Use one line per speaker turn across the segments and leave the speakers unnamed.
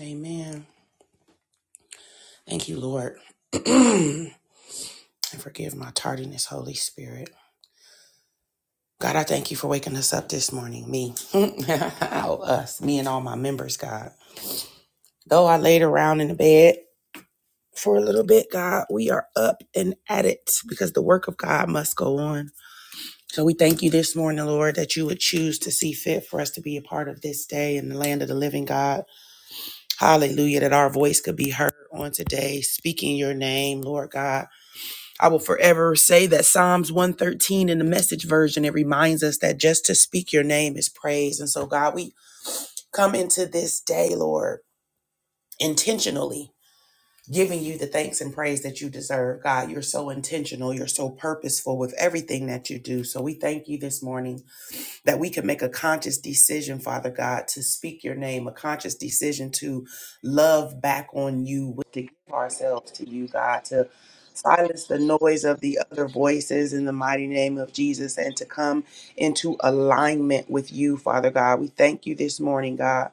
Amen. Thank you, Lord. and forgive my tardiness, Holy Spirit. God, I thank you for waking us up this morning. Me, Oh, us, me and all my members, God. Though I laid around in the bed for a little bit, God, we are up and at it because the work of God must go on. So we thank you this morning, Lord, that you would choose to see fit for us to be a part of this day in the land of the living, God. Hallelujah, that our voice could be heard on today, speaking your name, Lord God. I will forever say that Psalms 113 in the message version, it reminds us that just to speak your name is praise. And so, God, we come into this day, Lord, intentionally giving you the thanks and praise that you deserve. God, you're so intentional, you're so purposeful with everything that you do. So, we thank you this morning that we can make a conscious decision, Father God, to speak your name, a conscious decision to love back on you, to give ourselves to you, God, to silence the noise of the other voices in the mighty name of Jesus and to come into alignment with you, Father God. We thank you this morning, God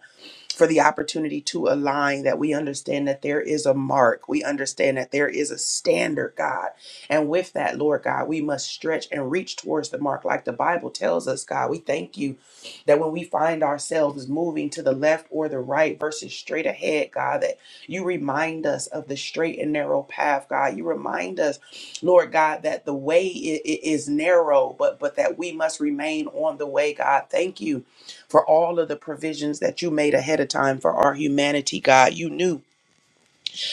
for the opportunity to align, that we understand that there is a mark. We understand that there is a standard, God. And with that, Lord God, we must stretch and reach towards the mark like the Bible tells us, God. We thank you that when we find ourselves moving to the left or the right versus straight ahead, God, that you remind us of the straight and narrow path, God. You remind us, Lord God, that the way i- i- is narrow, but but that we must remain on the way, God. Thank you for all of the provisions that you made ahead of time for our humanity, God. You knew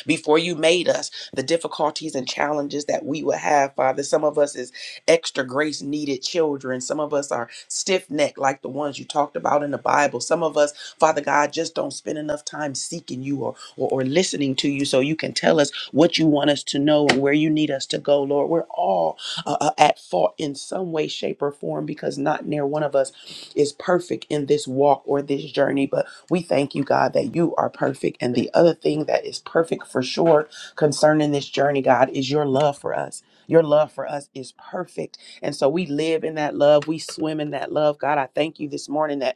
before you made us, the difficulties and challenges that we would have, Father. Some of us is extra grace needed children. Some of us are stiff necked, like the ones you talked about in the Bible. Some of us, Father God, just don't spend enough time seeking you or, or, or listening to you so you can tell us what you want us to know and where you need us to go, Lord. We're all uh, uh, at fault in some way, shape, or form because not near one of us is perfect in this walk or this journey. But we thank you, God, that you are perfect. And the other thing that is perfect for sure concerning this journey, God, is your love for us. Your love for us is perfect. And so we live in that love. We swim in that love. God, I thank you this morning that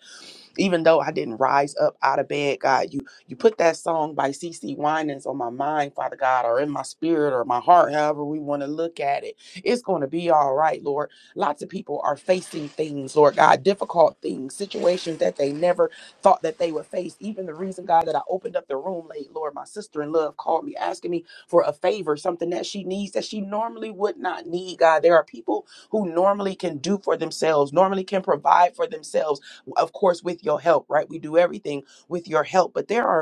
even though I didn't rise up out of bed, God, you you put that song by C. C. Winans on my mind, Father God, or in my spirit or my heart, however we want to look at it. It's going to be all right, Lord. Lots of people are facing things, Lord God, difficult things, situations that they never thought that they would face. Even the reason, God, that I opened up the room late, Lord, my sister in love called me asking me for a favor, something that she needs that she normally would not need, God. There are people who normally can do for themselves, normally can provide for themselves of course, with your help, right? We do everything with your help, but there are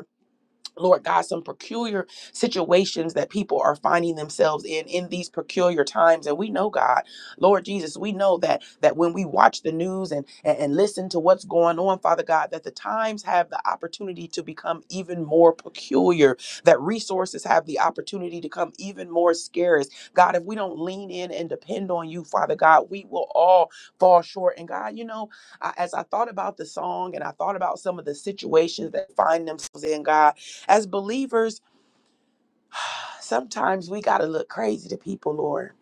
Lord God, some peculiar situations that people are finding themselves in in these peculiar times. And we know, God, Lord Jesus, we know that that when we watch the news and, and, and listen to what's going on, Father God, that the times have the opportunity to become even more peculiar, that resources have the opportunity to come even more scarce. God, if we don't lean in and depend on you, Father God, we will all fall short. And God, you know, I, as I thought about the song and I thought about some of the situations that find themselves in, God, as believers, sometimes we got to look crazy to people, Lord.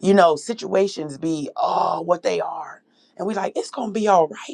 You know, situations be, oh, what they are. And we like, it's going to be all right.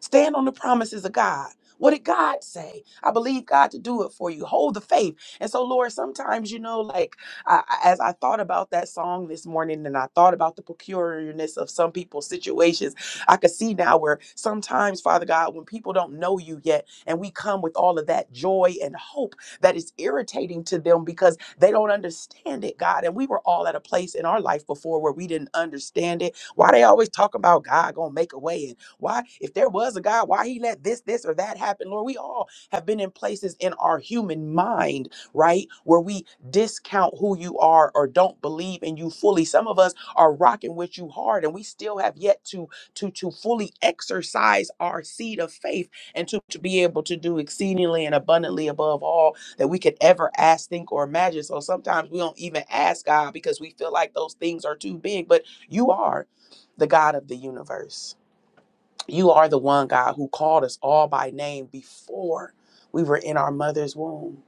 Stand on the promises of God. What did God say? I believe God to do it for you. Hold the faith. And so, Lord, sometimes, you know, like I, I- as I thought about that song this morning and I thought about the peculiarness of some people's situations, I could see now where sometimes, Father God, when people don't know you yet and we come with all of that joy and hope that is irritating to them because they don't understand it, God. And we were all at a place in our life before where we didn't understand it. Why they always talk about God gonna make a way why, if there was a God, why he let this, this, or that happen? Lord, we all have been in places in our human mind, right, where we discount who you are or don't believe in you fully. Some of us are rocking with you hard, and we still have yet to to to fully exercise our seed of faith and to, to be able to do exceedingly and abundantly above all that we could ever ask, think, or imagine. So sometimes we don't even ask God because we feel like those things are too big, but you are the God of the universe. You are the one, God, who called us all by name before we were in our mother's womb.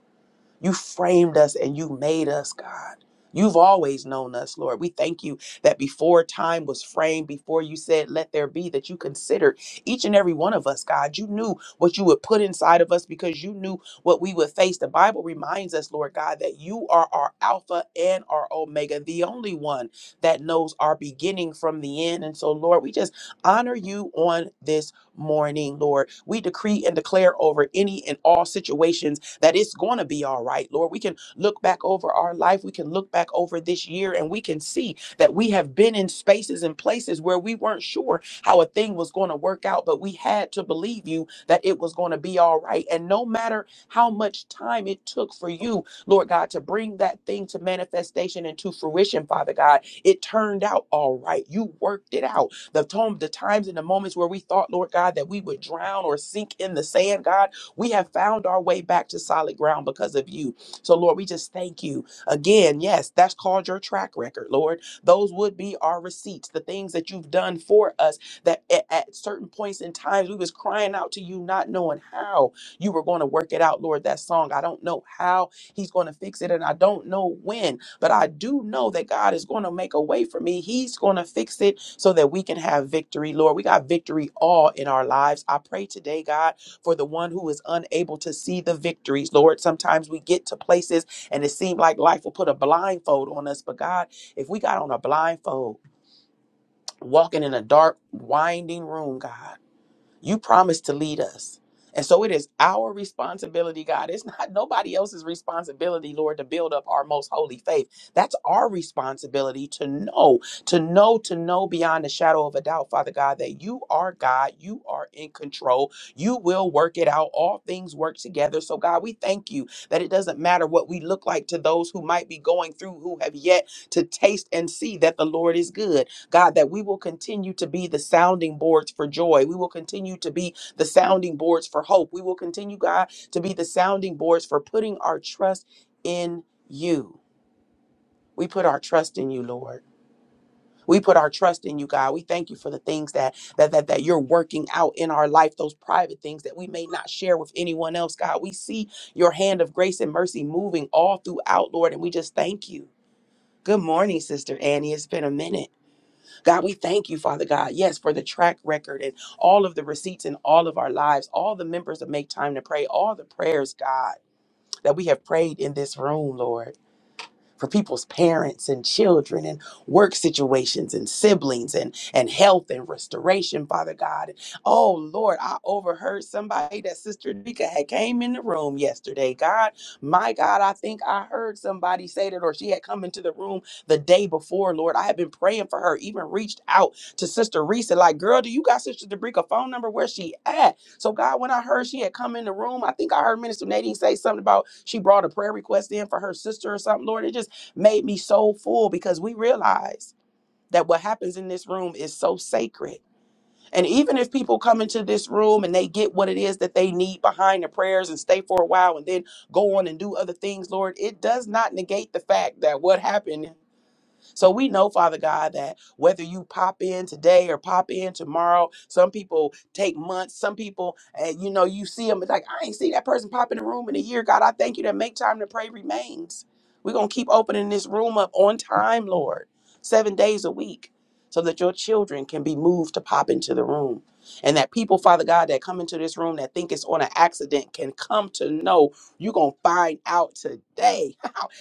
You framed us and you made us, God. You've always known us, Lord. We thank you that before time was framed, before you said, let there be, that you considered each and every one of us, God. You knew what you would put inside of us because you knew what we would face. The Bible reminds us, Lord God, that you are our Alpha and our Omega, the only one that knows our beginning from the end. And so, Lord, we just honor you on this morning, Lord. We decree and declare over any and all situations that it's going to be all right, Lord. We can look back over our life. We can look back over this year and we can see that we have been in spaces and places where we weren't sure how a thing was going to work out, but we had to believe you that it was going to be all right. And no matter how much time it took for you, Lord God, to bring that thing to manifestation and to fruition, Father God, it turned out all right. You worked it out. The, time, the times and the moments where we thought, Lord God, that we would drown or sink in the sand, God, we have found our way back to solid ground because of you. So, Lord, we just thank you again. Yes, that's called your track record, Lord. Those would be our receipts, the things that you've done for us that at, at certain points in times we was crying out to you, not knowing how you were going to work it out, Lord. That song, I don't know how he's going to fix it and I don't know when, but I do know that God is going to make a way for me. He's going to fix it so that we can have victory, Lord. We got victory all in our lives. I pray today, God for the one who is unable to see the victories. Lord, sometimes we get to places and it seems like life will put a blindfold on us. But God, if we got on a blindfold, walking in a dark, winding room, God, you promised to lead us. And so it is our responsibility, God. It's not nobody else's responsibility, Lord, to build up our most holy faith. That's our responsibility to know, to know, to know beyond the shadow of a doubt, Father God, that you are God, you are in control, you will work it out. All things work together. So, God, we thank you that it doesn't matter what we look like to those who might be going through who have yet to taste and see that the Lord is good God, that we will continue to be the sounding boards for joy. We will continue to be the sounding boards for hope. We will continue, God, to be the sounding boards for putting our trust in you. We put our trust in you, Lord. We put our trust in you, God. We thank you for the things that that that that you're working out in our life, those private things that we may not share with anyone else, God. We see your hand of grace and mercy moving all throughout, Lord, and we just thank you. Good morning, Sister Annie. It's been a minute. God, we thank you, Father God, yes, for the track record and all of the receipts in all of our lives, all the members that make time to pray, all the prayers, God, that we have prayed in this room, Lord for people's parents and children and work situations and siblings and and health and restoration father god oh lord i overheard somebody that sister Nika had came in the room yesterday god my god i think i heard somebody say that or she had come into the room the day before lord i had been praying for her even reached out to sister Risa like girl do you got sister Dabrika phone number where she at so god when i heard she had come in the room i think i heard minister Nadine say something about she brought a prayer request in for her sister or something lord it just made me so full because we realize that what happens in this room is so sacred. And even if people come into this room and they get what it is that they need behind the prayers and stay for a while and then go on and do other things, Lord, it does not negate the fact that what happened. So we know, Father God, that whether you pop in today or pop in tomorrow, some people take months, some people, and you know, you see them, it's like, I ain't see that person pop in the room in a year. God, I thank you that make time to pray remains. We're going to keep opening this room up on time, Lord, seven days a week, so that your children can be moved to pop into the room. And that people, Father God, that come into this room that think it's on an accident can come to know you're going to find out today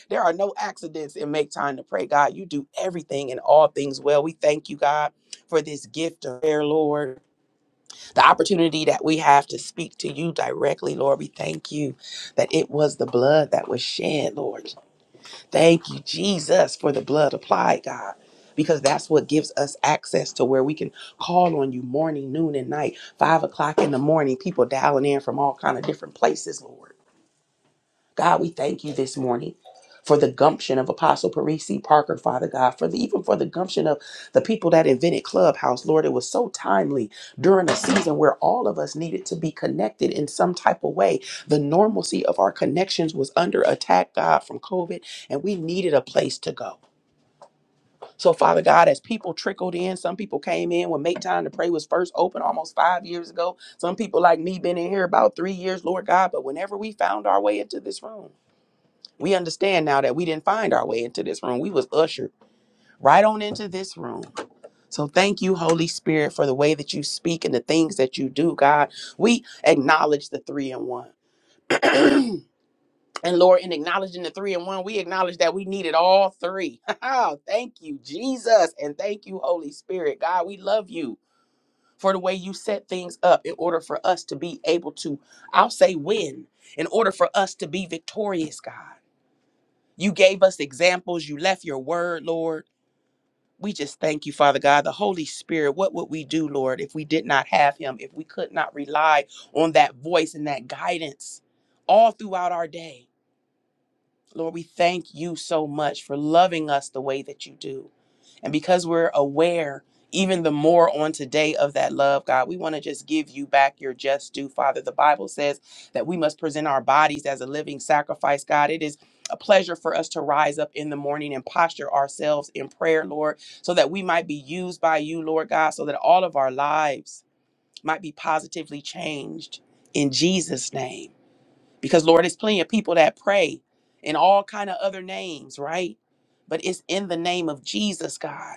there are no accidents in Make Time to Pray, God. You do everything and all things well. We thank you, God, for this gift of prayer, Lord. The opportunity that we have to speak to you directly, Lord. We thank you that it was the blood that was shed, Lord. Thank you, Jesus, for the blood applied, God. Because that's what gives us access to where we can call on you morning, noon, and night, five o'clock in the morning, people dialing in from all kind of different places, Lord. God, we thank you this morning for the gumption of Apostle Parisi Parker, Father God, for the even for the gumption of the people that invented Clubhouse. Lord, it was so timely during a season where all of us needed to be connected in some type of way. The normalcy of our connections was under attack, God, from COVID, and we needed a place to go. So, Father God, as people trickled in, some people came in when Make Time to Pray was first open almost five years ago. Some people like me been in here about three years, Lord God. But whenever we found our way into this room, we understand now that we didn't find our way into this room. We was ushered right on into this room. So thank you, Holy Spirit, for the way that you speak and the things that you do, God. We acknowledge the three in one. and Lord, in acknowledging the three in one, we acknowledge that we needed all three. thank you, Jesus. And thank you, Holy Spirit. God, we love you for the way you set things up in order for us to be able to, I'll say win, in order for us to be victorious, God. You gave us examples. You left your word, Lord. We just thank you, Father God. The Holy Spirit, what would we do, Lord, if we did not have him, if we could not rely on that voice and that guidance all throughout our day? Lord, we thank you so much for loving us the way that you do. And because we're aware even the more on today of that love, God, we want to just give you back your just due, Father. The Bible says that we must present our bodies as a living sacrifice, God. It is a pleasure for us to rise up in the morning and posture ourselves in prayer, Lord, so that we might be used by you, Lord God, so that all of our lives might be positively changed in Jesus' name because lord it's plenty of people that pray in all kind of other names right but it's in the name of jesus god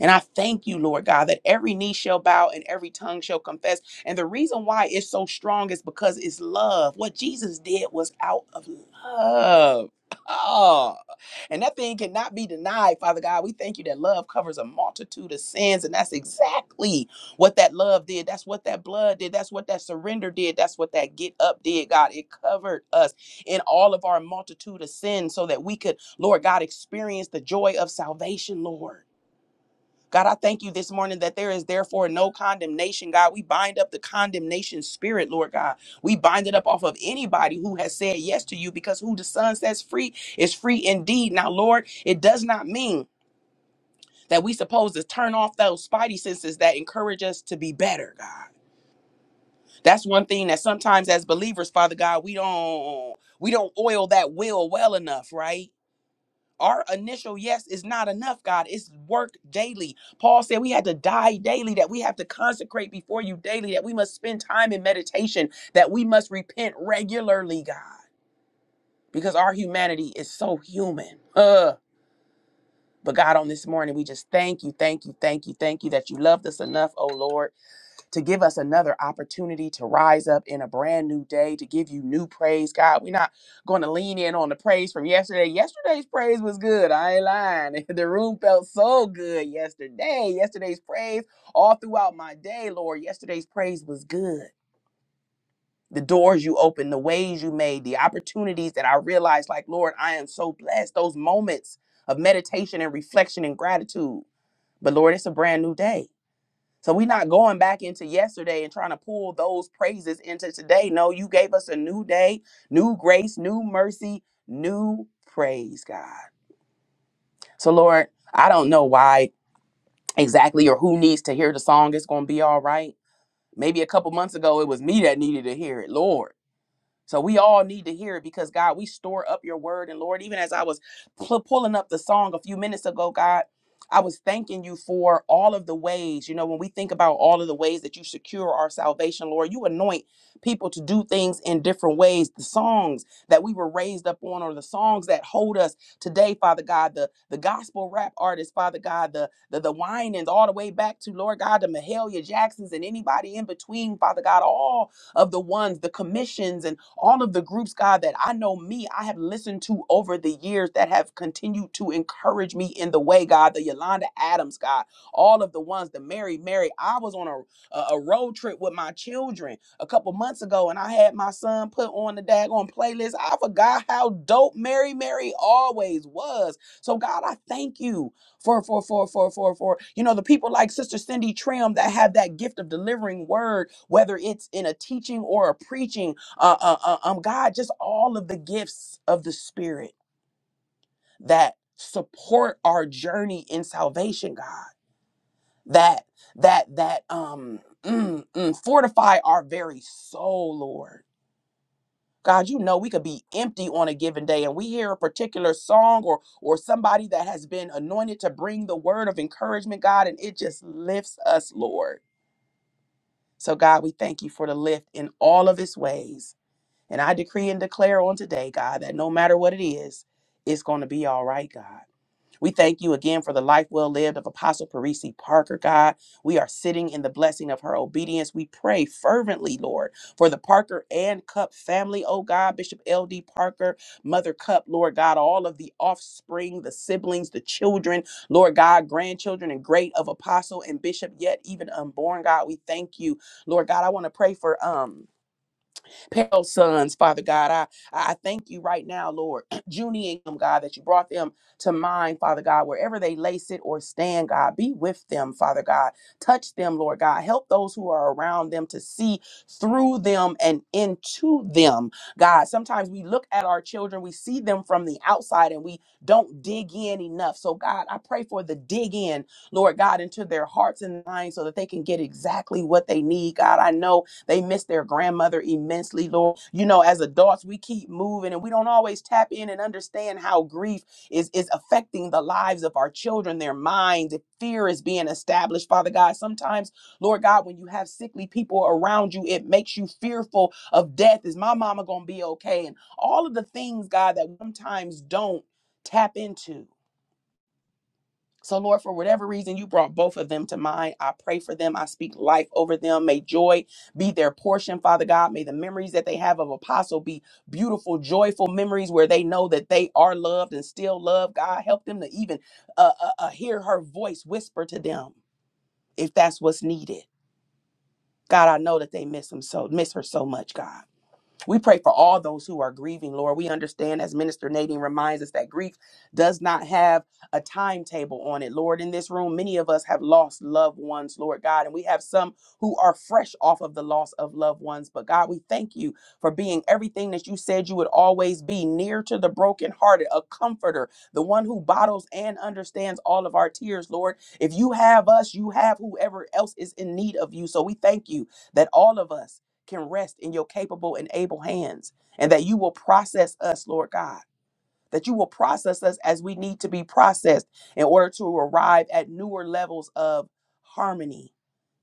and i thank you lord god that every knee shall bow and every tongue shall confess and the reason why it's so strong is because it's love what jesus did was out of love Oh, and that thing cannot be denied, Father God. We thank you that love covers a multitude of sins, and that's exactly what that love did. That's what that blood did. That's what that surrender did. That's what that get up did, God. It covered us in all of our multitude of sins so that we could, Lord God, experience the joy of salvation, Lord. God, I thank you this morning that there is therefore no condemnation, God. We bind up the condemnation spirit, Lord God. We bind it up off of anybody who has said yes to you because who the Son sets free is free indeed. Now, Lord, it does not mean that we supposed to turn off those spidey senses that encourage us to be better, God. That's one thing that sometimes as believers, Father God, we don't we don't oil that will well enough, right? Our initial yes is not enough, God. It's work daily. Paul said we had to die daily, that we have to consecrate before you daily, that we must spend time in meditation, that we must repent regularly, God, because our humanity is so human. Ugh. But God, on this morning, we just thank you, thank you, thank you, thank you that you loved us enough, oh Lord to give us another opportunity to rise up in a brand new day, to give you new praise, God. We're not going to lean in on the praise from yesterday. Yesterday's praise was good. I ain't lying. The room felt so good yesterday. Yesterday's praise all throughout my day, Lord. Yesterday's praise was good. The doors you opened, the ways you made, the opportunities that I realized, like, Lord, I am so blessed. Those moments of meditation and reflection and gratitude. But Lord, it's a brand new day so we're not going back into yesterday and trying to pull those praises into today. No, you gave us a new day, new grace, new mercy, new praise, God. So, Lord, I don't know why exactly or who needs to hear the song. It's going to be all right. Maybe a couple months ago, it was me that needed to hear it, Lord. So we all need to hear it because God, we store up your word. And Lord, even as I was pu- pulling up the song a few minutes ago, God, I was thanking you for all of the ways, you know, when we think about all of the ways that you secure our salvation, Lord, you anoint people to do things in different ways. The songs that we were raised up on, or the songs that hold us today, Father God, the, the gospel rap artists, Father God, the, the, the whinings, all the way back to, Lord God, the Mahalia Jacksons and anybody in between, Father God, all of the ones, the commissions, and all of the groups, God, that I know me, I have listened to over the years that have continued to encourage me in the way, God, the Yolanda Adams, God, all of the ones, the Mary, Mary. I was on a, a, a road trip with my children a couple months ago and I had my son put on the daggone playlist. I forgot how dope Mary, Mary always was. So, God, I thank you for for for for for for you know the people like sister cindy trim that have that gift of delivering word whether it's in a teaching or a preaching uh, uh, uh um god just all of the gifts of the spirit that support our journey in salvation god that that that um mm, mm, fortify our very soul lord God, you know we could be empty on a given day and we hear a particular song or or somebody that has been anointed to bring the word of encouragement, God, and it just lifts us, Lord. So God, we thank you for the lift in all of its ways. And I decree and declare on today, God, that no matter what it is, it's going to be all right, God. We thank you again for the life well lived of Apostle Parisi Parker, God. We are sitting in the blessing of her obedience. We pray fervently, Lord, for the Parker and Cup family, oh God, Bishop L.D. Parker, Mother Cup, Lord God, all of the offspring, the siblings, the children, Lord God, grandchildren and great of Apostle and Bishop, yet even unborn, God. We thank you, Lord God. I want to pray for um pale sons, Father God. I, I thank you right now, Lord. Junie and them, God, that you brought them to mind, Father God, wherever they lay, sit, or stand, God. Be with them, Father God. Touch them, Lord God. Help those who are around them to see through them and into them, God. Sometimes we look at our children, we see them from the outside, and we don't dig in enough. So, God, I pray for the dig in, Lord God, into their hearts and minds so that they can get exactly what they need, God. I know they miss their grandmother immensely, Lord. You know, as adults, we keep moving and we don't always tap in and understand how grief is, is affecting the lives of our children, their minds. If fear is being established, Father God, sometimes, Lord God, when you have sickly people around you, it makes you fearful of death. Is my mama going to be okay? And all of the things, God, that we sometimes don't tap into. So, Lord, for whatever reason, you brought both of them to mind. I pray for them. I speak life over them. May joy be their portion, Father God. May the memories that they have of Apostle be beautiful, joyful memories where they know that they are loved and still loved. God, help them to even uh, uh, uh, hear her voice whisper to them if that's what's needed. God, I know that they miss him so miss her so much, God. We pray for all those who are grieving, Lord. We understand, as Minister Nadine reminds us, that grief does not have a timetable on it, Lord. In this room, many of us have lost loved ones, Lord God, and we have some who are fresh off of the loss of loved ones. But God, we thank you for being everything that you said you would always be near to the brokenhearted, a comforter, the one who bottles and understands all of our tears, Lord. If you have us, you have whoever else is in need of you. So we thank you that all of us, can rest in your capable and able hands, and that you will process us, Lord God, that you will process us as we need to be processed in order to arrive at newer levels of harmony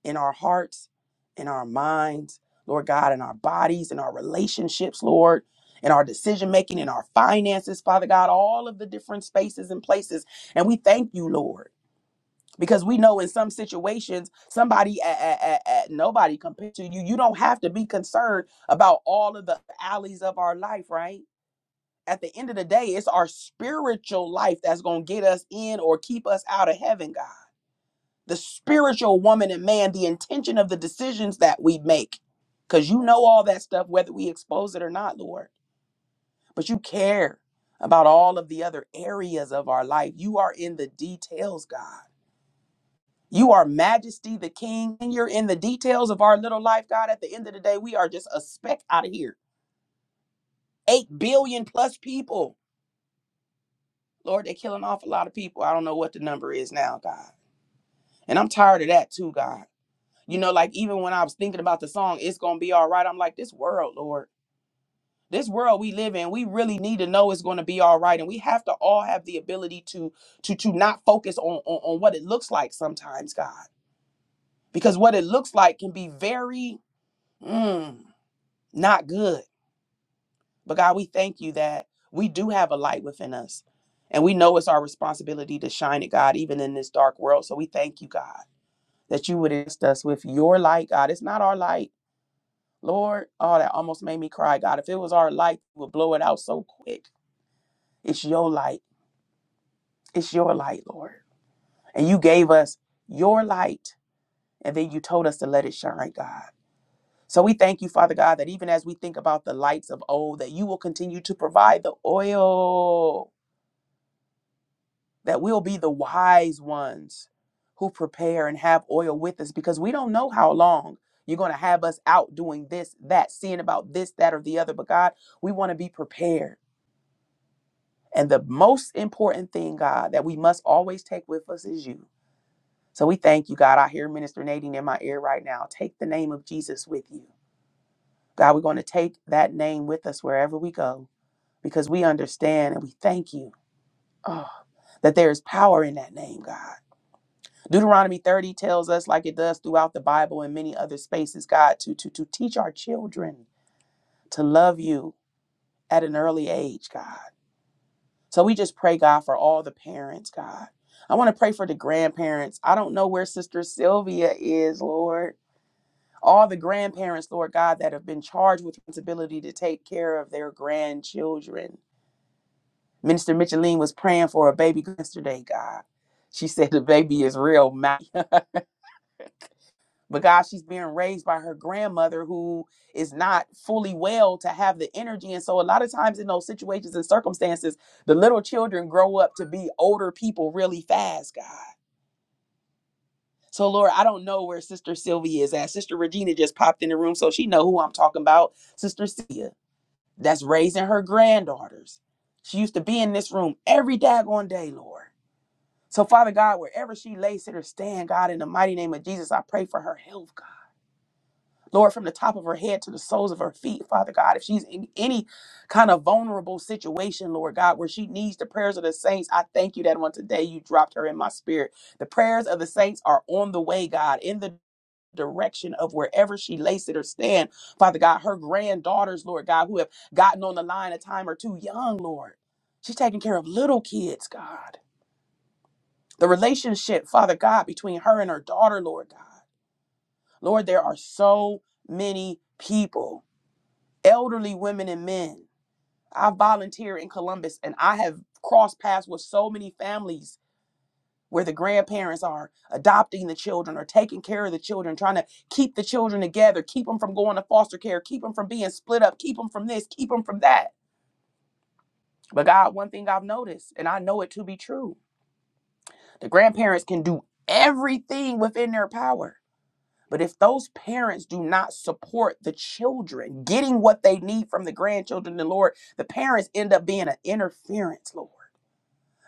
in our hearts, in our minds, Lord God, in our bodies, in our relationships, Lord. In our decision making, in our finances, Father God, all of the different spaces and places. And we thank you, Lord because we know in some situations somebody at, at, at, at nobody compared to you you don't have to be concerned about all of the alleys of our life right at the end of the day it's our spiritual life that's going to get us in or keep us out of heaven god the spiritual woman and man the intention of the decisions that we make because you know all that stuff whether we expose it or not lord but you care about all of the other areas of our life you are in the details god You are majesty, the king. and You're in the details of our little life, God. At the end of the day, we are just a speck out of here. Eight billion plus people. Lord, they're killing off a lot of people. I don't know what the number is now, God. And I'm tired of that too, God. You know, like even when I was thinking about the song, it's going to be all right. I'm like, this world, Lord, this world we live in, we really need to know it's going to be all right. And we have to all have the ability to to to not focus on, on, on what it looks like sometimes, God. Because what it looks like can be very mm, not good. But God, we thank you that we do have a light within us. And we know it's our responsibility to shine it, God, even in this dark world. So we thank you, God, that you would assist us with your light, God. It's not our light. Lord, oh, that almost made me cry, God. If it was our light, we would blow it out so quick. It's your light. It's your light, Lord. And you gave us your light, and then you told us to let it shine, God. So we thank you, Father God, that even as we think about the lights of old, that you will continue to provide the oil that we'll be the wise ones who prepare and have oil with us because we don't know how long you're going to have us out doing this, that, seeing about this, that, or the other. But God, we want to be prepared. And the most important thing, God, that we must always take with us is you. So we thank you, God. I hear Minister Nadine in my ear right now. Take the name of Jesus with you. God, we're going to take that name with us wherever we go because we understand and we thank you oh, that there is power in that name, God. Deuteronomy 30 tells us, like it does throughout the Bible and many other spaces, God, to, to, to teach our children to love you at an early age, God. So we just pray, God, for all the parents, God. I want to pray for the grandparents. I don't know where Sister Sylvia is, Lord. All the grandparents, Lord God, that have been charged with responsibility to take care of their grandchildren. Minister Micheline was praying for a baby yesterday, God. She said the baby is real. But God, she's being raised by her grandmother who is not fully well to have the energy. And so, a lot of times in those situations and circumstances, the little children grow up to be older people really fast, God. So, Lord, I don't know where Sister Sylvia is at. Sister Regina just popped in the room, so she know who I'm talking about. Sister Sia, that's raising her granddaughters. She used to be in this room every daggone day, Lord. So, Father God, wherever she lays, sit or stand, God, in the mighty name of Jesus, I pray for her health, God. Lord, from the top of her head to the soles of her feet, Father God, if she's in any kind of vulnerable situation, Lord God, where she needs the prayers of the saints, I thank you that on today you dropped her in my spirit. The prayers of the saints are on the way, God, in the direction of wherever she lays it or stand, Father God, her granddaughters, Lord God, who have gotten on the line a time or two young, Lord. She's taking care of little kids, God. The relationship, Father God, between her and her daughter, Lord God. Lord, there are so many people elderly women and men. I volunteer in Columbus and I have crossed paths with so many families where the grandparents are adopting the children or taking care of the children, trying to keep the children together, keep them from going to foster care, keep them from being split up, keep them from this, keep them from that. But God, one thing I've noticed, and I know it to be true, the grandparents can do everything within their power But if those parents do not support the children getting what they need from the grandchildren, the Lord, the parents end up being an interference, Lord.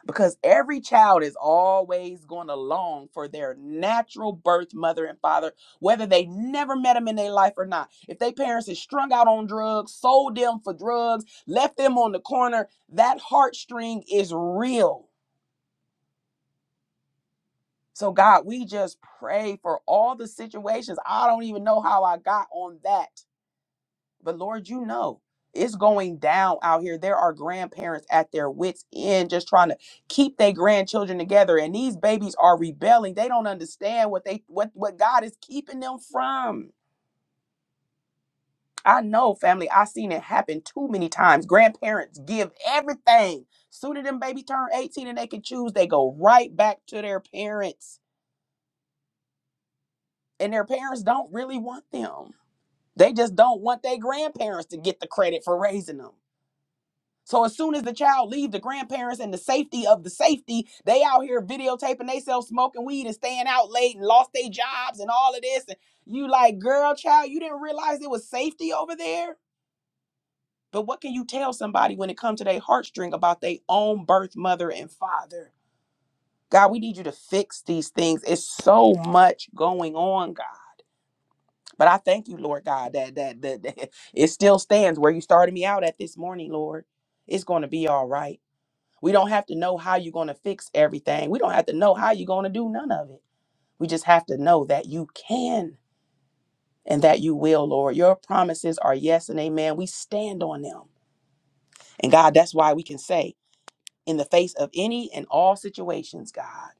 Because every child is always going to long for their natural birth mother and father, whether they never met them in their life or not. If their parents is strung out on drugs, sold them for drugs, left them on the corner, that heartstring is real. So, God, we just pray for all the situations. I don't even know how I got on that But Lord, you know, it's going down out here. There are grandparents at their wits' end just trying to keep their grandchildren together. And these babies are rebelling. They don't understand what they what what God is keeping them from. I know, family, i seen it happen too many times. Grandparents give everything. Sooner them baby turn 18 and they can choose, they go right back to their parents. And their parents don't really want them. They just don't want their grandparents to get the credit for raising them So as soon as the child leaves the grandparents and the safety of the safety, they out here videotaping themselves smoking weed and staying out late and lost their jobs and all of this. And you like, girl, child, you didn't realize it was safety over there. But what can you tell somebody when it comes to their heartstring about their own birth mother and father? God, we need you to fix these things. It's so much going on, God. But I thank you, Lord God, that that, that that it still stands where you started me out at this morning, Lord. It's going to be all right We don't have to know how you're going to fix everything. We don't have to know how you're going to do none of it. We just have to know that you can and that you will, Lord. Your promises are yes and amen. We stand on them. And God, that's why we can say, in the face of any and all situations, God,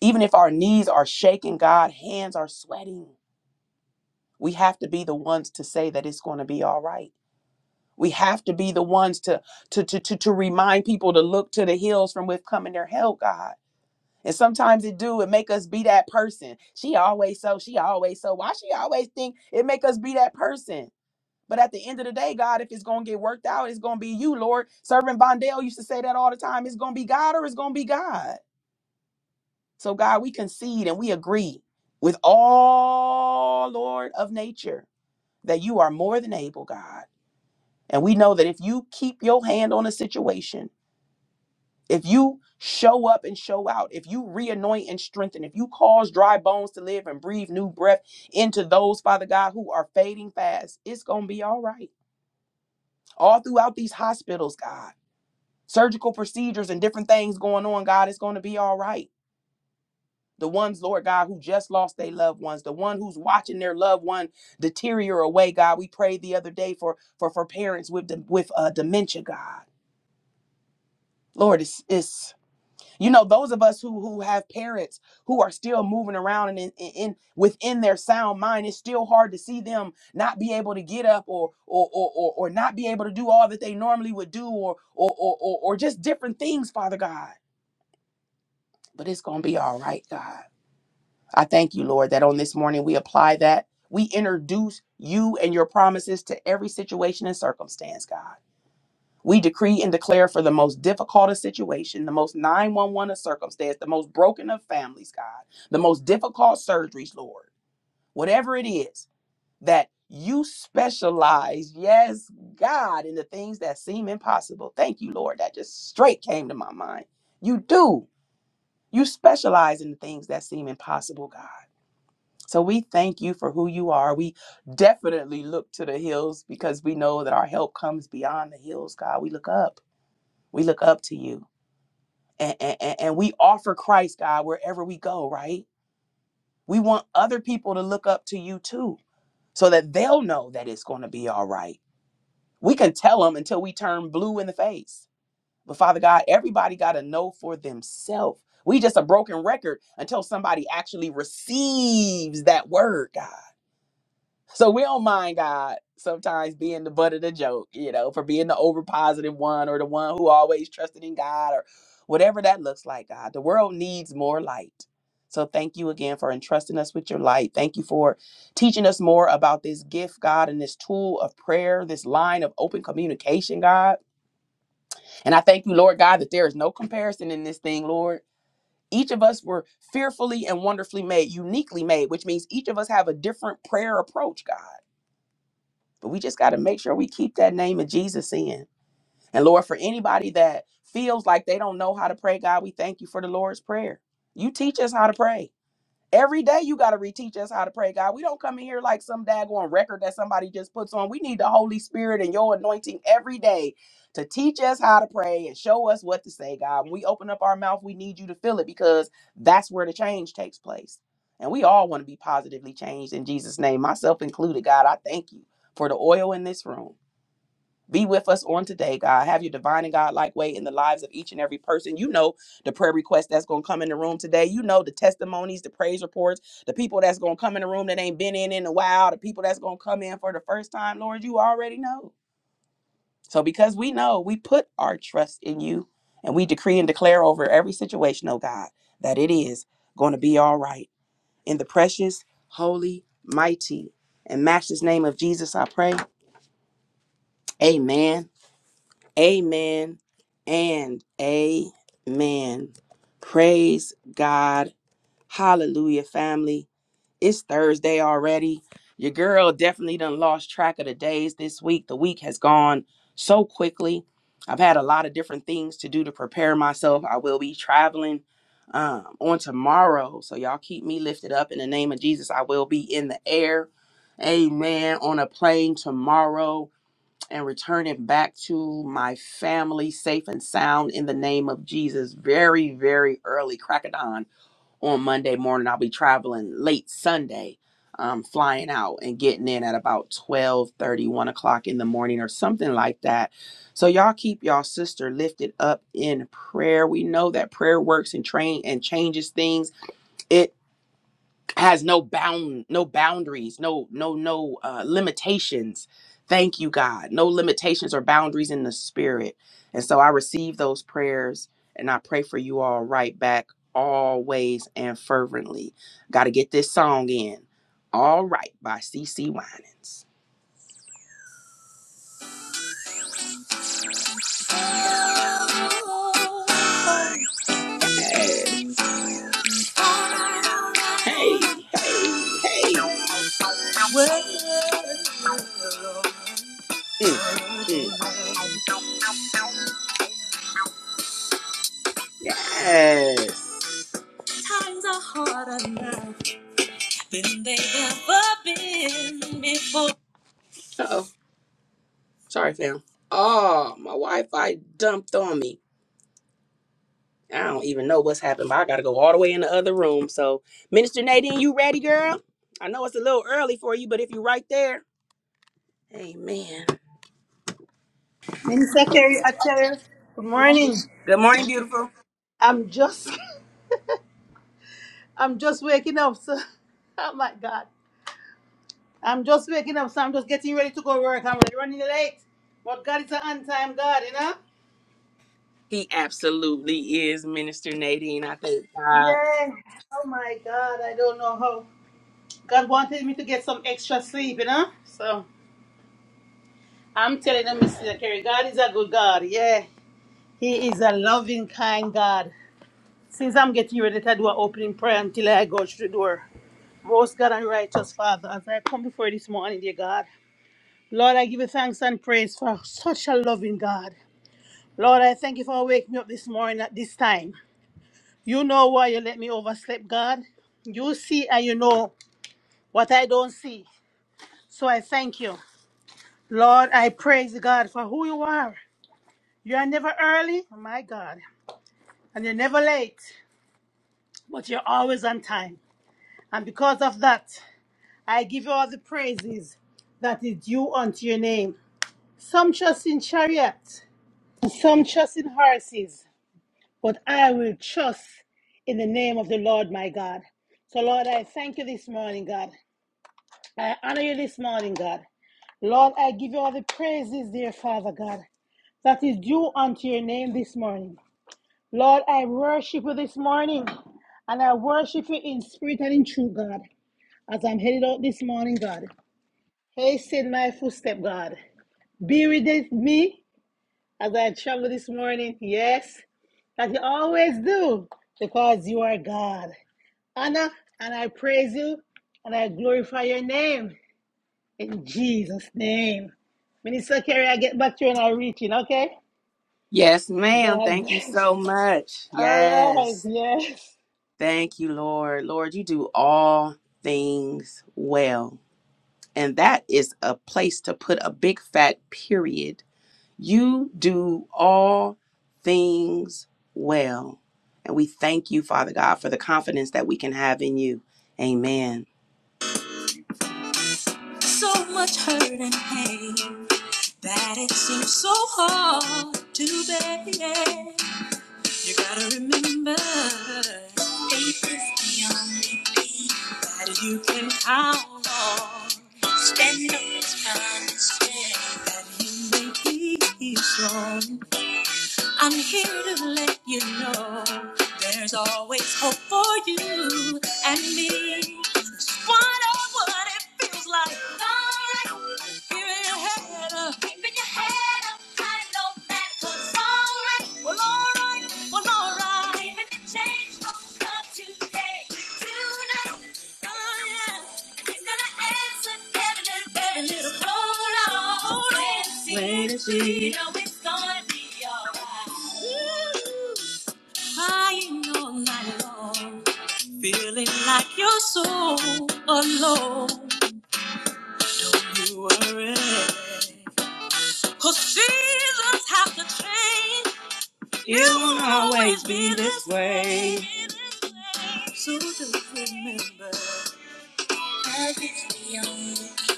even if our knees are shaking, God, hands are sweating, we have to be the ones to say that it's going to be all right. We have to be the ones to, to, to, to, to remind people to look to the hills from which coming their help, God. And sometimes it do, it make us be that person. She always so, she always so. Why she always think it make us be that person? But at the end of the day, God, if it's gonna get worked out, it's gonna be you, Lord. Servant Bondale used to say that all the time. It's gonna be God or it's gonna be God. So God, we concede and we agree with all Lord of nature that you are more than able, God. And we know that if you keep your hand on a situation, If you show up and show out, if you reanoint and strengthen, if you cause dry bones to live and breathe new breath into those, Father God, who are fading fast, it's going to be all right. All throughout these hospitals, God, surgical procedures and different things going on, God, it's going to be all right. The ones, Lord God, who just lost their loved ones, the one who's watching their loved one deteriorate away, God. We prayed the other day for for for parents with with uh, dementia, God. Lord, it's it's you know those of us who who have parents who are still moving around and in, in in- within their sound mind it's still hard to see them not be able to get up or or or or, or not be able to do all that they normally would do or or, or or or just different things father god but it's gonna be all right god i thank you lord that on this morning we apply that we introduce you and your promises to every situation and circumstance god we decree and declare for the most difficult of situation, the most 911 of circumstance, the most broken of families, God, the most difficult surgeries, Lord. Whatever it is that you specialize, yes, God, in the things that seem impossible. Thank you, Lord. That just straight came to my mind. You do. You specialize in the things that seem impossible, God. So we thank you for who you are. We definitely look to the hills because we know that our help comes beyond the hills, God. We look up. We look up to you. And, and, and and we offer Christ, God, wherever we go, right? We want other people to look up to you too, so that they'll know that it's going to be all right. We can tell them until we turn blue in the face. But Father God, everybody got to know for themselves. We just a broken record until somebody actually receives that word, God. So we don't mind God sometimes being the butt of the joke, you know, for being the over positive one or the one who always trusted in God or whatever that looks like, God. The world needs more light. So thank you again for entrusting us with your light. Thank you for teaching us more about this gift, God, and this tool of prayer, this line of open communication, God. And I thank you, Lord God, that there is no comparison in this thing, Lord. Each of us were fearfully and wonderfully made, uniquely made, which means each of us have a different prayer approach, God. But we just got to make sure we keep that name of Jesus in. And Lord, for anybody that feels like they don't know how to pray, God, we thank you for the Lord's Prayer. You teach us how to pray. Every day you got to reteach us how to pray, God. We don't come in here like some daggone record that somebody just puts on. We need the Holy Spirit and your anointing every day to teach us how to pray and show us what to say, God. When we open up our mouth, we need you to fill it because that's where the change takes place. And we all want to be positively changed in Jesus' name, myself included, God. I thank you for the oil in this room. Be with us on today, God. Have your divine and God-like way in the lives of each and every person. You know the prayer request that's going to come in the room today. You know the testimonies, the praise reports, the people that's going to come in the room that ain't been in in a while, the people that's going to come in for the first time. Lord, you already know. So because we know, we put our trust in you and we decree and declare over every situation, oh God, that it is going to be all right. In the precious, holy, mighty, and matchless name of Jesus, I pray. Amen Amen and amen. Praise God. Hallelujah, family. It's Thursday already. Your girl definitely done lost track of the days this week. The week has gone so quickly. I've had a lot of different things to do to prepare myself. I will be traveling um, on tomorrow. So y'all keep me lifted up in the name of Jesus. I will be in the air. Amen. On a plane tomorrow and return it back to my family safe and sound in the name of Jesus. Very, very early, crack of dawn on Monday morning. I'll be traveling late Sunday, um, flying out and getting in at about twelve thirty, one o'clock in the morning or something like that. So y'all keep y'all sister lifted up in prayer. We know that prayer works and train and changes things. It has no bound no boundaries no no no uh, limitations thank you god no limitations or boundaries in the spirit and so i receive those prayers and i pray for you all right back always and fervently gotta get this song in all right by C. C. winans Yes. hey hey hey Mm, mm. Yes. Times are harder now than they've ever been before. Uh-oh. Sorry, fam. Oh, my Wi-Fi dumped on me. I don't even know what's happened, but I gotta go all the way in the other room. So, Minister Nadine, you ready, girl? I know it's a little early for you, but if you're right there, amen.
Minister Kerry, I tell you, good morning.
Good morning, beautiful.
I'm just, I'm just waking up. So, oh my God, I'm just waking up. So I'm just getting ready to go to work. I'm like running late, but God is an on-time God, you know.
He absolutely is, Minister Nadine. I thank God.
Yeah. Oh my God, I don't know how God wanted me to get some extra sleep, you know. So I'm telling you, Mr. Kerry, God is a good God. Yeah, He is a loving, kind God. Since I'm getting ready to do an opening prayer until I go through the door. Most God and righteous Father, as I come before you this morning, dear God, Lord, I give you thanks and praise for such a loving God. Lord, I thank you for waking me up this morning at this time. You know why you let me oversleep, God. You see and you know what I don't see. So I thank you. Lord, I praise God for who you are. You are never early, oh my God, and you're never late, but you're always on time. And because of that, I give you all the praises that is due unto your name. Some trust in chariots, and some trust in horses, but I will trust in the name of the Lord my God. So, Lord, I thank you this morning, God. I honor you this morning, God. Lord, I give you all the praises, dear Father God, that is due unto your name this morning. Lord, I worship you this morning, and I worship you in spirit and in truth, God, as I'm headed out this morning, God. Hasten my footstep, God. Be with me as I travel this morning. Yes, that you always do because you are God. Anna, and I praise you and I glorify your name in Jesus' name. Minister Kerry, I get back to you and I reach in, okay?
Yes, ma'am.
God
Thank you
bless.
so much.
All right,
Yes.
yes.
Thank you, Lord. Lord, you do all things well. And that is a place to put a big fat period. You do all things well. And we thank you, Father God, for the confidence that we can have in you. Amen. So much hurt and pain that it seems so hard to bear. You gotta remember, faith is the only thing that you can count on. Stand on His promises that you may be strong. I'm here to let you know there's always hope for you and me. Just wonder what it feels like. Alright, keeping your head up. Keeping your head up. I know that it's alright. Well, alright, well, alright. Even the change won't come today. Tonight, oh yeah. He's gonna answer every little, every little roll on. Wait and see. Wait and see. You know it's gonna be alright. Crying all night long. Feeling like you're so alone. Don't you worry, 'cause seasons have to change. It won't always be this way. So just remember. Love is the only key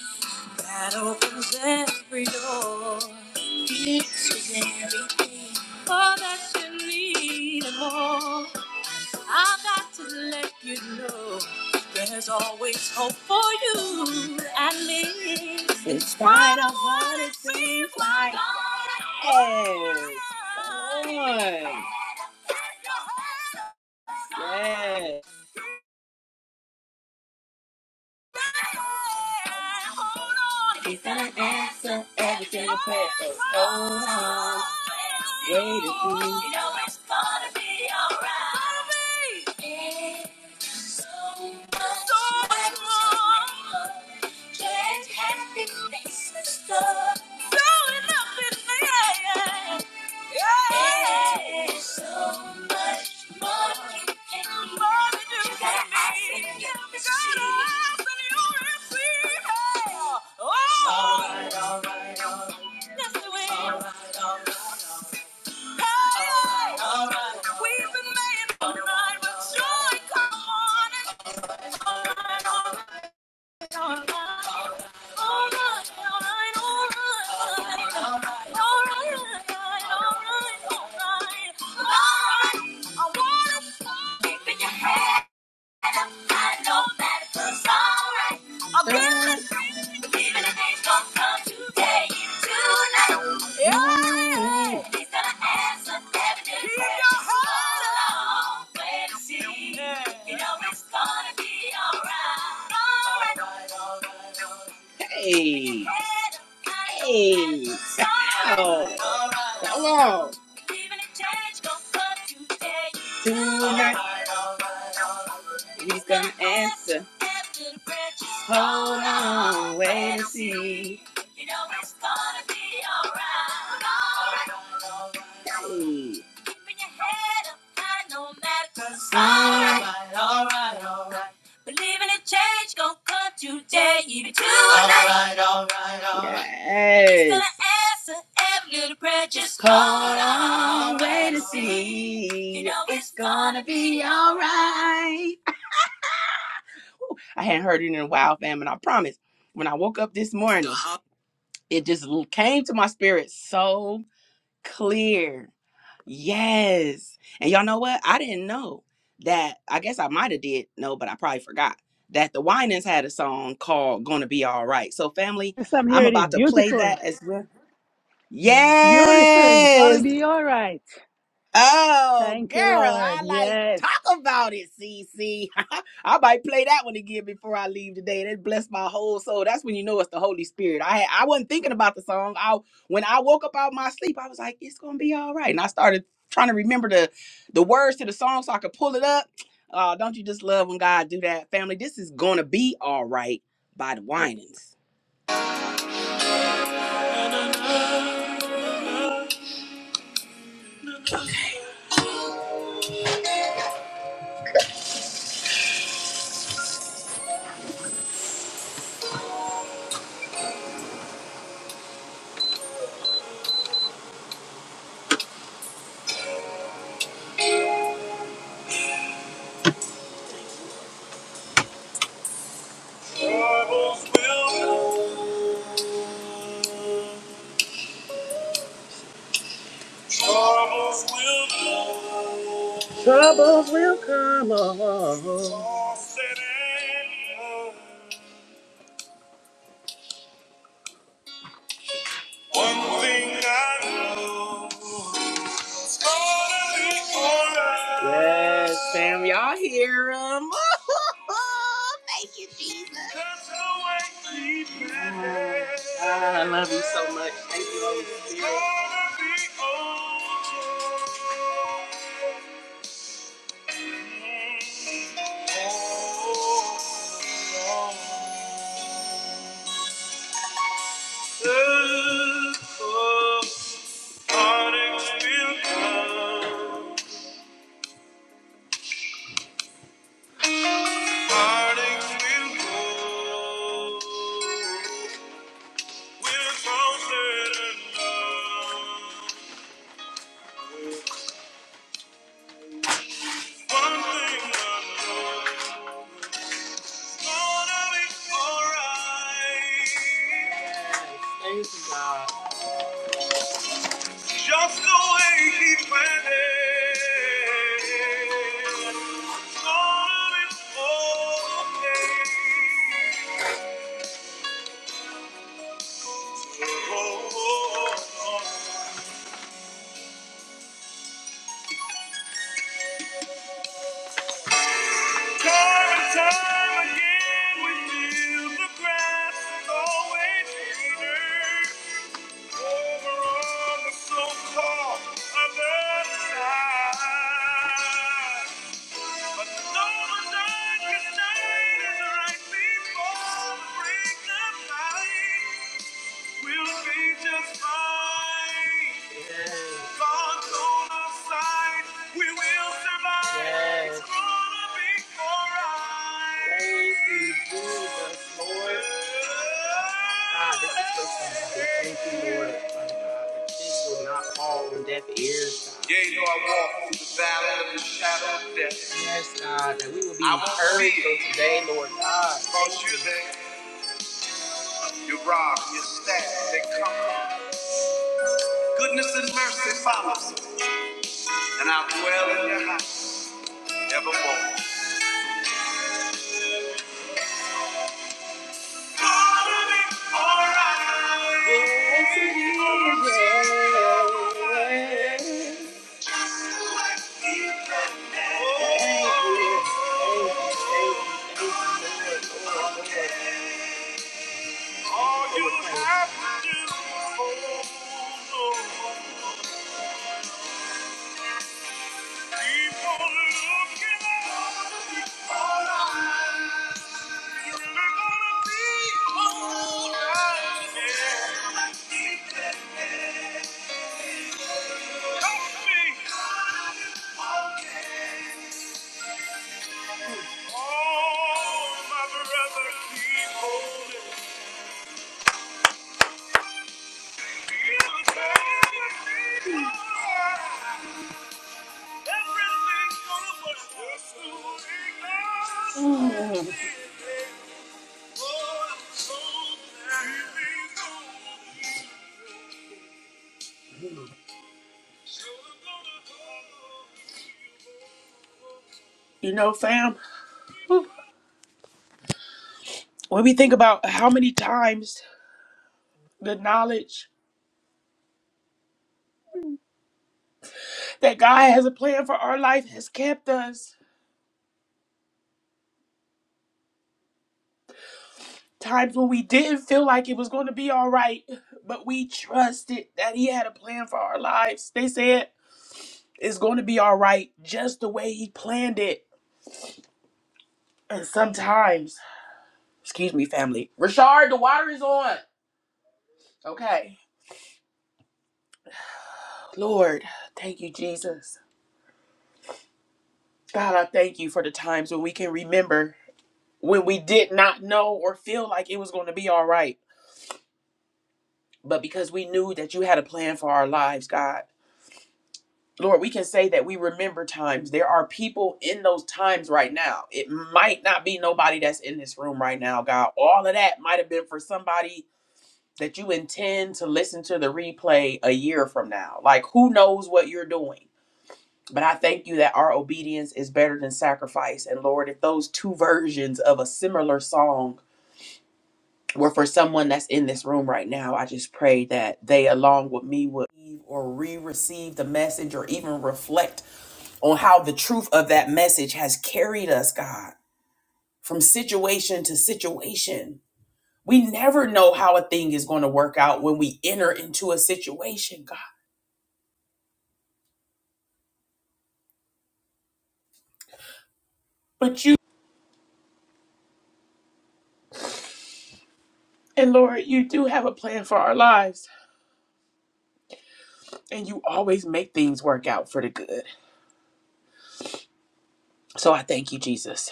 that opens every door. Peace is everything. All that you need and more. I've got to let you know there's always hope for you and me. In spite of what it seems like. Yes. Come on. Yes. He's gonna answer every single prayer. So hold on, wait a few. You know it's gonna be alright. It's so much, so much more. Just happiness and stuff. Throwing up in the air. Yeah. It's so much. We've been made all right, but joy, come on. All right, all right. I wanna Hey. Hey. Hello. Hello. Tonight. He's gonna answer. Hold on, wait and see. You know it's gonna be alright. Alright. Hey. Keeping your head up high no matter 'cause Alright, alright, alright. Believing a change gonna come today, even tonight. Alright, alright, alright. Yes. He's gonna answer every little prayer. Just hold on, wait and see. You know it's gonna be alright. I hadn't heard it in a while, fam. And I promise, when I woke up this morning, Uh-huh. it just l- came to my spirit so clear. Yes. And y'all know what? I didn't know that. I guess I might have did know, but I probably forgot that the Winans had a song called "Gonna Be All Right." So, family,
Yes, I'm
I'm
hearing it.
about to play
Beautiful.
that as well.
Beautiful. It's got to
Yes.
be all right.
Oh,
Thank
girl,
you, Lord.
I like
Yes.
talk about it, Cece. I might play that one again before I leave today. That bless my whole soul. That's when you know it's the Holy Spirit. I had, I wasn't thinking about the song. I when I woke up out of my sleep, I was like, it's gonna be all right. And I started trying to remember the the words to the song so I could pull it up. Uh, don't you just love when God do that, family? This is gonna be all right by the Winans. Troubles will come. Yes, fam, y'all hear him. Ah, I love you so much. Thank you, Holy Spirit. It's okay. Heartaches will come, heartaches will go. We're so certain of one thing I know, it's gonna be alright. Just the way He planned it, it's gonna be okay. Oh, oh, oh, oh. Time and time again, we feel the grass is always greener over on the so-called other side. But though the darkest night is right before the break of light, We'll be just fine. Yes. God's on our side. We will survive. Yes. It's gonna be alright. Thank you, Jesus, Lord. Ah, this is so sad. Thank you, Lord. Father God, that this will not fall on deaf ears, God. Yeah, you know I walk through the valley of the shadow of death. Yes, God, that we will be I encouraged from today, Lord God. Because you're there, your rod, your staff, they comfort. Goodness and mercy follows us, and I'll dwell in your house evermore. Totally alright. Yes, it is. Just the way He meant it. Thank you. Thank you. Thank you. Thank you. Lord. Okay. All you have to do, oh Lord, keep on looking up. Mm. You know, fam, when we think about how many times the knowledge that God has a plan for our life has kept us, times when we didn't feel like it was going to be all right, but we trusted that He had a plan for our lives. They said it's going to be all right just the way He planned it. And sometimes, excuse me, family, Rashard, the water is on. Okay. Lord, thank you, Jesus. God, I thank you for the times when we can remember when we did not know or feel like it was going to be all right, but because we knew that you had a plan for our lives, God. Lord, we can say that we remember times. There are people in those times right now. It might not be nobody that's in this room right now, God. All of that might have been for somebody that you intend to listen to the replay a year from now. Like, who knows what you're doing? But I thank you that our obedience is better than sacrifice. And Lord, if those two versions of a similar song were for someone that's in this room right now, I just pray that they, along with me, would receive or re receive the message or even reflect on how the truth of that message has carried us, God, from situation to situation. We never know how a thing is going to work out when we enter into a situation, God. But you and Lord, you do have a plan for our lives. And you always make things work out for the good. So I thank you, Jesus.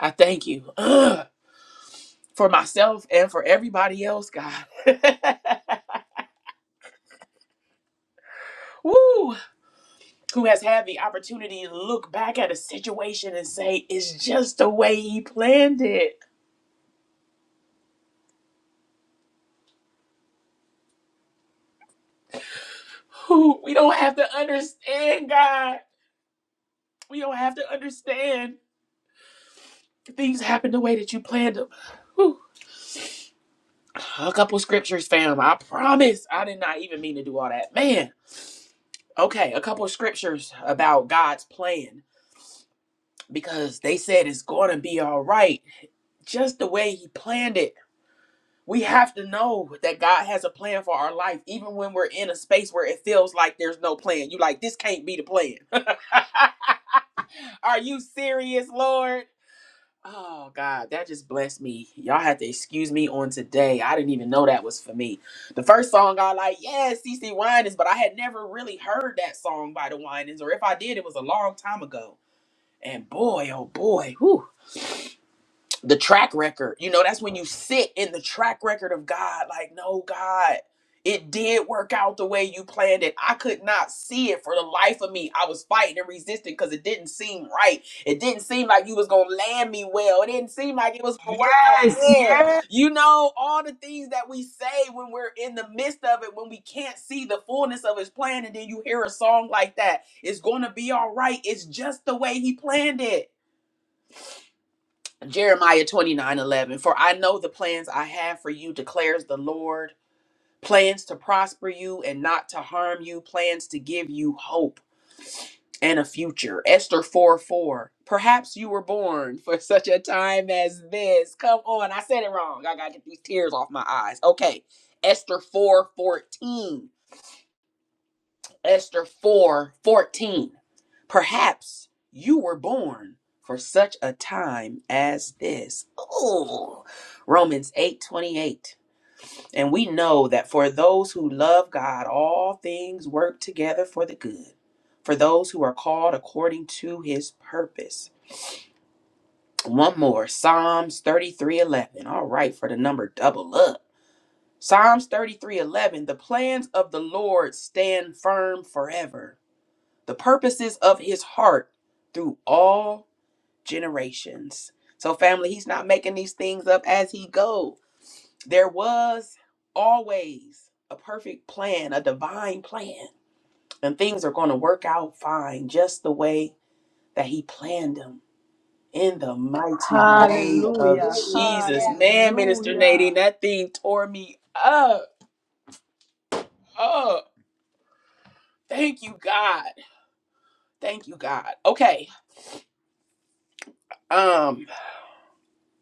I thank you ugh, for myself and for everybody else, God. Woo! Who has had the opportunity to look back at a situation and say, it's just the way he planned it. Whew, We don't have to understand, God. We don't have to understand. Things happen the way that you planned them. Whew. A couple scriptures, fam. I promise. I did not even mean to do all that. Man. Okay, a couple of scriptures about God's plan because they said it's going to be all right, just the way He planned it. We have to know that God has a plan for our life, even when we're in a space where it feels like there's no plan. You like this can't be the plan. Are you serious, Lord? Oh God, that just blessed me. Y'all have to excuse me on today. I didn't even know that was for me. The first song I like, yeah, C. C Winans, but I had never really heard that song by the Winans, or if I did, it was a long time ago. And boy, oh boy, whew, the track record. You know, that's when you sit in the track record of God. Like, no, God, it did work out the way you planned it. I could not see it for the life of me. I was fighting and resisting because it didn't seem right. It didn't seem like you was gonna land me well. It didn't seem like it was gonna work out
Yes,
fair.
yes.
You know, all the things that we say when we're in the midst of it, when we can't see the fullness of his plan, and then you hear a song like that. It's gonna be all right. It's just the way he planned it. Jeremiah 29 11. For I know the plans I have for you, declares the Lord plans to prosper you and not to harm you, plans to give you hope and a future. Esther 4 4. Perhaps you were born for such a time as this. Come on, I said it wrong. I gotta get these tears off my eyes. Okay, Esther 4 14. Esther 4 14. Perhaps you were born for such a time as this. Ooh. Romans 8:28. And we know that for those who love God, all things work together for the good, for those who are called according to his purpose. One more, Psalms 33:11. All right, for the number double up. Psalms 33:11, the plans of the Lord stand firm forever. The purposes of his heart through all generations. So, family, he's not making these things up as he goes. There was always a perfect plan, a divine plan, and things are going to work out fine, just the way that he planned them. In the mighty name of
Hallelujah.
Jesus, man, Minister
Hallelujah.
Nadine, that thing tore me up. Oh, thank you, God. Thank you, God. Okay, um,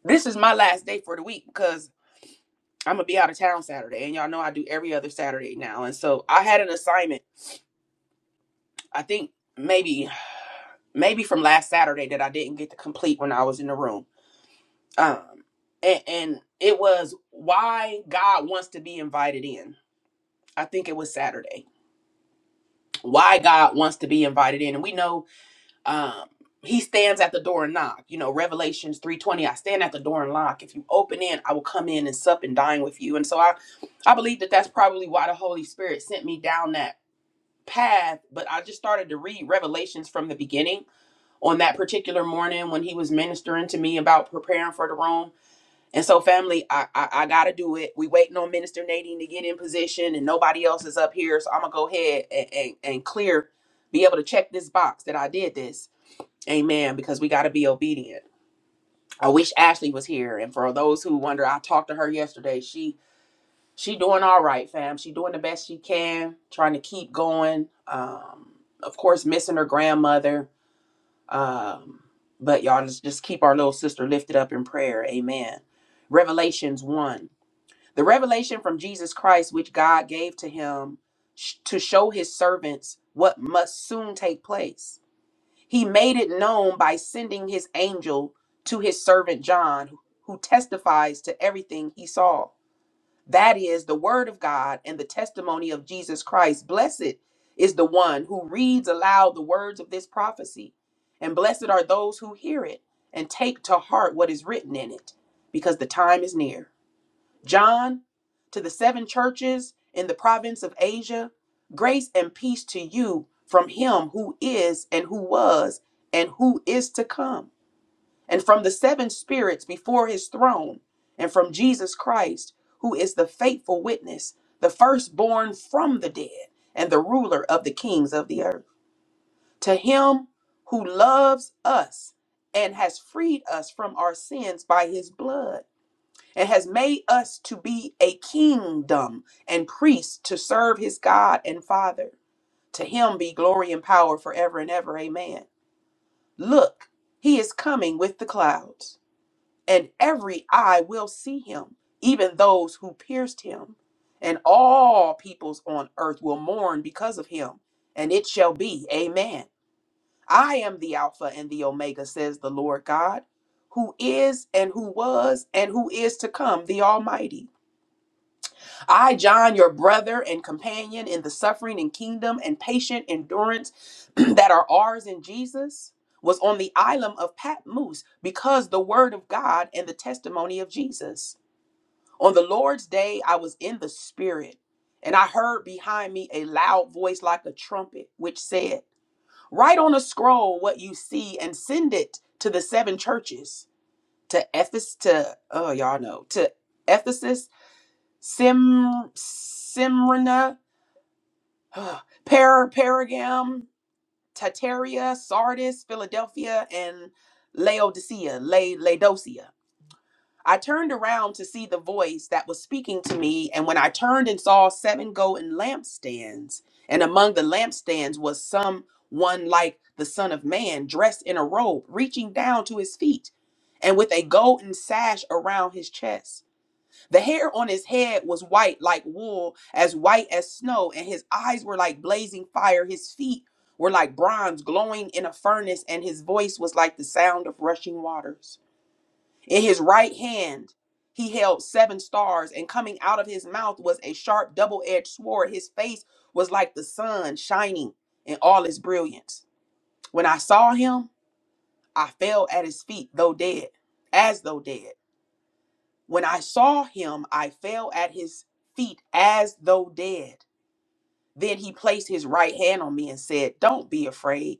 this is my last day for the week because I'm gonna be out of town Saturday, and y'all know I do every other Saturday now. And so I had an assignment. I think maybe maybe from last Saturday that I didn't get to complete when I was in the room. Um, and, and it was why God wants to be invited in. I think it was Saturday. Why God wants to be invited in, and we know um, He stands at the door and knock. You know, Revelations three twenty. I stand at the door and knock. If you open in, I will come in and sup and dine with you. And so I I believe that that's probably why the Holy Spirit sent me down that path, but I just started to read Revelations from the beginning on that particular morning when he was ministering to me about preparing for the room. And so, family, I I, I gotta do it. We waiting on Minister Nadine to get in position, and nobody else is up here, so I'm gonna go ahead and and, and clear, be able to check this box that I did this. Amen. Because we gotta be obedient. I wish Ashley was here. And for those who wonder, I talked to her yesterday. She she doing all right, fam. She doing the best she can, trying to keep going. Um, of course, missing her grandmother. Um, but y'all just, just keep our little sister lifted up in prayer. Amen. Revelations 1. The revelation from Jesus Christ, which God gave to him sh- to show his servants what must soon take place. He made it known by sending his angel to his servant John, who testifies to everything he saw. That is the word of God and the testimony of Jesus Christ. Blessed is the one who reads aloud the words of this prophecy, and blessed are those who hear it and take to heart what is written in it, because the time is near. John, to the seven churches in the province of Asia, grace and peace to you from him who is and who was and who is to come and from the seven spirits before his throne, and from Jesus Christ, who is the faithful witness, the firstborn from the dead, and the ruler of the kings of the earth. To him who loves us and has freed us from our sins by his blood, and has made us to be a kingdom and priests to serve his God and Father. To him be glory and power forever and ever. Amen. Look, he is coming with the clouds and every eye will see him, even those who pierced him. And all peoples on earth will mourn because of him. And it shall be, Amen. I am the Alpha and the Omega, says the Lord God, who is and who was and who is to come, the Almighty. I, John, your brother and companion in the suffering and kingdom and patient endurance that are ours in Jesus, was on the island of Patmos because the word of God and the testimony of Jesus. On the Lord's day, I was in the Spirit, and I heard behind me a loud voice like a trumpet, which said, Write on a scroll what you see and send it to the seven churches to Ephes to oh y'all know to Ephesus Sim Simrina, Per Pergam, Tataria, Sardis, Philadelphia, and Laodicea, La- Laodicea. I turned around to see the voice that was speaking to me, and when I turned and saw seven golden lampstands, and among the lampstands was some one like the Son of Man, dressed in a robe, reaching down to his feet, and with a golden sash around his chest. The hair on his head was white like wool, as white as snow, and his eyes were like blazing fire. His feet were like bronze glowing in a furnace, and his voice was like the sound of rushing waters. In his right hand, he held seven stars, and coming out of his mouth was a sharp double edged sword. His face was like the sun shining in all its brilliance. When I saw him, I fell at his feet, though dead, as though dead. When I saw him, I fell at his feet as though dead. Then he placed his right hand on me and said, Don't be afraid.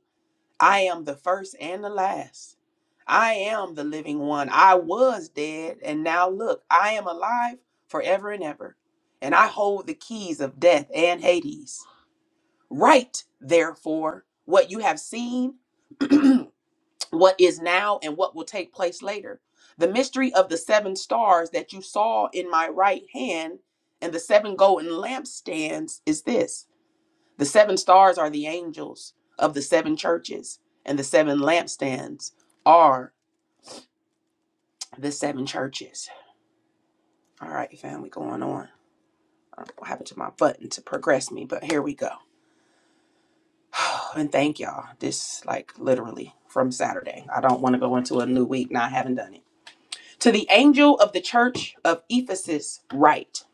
I am the first and the last. I am the living one. I was dead, and now look, I am alive forever and ever. And I hold the keys of death and Hades. Write, therefore, what you have seen what is now and what will take place later. The mystery of the seven stars that you saw in my right hand and the seven golden lampstands is this the seven stars are the angels of the seven churches, and the seven lampstands are the seven churches. All right, fam, we going on. I don't know what happened to my button to progress me, but here we go. And thank y'all. This, like, literally from Saturday. I don't want to go into a new week not having done it. To the angel of the church of Ephesus, write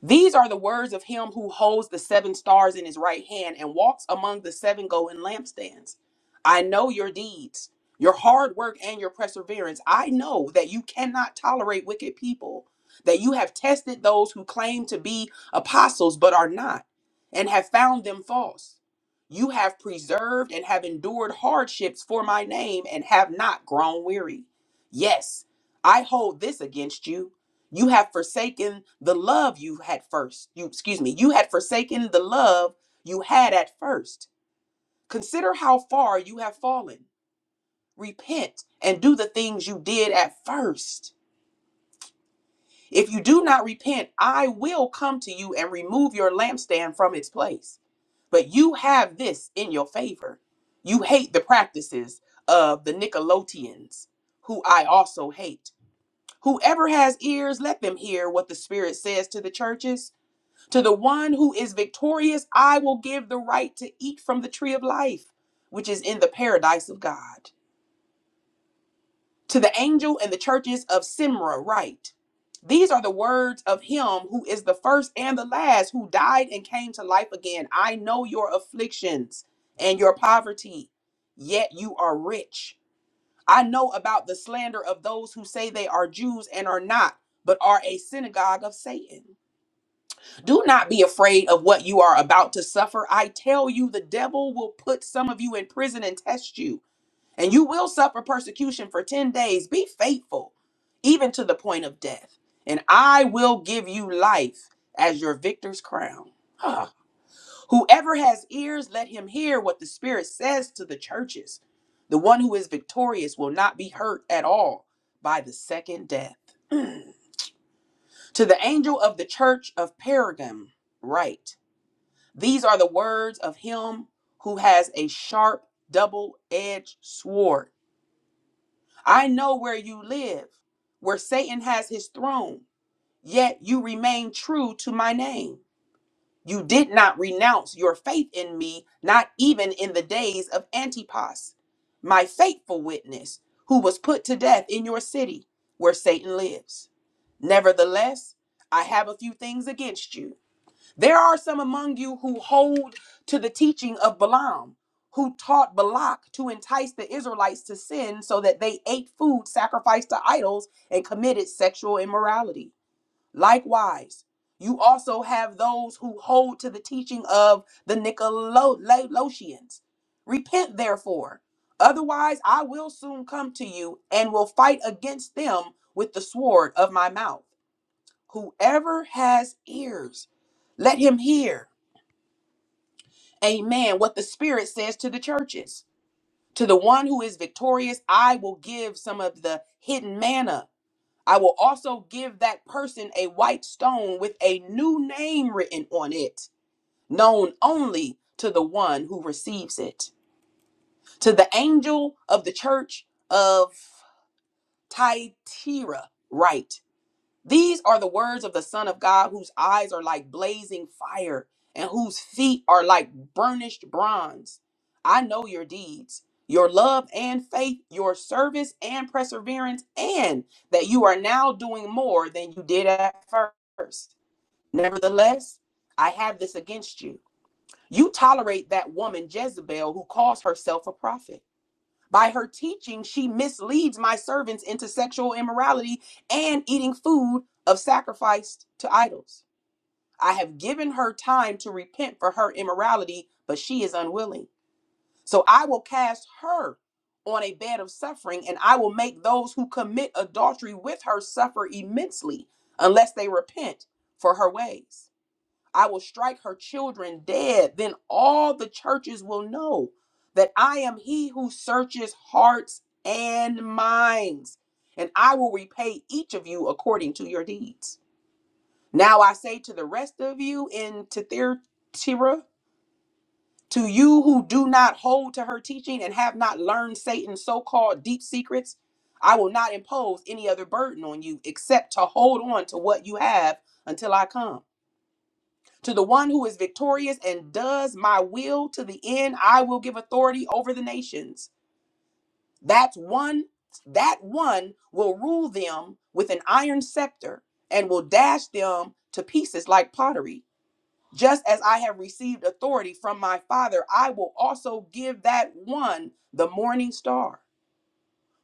These are the words of him who holds the seven stars in his right hand and walks among the seven golden lampstands. I know your deeds, your hard work, and your perseverance. I know that you cannot tolerate wicked people, that you have tested those who claim to be apostles but are not, and have found them false. You have preserved and have endured hardships for my name and have not grown weary. Yes, I hold this against you. You have forsaken the love you had first. You excuse me, you had forsaken the love you had at first. Consider how far you have fallen. Repent and do the things you did at first. If you do not repent, I will come to you and remove your lampstand from its place. But you have this in your favor. You hate the practices of the Nicolaitans, who I also hate. Whoever has ears, let them hear what the Spirit says to the churches. To the one who is victorious, I will give the right to eat from the tree of life, which is in the paradise of God. To the angel in the churches of Simra, write These are the words of him who is the first and the last, who died and came to life again. I know your afflictions and your poverty, yet you are rich. I know about the slander of those who say they are Jews and are not, but are a synagogue of Satan. Do not be afraid of what you are about to suffer. I tell you, the devil will put some of you in prison and test you and you will suffer persecution for 10 days. Be faithful, even to the point of death. And I will give you life as your victor's crown. Ah. Whoever has ears, let him hear what the Spirit says to the churches. The one who is victorious will not be hurt at all by the second death. To the angel of the church of Pergamum, write These are the words of him who has a sharp, double edged sword. I know where you live, where Satan has his throne, yet you remain true to my name. You did not renounce your faith in me, not even in the days of Antipas, my faithful witness, who was put to death in your city where Satan lives. Nevertheless, I have a few things against you. There are some among you who hold to the teaching of Balaam, who taught Balak to entice the Israelites to sin so that they ate food sacrificed to idols and committed sexual immorality. Likewise, you also have those who hold to the teaching of the Nicolaitans. Repent, therefore, otherwise I will soon come to you and will fight against them with the sword of my mouth. Whoever has ears, let him hear Amen. What the Spirit says to the churches. To the one who is victorious, I will give some of the hidden manna. I will also give that person a white stone with a new name written on it, known only to the one who receives it. To the angel of the church of Thyatira, write. These are the words of the Son of God, whose eyes are like blazing fire and whose feet are like burnished bronze. I know your deeds, your love and faith, your service and perseverance, and that you are now doing more than you did at first. Nevertheless, I have this against you. You tolerate that woman Jezebel who calls herself a prophet. By her teaching, she misleads my servants into sexual immorality and eating food of sacrificed to idols. I have given her time to repent for her immorality, but she is unwilling. So I will cast her on a bed of suffering, and I will make those who commit adultery with her suffer immensely unless they repent for her ways. I will strike her children dead. Then all the churches will know that I am he who searches hearts and minds, and I will repay each of you according to your deeds. Now I say to the rest of you in Thyatira, to you who do not hold to her teaching and have not learned Satan's so called deep secrets, I will not impose any other burden on you except to hold on to what you have until I come. To the one who is victorious and does my will to the end, I will give authority over the nations. That's one that one will rule them with an iron scepter and will dash them to pieces like pottery. Just as I have received authority from my Father, I will also give that one the morning star.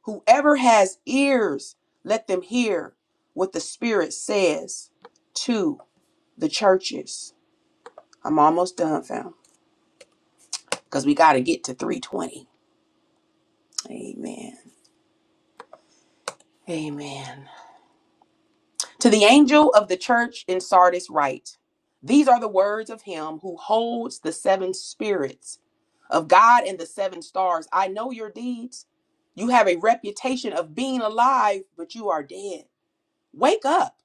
Whoever has ears, let them hear what the Spirit says to the churches. I'm almost done, fam. because we got to get to 320. Amen. Amen. To the angel of the church in Sardis, write These are the words of him who holds the seven spirits of God and the seven stars. I know your deeds. You have a reputation of being alive, but you are dead. Wake up.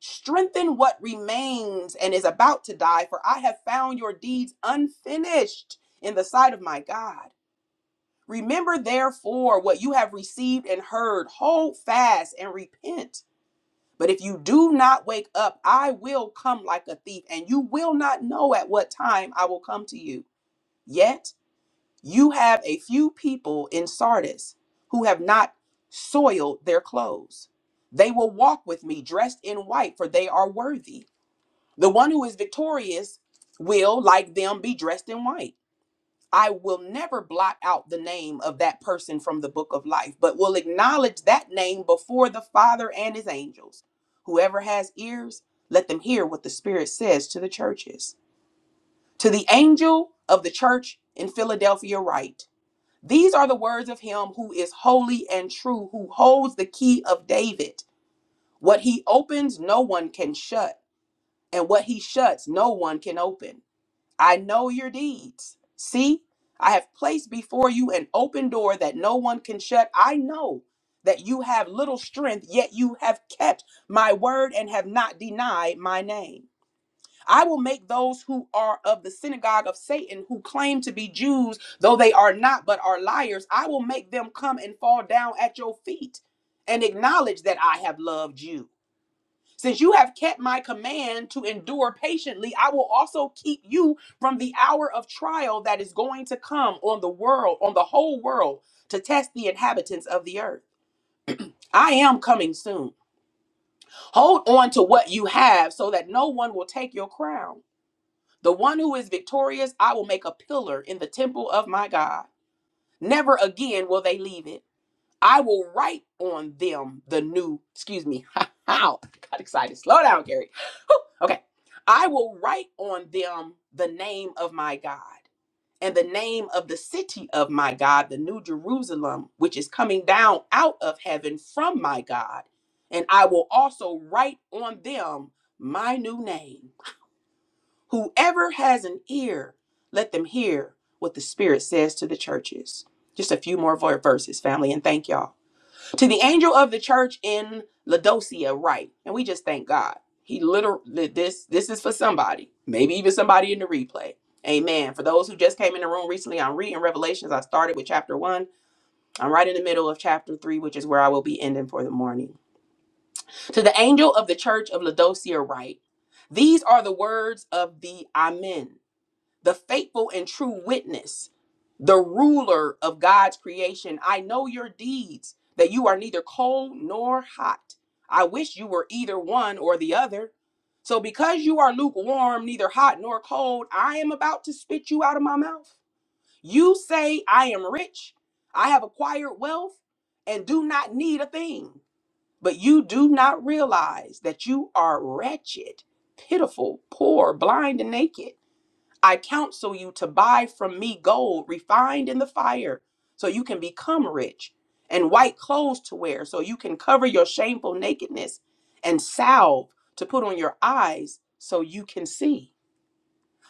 Strengthen what remains and is about to die, for I have found your deeds unfinished in the sight of my God. Remember therefore what you have received and heard, hold fast and repent. But if you do not wake up, I will come like a thief, and you will not know at what time I will come to you. Yet you have a few people in Sardis who have not soiled their clothes. They will walk with me dressed in white, for they are worthy. The one who is victorious will, like them, be dressed in white. I will never blot out the name of that person from the book of life, but will acknowledge that name before the Father and his angels. Whoever has ears, let them hear what the Spirit says to the churches. To the angel of the church in Philadelphia, write These are the words of him who is holy and true, who holds the key of David. What he opens, no one can shut, and what he shuts, no one can open. I know your deeds. See, I have placed before you an open door that no one can shut. I know that you have little strength, yet you have kept my word and have not denied my name. I will make those who are of the synagogue of Satan, who claim to be Jews, though they are not but are liars, I will make them come and fall down at your feet and acknowledge that I have loved you. Since you have kept my command to endure patiently, I will also keep you from the hour of trial that is going to come on the world, on the whole world, to test the inhabitants of the earth. I am coming soon. Hold on to what you have so that no one will take your crown. The one who is victorious, I will make a pillar in the temple of my God. Never again will they leave it. I will write on them the new, excuse me, how? Got excited. Slow down, Gary. Okay. I will write on them the name of my God and the name of the city of my God, the new Jerusalem, which is coming down out of heaven from my God. And I will also write on them my new name. Whoever has an ear, let them hear what the Spirit says to the churches. Just a few more vo- verses, family, and thank y'all to the angel of the church in Laodicea, right? And we just thank God. He literally this this is for somebody, maybe even somebody in the replay. Amen. For those who just came in the room recently, I'm reading Revelations. I started with chapter one. I'm right in the middle of chapter three, which is where I will be ending for the morning. To the angel of the church of Laodicea, write: These are the words of the Amen, the faithful and true witness the ruler of God's creation. I know your deeds, that you are neither cold nor hot. I wish you were either one or the other. So, because you are lukewarm, neither hot nor cold, I am about to spit you out of my mouth. You say, I am rich, I have acquired wealth, and do not need a thing. But you do not realize that you are wretched, pitiful, poor, blind, and naked. I counsel you to buy from me gold refined in the fire, so you can become rich, and white clothes to wear, so you can cover your shameful nakedness, and salve to put on your eyes, so you can see.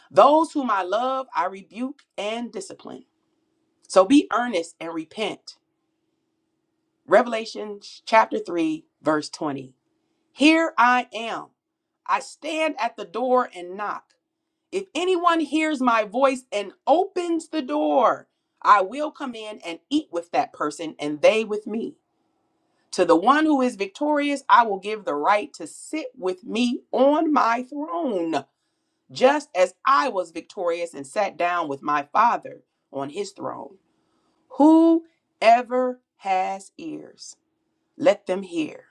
Those whom I love, I rebuke and discipline. So be earnest and repent. Revelation chapter 3, verse 20. Here I am. I stand at the door and knock. If anyone hears my voice and opens the door, I will come in and eat with that person and they with me. To the one who is victorious, I will give the right to sit with me on my throne, just as I was victorious and sat down with my Father on his throne. Whoever has ears, let them hear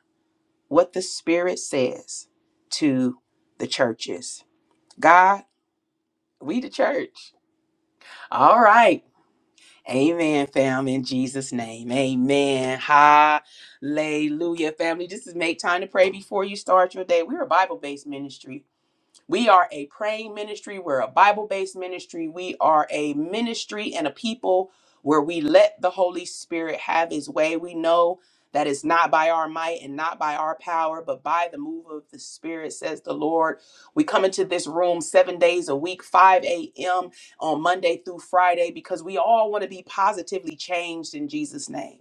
what the Spirit says to the churches. God, we the church. All right. Amen, fam, in Jesus' name. Amen. Hallelujah, family. This is Make Time to Pray Before You Start Your Day. We're a Bible based ministry. We are a praying ministry. We're a Bible based ministry. We are a ministry and a people where we let the Holy Spirit have his way. We know that it's not by our might and not by our power, but by the move of the Spirit, says the Lord. We come into this room seven days a week, 5 a.m. on Monday through Friday, because we all want to be positively changed in Jesus' name.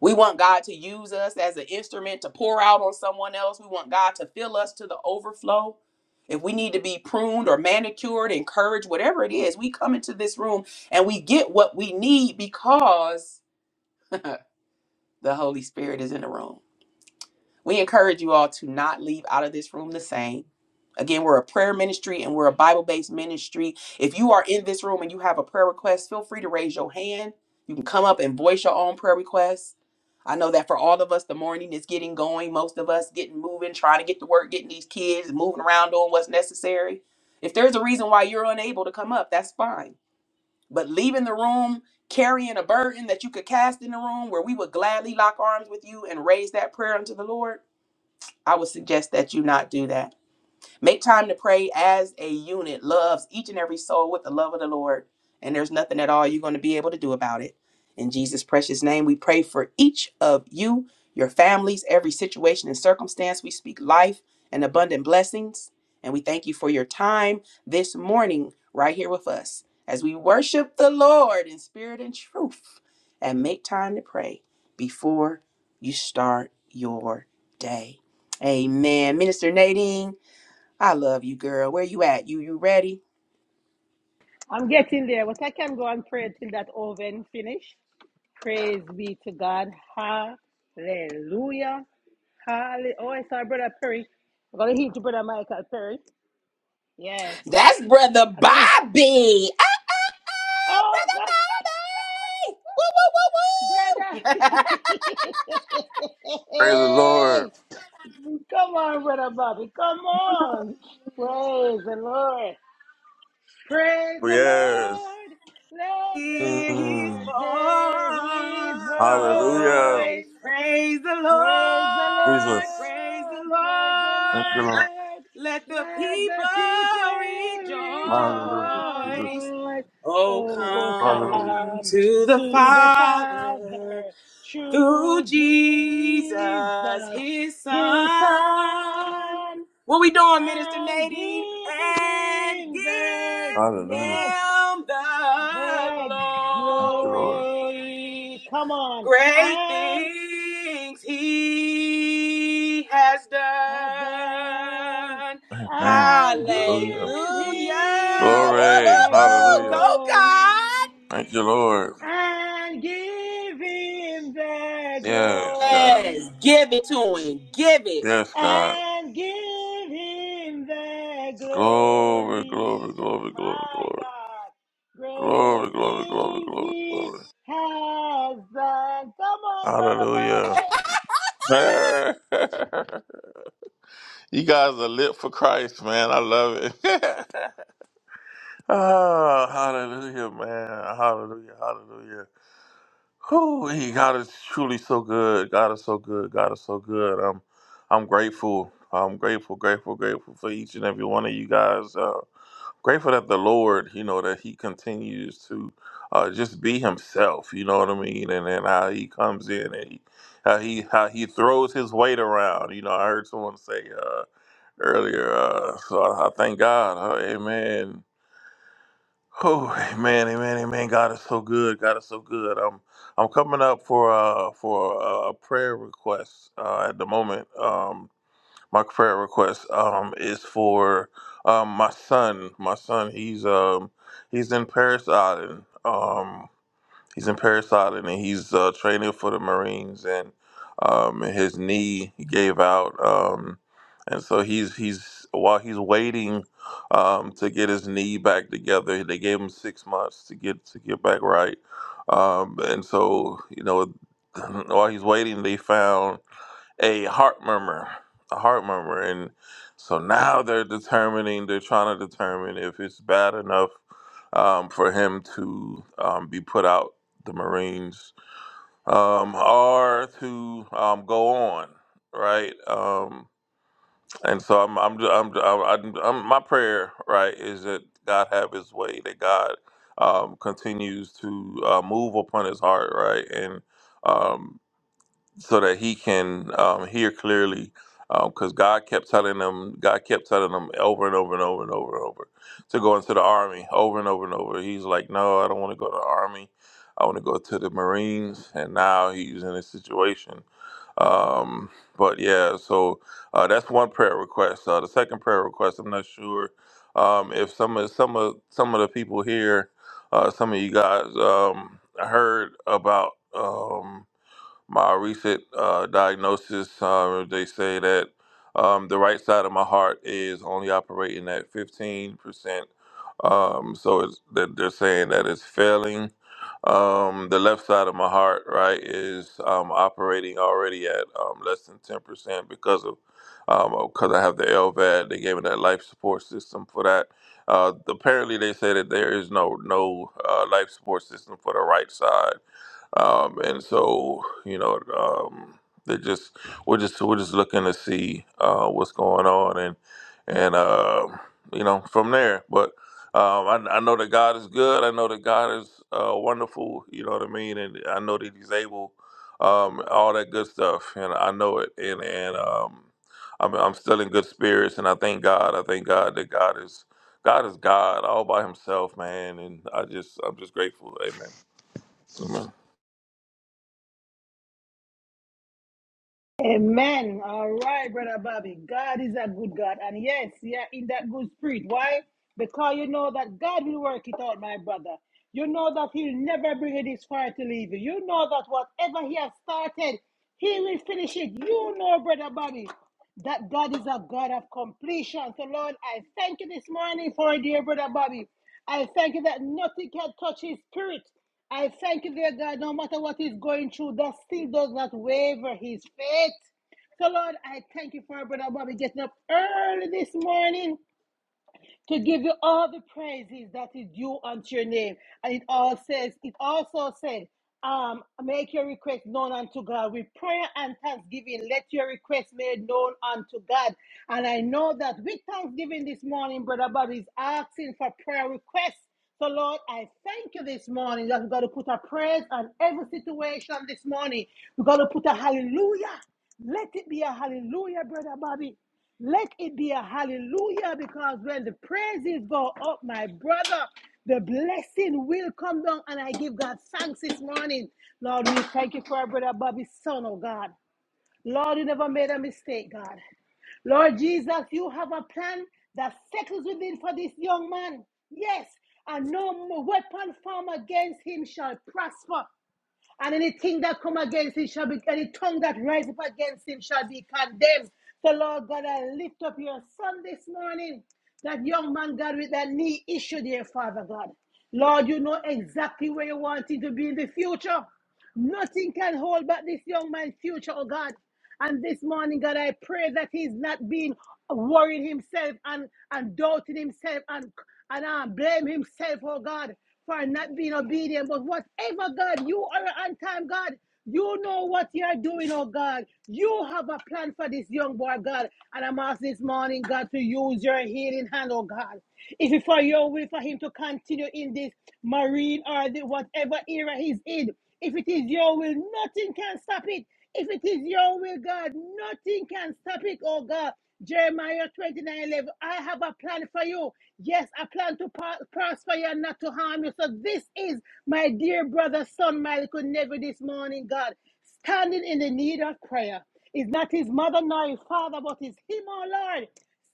We want God to use us as an instrument to pour out on someone else. We want God to fill us to the overflow. If we need to be pruned or manicured, encouraged, whatever it is, we come into this room and we get what we need because the Holy Spirit is in the room. We encourage you all to not leave out of this room the same. Again, we're a prayer ministry and we're a Bible based ministry. If you are in this room and you have a prayer request, feel free to raise your hand. You can come up and voice your own prayer request I know that for all of us, the morning is getting going. Most of us getting moving, trying to get to work, getting these kids, moving around, doing what's necessary. If there's a reason why you're unable to come up, that's fine. But leaving the room carrying a burden that you could cast in the room where we would gladly lock arms with you and raise that prayer unto the Lord, I would suggest that you not do that. Make time to pray as a unit, loves each and every soul with the love of the Lord. And there's nothing at all you're going to be able to do about it. In Jesus' precious name, we pray for each of you, your families, every situation and circumstance. We speak life and abundant blessings. And we thank you for your time this morning, right here with us, as we worship the Lord in spirit and truth. And make time to pray before you start your day. Amen. Minister Nadine, I love you, girl. Where you at? You you ready?
I'm getting there, but I can go and pray till that oven finish. Praise be to God. Hallelujah. Hallelujah. Oh, I saw Brother Perry. I'm going to hit Brother Michael Perry. Yes.
That's brother
I'm going to.
Bobby. Ah,
Oh, God.
Bobby! Woo, woo, woo, woo!
Brother.
Praise the Lord.
hey. Come on, Brother Bobby. Come on. Praise the Lord. Praise the Lord.
Yes.
Let
Hear his
Mm.
the earth hear his
Hallelujah.
voice.
voice. Praise the
Praise the
Lord.
Jesus.
Praise the
Lord, praise the
Thank you,
Lord.
Lord.
Lord.
Let the
Let the
people
people
Hallelujah. Jesus.
rejoice.
rejoice.
Oh,
Oh,
Hallelujah.
come
come
to the
to the
Father.
Father,
through
true Jesus,
Jesus, his
His
son.
Son,
What we doing, Minister
and
Nadine?
give
And
Him the
give
Hallelujah.
yes,
him the
the
Thank
glory.
you, Lord.
glory. Come on,
Great
and
things he has
heaven
done.
Amen.
and
Hallelujah.
give him
Hallelujah.
Glory.
the
Woo-hoo-hoo. Go,
Hallelujah.
God.
Thank you,
glory
Lord.
and give him the
Yes, God.
Yes.
glory
Give it to him. Give it.
Yes, God.
and give him the
Glory,
glory
glory, glory, glory,
my
glory.
god great
Glory, glory, glory,
things
glory,
he
glory.
has done come on brother
Hallelujah.
buddy
you guys are lit for Christ, man. I love it. Oh, hallelujah, man. Hallelujah, hallelujah. Whew, he- God is truly so good. God is so good. God is so good. I'm I'm grateful. I'm grateful, grateful, grateful for each and every one of you guys. Uh, grateful that the Lord, you know, that He continues to uh, just be Himself. You know what I mean? And then how He comes in and he, how He how He throws His weight around. You know, I heard someone say uh, earlier. Uh, so I, I thank God. Uh, amen. Oh, amen, amen, amen. God is so good. God is so good. I'm I'm coming up for uh for uh, a prayer request uh, at the moment. Um, my prayer request um is for um my son. My son, he's um he's in Paris Island. Um, He's in Parris Island and he's uh, training for the Marines and um, his knee gave out. Um, and so he's he's while he's waiting um, to get his knee back together, they gave him six months to get to get back right. Um, and so you know while he's waiting, they found a heart murmur, a heart murmur, and so now they're determining, they're trying to determine if it's bad enough um, for him to um, be put out the Marines um, or to um, go on, right? Um, and so I'm, I'm, I'm, I'm, I'm, I'm, my prayer, right, is that God have His way, that God um, continues to uh, move upon His heart, right, and um, so that he can um, hear clearly. Because God kept telling him, God kept telling him over and over and over and over and over to go into the army over and over and over. He's like, no, I don't want to go to the army. I want to go to the Marines. And now he's in a situation um, but yeah, so uh, that's one prayer request. Uh, the second prayer request, I'm not sure um, if some of some of some of the people here, uh, some of you guys um, heard about. Um, my recent uh, diagnosis, uh, they say that um, the right side of my heart is only operating at 15%. Um, so it's, that they're saying that it's failing. Um, the left side of my heart, right, is um, operating already at um, less than 10% because of um, because I have the LVAD. They gave me that life support system for that. Uh, apparently, they say that there is no no uh, life support system for the right side um, and so you know um, they just we're just we're just looking to see uh, what's going on and and uh, you know from there but um, I, I know that God is good I know that God is uh, wonderful you know what I mean and I know that he's able um, all that good stuff and I know it and and um, I'm, I'm still in good spirits and I thank God I thank God that God is God is God all by himself man and I just I'm just grateful amen Amen.
Amen. All right, Brother Bobby. God is a good God. And yes, yeah, in that good spirit. Why? Because you know that God will work it out, my brother. You know that He'll never bring you this far to leave you. You know that whatever He has started, He will finish it. You know, Brother Bobby that God is a God of completion. So, Lord, I thank you this morning for dear brother Bobby. I thank you that nothing can touch his spirit. I thank you, dear God, no matter what he's going through, that still does not waver his faith. So, Lord, I thank you for brother Bobby getting up early this morning to give you all the praises that is due unto your name. And it all says, it also said, um, make your request known unto God with prayer and thanksgiving. Let your request made known unto God. And I know that with thanksgiving this morning, Brother Bobby is asking for prayer requests. So, Lord, I thank you this morning that we're going to put a praise on every situation this morning. We're going to put a hallelujah let it be a hallelujah, brother Bobby. Let it be a hallelujah because when the praises go up, my brother, the blessing will come down. And I give God thanks this morning. Lord, we thank you for our brother Bobby's son, oh God. Lord, you never made a mistake, God. Lord Jesus, you have a plan that settles within for this young man. Yes, and no weapon formed against him shall prosper. And anything that come against him shall be, any tongue that rise up against him shall be condemned. So, Lord God, I lift up your son this morning, that young man, God, with that knee issue, dear Father God. Lord, you know exactly where you want him to be in the future. Nothing can hold back this young man's future, oh God. And this morning, God, I pray that he's not being worried himself and, and doubting himself and, and um, blame himself, oh God, for not being obedient. But whatever, God, you are an on time, God. You know what you are doing, oh God. You have a plan for this young boy, God. And I'm asking this morning, God, to use your healing hand, oh God. If it's for your will for him to continue in this marine or the, whatever era he's in, if it is your will, nothing can stop it. If it is your will, God, nothing can stop it, oh God. Jeremiah 29 11. I have a plan for you. Yes, a plan to prosper you and not to harm you. So, this is my dear brother, son, my little neighbor this morning, God, standing in the need of prayer. Is not his mother nor his father, but is him, oh Lord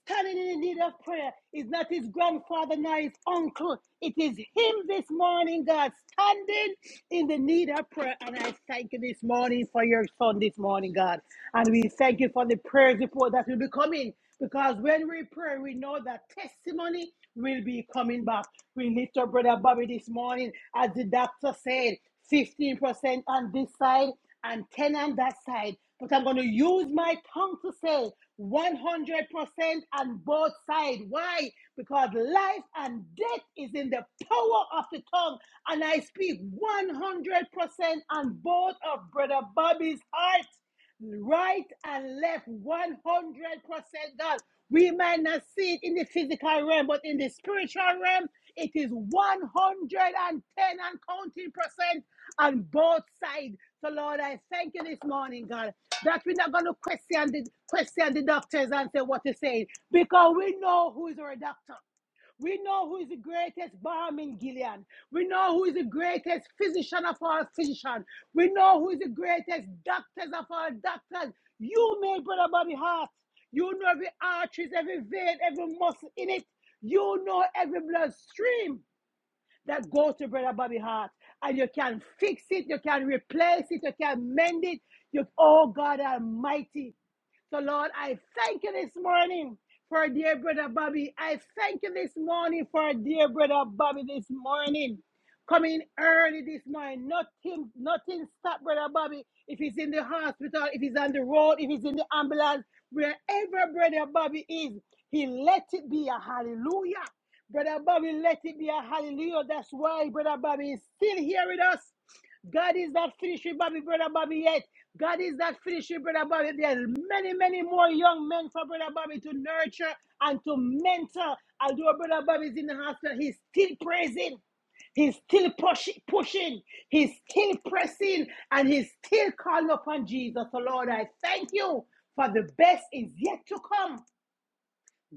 standing in the need of prayer is not his grandfather nor his uncle. It is him this morning, God, standing in the need of prayer. And I thank you this morning for your son this morning, God. And we thank you for the prayers report that will be coming because when we pray, we know that testimony will be coming back. We lift up Brother Bobby this morning, as the doctor said. 15% on this side and 10 on that side. But I'm going to use my tongue to say 100% on both sides. Why? Because life and death is in the power of the tongue. And I speak 100% on both of Brother Bobby's heart right and left, 100% done. We might not see it in the physical realm, but in the spiritual realm, it is 110 and counting percent on both sides. So, Lord, I thank you this morning, God, that we're not going to question the, question the doctors and say what you say, because we know who is our doctor. We know who is the greatest balm in Gilead. We know who is the greatest physician of all physicians. We know who is the greatest doctors of all doctors. You made brother body heart. You know every arteries, every vein, every muscle in it. You know every blood stream that goes to Brother Bobby Hart. And you can fix it, you can replace it, you can mend it. You, oh God Almighty. So, Lord, I thank you this morning for dear brother Bobby. I thank you this morning for dear brother Bobby this morning. Coming early this morning. Nothing, nothing stop brother Bobby. If he's in the hospital, if he's on the road, if he's in the ambulance, wherever brother Bobby is, he let it be a hallelujah. Brother Bobby, let it be a hallelujah. That's why Brother Bobby is still here with us. God is not finished with Bobby, Brother Bobby yet. God is not finished with Brother Bobby. There's many, many more young men for Brother Bobby to nurture and to mentor. Although Brother Bobby is in the hospital, he's still praising. He's still pushing, pushing. He's still pressing, and he's still calling upon Jesus. So, Lord, I thank you for the best is yet to come.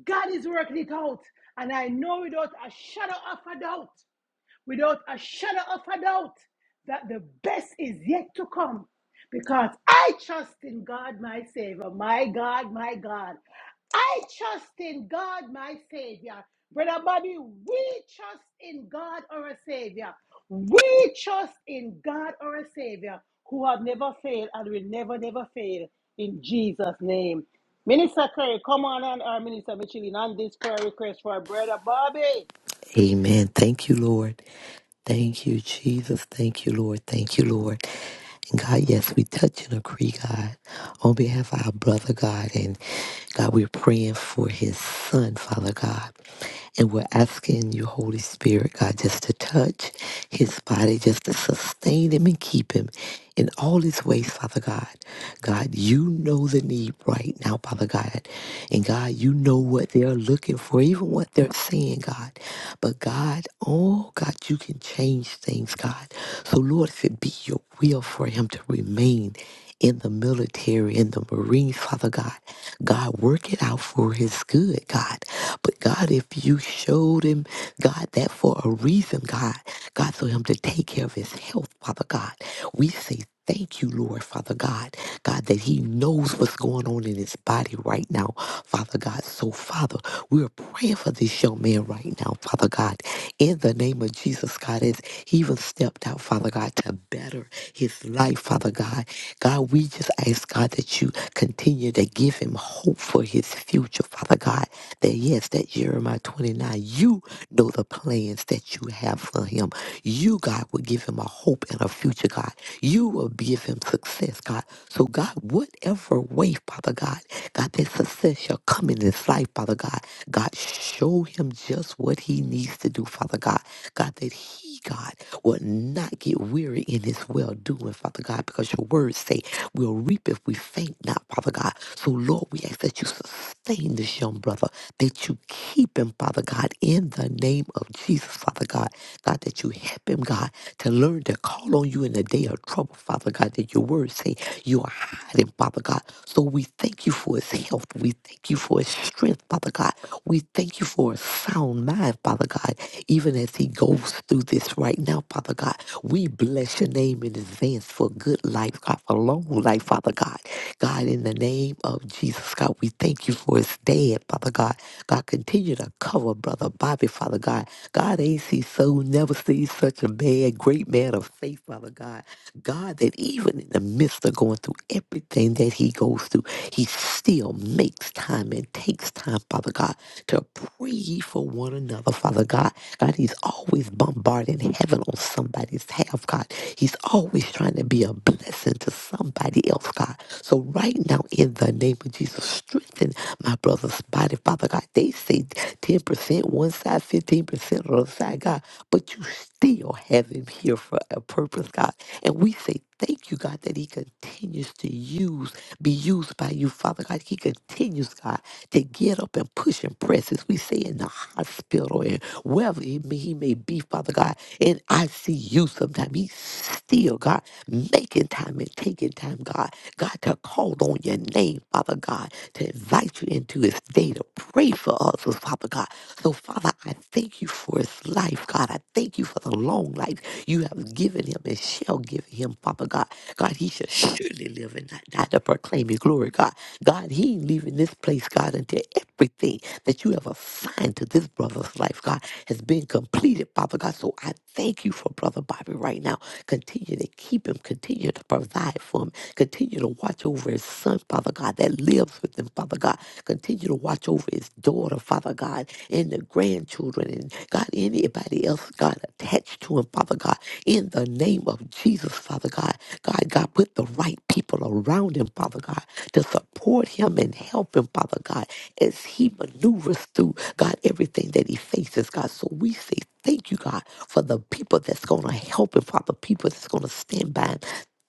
God is working it out. And I know without a shadow of a doubt without a shadow of a doubt that the best is yet to come. Because I trust in God, my Savior. My God, my God. I trust in God, my Savior. Brother Bobby, we trust in God, our Savior. We trust in God, our Savior, who have never failed and will never, never fail in Jesus' name. Minister Curry, come on and our Minister Michelin on this prayer request for Brother Bobby.
Amen. Thank you, Lord. Thank you, Jesus. Thank you, Lord. Thank you, Lord. And God, yes, we touch and agree, God, on behalf of our brother, God. And God, we're praying for his son, Father God. And we're asking you, Holy Spirit, God, just to touch his body, just to sustain him and keep him in all his ways, Father God. God, you know the need right now, Father God. And God, you know what they're looking for, even what they're saying, God. But God, oh God, you can change things, God. So Lord, if it be your will for him to remain in the military, in the Marines, Father God. God, work it out for his good, God. But God, if you showed him, God, that for a reason, God, God, for him to take care of his health, Father God, we say Thank you, Lord, Father God. God, that He knows what's going on in His body right now, Father God. So, Father, we are praying for this young man right now, Father God. In the name of Jesus, God, as He even stepped out, Father God. God, to better his life, Father God. God, we just ask, God, that you continue to give him hope for his future, Father God. That, yes, that Jeremiah 29, you know the plans that you have for him. You, God, will give him a hope and a future, God. You will give him success, God. So, God, whatever way, Father God, God, that success shall come in his life, Father God. God, show him just what he needs to do, Father God. God, that he we, God, will not get weary in this well doing, Father God, because your words say we'll reap if we faint not, Father God. So, Lord, we ask that you sustain this young brother, that you keep him, Father God, in the name of Jesus, Father God. God, that you help him, God, to learn to call on you in the day of trouble, Father God, that your words say you are hiding, Father God. So we thank you for his health. We thank you for his strength, Father God. We thank you for his sound sound mind, Father God, even as he goes through this right now, Father God. We bless your name in advance for good life, God, for long life, Father God. God, in the name of Jesus, God, we thank you for his dad, Father God. God, continue to cover Brother Bobby, Father God. God, ain't He so never sees such a man, great man of faith, Father God. God, that even in the midst of going through everything that he goes through, he still makes time time and takes time, Father God, to pray ye for one another, Father God. God, He's always bombarding heaven on somebody's behalf, God. He's always trying to be a blessing to somebody else, God. So right now, in the name of Jesus, strengthen my brother's body, Father God. They say 10% one side, 15% the other side, God. But you still have him here for a purpose, God. And we say thank you, God, that he continues to use, be used by you, Father God. He continues, God, to get up and push and press, as we say in the hospital and wherever he may, he may be, Father God. And I see you sometime. He's still, God, making time and taking time, God. God, to call on your name, Father God, to invite you into his day to pray for us, Father God. So, Father, I thank you for his his life, God. I thank you for the long life you have given him and shall give him, Father God. God, he shall surely live and not die to proclaim your glory, God. God, he ain't leaving this place, God, until everything that you have assigned to this brother's life, God, has been completed, Father God. So I thank you for Brother Bobby right now. Continue to keep him, continue to provide for him, continue to watch over his son, Father God, that lives with him, Father God. Continue to watch over his daughter, Father God, and the grandchildren grandchildren and God, anybody else, God, attached to him, Father God, in the name of Jesus, Father God. God, God, put the right people around him, Father God, to support him and help him, Father God, as he maneuvers through, God, everything that he faces, God. So we say thank you, God, for the people that's going to help him, Father, people that's going to stand by him.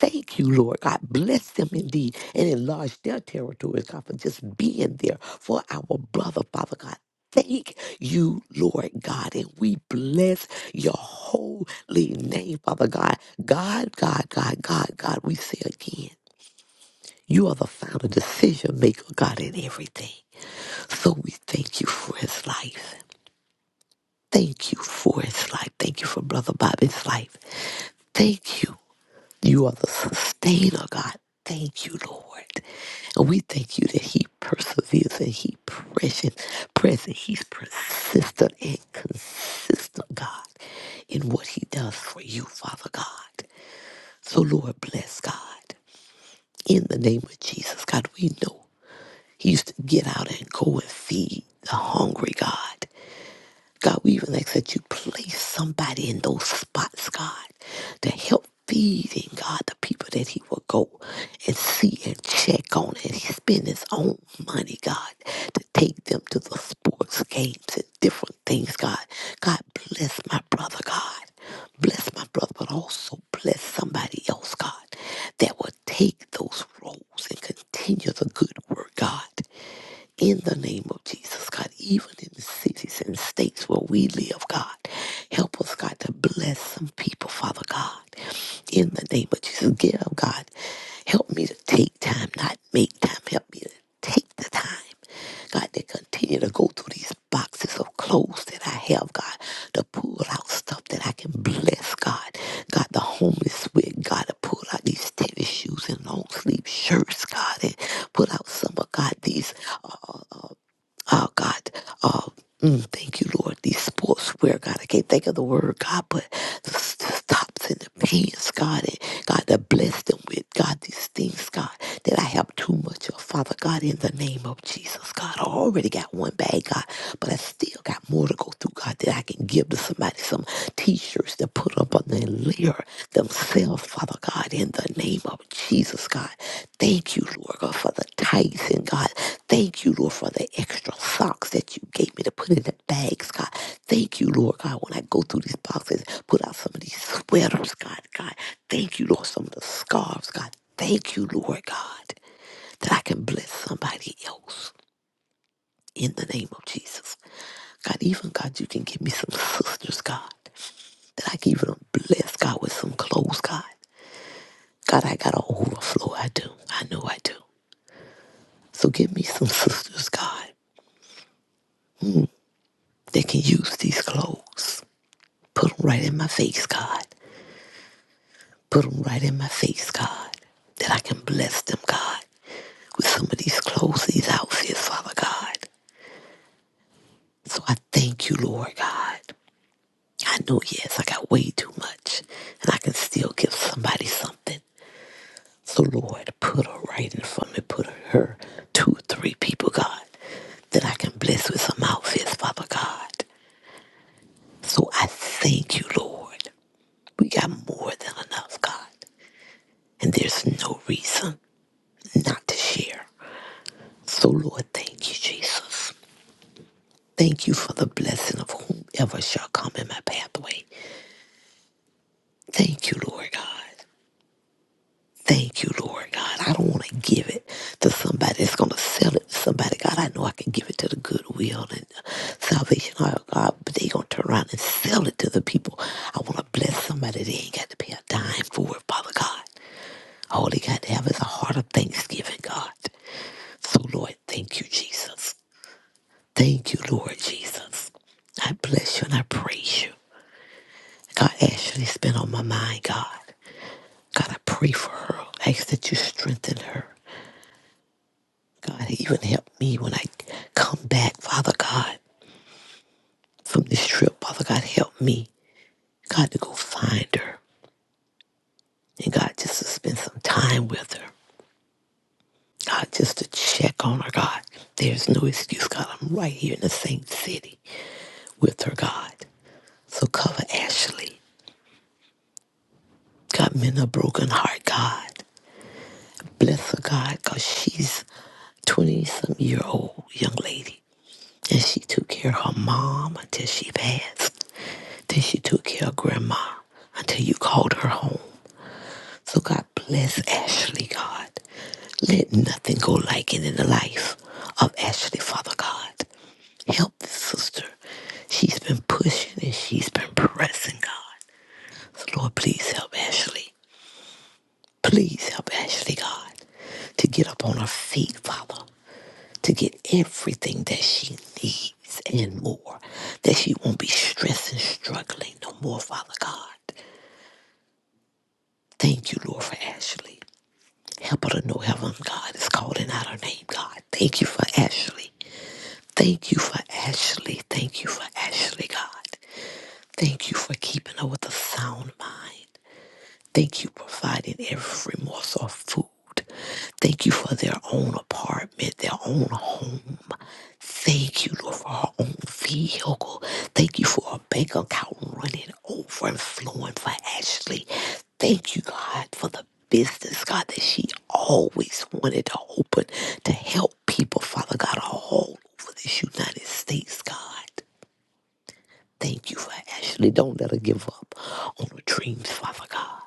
Thank you, Lord God. Bless them indeed and enlarge their territories, God, for just being there for our brother, Father God. Thank you, Lord God, and we bless your holy name, Father God. God, God, God, God, God, we say again, you are the final decision maker, God, in everything. So we thank you for his life. Thank you for his life. Thank you for Brother Bobby's life. Thank you you are the sustainer, God. Thank you, Lord. And we thank you that He perseveres and He present, present. He's persistent and consistent, God, in what He does for you, Father God. So, Lord, bless God. In the name of Jesus, God, we know He used to get out and go and feed the hungry, God. God, we even ask that you place somebody in those spots, God, to help feeding, God, the people that he will go and see and check on and spend his own money, God, to take them to the sports games and different things, God. God, bless my brother, God. Bless my brother, but also bless somebody else, God, that will take those roles and continue the good work, God in the name of Jesus, God, even in the cities and states where we live, God, help us, God, to bless some people, Father God, in the name of Jesus. Give, God, help me to take time, not make time. Help me to take the time, God, to continue to go through these boxes of clothes that I have, God, to pull out stuff that I can bless, God. God, the homeless with, God, to pull out these tennis shoes and long sleeve shirts, God, and pull out some of God these. Oh, God. Oh, mm, thank you, Lord. These sportswear, God. I can't think of the word, God, but the, s- the tops and the pants, God. And God, to bless them with, God, these things, God, that I have too much of. Father, God, in the name of Jesus, God. I already got one bag, God, but I still got more to go through, God, that I can give to somebody some t shirts to put up on their clear themselves, Father God, in the name of Jesus, God. Thank you, Lord God, for the tithes and God. Thank you, Lord, for the extra socks that you gave me to put in the bags, God. Thank you, Lord God, when I go through these boxes, put out some of these sweaters, God. God, thank you, Lord, some of the scarves, God. Thank you, Lord God, that I can bless somebody else in the name of Jesus. God, even God, you can give me some sisters, God, that I can even bless God with some clothes, God. God, I got an overflow. I do. I know I do. So give me some sisters, God, that can use these clothes. Put them right in my face, God. Put them right in my face, God. That I can bless them, God, with some of these clothes, these outfits, Father God. So I thank you, Lord God. I know, yes, I got way too much, and I can still give somebody something. So, Lord, put her right in front of me. Put her two or three people, God, that I can bless with some outfits, Father God. So I thank you, Lord. We got more than enough, God. And there's no reason not to share. So, Lord, thank you, Jesus. Thank you for the blessing of whomever shall come in my pathway. Thank you, Lord God. Thank you, Lord God. I don't want to give it to somebody that's going to sell it to somebody. God, I know I can give it to the goodwill and the salvation. Oh, God, but they going to turn around and sell it to the people. I want to bless somebody. They ain't got to pay a dime for it, Father God. All they got to have is a heart of thanksgiving, God. So, Lord, thank you, Jesus. Thank you, Lord Jesus. I bless you and I praise you. God, Ashley's been on my mind, God. God, I pray for her. I ask that you strengthen her. God, even help me when I come back, Father God, from this trip. Father God, help me, God, to go find her. And God, just to spend some time with her. God, just to check on her, God. There's no excuse, God. I'm right here in the same city with her, God. So cover Ashley. God, mend a broken heart, God. Bless her, God, because she's 20 some year old young lady. And she took care of her mom until she passed. that she took care of grandma until you called her home. So God bless Ashley, God. Let nothing go like it in the life of Ashley, Father God. Help this sister. She's been pushing and she's been pressing, God. So Lord, please help Ashley. Please help Ashley, God, to get up on her feet, Father, to get everything that she needs and more, that she won't be stressed and struggling no more, Father God. Thank you, Lord, for Ashley. Help her to know heaven, God, is calling out her name, God. Thank you for Ashley. Thank you for Ashley. Thank you for Ashley, God. Thank you for keeping her with a sound mind. Thank you for providing every morsel of food. Thank you for their own apartment, their own home. Thank you, Lord, for our own vehicle. Thank you for our bank account running over and flowing for Ashley. Thank you, God, for the business, God, that she always wanted to open to help people, Father God, all over this United States, God. Thank you for Ashley. Don't let her give up on her dreams, Father God.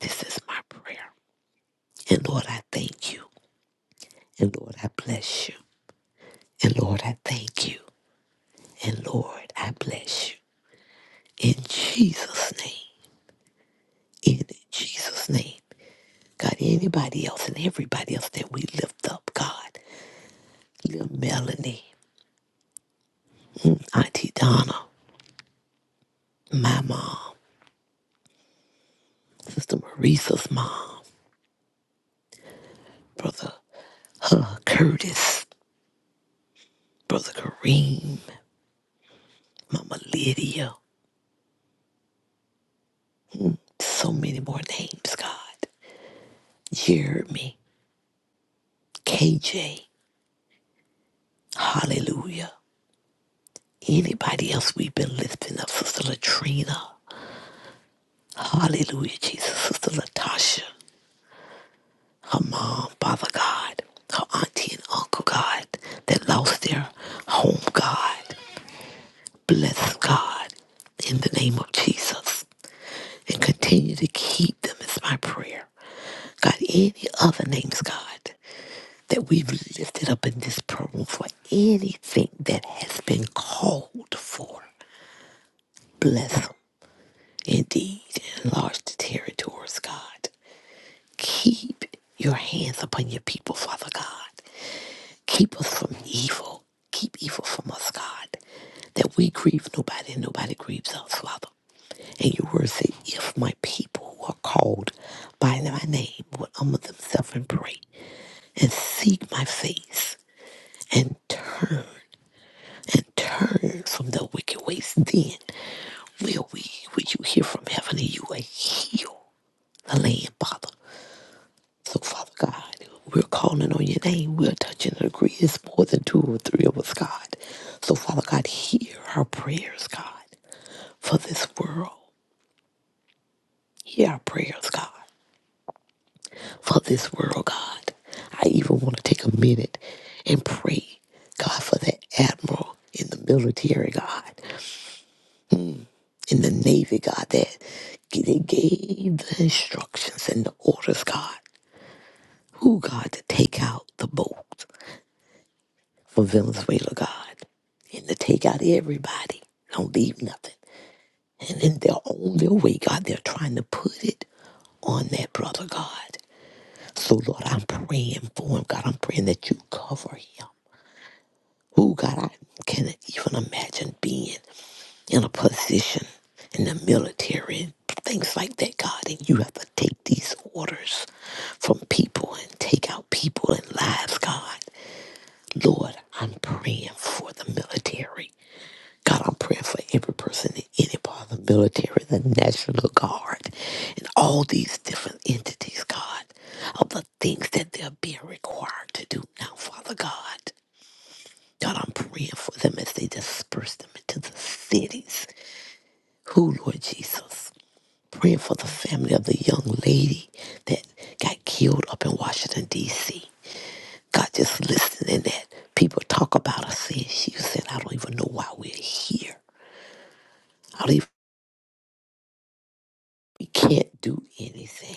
This is my prayer. And Lord, I thank you. And Lord, I bless you. And Lord, I thank you. And Lord, I bless you. in Jesus' name. In Jesus' name. God, anybody else and everybody else that we lift up, God. Little Melanie, Auntie Donna, my mom, Sister Marisa's mom, Brother uh, Curtis, Brother Kareem, Mama Lydia, so many more names, God. Jeremy, KJ, hallelujah. Anybody else we've been lifting up, Sister Latrina, hallelujah, Jesus, Sister Latasha, her mom, Father God, her auntie and uncle, God, that lost their home, God. Bless God in the name of Jesus and continue to keep them is my prayer. God, any other names, God, that we've lifted up in this prayer for anything that has been called for, bless them indeed. Enlarge the territories, God. Keep your hands upon your people, Father God. Keep us from evil. Keep evil from us, God, that we grieve nobody and nobody grieves us, Father. And your word said, if my people who are called by my name would humble themselves and pray and seek my face and turn and turn from the wicked ways, then will we, will you hear from heaven and you will heal the land, Father. So, Father God, we're calling on your name. We're touching and agree. It's more than two or three of us, God. So, Father God, hear our prayers, God, for this world. Hear our prayers, God, for this world, God. I even want to take a minute and pray, God, for that admiral in the military, God, in the Navy, God, that they gave the instructions and the orders, God, who, God, to take out the boat. for Venezuela, God, and to take out everybody. Don't leave nothing. And then they're on their way, God. They're trying to put it on that brother, God. So, Lord, I'm praying for him, God. I'm praying that you cover him. Oh, God, I cannot even imagine being in a position in the military and things like that, God. And you have to take these orders from people and take out people and lives, God. Lord, I'm praying for the military. God, I'm praying for every person in any part of the military, the National Guard, and all these different entities, God, of the things that they're being required to do now, Father God. God, I'm praying for them as they disperse them into the cities. Who, Lord Jesus? Praying for the family of the young lady that got killed up in Washington, D.C. God, just listening that people talk about her saying she said, I don't even know why we're here. We can't do anything.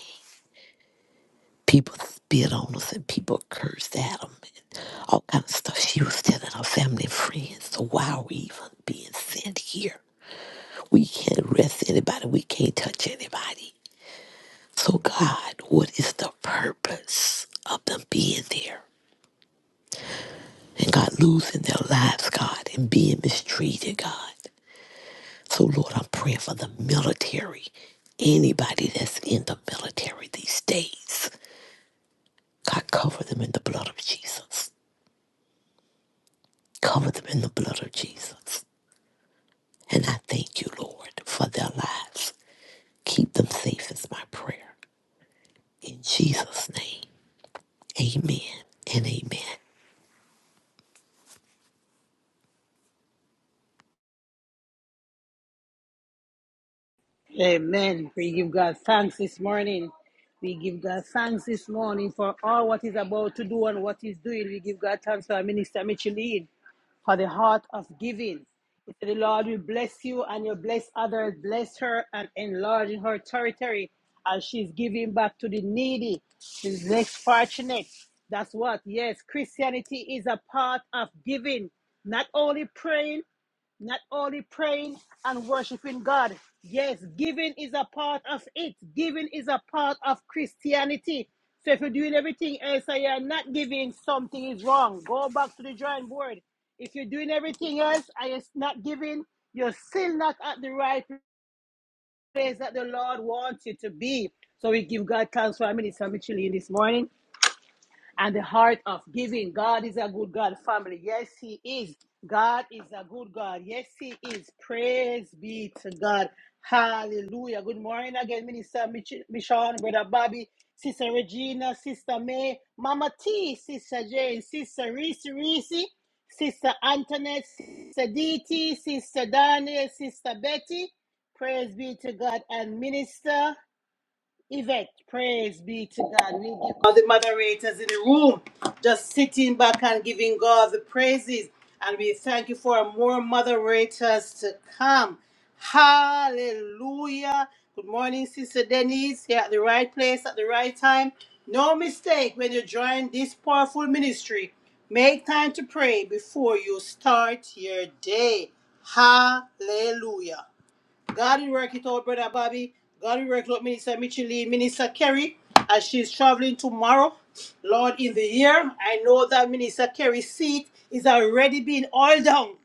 People spit on us and people cursed at them. All kind of stuff. She was telling her family and friends. So why are we even being sent here? We can't arrest anybody. We can't touch anybody. So God, what is the purpose of them being there? And God losing their lives, God, and being mistreated, God. So Lord, I'm praying for the military. Anybody that's in the military these days. God, cover them in the blood of Jesus. Cover them in the blood of Jesus. And I thank you, Lord, for their lives. Keep them safe is my prayer. In Jesus' name, amen and amen.
Amen. We give God thanks this morning. We give God thanks this morning for all what He's about to do and what He's doing. We give God thanks for our minister Micheline for the heart of giving. He said, The Lord will bless you and you'll bless others. Bless her and enlarge her territory as she's giving back to the needy, the less fortunate. That's what, yes, Christianity is a part of giving, not only praying. Not only praying and worshiping God. Yes, giving is a part of it. Giving is a part of Christianity. So if you're doing everything else and you're not giving, something is wrong. Go back to the drawing board. If you're doing everything else and you're not giving, you're still not at the right place that the Lord wants you to be. So we give God thanks for our minister Micheline this morning and the heart of giving. God is a good God, family. Yes, He is. God is a good God. Yes, He is. Praise be to God. Hallelujah. Good morning again, Minister Mich- Michonne, Brother Bobby, Sister Regina, Sister May, Mama T, Sister Jane, Sister Reese Reese, Sister Antoinette, Sister DT, Sister Daniel, Sister Betty. Praise be to God and Minister. Yvette, praise be to God. We give all the moderators in the room just sitting back and giving God the praises. And we thank you for more moderators to come. Hallelujah. Good morning, Sister Denise. You're at the right place at the right time. No mistake when you join this powerful ministry. Make time to pray before you start your day. Hallelujah. God will work it out, brother Bobby. God will work it out, Minister Mitchell Lee, Minister Kerry, as she's traveling tomorrow. Lord, in the year, I know that Minister Kerry's seat is already being oiled down.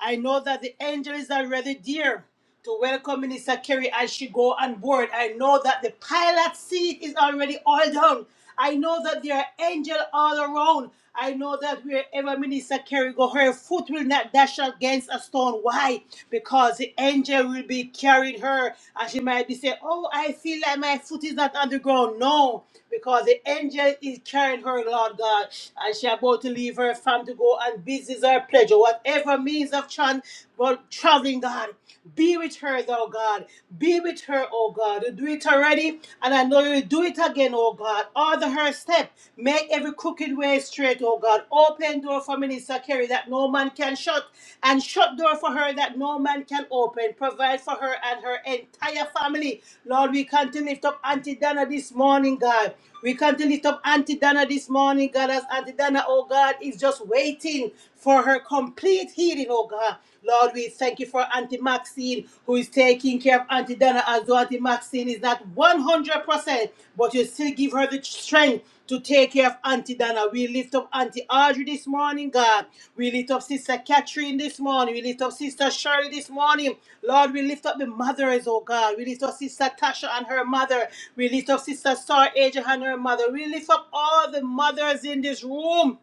I know that the angel is already there to welcome Minister Kerry as she go on board. I know that the pilot seat is already all down. I know that there are angels all around. I know that wherever Minister Kerry go, her foot will not dash against a stone. Why? Because the angel will be carrying her, and she might be saying, "Oh, I feel like my foot is not on the ground." No, because the angel is carrying her, Lord God, and she about to leave her farm to go and business or pleasure, whatever means of chance well, traveling, God, be with her, thou God. Be with her, oh God. You do it already, and I know you'll do it again, oh God. Order her step. Make every crooked way straight, oh God. Open door for Minister Kerry that no man can shut, and shut door for her that no man can open. Provide for her and her entire family. Lord, we continue to lift up Auntie Dana this morning, God. We come to lift up Auntie Dana this morning, God, as Auntie Dana, oh God, is just waiting for her complete healing, oh God. Lord, we thank you for Auntie Maxine, who is taking care of Auntie Dana, as though Auntie Maxine is not 100%, but you still give her the strength to take care of care of Auntie Dana. We lift up Auntie Audrey this morning, God. We lift up Sister Catherine this morning. We lift up Sister Shirley this morning. Lord, we lift up the mothers, oh God. We lift up Sister Tasha and her mother. We lift up Sister Star Aja and her mother. We lift up all the mothers in this room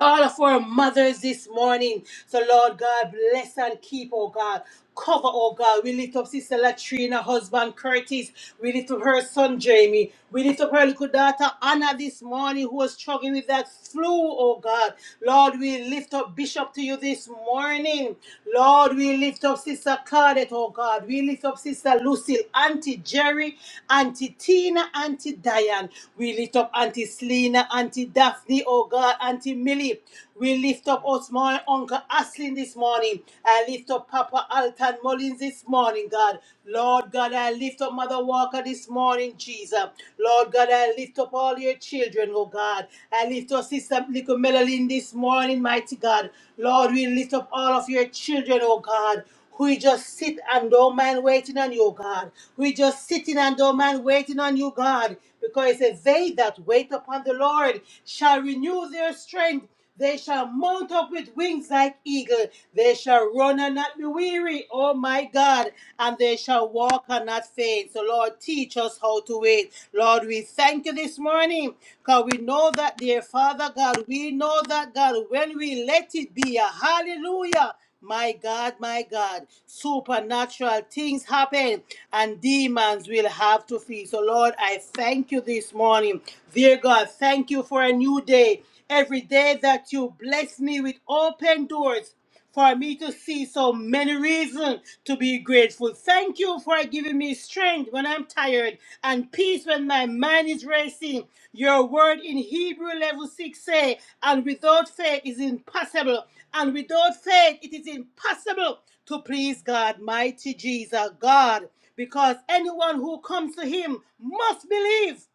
all of our mothers this morning. So, Lord God, bless and keep, oh God. Cover, oh God. We lift up Sister Latrina, husband Curtis. We lift up her son Jamie. We lift up her little daughter Anna this morning, who was struggling with that flu, oh God. Lord, we lift up Bishop to you this morning. Lord, we lift up Sister Claudette, oh God. We lift up Sister Lucille, Auntie Jerry, Auntie Tina, Auntie Diane. We lift up Auntie Selena, Auntie Daphne, oh oh God, Auntie Millie. We lift up us, my Uncle Aslin this morning. I lift up Papa Alton Mullins this morning, God. Lord God, I lift up Mother Walker this morning, Jesus. Lord God, I lift up all your children, oh God. I lift up Sister Little Melalyn this morning, mighty God. Lord, we lift up all of your children, oh God. We just sit and don't mind waiting on you, God. We just sitting and don't mind waiting on you, God. Because it says, They that wait upon the Lord shall renew their strength. They shall mount up with wings like eagle. They shall run and not be weary. Oh my God. And they shall walk and not faint. So, Lord, teach us how to wait. Lord, we thank you this morning because we know that, dear Father God, we know that, God, when we let it be a hallelujah. My God, my God, supernatural things happen and demons will have to flee. So, Lord, I thank you this morning. Dear God, thank you for a new day. Every day that you bless me with open doors for me to see so many reasons to be grateful. Thank you for giving me strength when I'm tired and peace when my mind is racing. Your word in Hebrew level 6 say, and without faith is impossible and without faith, it is impossible to please God, mighty Jesus, God, because anyone who comes to Him must believe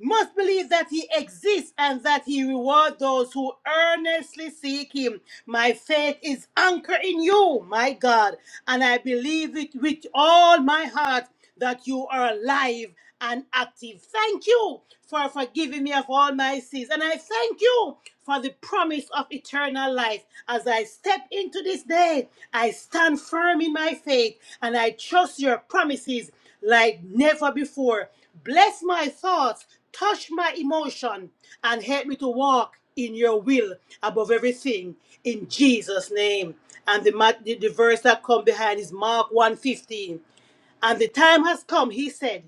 must believe that he exists and that he rewards those who earnestly seek him. My faith is anchored in you, my God, and I believe it with all my heart that you are alive and active. Thank you for forgiving me of all my sins, and I thank you for the promise of eternal life. As I step into this day, I stand firm in my faith and I trust your promises like never before. Bless my thoughts, touch my emotion, and help me to walk in your will above everything in Jesus' name. And the, ma- the, the verse that come behind is Mark one fifteen. And the time has come, he said.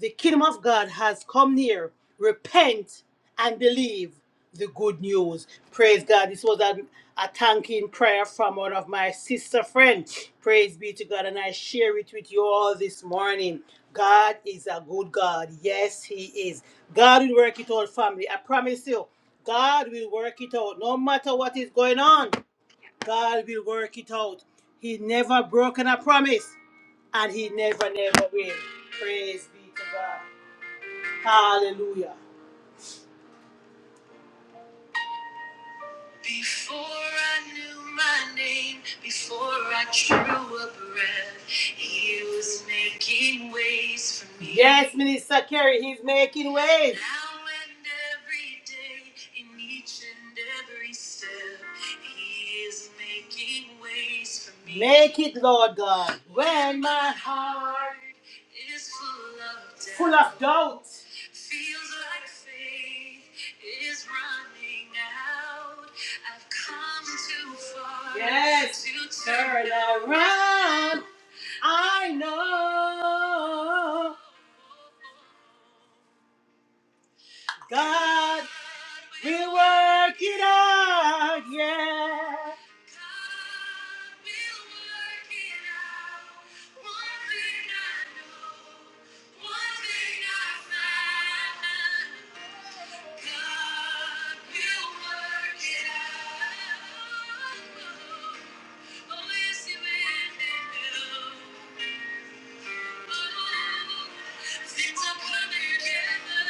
The kingdom of God has come near. Repent and believe the good news. Praise God. This was a, a thanking prayer from one of my sister friends. Praise be to God. And I share it with you all this morning. God is a good God. Yes, He is. God will work it out, family. I promise you, God will work it out. No matter what is going on, God will work it out. He never broken a promise, and He never, never will. Praise be to God. Hallelujah. Before I knew my name, before I drew a breath, he was making ways for me. Yes, Minister Kerry, he's making ways. Now and every day, in each and every step, he is making ways for me. Make it, Lord God, when my heart is full of doubt. Full of doubt. Feels like faith is running out. I've come too far Yes, to turn around. I know. God will work it out, yeah. God, God, we'll we'll work work it it out. out. One one thing I know, one thing I I've know,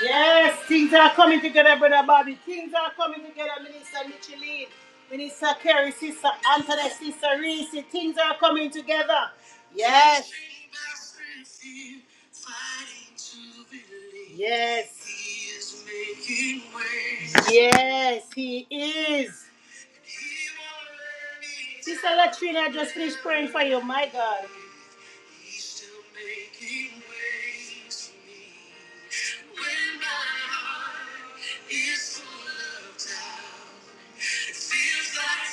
Yes, things are coming together, brother Bobby. Things are coming together, Minister Micheline, Minister Kerry, Sister Anthony, Sister Reese. Things are coming together. Yes. Yes. He is making ways. Yes, he is. Sister Latrina, I just finished praying for you. My God. He's still making ways for me. When my heart is full of doubt. Feels like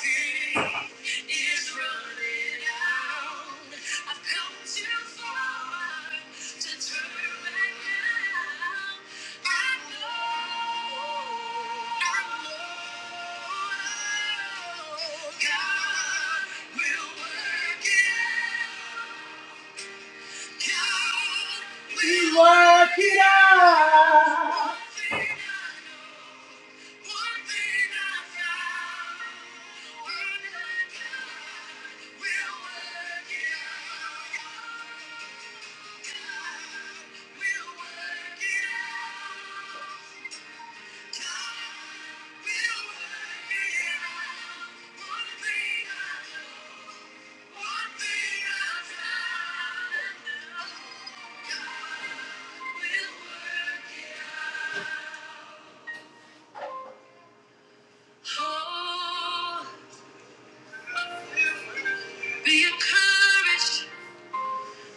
time is running out. I've come too far to turn back now. I know, I know God will work it out. We work it out. Be encouraged,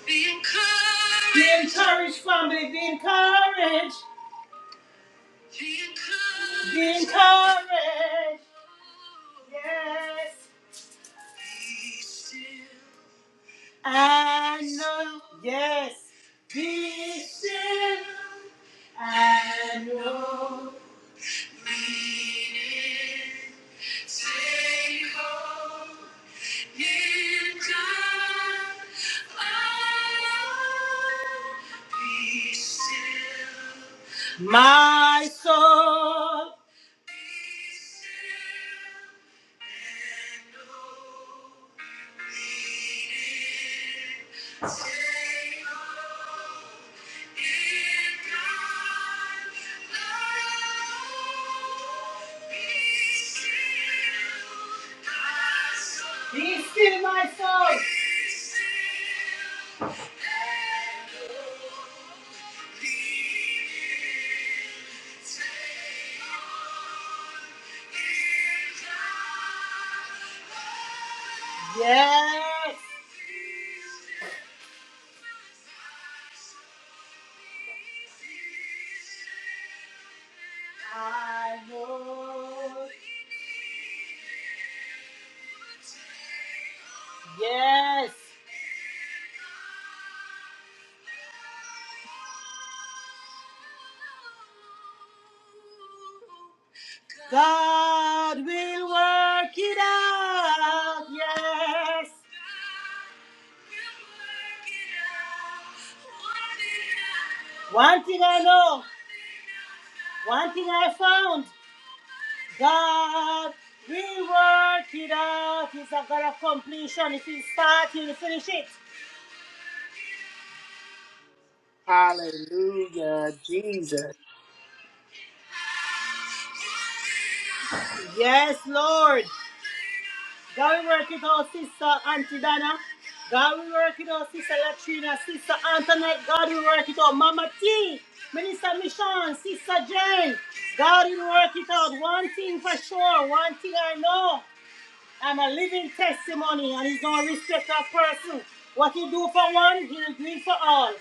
be encouraged. Be encouraged, family, be encouraged. Be encouraged. Be encouraged. Yes. Be still. I know. Yes. Be still. I know. Meaning. Take hold. My soul. Be still, my soul. Yes. I know. Yes. God will work it out. Yes. One thing I know, one thing I found, God will work it out. He's a God of completion. If He start, He'll finish it.
Hallelujah, Jesus.
Yes, Lord. God will work it out, Sister Auntie Donna. God will work it out, Sister Latrina, Sister Antoinette. God will work it out, Mama T, Minister Michon, Sister Jane. God will work it out. One thing for sure, one thing I know. I'm a living testimony, and He's no respecter of person. What He do for one, He'll do it for all.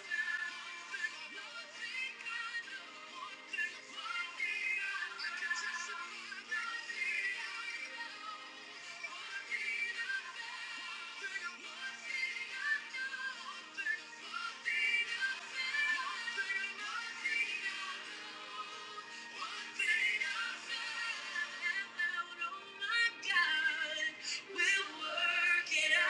God. We'll work it out.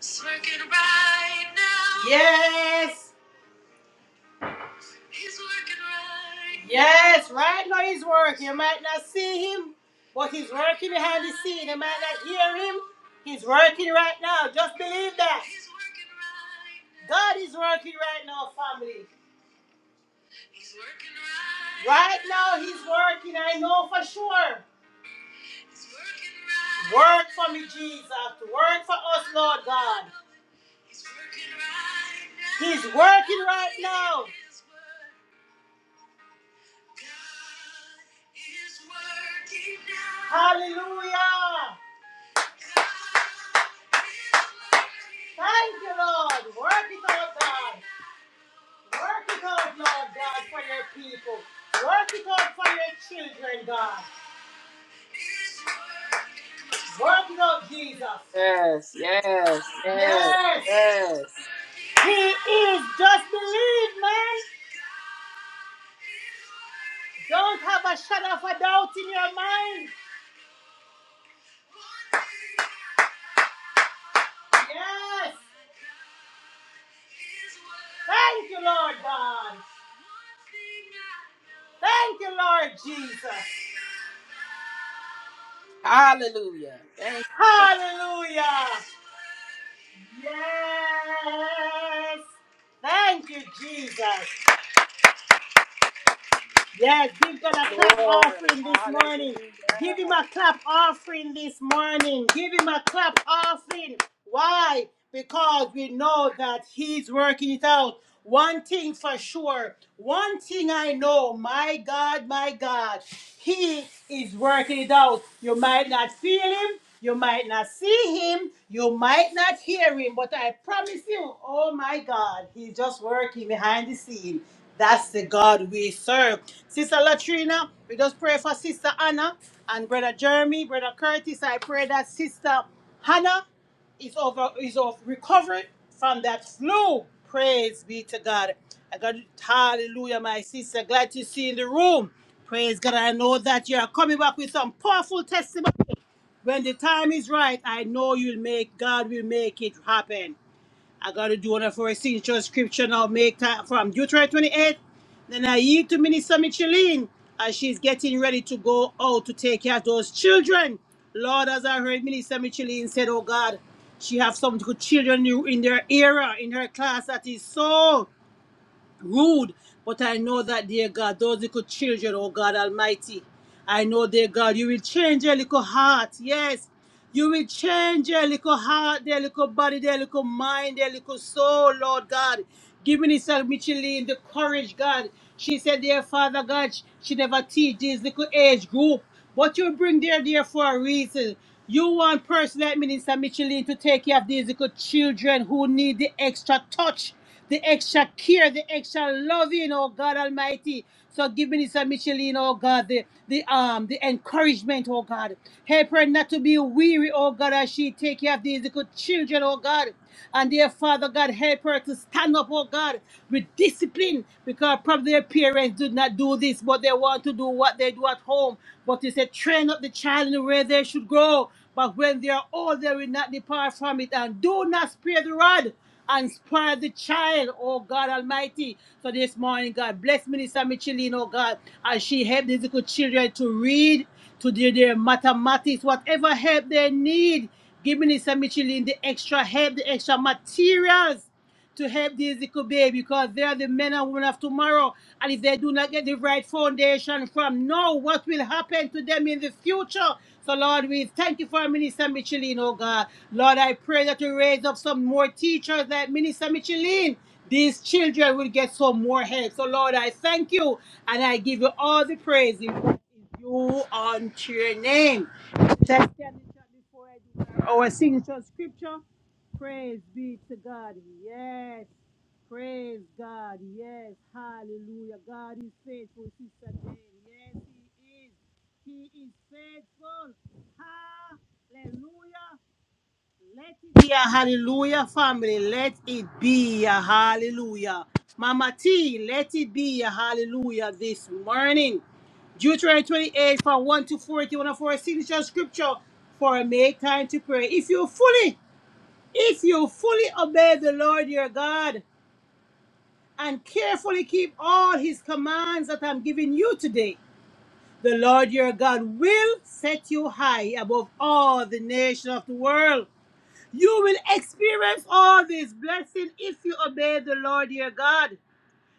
He's working right now. Yes. He's working right. now. Yes, right now he's working. You might not see him, but he's working behind the scene. You might not hear him. He's working right now. Just believe that. He's working right now. God is working right now, family. He's working right. now. Right now he's working. I know for sure. Work for me, Jesus. Work for us, Lord God. He's working right now. Hallelujah. Thank you, Lord. Work it out, God. Work it out, Lord God, for your people. Work it out for your children, God. Work it out, Jesus.
Yes, yes, yes,
Yes,
yes.
he is. Just believe, man. Don't have a shadow of a doubt in your mind. Yes. Thank you, Lord God. Thank you, Lord Jesus.
Hallelujah. Thank
Hallelujah. Yes. Thank you, Jesus. Yes, give God a
you,
clap
Lord.
offering this morning.
Hallelujah.
Give him a clap offering this morning. Give him a clap offering. Why? Because we know that he's working it out. One thing for sure, one thing I know, my God, my God, he is working it out. You might not feel him, you might not see him, you might not hear him, but I promise you, oh my God, he's just working behind the scene. That's the God we serve. Sister Latrina, we just pray for Sister Anna and Brother Jeremy, Brother Curtis. I pray that Sister Hannah is over is of recovered from that flu. Praise be to God. I got hallelujah, my sister. Glad to see you in the room. Praise God. I know that you are coming back with some powerful testimony. When the time is right, I know you'll make God will make it happen. I got to do one of our signature scripture now, make time from Deuteronomy 28. Then I yield to Minister Micheline as she's getting ready to go out to take care of those children. Lord, as I heard Minister Micheline said, oh God, she have some good children in in their era, in her class, that is so rude. But I know that, dear God, those little children, oh God Almighty, I know, dear God, you will change their little heart. Yes. You will change their little heart, their little body, their little mind, their little soul, Lord God. Give Minister Micheline the courage, God. She said, dear Father God, sh- she never teach this little age group. But you bring there, there for a reason. You want person like Minister Micheline to take care of these little children who need the extra touch the extra care, the extra loving, oh God Almighty. So give Minister Micheline, oh God, the, the um the encouragement, oh God. Help her not to be weary, oh God, as she take care of these little children, oh God. And dear Father God, help her to stand up, oh God, with discipline, because probably their parents did not do this, but they want to do what they do at home. But you said, train up the child in the way they should grow. But when they are old, they will not depart from it. And do not spare the rod and spare the child, oh God Almighty. So this morning, God bless Minister Micheline, oh God, as she help these little children to read, to do their mathematics, whatever help they need. Give Minister Micheline the extra help, the extra materials to help these little baby because they are the men and women of tomorrow. And if they do not get the right foundation from now, what will happen to them in the future? So, Lord, we thank you for Minister Micheline. oh God. Lord, I pray that you raise up some more teachers like Minister Micheline, These children will get some more help. So, Lord, I thank you and I give you all the praise in you unto your name. Let's stand in church before I do our our signature scripture. Praise be to God. Yes. Praise God. Yes. Hallelujah. God is faithful, Sister Jane. Yes, He is. He is faithful. Hallelujah. Let it be a hallelujah, family. Let it be a hallelujah. Mama T, let it be a hallelujah this morning. Deuteronomy 28 from 1 to 40, one of our signature scripture for make time to pray. If you fully if you fully obey the Lord your God and carefully keep all his commands that I'm giving you today, the Lord your God will set you high above all the nations of the world. You will experience all these blessings if you obey the Lord your God.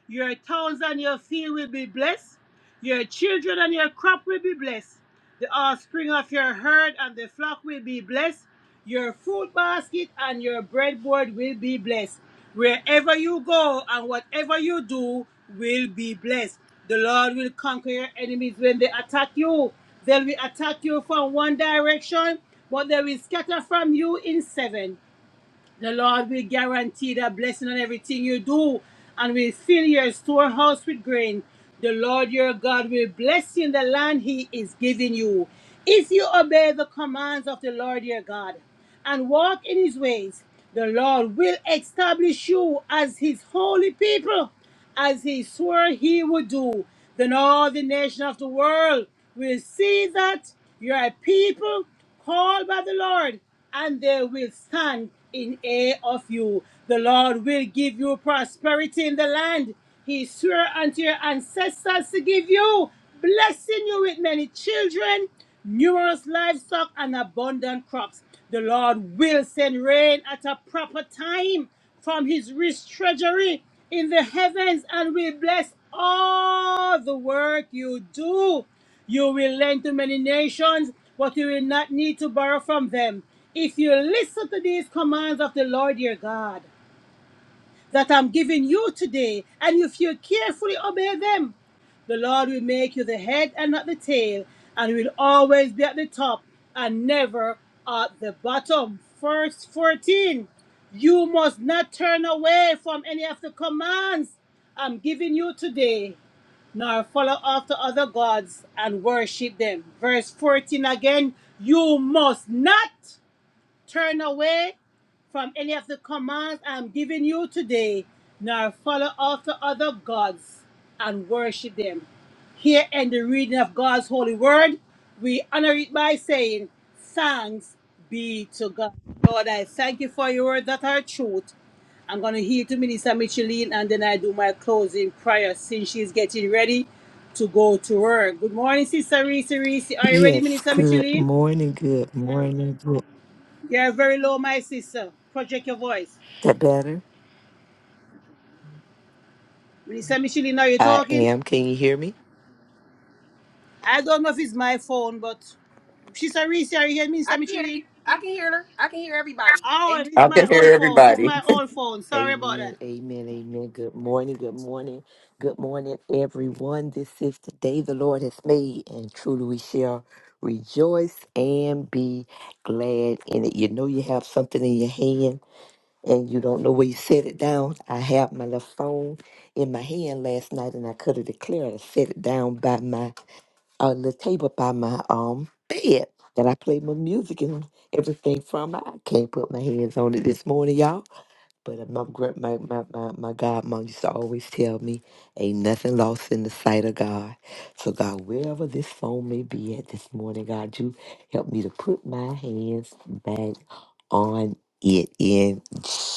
Your towns and your field will be blessed. Your children and your crop will be blessed. The offspring of your herd and the flock will be blessed. Your food basket and your breadboard will be blessed. Wherever you go and whatever you do will be blessed. The Lord will conquer your enemies when they attack you. They will attack you from one direction, but they will scatter from you in seven. The Lord will guarantee that blessing on everything you do and will fill your storehouse with grain. The Lord your God will bless you in the land he is giving you. If you obey the commands of the Lord your God and walk in his ways, the Lord will establish you as his holy people, as he swore he would do. Then all the nations of the world will see that you are a people Call by the Lord, and they will stand in awe of you. The Lord will give you prosperity in the land. He swore unto your ancestors to give you, blessing you with many children, numerous livestock, and abundant crops. The Lord will send rain at a proper time from his rich treasury in the heavens and will bless all the work you do. You will lend to many nations, but you will not need to borrow from them if you listen to these commands of the Lord your God that I'm giving you today, and if you carefully obey them, the Lord will make you the head and not the tail, and will always be at the top and never at the bottom. Verse 14 You must not turn away from any of the commands I'm giving you today, nor follow after other gods and worship them. Verse 14 again You must not. Turn away from any of the commands I'm giving you today, nor follow after other gods and worship them. Here in the reading of God's holy word, we honor it by saying, Thanks be to God. Lord, I thank you for your word that are truth. I'm going to hear to Minister Micheline and then I do my closing prayer since she's getting ready to go to work. Good morning, Sister Reese. Reese, are you ready,
Yes,
Minister
good
Micheline?
morning, good morning. Good.
You're very low, my sister. Project your voice.
Is that better?
Minister Michelin, are you
I
talking?
am. Can you hear me?
I don't know if it's my phone, but Sister Reese, are you here,
I
Minister
can hear you.
Michelin?
I can hear her. I can hear everybody.
Oh,
Amen.
it's
I
my
can
old
hear
phone. It's
everybody.
my old phone. Sorry about
Amen,
that.
amen, amen. Good morning, good morning, good morning, everyone. This is the day the Lord has made, and truly we shall rejoice and be glad in it. You know, you have something in your hand and you don't know where you set it down. I have my little phone in my hand last night, and I could have declared I set it down by my uh, little table by my um bed that I play my music and everything from. I can't put my hands on it this morning, y'all. But uh, my gra- my my my, my godmom used to always tell me, "Ain't nothing lost in the sight of God." So God, wherever this phone may be at this morning, God, you help me to put my hands back on it in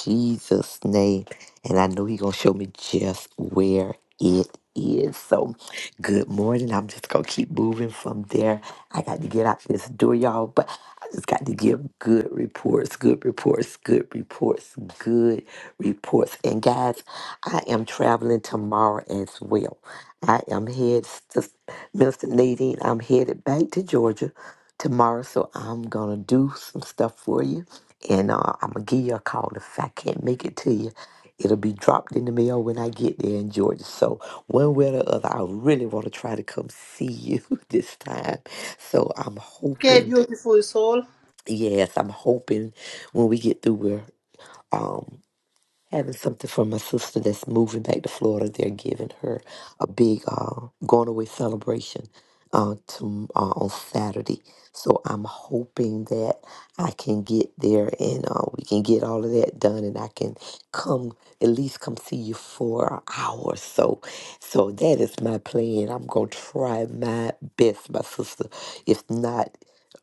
Jesus' name, and I know He gonna show me just where it is. So, good morning. I'm just gonna keep moving from there. I got to get out this door, y'all. But. I just got to give good reports, good reports, good reports, good reports. And guys, I am traveling tomorrow as well. I am head, Sis- Minister Nadine, I'm headed back to Georgia tomorrow. So I'm going to do some stuff for you. And uh, I'm going to give you a call. If I can't make it to you, it'll be dropped in the mail when I get there in Georgia. So one way or the other, I really want to try to come see you this time. So I'm
Okay,
hoping
beautiful soul.
Yes, I'm hoping when we get through, we're um, having something for my sister that's moving back to Florida. They're giving her a big uh, going away celebration uh, to, uh, on Saturday. So I'm hoping that I can get there and uh, we can get all of that done, and I can come at least come see you for an hour or so. So that is my plan. I'm gonna try my best, my sister. If not,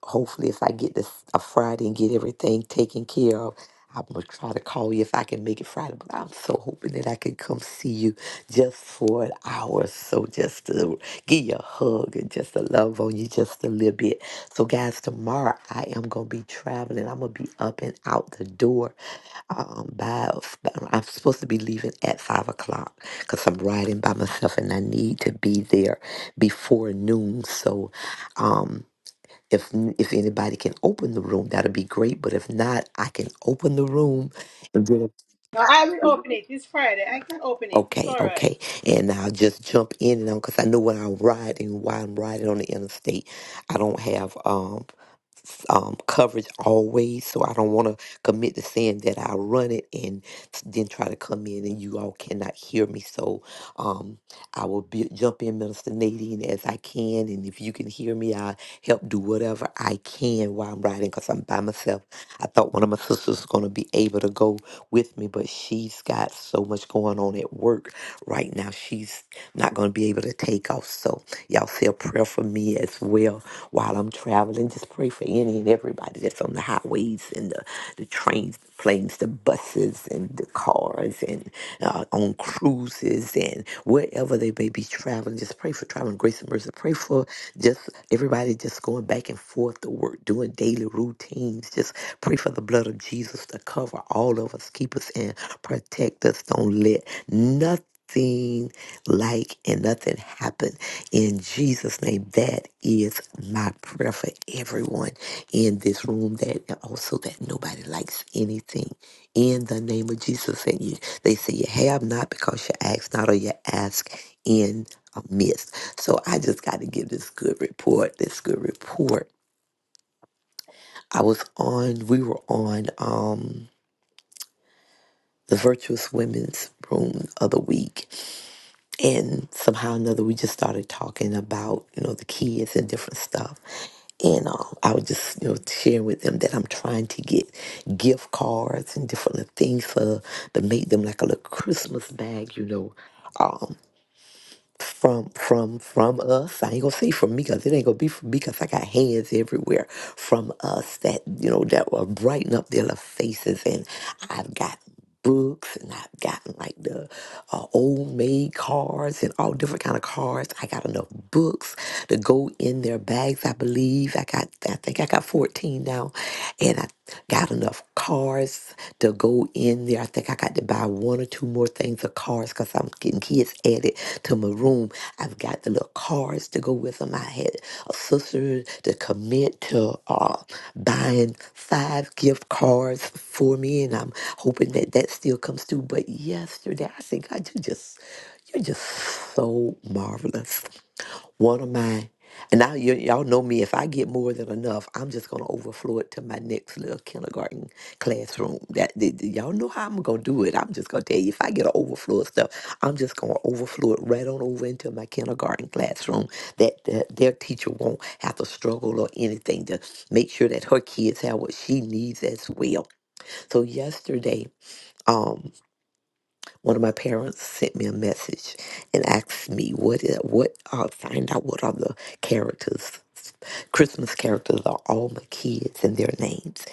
hopefully, if I get this a Friday and get everything taken care of. I'm gonna try to call you if I can make it Friday, but I'm so hoping that I can come see you just for an hour or so, just to give you a hug and just to love on you just a little bit. So, guys, tomorrow I am gonna be traveling. I'm gonna be up and out the door. Um, by I'm supposed to be leaving at five o'clock because I'm riding by myself and I need to be there before noon. So, um. If if anybody can open the room, that'd be great. But if not, I can open the room. And then,
Now, I will open it. It's Friday. I can open it. It's
okay,
all right.
okay, and I'll just jump in and on because I know when I ride and why I'm riding on the interstate, I don't have. um s- um, coverage always. So I don't want to commit to saying that I run it and s- then try to come in and you all cannot hear me. So um, I will be, jump in, Minister Nadine, as I can. And if you can hear me, I help do whatever I can while I'm riding because I'm by myself. I thought one of my sisters was going to be able to go with me, but she's got so much going on at work right now. She's not going to be able to take off. So y'all say a prayer for me as well while I'm traveling. Just pray for any and everybody that's on the highways and the, the trains, the planes, the buses, and the cars. and uh, on cruises and wherever they may be traveling. Just pray for traveling grace and mercy. Pray for just everybody just going back and forth to work, doing daily routines. Just pray for the blood of Jesus to cover all of us, keep us and protect us. Don't let nothing like and nothing happen in Jesus' name. That is my prayer for everyone in this room that also that nobody likes anything in the name of Jesus. And you they say you have not because you ask not or you ask in a midst. So I just got to give this good report, this good report. I was on, we were on um, the Virtuous Women's Room of the week. And somehow or another, we just started talking about, you know, the kids and different stuff. And uh, I was just, you know, sharing with them that I'm trying to get gift cards and different little things for to make them like a little Christmas bag, you know, um, from from from us. I ain't gonna say from me because it ain't gonna be from me because I got hands everywhere from us that you know that will brighten up their little faces. And I've got books and I've gotten like the uh, old maid cards and all different kind of cards. I got enough books to go in their bags. I believe I got I think I got fourteen now, and I got enough cars to go in there. I think I got to buy one or two more things of cars because I'm getting kids added to my room. I've got the little cars to go with them. I had a sister to commit to uh, buying five gift cards for me, and I'm hoping that that still comes through. But yesterday, I said, God, you just, you're just so marvelous one of mine. And now you, y'all know me. If I get more than enough, I'm just gonna overflow it to my next little kindergarten classroom. That th- th- y'all know how I'm gonna do it. I'm just gonna tell you if I get an overflow of stuff, I'm just gonna overflow it right on over into my kindergarten classroom. That uh, their teacher won't have to struggle or anything to make sure that her kids have what she needs as well. So yesterday. um. One of my parents sent me a message and asked me what i- what uh, find out what are the characters Christmas characters are all my kids and their names.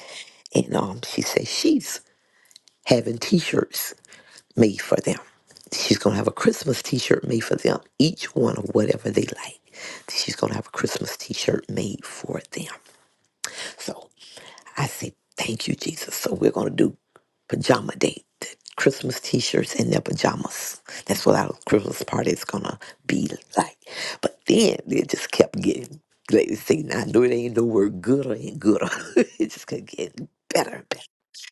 And um, she said she's having T-shirts made for them. She's gonna have a Christmas T-shirt made for them. Each one of whatever they like. She's gonna have a Christmas T-shirt made for them. So I said, "Thank you, Jesus." So we're gonna do pajama date. Christmas t-shirts in their pajamas. That's what our Christmas party is gonna be like. But then it just kept getting ladies saying, I know it ain't no word gooder and gooder. it just kept getting better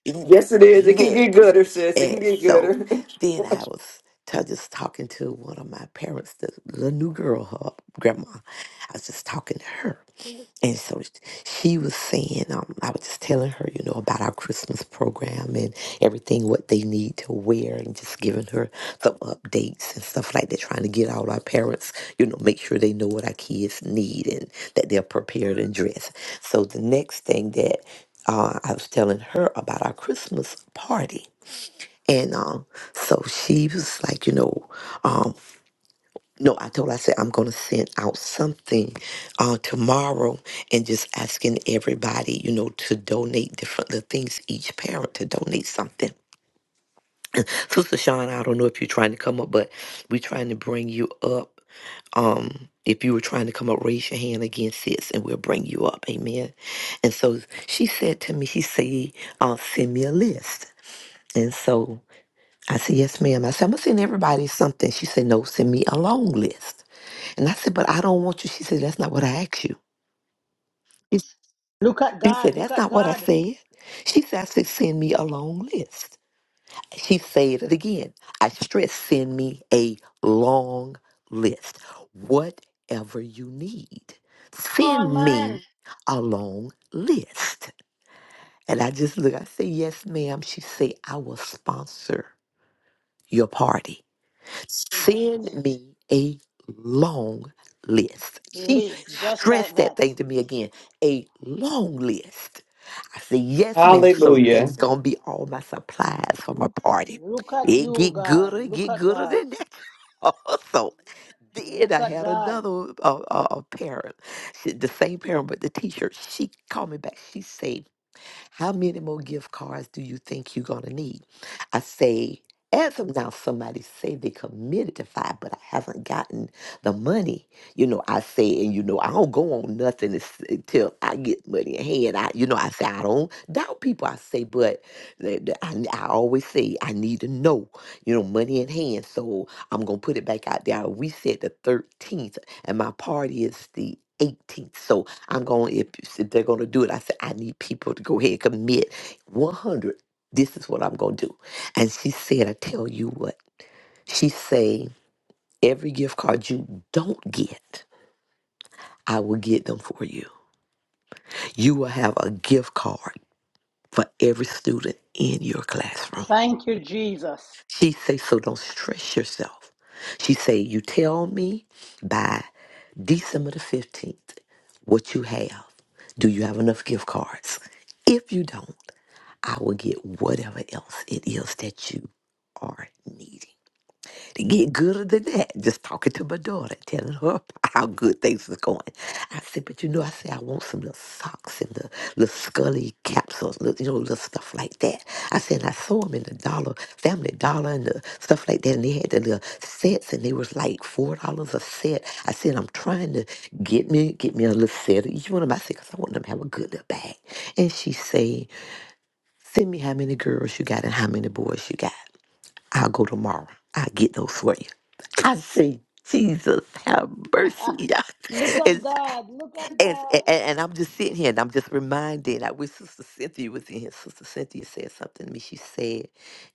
and better.
Yes, it is. It can
Yeah.
get gooder, sis. It can
And
get
so
gooder.
then I was t- just talking to one of my parents, the little new girl, her grandma. I was just talking to her and so sh- she was saying, um, I was just telling her, you know, about our Christmas program and everything, what they need to wear, and just giving her some updates and stuff like that, trying to get all our parents, you know, make sure they know what our kids need and that they're prepared and dressed. So the next thing that uh, I was telling her about our Christmas party. And um, so she was like, you know, um, no, I told her, I said, I'm going to send out something uh, tomorrow and just asking everybody, you know, to donate different little things, each parent to donate something. Sister Sean, I don't know if you're trying to come up, but we're trying to bring you up. Um, if you were trying to come up, raise your hand again, sis, and we'll bring you up. Amen. And so she said to me, she said, uh, send me a list. And so I said, yes, ma'am. I said, I'm going to send everybody something. She said, no, send me a long list. And I said, But I don't want you. She said, That's not what I asked you. She
Look at
she
God.
said,
Look
That's
at
not what I
God.
said. She said, I said, Send me a long list. She said it again. I stress, send me a long list. Whatever you need,
Come on,
send me
man.
a long list. And I just look, I say, Yes, ma'am. She said, I will sponsor your party. Send me a long list. She
Like
stressed that
that.
thing to me again a long list. I said, yes, ma'am. So
Hallelujah.
that's gonna be all my supplies for my party.
Look at
It
you,
get
God.
gooder, it
Look
get
at
gooder
God.
than that. Also, then
Look
I
at
had
God.
another uh, uh, parent, she- the same parent, but the teacher. She called me back. She said how many more gift cards do you think you're going to need? I say, as of now, somebody say they committed to five, but I haven't gotten the money. You know, I say, and you know, I don't go on nothing is- until I get money in hand. I, you know, I say I don't doubt people. I say, but the- the- I, I always say I need to know, you know, money in hand. So I'm gonna put it back out there. We said the 13th, and my party is the 18th. So I'm going, if, if they're going to do it, I said, I need people to go ahead and commit 100. This is what I'm going to do. And she said, I tell you what, she say, every gift card you don't get, I will get them for you. You will have a gift card for every student in your classroom.
Thank you, Jesus.
She say, so don't stress yourself. She say, you tell me by December the 15th what you have. Do you have enough gift cards? If you don't, I will get whatever else it is that you are needing. To get gooder than that, just talking to my daughter, telling her how good things is going. I said, but you know, I said I want some little socks and the little scully capsules, little, you know, little stuff like that. I said, and I saw them in the dollar, family dollar and the stuff like that, and they had the little sets and they was like four dollars a set. I said, I'm trying to get me get me a little set of each one of my sets. I want them to have a good little bag. And she said, Send me how many girls you got and how many boys you got. I'll go tomorrow. I'll get those for you. I say, Jesus, have mercy. y'all."
Look at
And,
God. Look at
and, and,
God.
and I'm just sitting here and I'm just reminded. I wish Sister Cynthia was in here. Sister Cynthia said something to me. She said,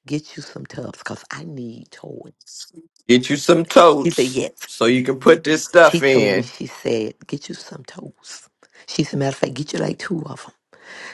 Get you some tubs because I need toys.
Get you some
She said,
totes
Yes.
so you can put this
She
stuff
told me,
in.
She said, Get you some toes. She said, Matter of fact, get you like two of them.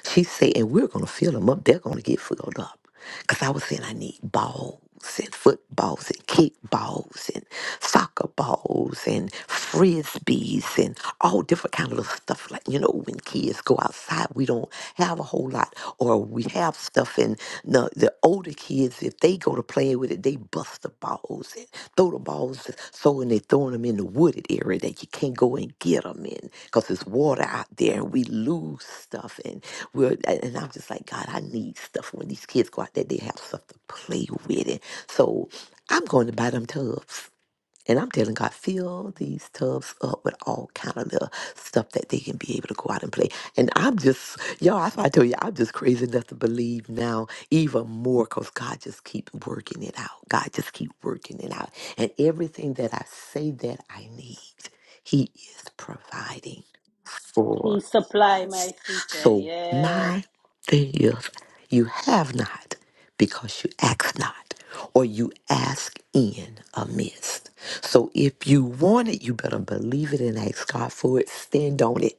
She said, and we're going to fill them up. They're going to get filled up. Because I was saying I need balls and footballs and kickballs and soccer balls and frisbees and all different kind of little stuff. Like, you know, when kids go outside, we don't have a whole lot. Or we have stuff and the, the older kids, if they go to play with it, they bust the balls and throw the balls. So, and they throwing them in the wooded area that you can't go and get them in because there's water out there and we lose stuff. And we're, and I'm just like, God, I need stuff when these kids go out there, they have stuff to play with it. So I'm going to buy them tubs. And I'm telling God, fill these tubs up with all kind of little stuff that they can be able to go out and play. And I'm just, y'all, that's why I tell you, I'm just crazy enough to believe now even more because God just keep working it out. God just keep working it out. And everything that I say that I need, he is providing for.
He supply my sister,
So
Yes.
my thing is, you have not because you ask not, or you ask in amiss. So if you want it, you better believe it and ask God for it. Stand on it.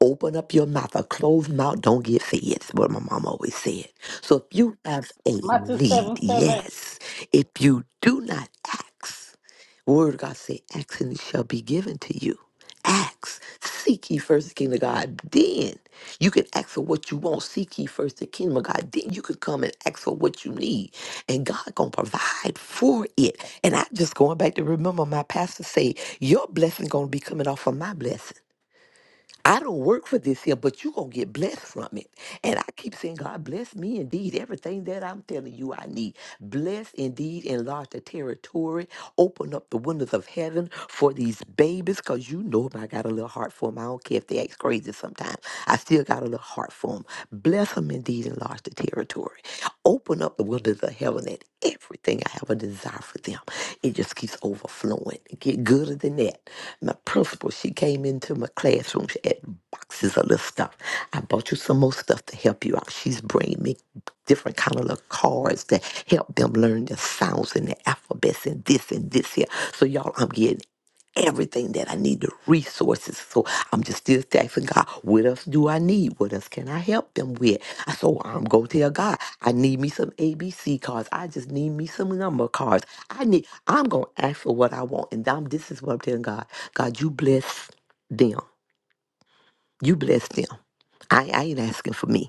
Open up your mouth. A closed mouth don't get fed. That's what my mom always said. So if you have a
Matthew
need,
7 7.
yes. If you do not ask, the Word of God say, ask and it shall be given to you. Ask. Seek ye first the kingdom of God. Then you can ask for what you want. Seek ye first the kingdom of God. Then you can come and ask for what you need. And God gonna provide for it. And I just going back to remember my pastor say, your blessing gonna be coming off of my blessing. I don't work for this here, but you're going to get blessed from it. And I keep saying, God, bless me indeed. Everything that I'm telling you I need. Bless indeed, enlarge the territory, open up the windows of heaven for these babies, because you know them. I got a little heart for them. I don't care if they act crazy sometimes. I still got a little heart for them. Bless them indeed, enlarge the territory. Open up the windows of heaven that everything I have a desire for them. It just keeps overflowing. Get gooder than that. My principal, she came into my classroom. She had boxes of little stuff. I bought you some more stuff to help you out. She's bringing me different kind of little cards to help them learn the sounds and the alphabets and this and this here. So y'all, I'm getting everything that I need, the resources. So I'm just still asking God, what else do I need? What else can I help them with? I- So I'm going to tell God, I need me some ABC cards. I just need me some number cards. I need, I'm going to ask for what I want. And I'm, this is what I'm telling God. God, you bless them. You bless them. I, I ain't asking for me.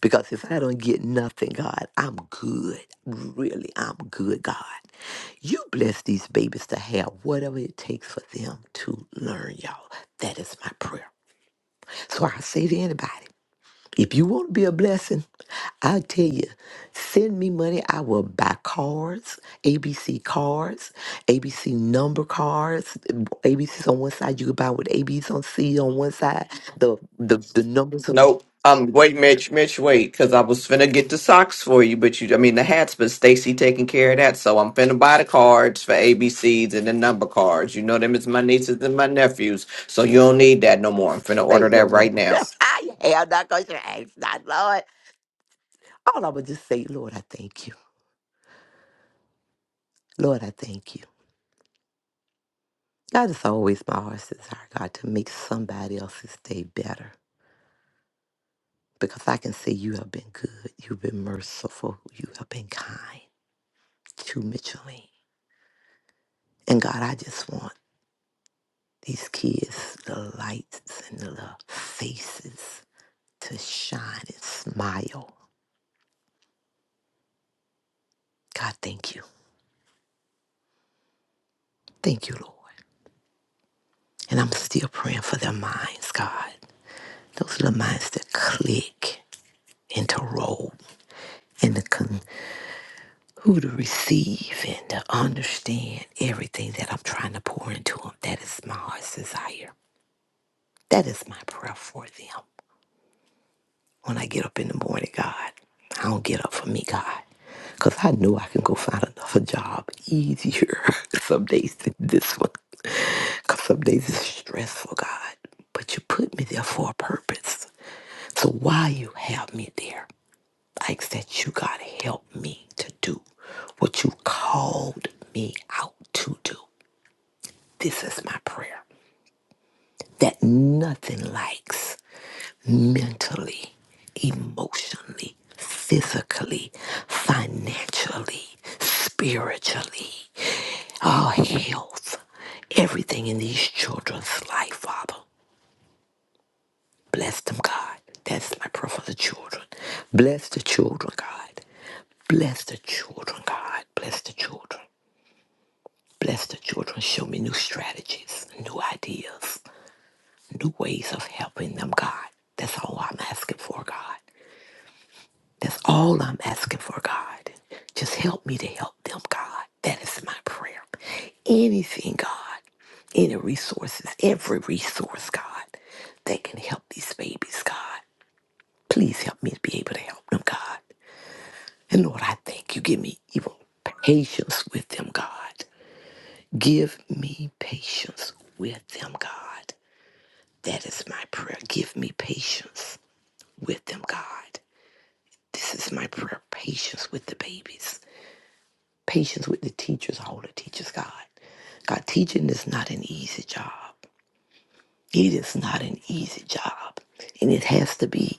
Because if I don't get nothing, God, I'm good. Really, I'm good, God. You bless these babies to have whatever it takes for them to learn, y'all. That is my prayer. So I say to anybody, if you want to be a blessing, I tell you, send me money. I will buy cards, ABC cards, ABC number cards, ABCs on one side. You can buy with ABs on C on one side. The the the numbers
Nope. Um, wait, Mitch, Mitch, wait, because I was finna get the socks for you, but you, I mean, the hats, but Stacy taking care of that, so I'm finna buy the cards for ABCs and the number cards. You know them as my nieces and my nephews, so you don't need that no more. I'm finna
say
order
no
that
more.
right now.
I am not going to ask not, Lord. All I'm going to just say, Lord, I thank you. Lord, I thank you. God, it's always my heart's desire, God, to make somebody else's day better because I can say you have been good. You've been merciful. You have been kind to Micheline. And God, I just want these kids, the lights and the little faces to shine and smile. God, thank you. Thank you, Lord. And I'm still praying for their minds, God. Those little minds that click and to roll and to con- who to receive and to understand everything that I'm trying to pour into them. That is my heart's desire. That is my prayer for them. When I get up in the morning, God, I don't get up for me, God. Because I know I can go find another job easier some days than this one. Because some days it's stressful, God. But you put me there for a purpose. So why you have me there? Like that you, gotta help me to do what you called me out to do. This is my prayer that nothing lacks mentally, emotionally, physically, financially, spiritually, our health, everything in these children's life, Father. Bless them, God. That's my prayer for the children. Bless the children, God. Bless the children, God. Bless the children. Bless the children. Show me new strategies, new ideas, new ways of helping them, God. That's all I'm asking for, God. That's all I'm asking for, God. Just help me to help them, God. That is my prayer. Anything, God, any resources, every resource, God, that can help these babies, God. Please help me to be able to help them, God. And Lord, I thank you. Give me even patience with them, God. Give me patience with them, God. That is my prayer. Give me patience with them, God. This is my prayer. Patience with the babies. Patience with the teachers, all the teachers, God. God, teaching is not an easy job. It is not an easy job. And it has to be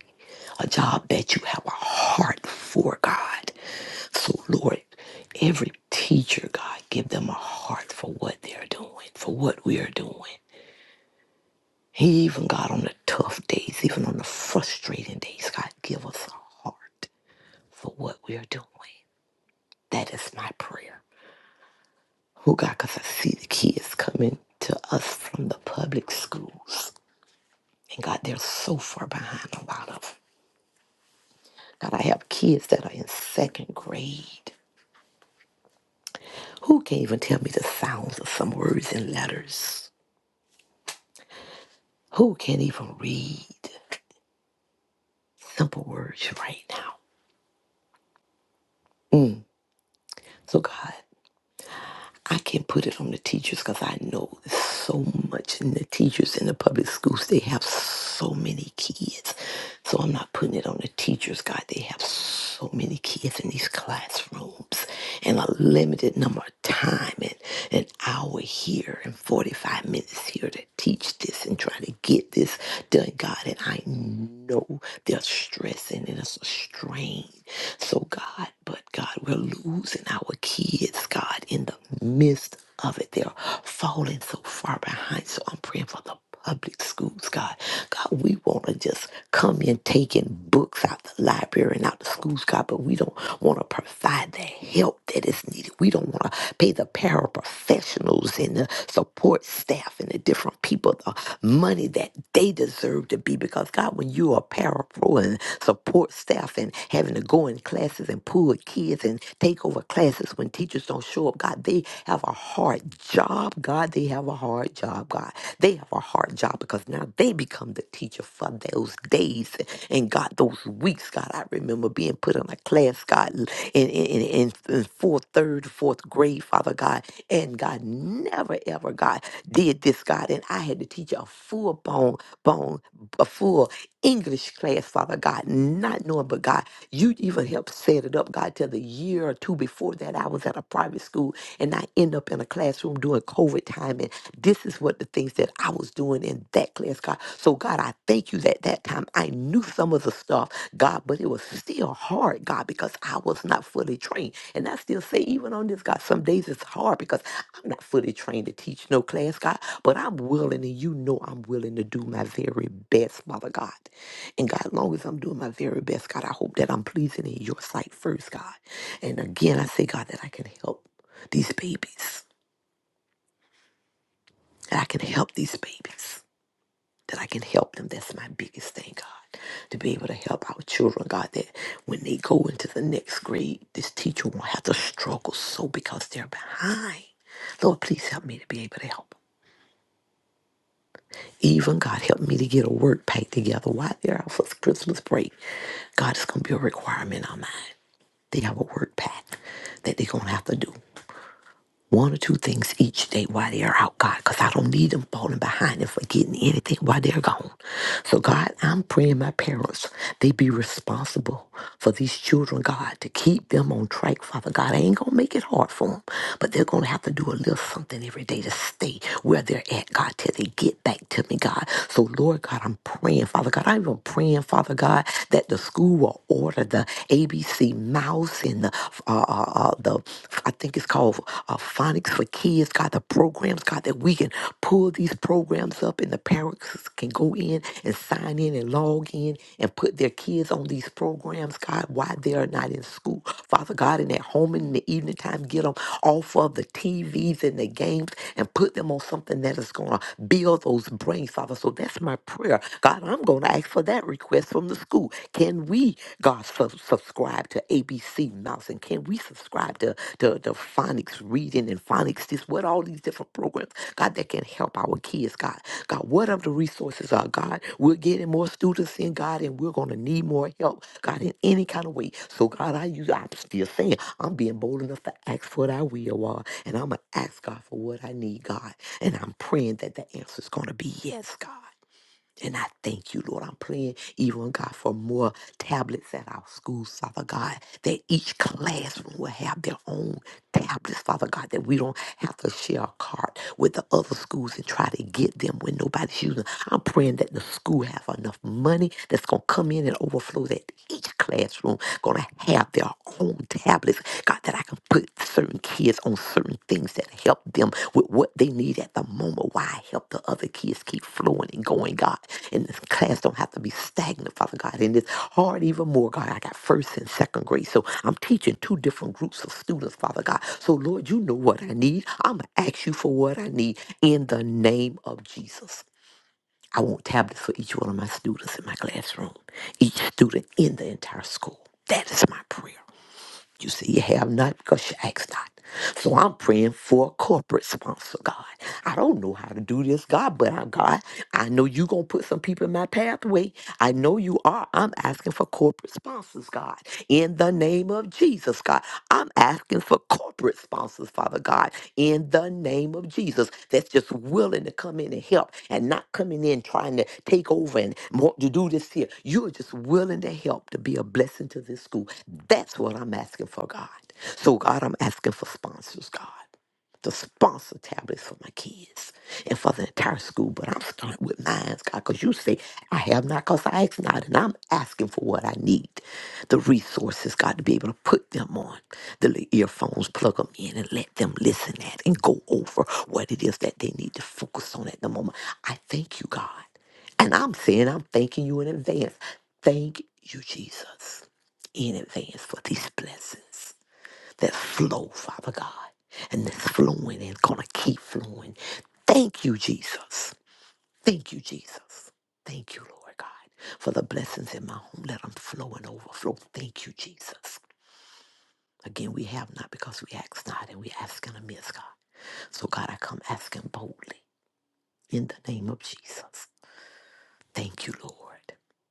a job that you have a heart for, God. So, Lord, every teacher, God, give them a heart for what they're doing, for what we are doing. Even, God, on the tough days, even on the frustrating days, God, give us a heart for what we are doing. That is my prayer. Oh, God, because I see the kids coming to us from the public schools. And, God, they're so far behind a lot of them. God, I have kids that are in second grade. Who can't even tell me the sounds of some words and letters? Who can't even read simple words right now? Mm. So, God. I can't put it on the teachers because I know so much in the teachers in the public schools. They have so many kids. So I'm not putting it on the teachers, God. They have so many kids in these classrooms and a limited number of time and an hour here and 45 minutes here to teach this and try to get this done, God. And I know they're stressing and it's a strain. So, God, but God, we're losing our kids, God, in the midst of it. They're falling so far behind. So I'm praying for the public schools, God. God, we want to just come in taking books out the library and out the schools, God, but we don't want to provide the help that is needed. We don't want to pay the paraprofessionals and the support staff and the different people the money that they deserve to be because God, when you are parapro and support staff and having to go in classes classes and pull kids and take over classes when teachers don't show up. God, they have a hard job. God, they have a hard job. God, they have a hard job because now they become the teacher for those days and God, those weeks. God, I remember being put in a class, God, in, in, in, in fourth, third, fourth grade, Father God, and God never ever, God, did this, God, and I had to teach a full bone, bone, a full English class, Father God, not knowing, but God, you even helped set it up, God, till the year or two before that, I was at a private school and I end up in a classroom doing COVID time. And this is what the things that I was doing in that class, God. So, God, I thank you that that time I knew some of the stuff, God, but it was still hard, God, because I was not fully trained. And I still say, even on this, God, some days it's hard because I'm not fully trained to teach no class, God, but I'm willing and you know I'm willing to do my very best, Father God. And God, long as I'm doing my very best, God, I hope that I'm pleasing in your sight first, God. And again, I say, God, that I can help these babies. That I can help these babies. That I can help them. That's my biggest thing, God. To be able to help our children, God, that when they go into the next grade, this teacher won't have to struggle so because they're behind. Lord, please help me to be able to help 'em. Even God help me to get a work pack together while they're out for Christmas break. God, it's gonna be a requirement on mine. They have a word pack that they're going to have to do. One or two things each day while they're out, God, because I don't need them falling behind and forgetting anything while they're gone. So, God, I'm praying my parents, they be responsible for these children, God, to keep them on track, Father God. I ain't going to make it hard for them, but they're going to have to do a little something every day to stay where they're at, God, till they get back to me, God. So, Lord God, I'm praying, Father God. I'm even praying, Father God, that the school will order the ABC. Greasy Mouse and the, uh, uh, uh, the I think it's called uh, Phonics for Kids, God, the programs, God, that we can pull these programs up and the parents can go in and sign in and log in and put their kids on these programs, God, while they are not in school. Father God, and at home in the evening time, get them off of the TVs and the games and put them on something that is going to build those brains, Father. So that's my prayer. God, I'm going to ask for that request from the school. Can we, God, sub- subscribe to ABC Mouse? And can we subscribe to, to, to phonics reading and phonics this? What all these different programs, God, that can help our kids, God. God, what of the resources are, God? We're getting more students in, God, and we're going to need more help, God, in any kind of way. So, God, I use, I'm still saying, I'm being bold enough to ask for what I will, God. And I'm going to ask God for what I need, God. And I'm praying that the answer's going to be yes, God. And I thank you, Lord. I'm praying, even oh God, for more tablets at our schools, Father God, that each classroom will have their own tablets, Father God, that we don't have to share a cart with the other schools and try to get them when nobody's using. them. I'm praying that the school have enough money that's gonna come in and overflow that each classroom gonna have their own tablets, God, that I can put certain kids on certain things that help them with what they need at the moment. Why I help the other kids keep flowing and going, God. And this class don't have to be stagnant, Father God. And it's hard even more, God. I got first and second grade. So I'm teaching two different groups of students, Father God. So Lord, you know what I need. I'm gonna ask you for what I need in the name of Jesus. I want tablets for each one of my students in my classroom, each student in the entire school. That is my prayer. You say you have not because you ask not. So I'm praying for a corporate sponsor, God. I don't know how to do this, God, but I, God, I know you going to put some people in my pathway. I know you are. I'm asking for corporate sponsors, God. In the name of Jesus, God, I'm asking for corporate sponsors, Father God, in the name of Jesus, that's just willing to come in and help and not coming in trying to take over and want to do this here. You're just willing to help to be a blessing to this school. That's what I'm asking for, God. So, God, I'm asking for sponsors, God. To sponsor tablets for my kids and for the entire school, but I'm starting with mine, God, because you say, I have not because I ask not, and I'm asking for what I need the resources, God, to be able to put them on, the li- earphones, plug them in, and let them listen at and go over what it is that they need to focus on at the moment. I thank you, God. And I'm saying I'm thanking you in advance. Thank you, Jesus, in advance for these blessings that flow, Father God, and that's flowing and gonna keep flowing. Thank you, Jesus. Thank you, Jesus. Thank you, Lord God, for the blessings in my home. Let them flow and overflow. Thank you, Jesus. Again, we have not because we ask not, and we ask in a miss, God. So, God, I come asking boldly in the name of Jesus. Thank you, Lord,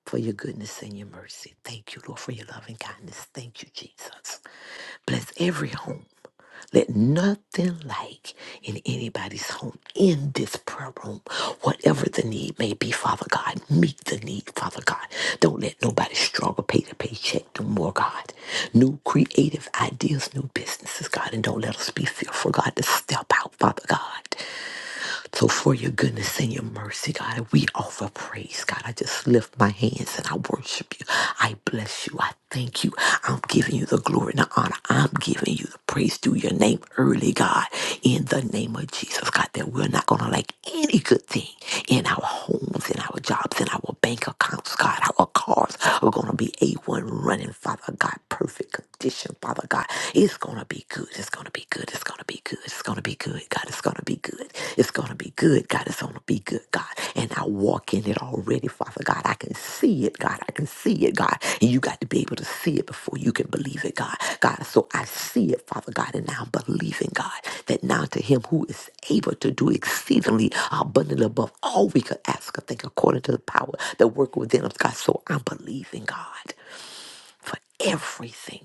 for your goodness and your mercy. Thank you, Lord, for your loving kindness. Thank you, Jesus. Bless every home. Let nothing like in anybody's home in this prayer room, whatever the need may be, Father God, meet the need, Father God. Don't let nobody struggle pay to paycheck no more, God. New creative ideas, new businesses, God, and don't let us be fearful, God, to step out, Father God. So for your goodness and your mercy, God, we offer praise, God. I just lift my hands and I worship you. I bless you. I thank you. I'm giving you the glory and the honor. I'm giving you the praise through your name early, God, in the name of Jesus, God, that we're not going to lack any good thing in our homes, in our jobs, in our bank accounts, God. Our cars are going to be A1 running, Father God, perfect condition, Father God. It's going to be good. It's gonna be good. It's gonna be good. It's gonna be good. God, it's gonna be good. It's gonna be good. God, it's gonna be good. God, and I walk in it already, Father God. I can see it, God. I can see it, God. And you got to be able to see it before you can believe it, God. God, so I see it, Father God, and now I'm believing, God, that now to Him who is able to do exceedingly abundantly above all we could ask or think, according to the power that work within us, God. So I'm believing, God, for everything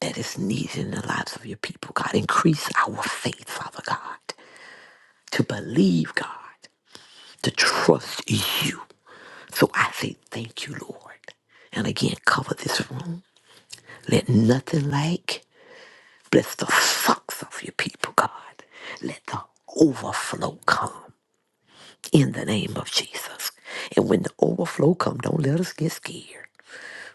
that is needed in the lives of your people, God. Increase our faith, Father God, to believe, God, to trust you. So I say thank you, Lord. And again, cover this room. Let nothing lack. Bless the socks of your people, God. Let the overflow come in the name of Jesus. And when the overflow come, don't let us get scared.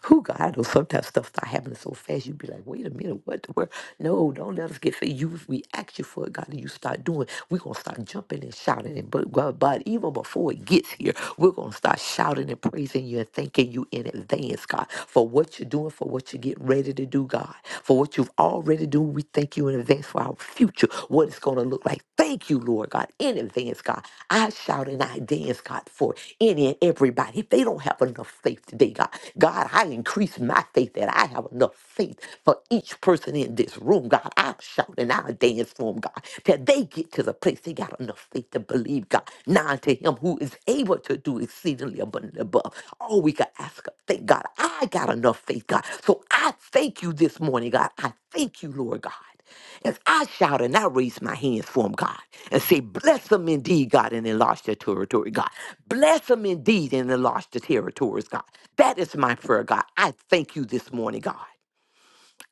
Who God, I know sometimes stuff start happening so fast, you be like, wait a minute, what the world? No, don't let us get fed. You, if we ask you for it, God, and you start doing, we're going to start jumping and shouting. And but, God, but even before it gets here, we're going to start shouting and praising you and thanking you in advance, God, for what you're doing, for what you're getting ready to do, God, for what you've already done. We thank you in advance for our future, what it's going to look like. Thank you, Lord God, in advance, God. I shout and I dance, God, for any and everybody. If they don't have enough faith today, God, God, I increase my faith that I have enough faith for each person in this room, God. I'm shouting, I dance for them, God, that they get to the place they got enough faith to believe, God. Now to Him who is able to do exceedingly abundantly above all we can ask. or Thank God, I got enough faith, God. So I thank you this morning, God. I thank you, Lord God. As I shout and I raise my hands for them, God, and say, Bless them indeed, God, and enlarge their territory, God. Bless them indeed and enlarge the territories, God. That is my prayer, God. I thank you this morning, God.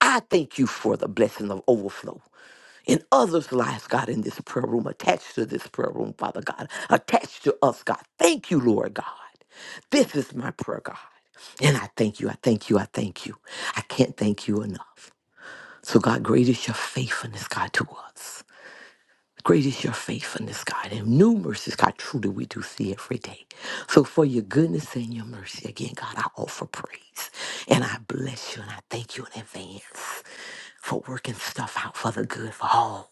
I thank you for the blessing of overflow in others' lives, God, in this prayer room, attached to this prayer room, Father God, attached to us, God. Thank you, Lord God. This is my prayer, God. And I thank you, I thank you, I thank you. I can't thank you enough. So, God, great is your faithfulness, God, to us. Great is your faithfulness, God, and new mercies, God, truly we do see every day. So, for your goodness and your mercy, again, God, I offer praise and I bless you and I thank you in advance for working stuff out for the good for all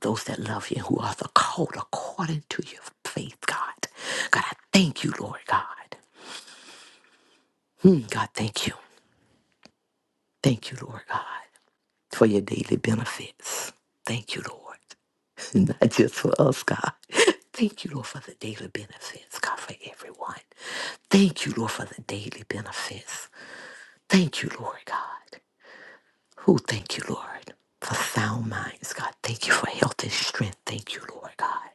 those that love you and who are the called according to your faith, God. God, I thank you, Lord God. Hmm, God, thank you. Thank you, Lord God, for your daily benefits. Thank you, Lord. not just for us, God. Thank you, Lord, for the daily benefits, God, for everyone. Thank you, Lord, for the daily benefits. Thank you, Lord, God. Who thank you, Lord, for sound minds, God. Thank you for health and strength. Thank you, Lord, God.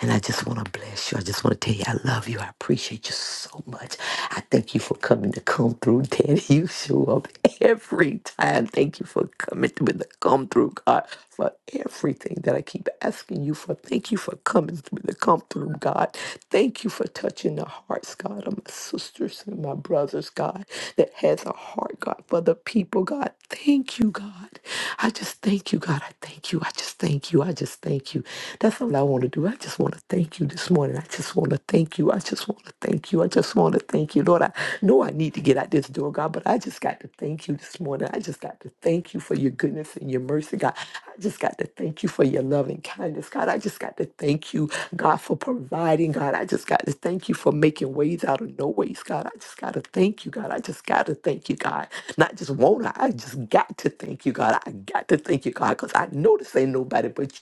And I just want to bless you. I just want to tell you I love you. I appreciate you so much. I thank you for coming to come through, Daddy. You show up every time. Thank you for coming through with the come through, God, for everything that I keep asking you for. Thank you for coming through the come through, God. Thank you for touching the hearts, God, of my sisters and my brothers, God, that has a heart, God, for the people, God. Thank you, God. I just thank you, God. I thank you. I just thank you. I just thank you. That's all I want to do. I just want to thank you this morning. I just want to thank you. I just want to thank you. I just want to thank you. Lord, I know I need to get out this door, God, but I just got to thank you this morning. I just got to thank you for your goodness and your mercy, God. I just got to thank you for your love and kindness, God. I just got to thank you, God, for providing, God. I just got to thank you for making ways out of no ways, God. I just got to thank you, God. I just got to thank you, God. Not just want to, I just got to thank you, God. I got to thank you, God, because I know this ain't nobody but you.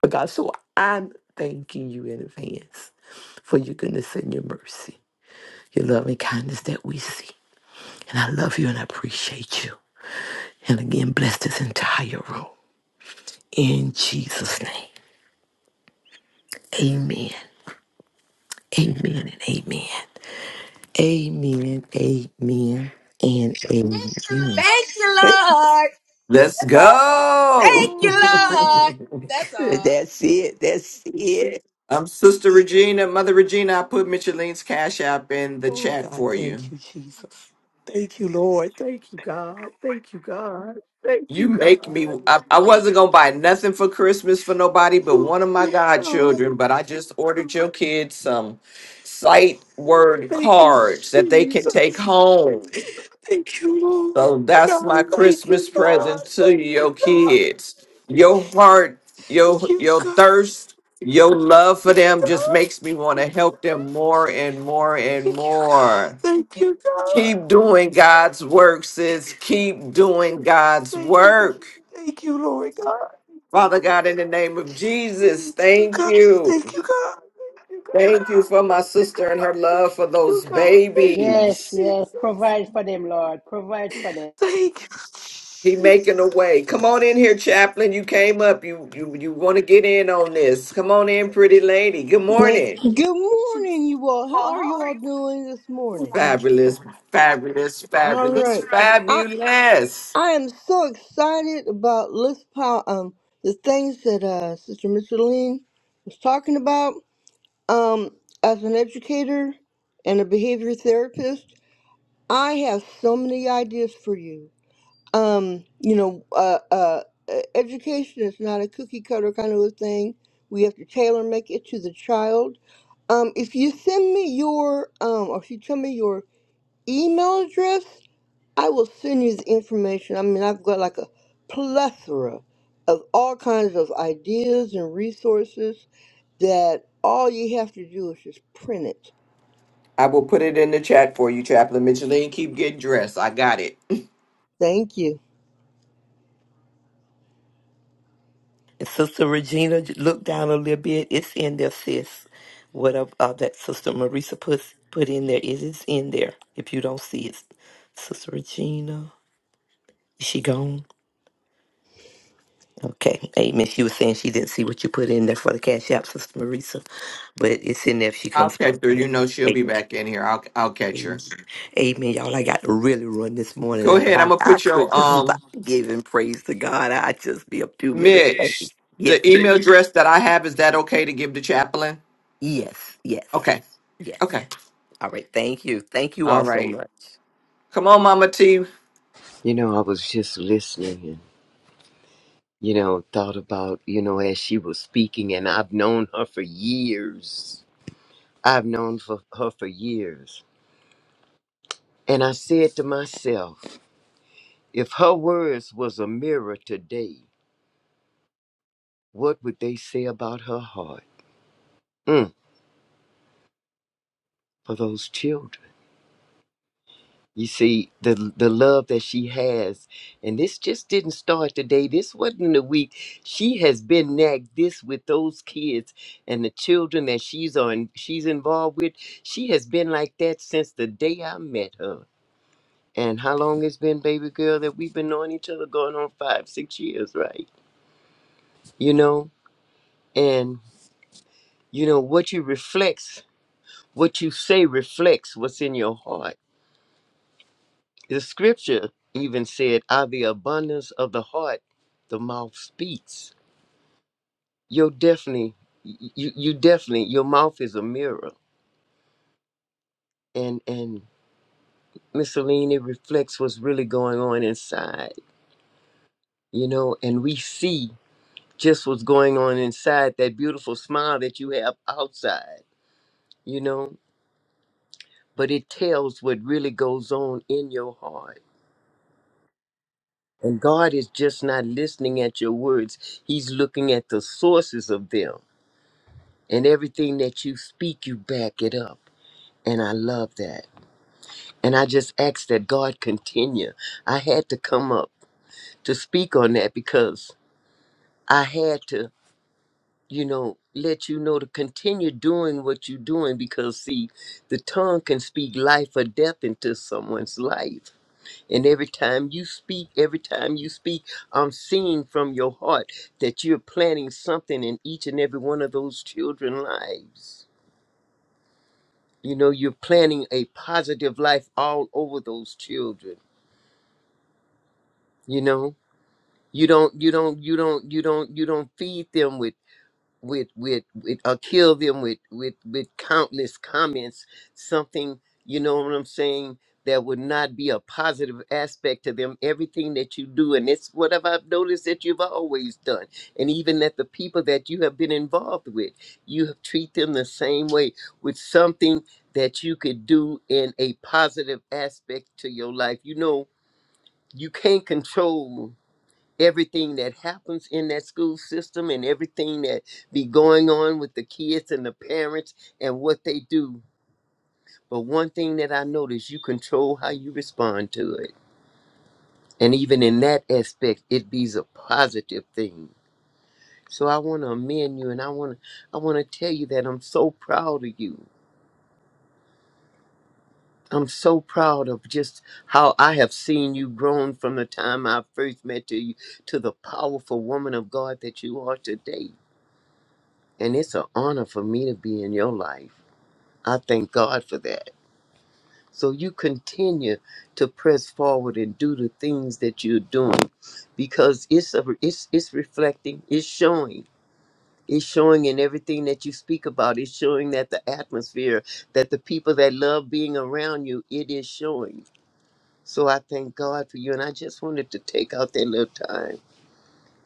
But God, so I'm thanking you in advance for your goodness and your mercy, your love and kindness that we see. And I love you and I appreciate you. And again, bless this entire room. In Jesus' name. Amen. Amen and amen. Amen. Amen and amen.
Thank you, Lord.
Let's
That's all.
go!
Thank you,
Ooh,
Lord. That's
Good.
all.
That's it. That's it.
Um, Sister Regina, Mother Regina, I put Micheline's Cash App in the
Oh,
chat
God,
for
thank
you.
you, Jesus. Thank you, Lord. Thank you, God. Thank you, God. Thank
You
you, God.
make me. I, I wasn't gonna buy nothing for Christmas for nobody but
Oh,
one of my
oh, God.
godchildren. But I just ordered your kids some sight word
Thank you,
cards that they can take
Jesus.
home.
Thank you, Lord.
So that's
God,
my
thank
Christmas
you, God.
present to
Thank
your
you, God.
kids. Your heart,
Thank
your
you,
your
God.
thirst, your love for
Thank you,
them just
God.
makes me want to help them more and more and
Thank you, God.
more.
Thank you, God.
Keep doing God's work, sis. Keep
Thank you,
doing
God.
God's
Thank you, God.
work.
Thank you, Lord God.
Father God, in the name of Jesus,
Thank you,
thank
God. Thank
you.
you, God. Thank you, God.
Thank you for my sister and her
Thank
love for
you,
those
God. Thank you,
Yes,
babies.
yes.
Jesus.
Provide for them, Lord. Provide for them,
Thank you,
He making a
Jesus.
way. Come on in here, Chaplain. You came up. You you you want to get in on this. Come on in, pretty lady. Good
Like,
morning.
good
Jesus.
morning, you all. How are you all doing this
Oh,
morning?
thank you,
Fabulous,
Lord.
fabulous,
All
fabulous,
right, I
fabulous.
I am so excited about Let's Um, the things that uh Sister Micheline was talking about. Um, as an educator and a behavior therapist, I have so many ideas for you. um, you know, uh, uh, e- education is not a cookie cutter kind of a thing. We have to tailor make it to the child. Um, if you send me your, um, or if you tell me your email address, I will send you the information. I mean, I've got like a plethora of all kinds of ideas and resources that all you have to do is just print it.
I will put it in the chat for you, Chaplain Micheline. Keep getting dressed. I got it.
Thank you.
And Sister Regina, j- look down a little bit. It's in there, sis. What uh, uh, that Sister Marisa puts put in there? Is it is in there. If you don't see it, Sister Regina, is she gone? Okay, Amen. She was saying she didn't see what you put in there for the cash app, Sister Marisa, but it's in there if she
I'll
comes back
catch her. You know she'll
in.
be back in here. I'll I'll catch
Amen.
her.
Amen. Y'all, I got to really run this morning,
Go
but
ahead. I'm
I,
gonna
I
put
could
your
just stop
um
giving praise to God. I just be a few minutes Amen.
Mitch.
late. Yes,
The
ma'am.
email
Amen.
address that I have is that okay to give to Chaplain?
yes, yes,
Okay.
yes.
Okay.
All right. Thank you. Thank you
All
all so
right.
much.
Come on, Mama T.
You know, I was just listening and, you know, thought about, you know, as she was speaking, and I've known her for years. I've known for her for years. And I said to myself, if her words was a mirror today, what would they say about her heart? Mm, for those children. You see the the love that she has, and this just didn't start today. This wasn't a week. She has been nagged this with those kids and the children that she's on. She's involved with. She has been like that since the day I met her. And how long it's been, baby girl, that we've been knowing each other? Going on five, six years, right? You know, and you know what you reflects, what you say reflects what's in your heart The scripture even said, "Out of the abundance of the heart, the mouth speaks." You're definitely, you you definitely, your mouth is a mirror, and and miscellany reflects what's really going on inside, you know, and we see just what's going on inside that beautiful smile that you have outside, you know, but it tells what really goes on in your heart. And God is just not listening at your words. He's looking at the sources of them And everything that you speak, you back it up. And I love that. And I just ask that God continue. I had to come up to speak on that because I had to, you know, let you know to continue doing what you're doing because, see, the tongue can speak life or death into someone's life. And every time you speak, every time you speak, I'm seeing from your heart that you're planting something in each and every one of those children's lives. You know, you're planting a positive life all over those children. You know, you don't, you don't, you don't, you don't, you don't feed them with with with with uh, kill them with with with countless comments something you know what i'm saying that would not be a positive aspect to them everything that you do and it's what have i've noticed that you've always done and even that the people that you have been involved with you have treat them the same way with something that you could do in a positive aspect to your life you know you can't control everything that happens in that school system and everything that be going on with the kids and the parents and what they do. But one thing that I notice, you control how you respond to it. And even in that aspect, it be's a positive thing. So I want to amend you and I want to I want to tell you that I'm so proud of you. I'm so proud of just how I have seen you grown from the time I first met to you to the powerful woman of God that you are today. And it's an honor for me to be in your life. I thank God for that. So you continue to press forward and do the things that you're doing because it's a, it's it's reflecting, it's showing. It's showing in everything that you speak about. It's showing that the atmosphere, that the people that love being around you, it is showing. So I thank God for you. And I just wanted to take out that little time,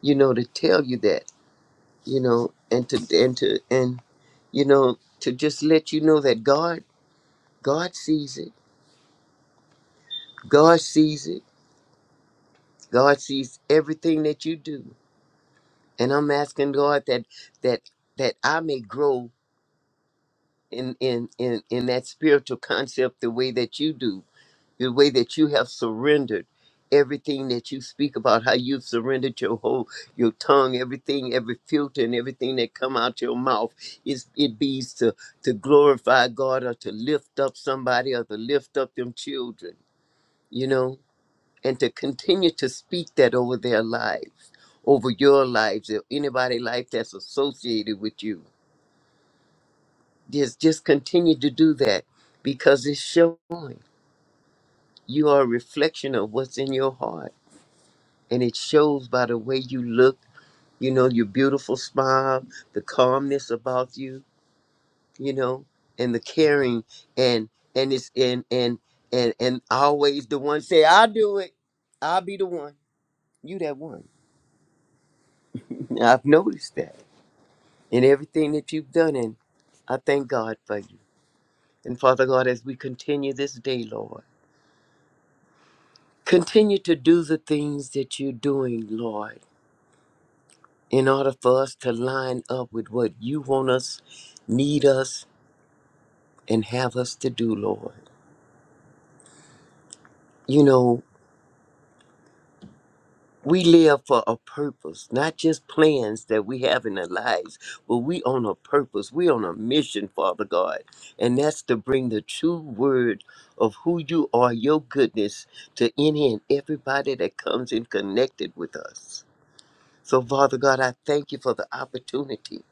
you know, to tell you that. you know, and to and to and you know to just let you know that God God sees it. God sees it. God sees everything that you do. And I'm asking God that that that I may grow in in in in that spiritual concept the way that you do the way that you have surrendered everything that you speak about how you've surrendered your whole your tongue everything every filter and everything that come out your mouth is it bees to to glorify god or to lift up somebody or to lift up them children you know and to continue to speak that over their lives over your lives or anybody life that's associated with you just just continue to do that because it's showing you are a reflection of what's in your heart and it shows by the way you look you know your beautiful smile the calmness about you you know and the caring and and it's and and and and always the one say i'll do it i'll be the one you that one i've noticed that in everything that you've done and i thank god for you and father god as we continue this day lord continue to do the things that you're doing lord in order for us to line up with what you want us need us and have us to do, Lord. You know, we live for a purpose, not just plans that we have in our lives, but we on a purpose. We on a mission, Father God. And that's to bring the true word of who you are, your goodness, to any and everybody that comes in connected with us. So, Father God, I thank you for the opportunity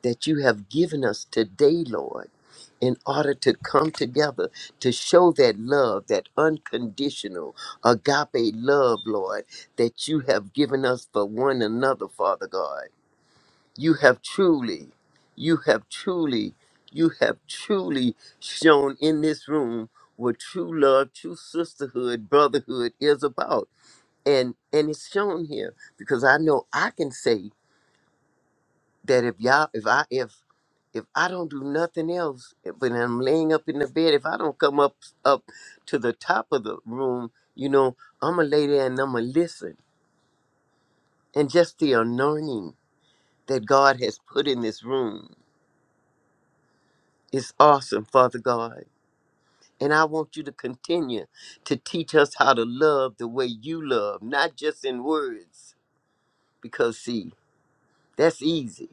that you have given us today, Lord in order to come together to show that love, that unconditional agape love, Lord, that you have given us for one another, Father God. You have truly, you have truly, you have truly shown in this room what true love, true sisterhood, brotherhood is about. And and it's shown here because I know I can say that if y'all if I if if I don't do nothing else eh, when I'm laying up in the bed, if I don't come up up to the top of the room, you know, I'ma lay there and I'ma listen. And just the anointing that God has put in this room is awesome, Father God. And I want you to continue to teach us how to love the way you love, not just in words, because see, that's easy.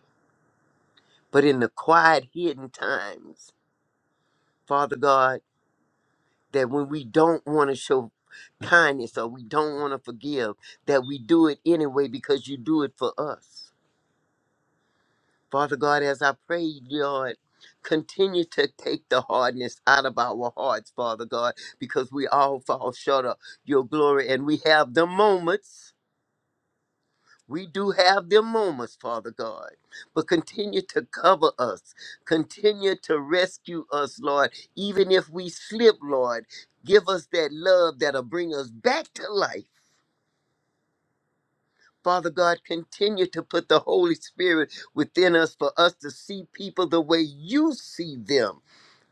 But in the quiet, hidden times, Father God. that when we don't want to show kindness or we don't want to forgive, that we do it anyway because you do it for us. Father God, as I pray, Lord, continue to take the hardness out of our hearts, Father God, because we all fall short of your glory and we have the moments. We do have them moments, Father God, but continue to cover us. Continue to rescue us, Lord. Even if we slip, Lord, give us that love that'll bring us back to life. Father God, continue to put the Holy Spirit within us for us to see people the way you see them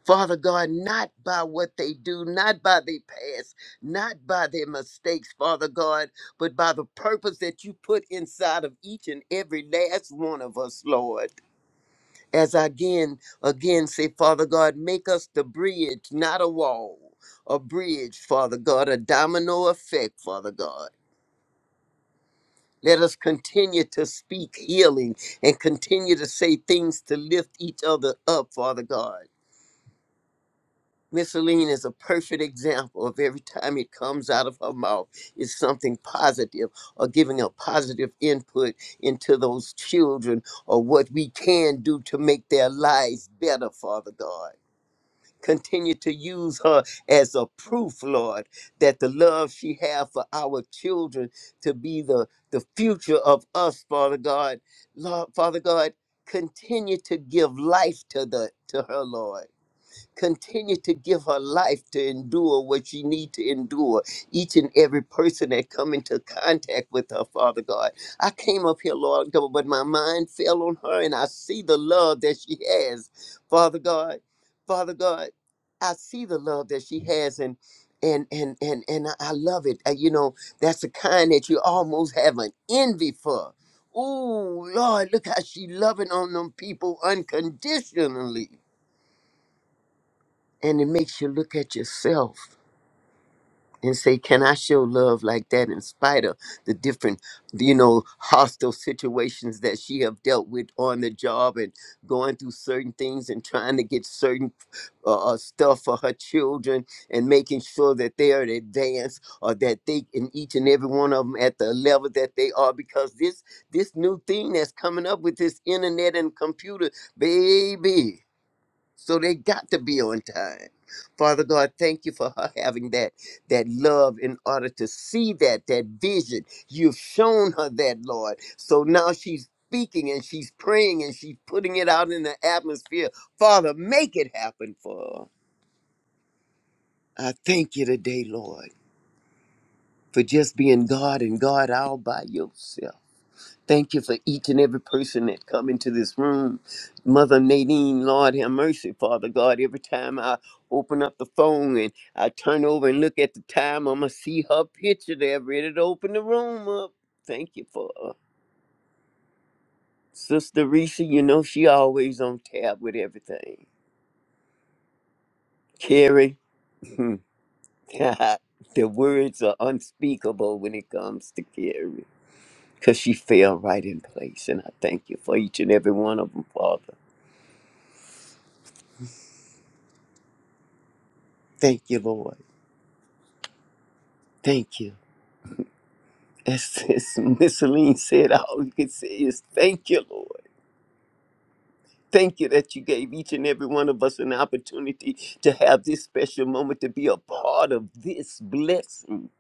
Father God, not by what they do, not by their past, not by their mistakes, Father God, but by the purpose that you put inside of each and every last one of us, Lord. As I again, again say, Father God, make us the bridge, not a wall, a bridge, Father God, a domino effect, Father God. Let us continue to speak healing and continue to say things to lift each other up, Father God. Miss Aline is a perfect example of every time it comes out of her mouth is something positive or giving a positive input into those children or what we can do to make their lives better, Father God. Continue to use her as a proof, Lord, that the love she has for our children to be the, the future of us, Father God. Lord, Father God, continue to give life to the to her, Lord Continue to give her life to endure what she need to endure. Each and every person that come into contact with her, Father God. I came up here, Lord God, but my mind fell on her and I see the love that she has, Father God. Father God, I see the love that she has and and and and and I I love it. Uh, You know, that's the kind that you almost have an envy for. Ooh, Lord, look how she loving on them people unconditionally. And it makes you look at yourself and say, Can I show love like that in spite of the different, you know, hostile situations that she have dealt with on the job and going through certain things and trying to get certain uh, uh, stuff for her children and making sure that they are advanced or that they in each and every one of them at the level that they are because this this new thing that's coming up with this internet and computer, baby. So they got to be on time. Father God, thank you for her having that that love in order to see that that vision. You've shown her that, Lord. So now she's speaking and she's praying and she's putting it out in the atmosphere. Father, make it happen for her. I thank you today, Lord, for just being God and God all by yourself. Thank you for each and every person that come into this room. Mother Nadine, Lord have mercy, Father God. Every time I open up the phone and I turn over and look at the time, I'm going to see her picture there ready to open the room up. Thank you for her. Sister Risa, you know she always on tab with everything. Carrie, the words are unspeakable when it comes to Carrie. Because she fell right in place. And I thank you for each and every one of them, Father. Thank you, Lord. Thank you. As, as Miss Celine said, all you can say is thank you, Lord. Thank you that you gave each and every one of us an opportunity to have this special moment, to be a part of this blessing,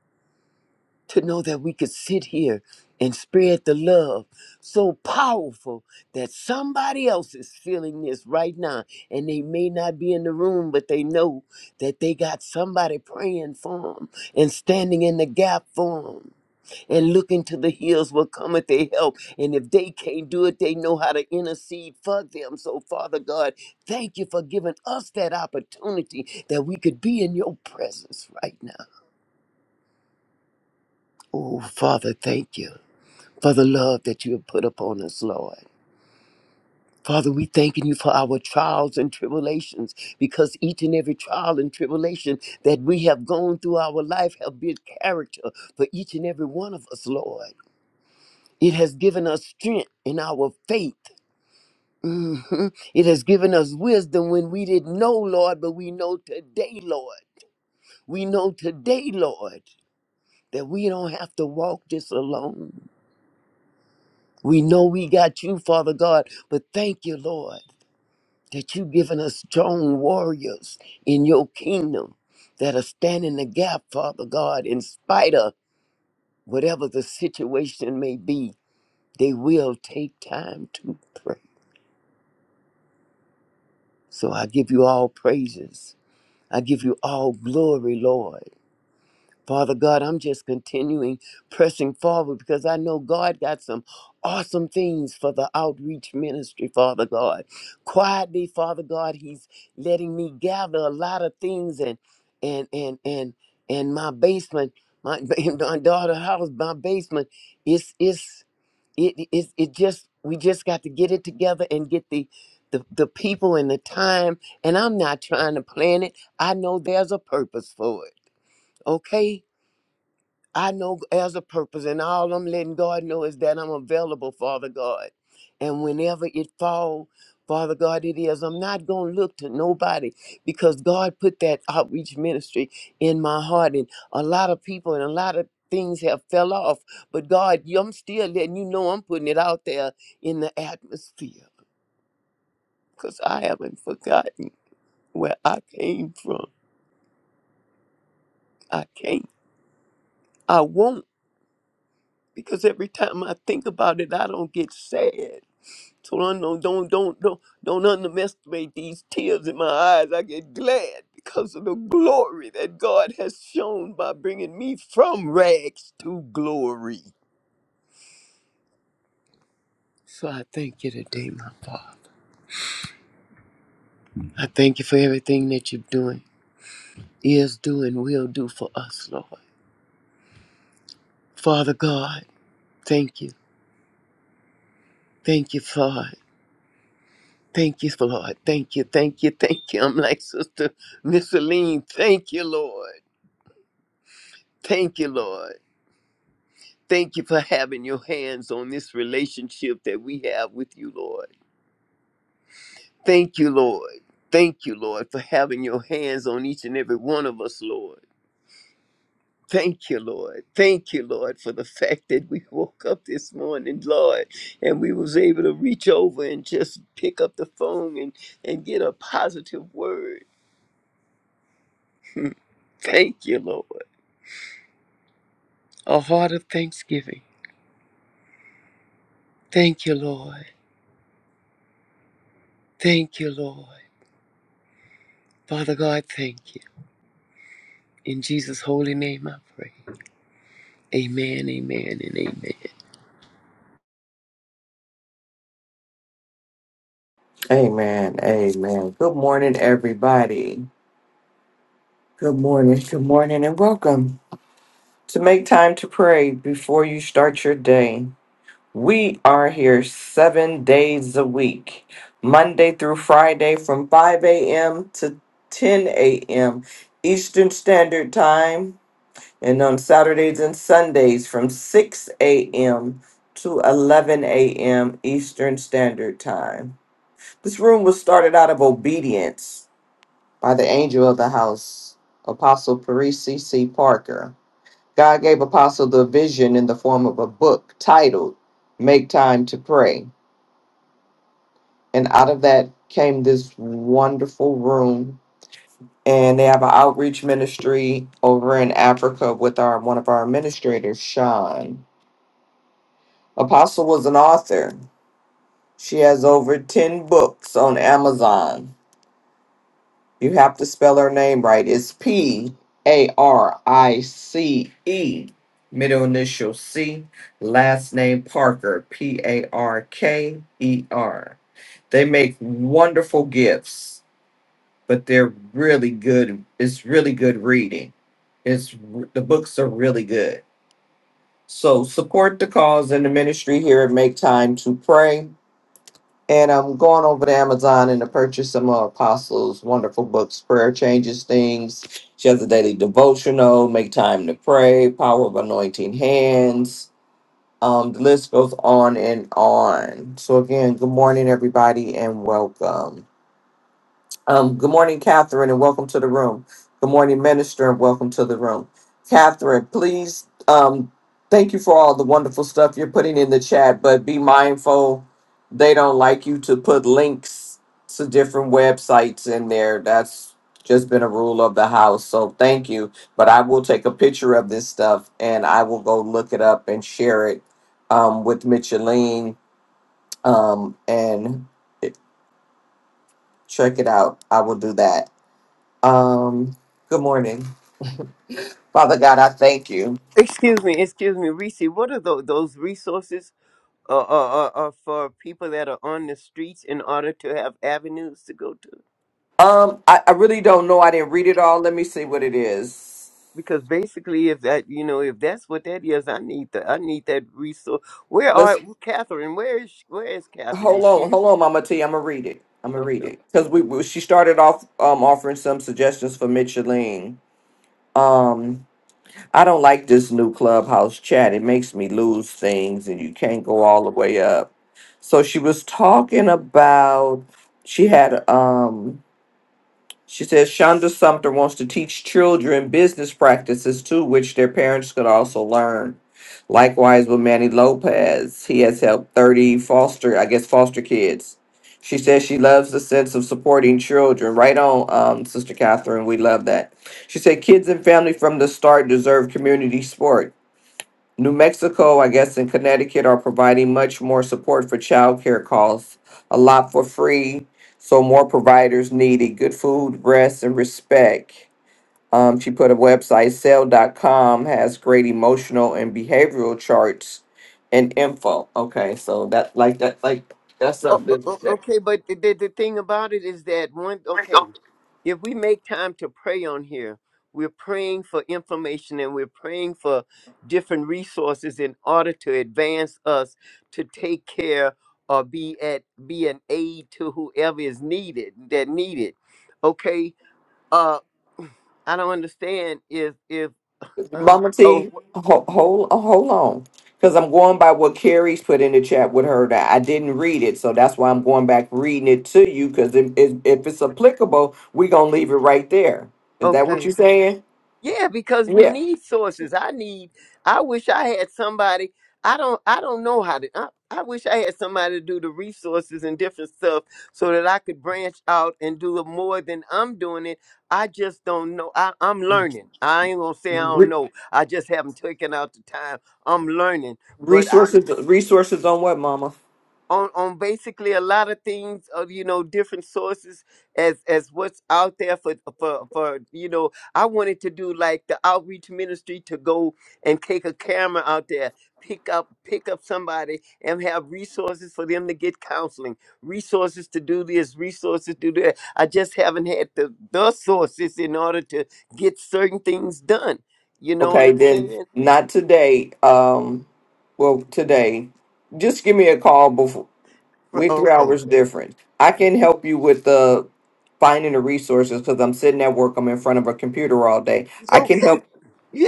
to know that we could sit here and spread the love so powerful that somebody else is feeling this right now. And they may not be in the room, but they know that they got somebody praying for them and standing in the gap for them. and look into the hills will come at their help. And if they can't do it, they know how to intercede for them. So, Father God, thank you for giving us that opportunity that we could be in your presence right now. Oh, Father, thank you for the love that you have put upon us, Lord. Father, we thanking you for our trials and tribulations because each and every trial and tribulation that we have gone through our life have built character for each and every one of us, Lord. It has given us strength in our faith. Mhm. It has given us wisdom when we didn't know, Lord, but we know today, Lord. We know today, Lord, that we don't have to walk this alone. We know we got you, Father God, but thank you, Lord, that you've given us strong warriors in your kingdom that are standing the gap, Father God, in spite of whatever the situation may be. They will take time to pray. So I give you all praises. I give you all glory, Lord. Father God, I'm just continuing pressing forward because I know God got some awesome things for the outreach ministry, Father God. Quietly, Father God, He's letting me gather a lot of things and and and and and my basement, my, my daughter's house, my basement, it's it's it, it it just we just got to get it together and get the the, the people and the time. And I'm not trying to plan it. I know there's a purpose for it. Okay? I know as a purpose, and all I'm letting God know is that I'm available, Father God. And whenever it fall, Father God, it is. I'm not gonna look to nobody because God put that outreach ministry in my heart, and a lot of people and a lot of things have fell off. But God, you- I'm still letting you know I'm putting it out there in the atmosphere because I haven't forgotten where I came from. I can't. I won't because every time I think about it, I don't get sad. So I don't don't don't don't don't underestimate these tears in my eyes. I get glad because of the glory that God has shown by bringing me from rags to glory. So I thank you today, my Father. I thank you for everything that you're doing, is doing, will do for us, Lord. Father God, thank you. Thank you, Father. Thank you, Lord. Thank you, thank you, thank you. I'm like Sister Miss Aline. Thank you, Lord. Thank you, Lord. Thank you for having your hands on this relationship that we have with you, Lord. Thank you, Lord. Thank you, Lord, for having your hands on each and every one of us, Lord. Thank you, Lord. Thank you, Lord, for the fact that we woke up this morning, Lord, and we was able to reach over and just pick up the phone and, and get a positive word. Thank you, Lord. A heart of thanksgiving. Thank you, Lord. Thank you, Lord. Father God, thank you. In Jesus' holy name I pray. Amen, amen, and amen.
Amen. Amen. Good morning, everybody. Good morning. Good morning, and welcome to make time to pray before you start your day. We are here seven days a week, Monday through Friday from 5 a.m. to 10 a.m. Eastern Standard Time, and on Saturdays and Sundays from 6 a.m. to 11 a.m. Eastern Standard Time. This room was started out of obedience by the angel of the house, Apostle Parisi C. Parker. God gave Apostle the vision in the form of a book titled Make Time to Pray And out of that came this wonderful room. And they have an outreach ministry over in Africa with our one of our administrators, Sean. Apostle was an author. She has over 10 books on Amazon. You have to spell her name right. It's P A R I C E, middle initial C, last name Parker, P A R K E R. They make wonderful gifts but they're really good. It's really good reading. It's the books are really good. So support the cause and the ministry here and make time to pray. And I'm going over to Amazon and to purchase some of Apostles' wonderful books, Prayer Changes Things. She has a daily devotional, Make Time to Pray, Power of Anointing Hands. Um, the list goes on and on. So again, good morning, everybody, and welcome. Um, good morning, Catherine, and welcome to the room. Good morning, Minister, and welcome to the room. Catherine, please, um, thank you for all the wonderful stuff you're putting in the chat, but be mindful they don't like you to put links to different websites in there. That's just been a rule of the house. So thank you. But I will take a picture of this stuff and I will go look it up and share it um, with Micheline um, and check it out. I will do that. Um, good morning. Father God, I thank you.
Excuse me, excuse me, Reese. What are those, those resources uh, uh, uh, uh, for people that are on the streets in order to have avenues to go to?
Um, I, I really don't know. I didn't read it all. Let me see what it is.
Because basically, if that you know, if that's what that is, I need the I need that resource. Where are
Let's
Catherine? Where is she- where is Catherine?
hold
Is
on,
she
hold on, Mama T. I'm gonna read it. I'm gonna
okay?
read it because we, we she started off um offering some suggestions for Micheline. Um, I don't like this new clubhouse chat. It makes me lose things, and you can't go all the way up. So she was talking about she had um She says Shonda Sumter wants to teach children business practices too, which their parents could also learn. Likewise with Manny Lopez, he has helped 30 foster, I guess, foster kids. She says she loves the sense of supporting children. Right on, um, Sister Catherine, we love that. She said kids and family from the start deserve community support. New Mexico, I guess, and Connecticut are providing much more support for childcare costs, a lot for free. So more providers needed good food, rest, and respect. Um, she put a website, sell dot com, has great emotional and behavioral charts and info. Okay, so that like that like that's
Oh, o-
something
o-
that
okay, but the, the, the thing about it is that one, okay, if we make time to pray on here, we're praying for information and we're praying for different resources in order to advance us to take care or be at be an aid to whoever is needed that needed. Okay, uh, I don't understand if if uh,
Mama
oh
T, hold hold, uh, hold on, because I'm going by what Carrie's put in the chat with her. That I didn't read it, so that's why I'm going back reading it to you. Because if, if if it's applicable, we gonna leave it right there. Is that what
okay
you're saying?
Yeah, because we
Yeah.
need sources. I need. I wish I had somebody. I don't. I don't know how to. I, I wish I had somebody to do the resources and different stuff so that I could branch out and do it more than I'm doing it. I just don't know. I, I'm learning. I ain't gonna say I don't
Re-
know. I just haven't taken out the time. I'm learning, but I
resources, resources on what, Mama?
on on basically a lot of things of you know different sources as as what's out there for for for you know I wanted to do like the outreach ministry to go and take a camera out there pick up pick up somebody and have resources for them to get counseling resources to do this resources to do that I just haven't had the the sources in order to get certain things done you know what
Okay,
I'm
then
saying
not today. Um, well, today, just give me a call
Fr-
We're three
okay
hours different. I can help you with the finding the resources because I'm sitting at work. I'm in front of a computer all day. I can
okay
help.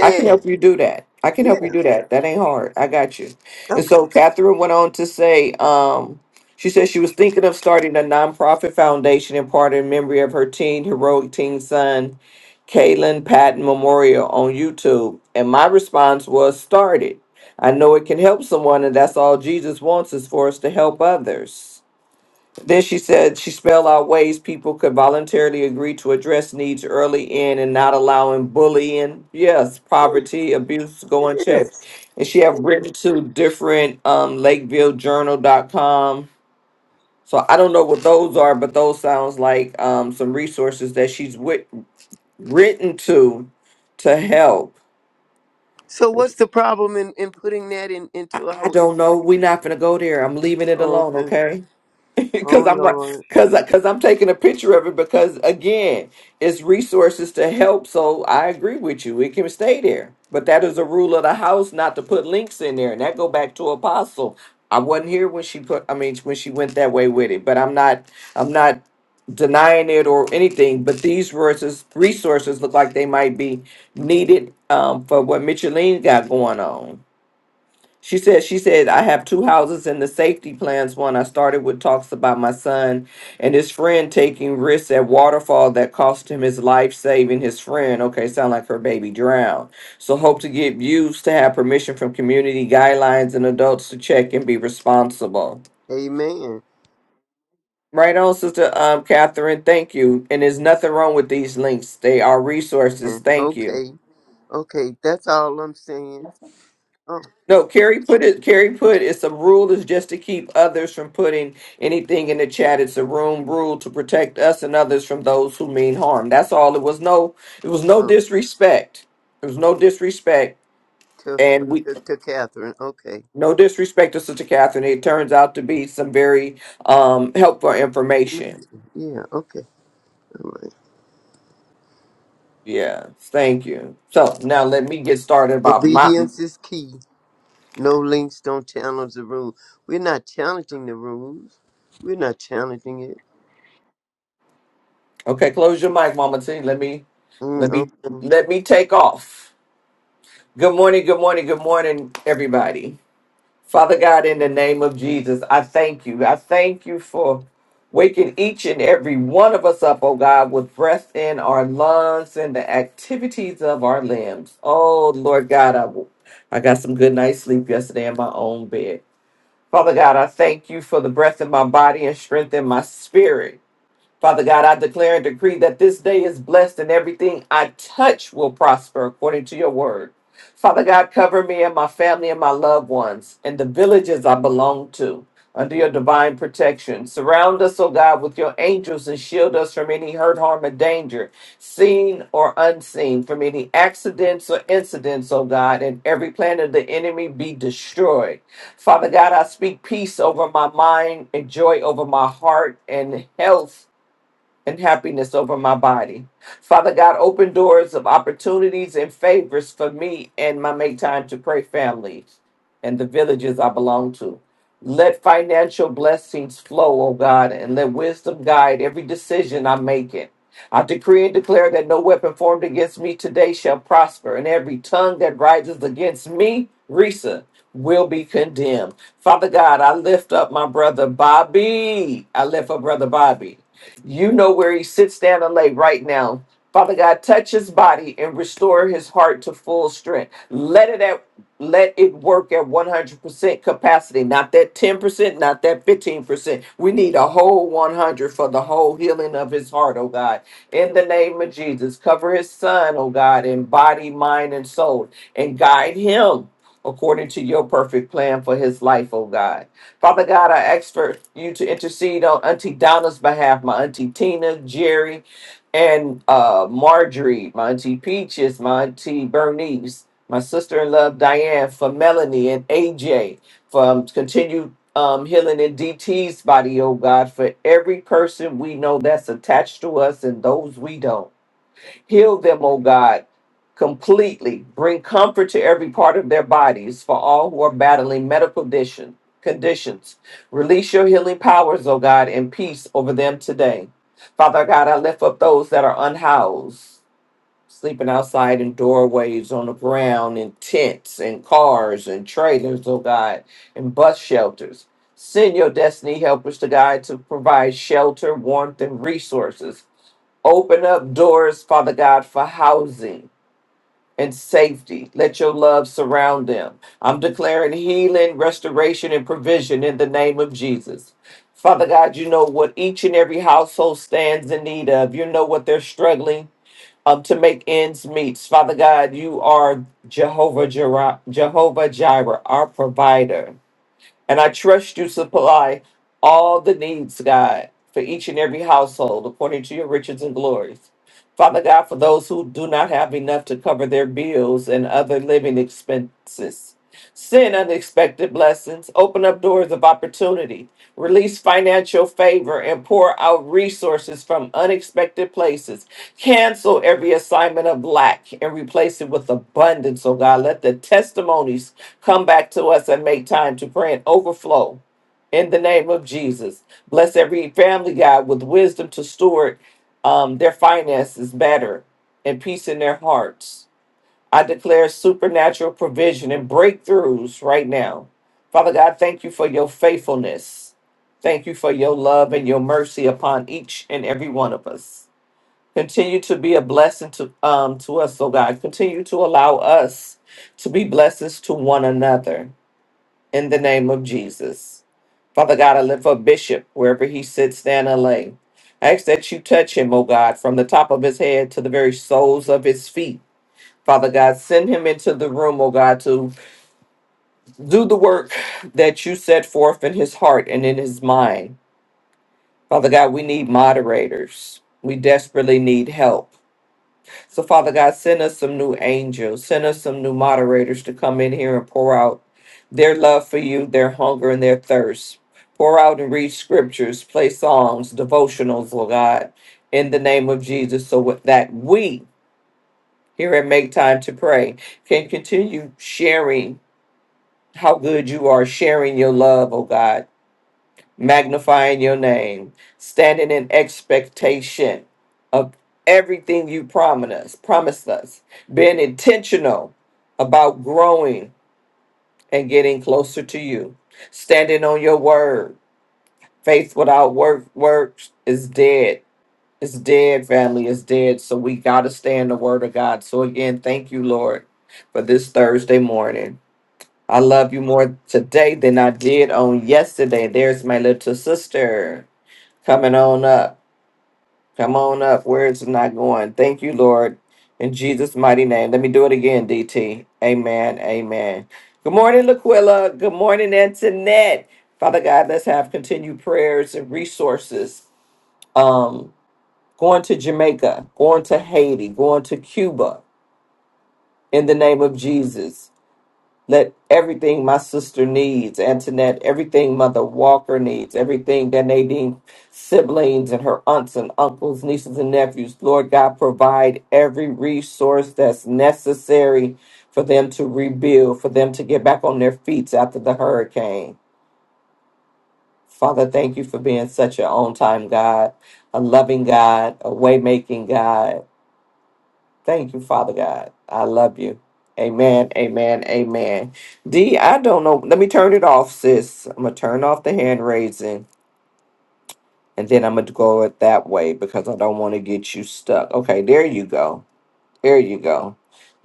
I can help you do that. I can
yeah
help you do that. That ain't hard. I got you. And
okay
so Catherine went on to say, um, she said she was thinking of starting a nonprofit foundation in part in memory of her teen heroic teen son, Kaylin Patton Memorial on YouTube. And my response was, start it. I know it can help someone, and that's all Jesus wants is for us to help others. Then she said she spelled out ways people could voluntarily agree to address needs early in and not allowing bullying, yes, poverty, abuse to go unchecked.
yes
And she have written to different um Lakeville Journal dot com. So I don't know what those are, but those sounds like um some resources that she's wit- written to to help.
So what's the problem in, in putting that in
I
into
I
our
don't know.
information?
We're not gonna go there. I'm leaving it alone,
Okay.
okay?
Oh
because I'm
Lord.
because because I'm taking a picture of it because again, it's resources to help. So I agree with you; it can stay there. But that is a rule of the house not to put links in there, and that go back to Apostle. I wasn't here when she put. I mean, when she went that way with it. But I'm not. I'm not denying it or anything. But these resources resources look like they might be needed um, for what Micheline got going on. She said, she said, I have two houses in the safety plans. One I started with talks about my son and his friend taking risks at waterfall that cost him his life, saving his friend. Okay, sound like her baby drowned. So hope to get views to have permission from community guidelines and adults to check and be responsible.
Amen.
Right on, Sister um, Catherine. Thank you. And there's nothing wrong with these links. They are resources.
And
Thank you.
Okay. Okay. That's all I'm saying. Oh,
No, Carrie put it. Carrie put it's a rule is just to keep others from putting anything in the chat. It's a room rule to protect us and others from those who mean harm. That's all. It was no. It was no
oh
disrespect. It was no disrespect,
to,
and we
to to Catherine. Okay.
no disrespect to Sister Catherine. It turns out to be some very um helpful information.
Yeah, okay. All right.
Yeah, thank you. So now let me get started about my.
Obedience is key. No links don't challenge the rule. We're not challenging the rules. We're not challenging it.
Okay, close your mic, Mama T. Let me, let
Mm,
me,
okay.
let me take off. Good morning, good morning, good morning, everybody. Father God, in the name of Jesus, I thank you. I thank you for waking each and every one of us up, oh God, with breath in our lungs and the activities of our limbs. Oh, Lord God, I, I got some good night's sleep yesterday in my own bed. Father God, I thank you for the breath in my body and strength in my spirit. Father God, I declare and decree that this day is blessed and everything I touch will prosper according to your word. Father God, cover me and my family and my loved ones and the villages I belong to under your divine protection. Surround us, O God, with your angels and shield us from any hurt, harm, or danger, seen or unseen, from any accidents or incidents, O God, and every plan of the enemy be destroyed. Father God, I speak peace over my mind and joy over my heart and health and happiness over my body. Father God, open doors of opportunities and favors for me and my Make Time to Pray families and the villages I belong to. Let financial blessings flow, O God, and let wisdom guide every decision I'm making. I decree and declare that no weapon formed against me today shall prosper, and every tongue that rises against me, Risa, will be condemned. Father God, I lift up my brother Bobby. I lift up brother Bobby. You know where he sits down and lay right now. Father God, touch his body and restore his heart to full strength. Let it at, let it work at 100% capacity, not that 10%, not that 15%. We need a whole 100 for the whole healing of his heart, oh God. In the name of Jesus, cover his son, oh God, in body, mind, and soul, and guide him according to your perfect plan for his life, oh God. Father God, I ask for you to intercede on Auntie Donna's behalf, my Auntie Tina, Jerry, and uh, Marjorie, my Auntie Peaches, my Auntie Bernice, my sister in love, Diane, for Melanie and AJ, for um, continued um, healing in DT's body, oh God, for every person we know that's attached to us and those we don't. Heal them, O God, completely. Bring comfort to every part of their bodies for all who are battling medical condition, conditions. Release your healing powers, O God, and peace over them today. Father God, I lift up those that are unhoused, sleeping outside in doorways, on the ground, in tents, in cars, and trailers, O God, and bus shelters. Send your destiny helpers to God to provide shelter, warmth, and resources Open up doors, Father God, for housing and safety. Let your love surround them. I'm declaring healing, restoration, and provision in the name of Jesus. Father God, you know what each and every household stands in need of. You know what they're struggling um, to make ends meet. Father God, you are Jehovah Jireh, Jehovah Jireh, our provider. And I trust you supply all the needs, God, for each and every household according to your riches and glories. Father God, for those who do not have enough to cover their bills and other living expenses. Send unexpected blessings, open up doors of opportunity, release financial favor, and pour out resources from unexpected places. Cancel every assignment of lack and replace it with abundance, oh God. Let the testimonies come back to us and make time to pray and overflow. In the name of Jesus, bless every family, God, with wisdom to steward um, their finances better and peace in their hearts. I declare supernatural provision and breakthroughs right now. Father God, thank you for your faithfulness. Thank you for your love and your mercy upon each and every one of us. Continue to be a blessing to um to us, oh God. Continue to allow us to be blessings to one another in the name of Jesus. Father God, I lift up Bishop wherever he sits down and lay. I ask that you touch him, oh God, from the top of his head to the very soles of his feet. Father God, send him into the room, oh God, to do the work that you set forth in his heart and in his mind. Father God, we need moderators. We desperately need help. So, Father God, send us some new angels. Send us some new moderators to come in here and pour out their love for you, their hunger, and their thirst. Pour out and read scriptures, play songs, devotionals, oh God, in the name of Jesus, so that we here at Make Time to Pray can continue sharing how good you are sharing your love, oh God, magnifying your name, standing in expectation of everything you promised us, promised us, being intentional about growing and getting closer to you, standing on your word. Faith without work works is dead. It's dead, family. It's dead. So we gotta stand the word of God. So again, thank you, Lord, for this Thursday morning. I love you more today than I did on yesterday. There's my little sister coming on up. Come on up. Words are not going. Thank you, Lord. In Jesus' mighty name. Let me do it again, DT. Amen. Amen. Good morning, Laquilla. Good morning, Antoinette. Father God, let's have continued prayers and resources. Um, going to Jamaica, going to Haiti, going to Cuba in the name of Jesus Let everything my sister needs, Antoinette, everything Mother Walker needs, everything that Nadine siblings and her aunts and uncles, nieces and nephews, Lord God, provide every resource that's necessary for them to rebuild, for them to get back on their feet after the hurricane. Father, thank you for being such an on time God, a loving God, a way making God. Thank you, Father God. I love you. Amen. Amen. Amen. D, I don't know. Let me turn it off, sis. I'm gonna turn off the hand raising and then I'm gonna go it that way because I don't want to get you stuck. Okay, there you go. There you go.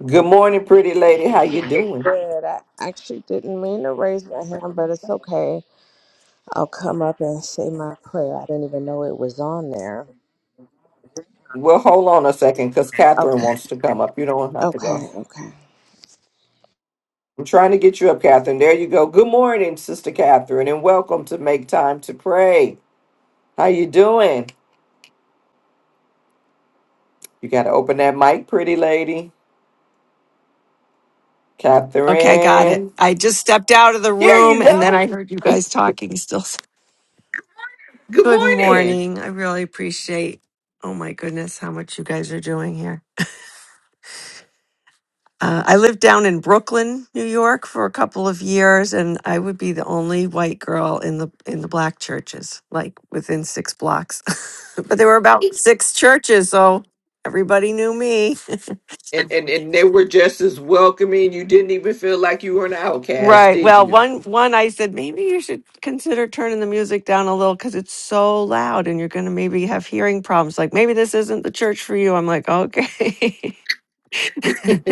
Good morning, pretty lady. How you
Good.
doing?
I actually didn't mean to raise my hand, but it's okay. I'll come up and say my prayer. I didn't even know it was on there.
Well, hold on a second, because Catherine
Okay.
wants to come up. You don't have to
Okay.
go. I'm trying to get you up, Catherine. There you go. Good morning, Sister Catherine, and welcome to Make Time to Pray. How you doing? You gotta open that mic, pretty lady.
Okay, got it.
Catherine.
I just stepped out of the
There
room
you
and then
go.
I heard you guys talking still.
Good
Good
morning.
morning. I really appreciate, oh my goodness, how much you guys are doing here. Uh, I lived down in Brooklyn, New York for a couple of years and I would be the only white girl in the in the black churches, like within 6 blocks. but there were about 6 churches, so everybody knew me.
And, and and they were just as welcoming. You didn't even feel like you were an outcast,
Right.
did
Well,
you?
one one I said maybe you should consider turning the music down a little because it's so loud and you're going to maybe have hearing problems. Like maybe this isn't the church for you. I'm like, okay.
okay,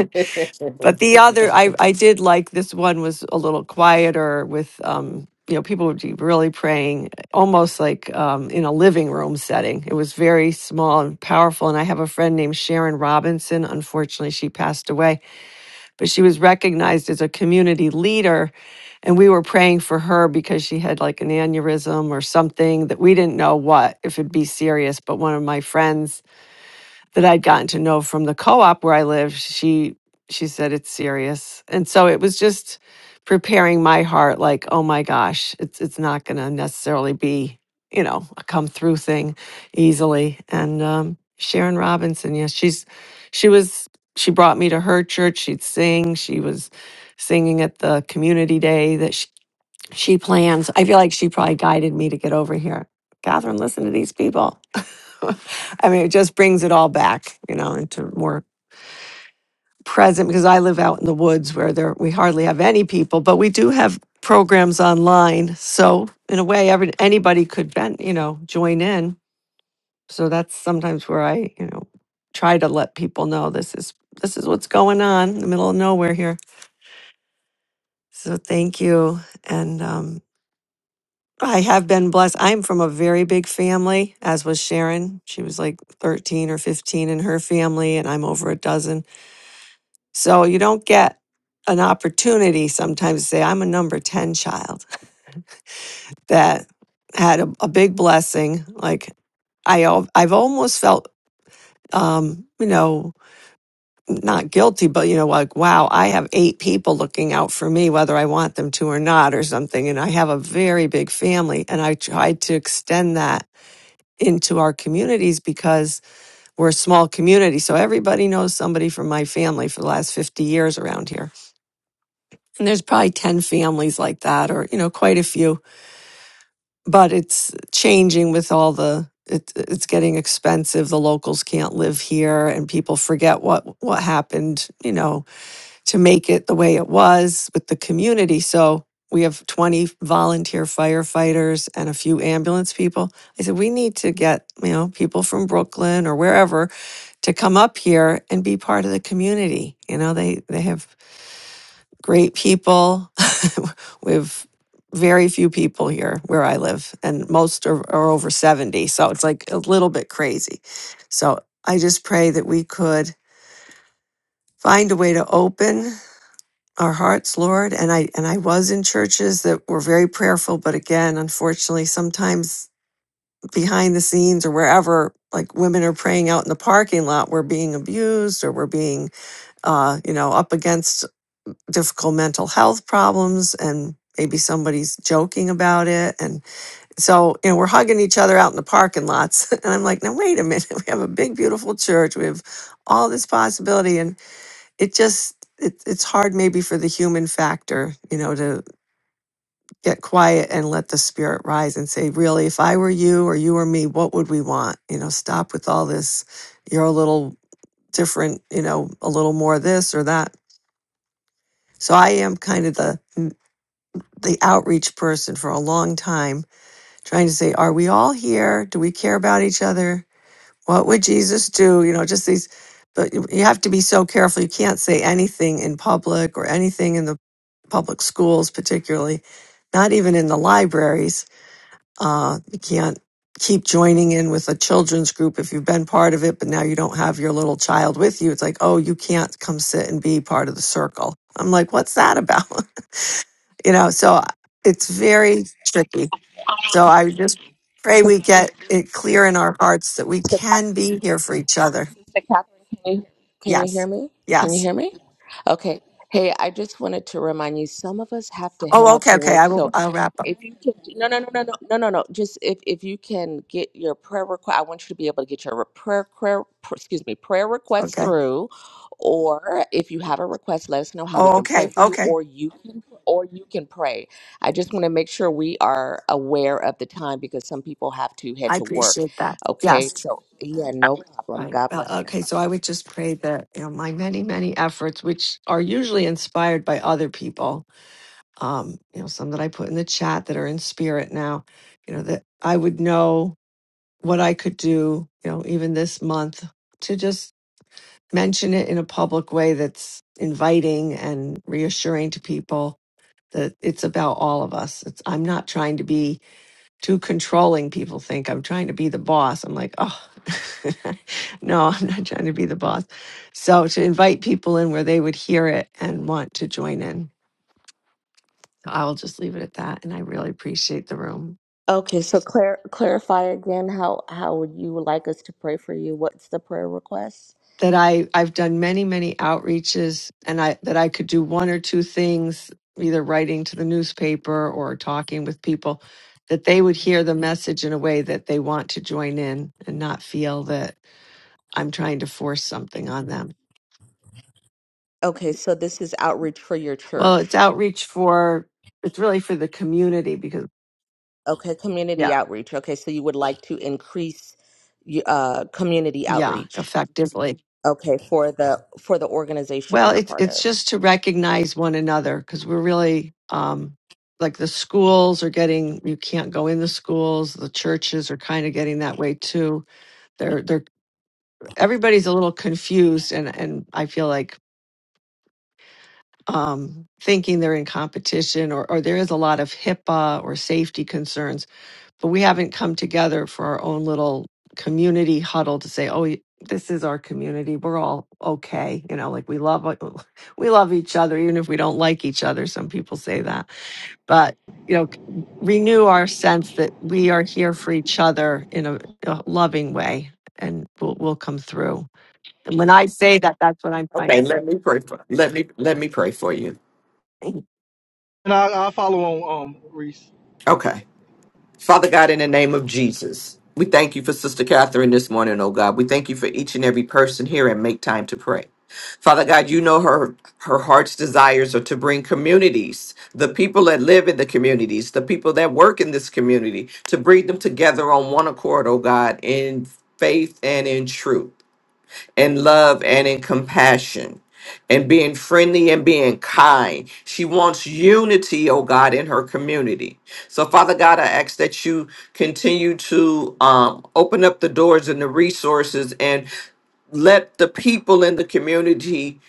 but the other, I I did like this one was a little quieter with um you know people would be really praying almost like um in a living room setting. It was very small and powerful. And I have a friend named Sharon Robinson. Unfortunately, she passed away but she was recognized as a community leader. And we were praying for her because she had like an aneurysm or something that we didn't know what, if it'd be serious. But one of my friends that I'd gotten to know from the co-op where I live, she she said it's serious. And so it was just preparing my heart like, oh my gosh, it's it's not gonna necessarily be, you know, a come through thing easily. And um Sharon Robinson, yes, she's she was she brought me to her church. She'd sing. She was singing at the community day that she she plans. I feel like she probably guided me to get over here. Catherine, listen to these people. I mean, it just brings it all back, you know, into more present because I live out in the woods where there we hardly have any people, but we do have programs online. So in a way, every anybody could ben, you know, join in. So that's sometimes where I, you know, try to let people know this is this is what's going on in the middle of nowhere here. So thank you. And um I have been blessed. I'm from a very big family, as was Sharon. She was like 13 or 15 in her family, and I'm over a dozen. So you don't get an opportunity sometimes to say, I'm a number 10 child that had a, a big blessing. Like I, al- I've almost felt, um, you know, not guilty, but you know, like, wow, I have eight people looking out for me, whether I want them to or not, or something. And I have a very big family, and I tried to extend that into our communities because we're a small community. So everybody knows somebody from my family for the last 50 years around here. And there's probably 10 families like that or, you know, quite a few, but it's changing with all the it, it's getting expensive. The locals can't live here and people forget what what happened, you know, to make it the way it was with the community. So we have 20 volunteer firefighters and a few ambulance people. I said, we need to get, you know, people from Brooklyn or wherever to come up here and be part of the community. You know, they they have great people. we have very few people here where I live, and most are, are over 70. So it's like a little bit crazy. So I just pray that we could find a way to open our hearts, Lord. And I and I was in churches that were very prayerful, but again, unfortunately, sometimes behind the scenes or wherever, like women are praying out in the parking lot, we're being abused or we're being, uh, you know, up against difficult mental health problems and. Maybe somebody's joking about it. And so, you know, we're hugging each other out in the parking lots. And I'm like, now, wait a minute. We have a big, beautiful church. We have all this possibility. And it just it, it's hard maybe for the human factor you know to get quiet and let the spirit rise and say really if i were you or you or me what would we want you know stop with all this you're a little different you know a little more this or that so i am kind of the mm, the outreach person for a long time trying to say are we all here do we care about each other what would jesus do you know just these but you you have to be so careful you can't say anything in public or anything in the public schools, particularly, not even in the libraries. Uh, you can't keep joining in with a children's group if you've been part of it, but now you don't have your little child with you. It's like, oh, you can't come sit and be part of the circle. I'm like, what's that about? you know, so uh, it's very tricky. So I just pray we get it clear in our hearts that we
Okay.
can be here for each other.
Sister Catherine, can you, can you
Yes.
hear me? Can you
Yes.
hear me? Okay. Hey, I just wanted to remind you, some of us have to head
Oh,
out
okay.
to
Okay.
work.
I will,
So
I'll wrap up.
if you can, no, no, no, no, no, no, no, no. Just if, if you can get your prayer request, I want you to be able to get your re- prayer, prayer, pr- excuse me, prayer request
Okay.
through. Or if you have a request, let us know how we
Oh,
can pray
okay.
for you,
Okay.
or you can, or you can pray. I just want to make sure we are aware of the time because some people have to head
I
to work.
appreciate that.
Okay,
Yes.
so yeah, no problem.
Right.
God bless
Uh,
you.
okay. So I would just pray that you know my many many efforts, which are usually inspired by other people, um, you know, some that I put in the chat that are in spirit now, you know, that I would know what I could do, you know, even this month to just mention it in a public way that's inviting and reassuring to people that it's about all of us. It's I'm not trying to be too controlling people think i'm trying to be the boss i'm like oh no i'm not trying to be the boss so to invite people in where they would hear it and want to join in i'll just leave it at that and i really appreciate the room
Okay, so clar- clarify again how how would you like us to pray for you? What's the prayer request?
that i i've done many many outreaches and i that i could do one or two things either writing to the newspaper or talking with people that they would hear the message in a way that they want to join in and not feel that i'm trying to force something on them
Okay, so this is outreach for your
Well, it's
church.
outreach for it's really for the community because
Okay, community
yeah,
outreach. Okay, so you would like to increase y- uh community
yeah,
outreach.
effectively.
Okay, for the for the organization
Well,
you're a
it's
part
it's
of.
just to recognize one another because we're really um like the schools are getting you can't go in the schools, the churches are kind of getting that way too. They're they're everybody's a little confused and and I feel like um thinking they're in competition or or there is a lot of HIPAA or safety concerns but we haven't come together for our own little community huddle to say, "Oh, this is our community. We're all okay." You know, like we love we love each other even if we don't like each other. Some people say that. But, you know, renew our sense that we are here for each other in a, a loving way and we'll, we'll come through. And when I say that, that's what I'm trying to
let me
say.
pray for let me let me pray for you.
And I, I'll follow on, um, Reese.
Okay. Father God, in the name of Jesus, we thank you for Sister Catherine this morning, oh God. We thank you for each and every person here and make time to pray. Father God, you know her her heart's desires are to bring communities, the people that live in the communities, the people that work in this community, to bring them together on one accord, oh God, in faith and in truth in love and in compassion and being friendly and being kind. She wants unity, oh God, in her community. So, Father God, I ask that you continue to um, open up the doors and the resources and let the people in the community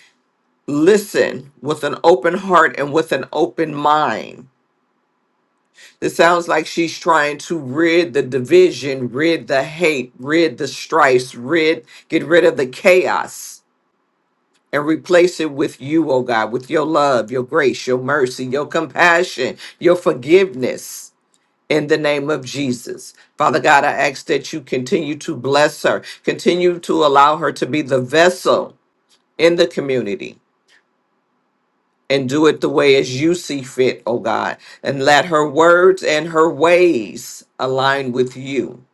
listen with an open heart and with an open mind. It sounds like she's trying to rid the division, rid the hate, rid the strife, rid get rid of the chaos and replace it with you, oh God, with your love, your grace, your mercy, your compassion, your forgiveness. In the name of Jesus. Father God, I ask that you continue to bless her, continue to allow her to be the vessel in the community and do it the way as you see fit, oh God. And let her words and her ways align with you.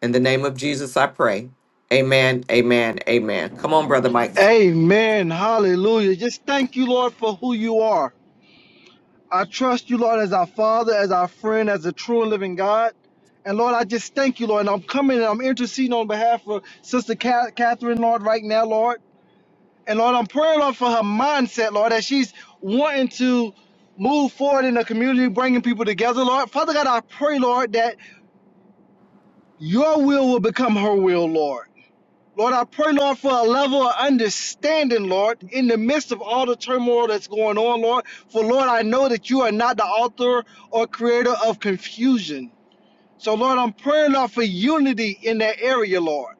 In the name of Jesus, I pray. Amen, amen, amen. Come on, Brother Mike.
Amen. Hallelujah. Just thank you, Lord, for who you are. I trust you, Lord, as our Father, as our friend, as a true and living God. And Lord, I just thank you, Lord. And I'm coming and I'm interceding on behalf of Sister Ca- Catherine, Lord, right now, Lord. And Lord, I'm praying, Lord, for her mindset, Lord, that she's wanting to move forward in the community, bringing people together, Lord. Father God, I pray, Lord, that your will will become her will, Lord. Lord, I pray, Lord, for a level of understanding, Lord, in the midst of all the turmoil that's going on, Lord. For, Lord, I know that you are not the author or creator of confusion. So, Lord, I'm praying, Lord, for unity in that area, Lord.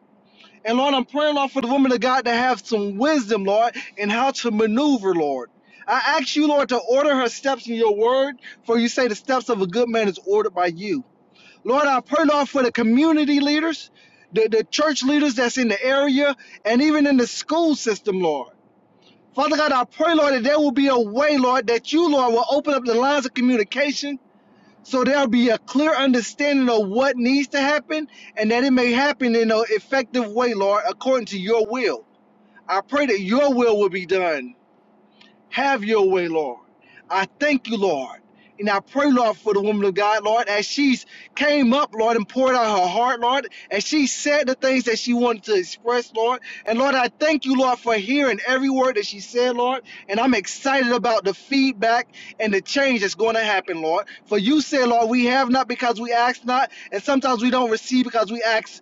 And, Lord, I'm praying, Lord, for the woman of God to have some wisdom, Lord, in how to maneuver, Lord. I ask you, Lord, to order her steps in your word, for you say the steps of a good man is ordered by you. Lord, I pray, Lord, for the community leaders, the, the church leaders that's in the area, and even in the school system, Lord. Father God, I pray, Lord, that there will be a way, Lord, that you, Lord, will open up the lines of communication so there'll be a clear understanding of what needs to happen and that it may happen in an effective way, Lord, according to your will. I pray that your will will be done have your way, Lord. I thank you, Lord. And I pray, Lord, for the woman of God, Lord, as she's came up, Lord, and poured out her heart, Lord, as she said the things that she wanted to express, Lord. And Lord, I thank you, Lord, for hearing every word that she said, Lord. And I'm excited about the feedback and the change that's going to happen, Lord. For you said, Lord, we have not because we ask not, and sometimes we don't receive because we ask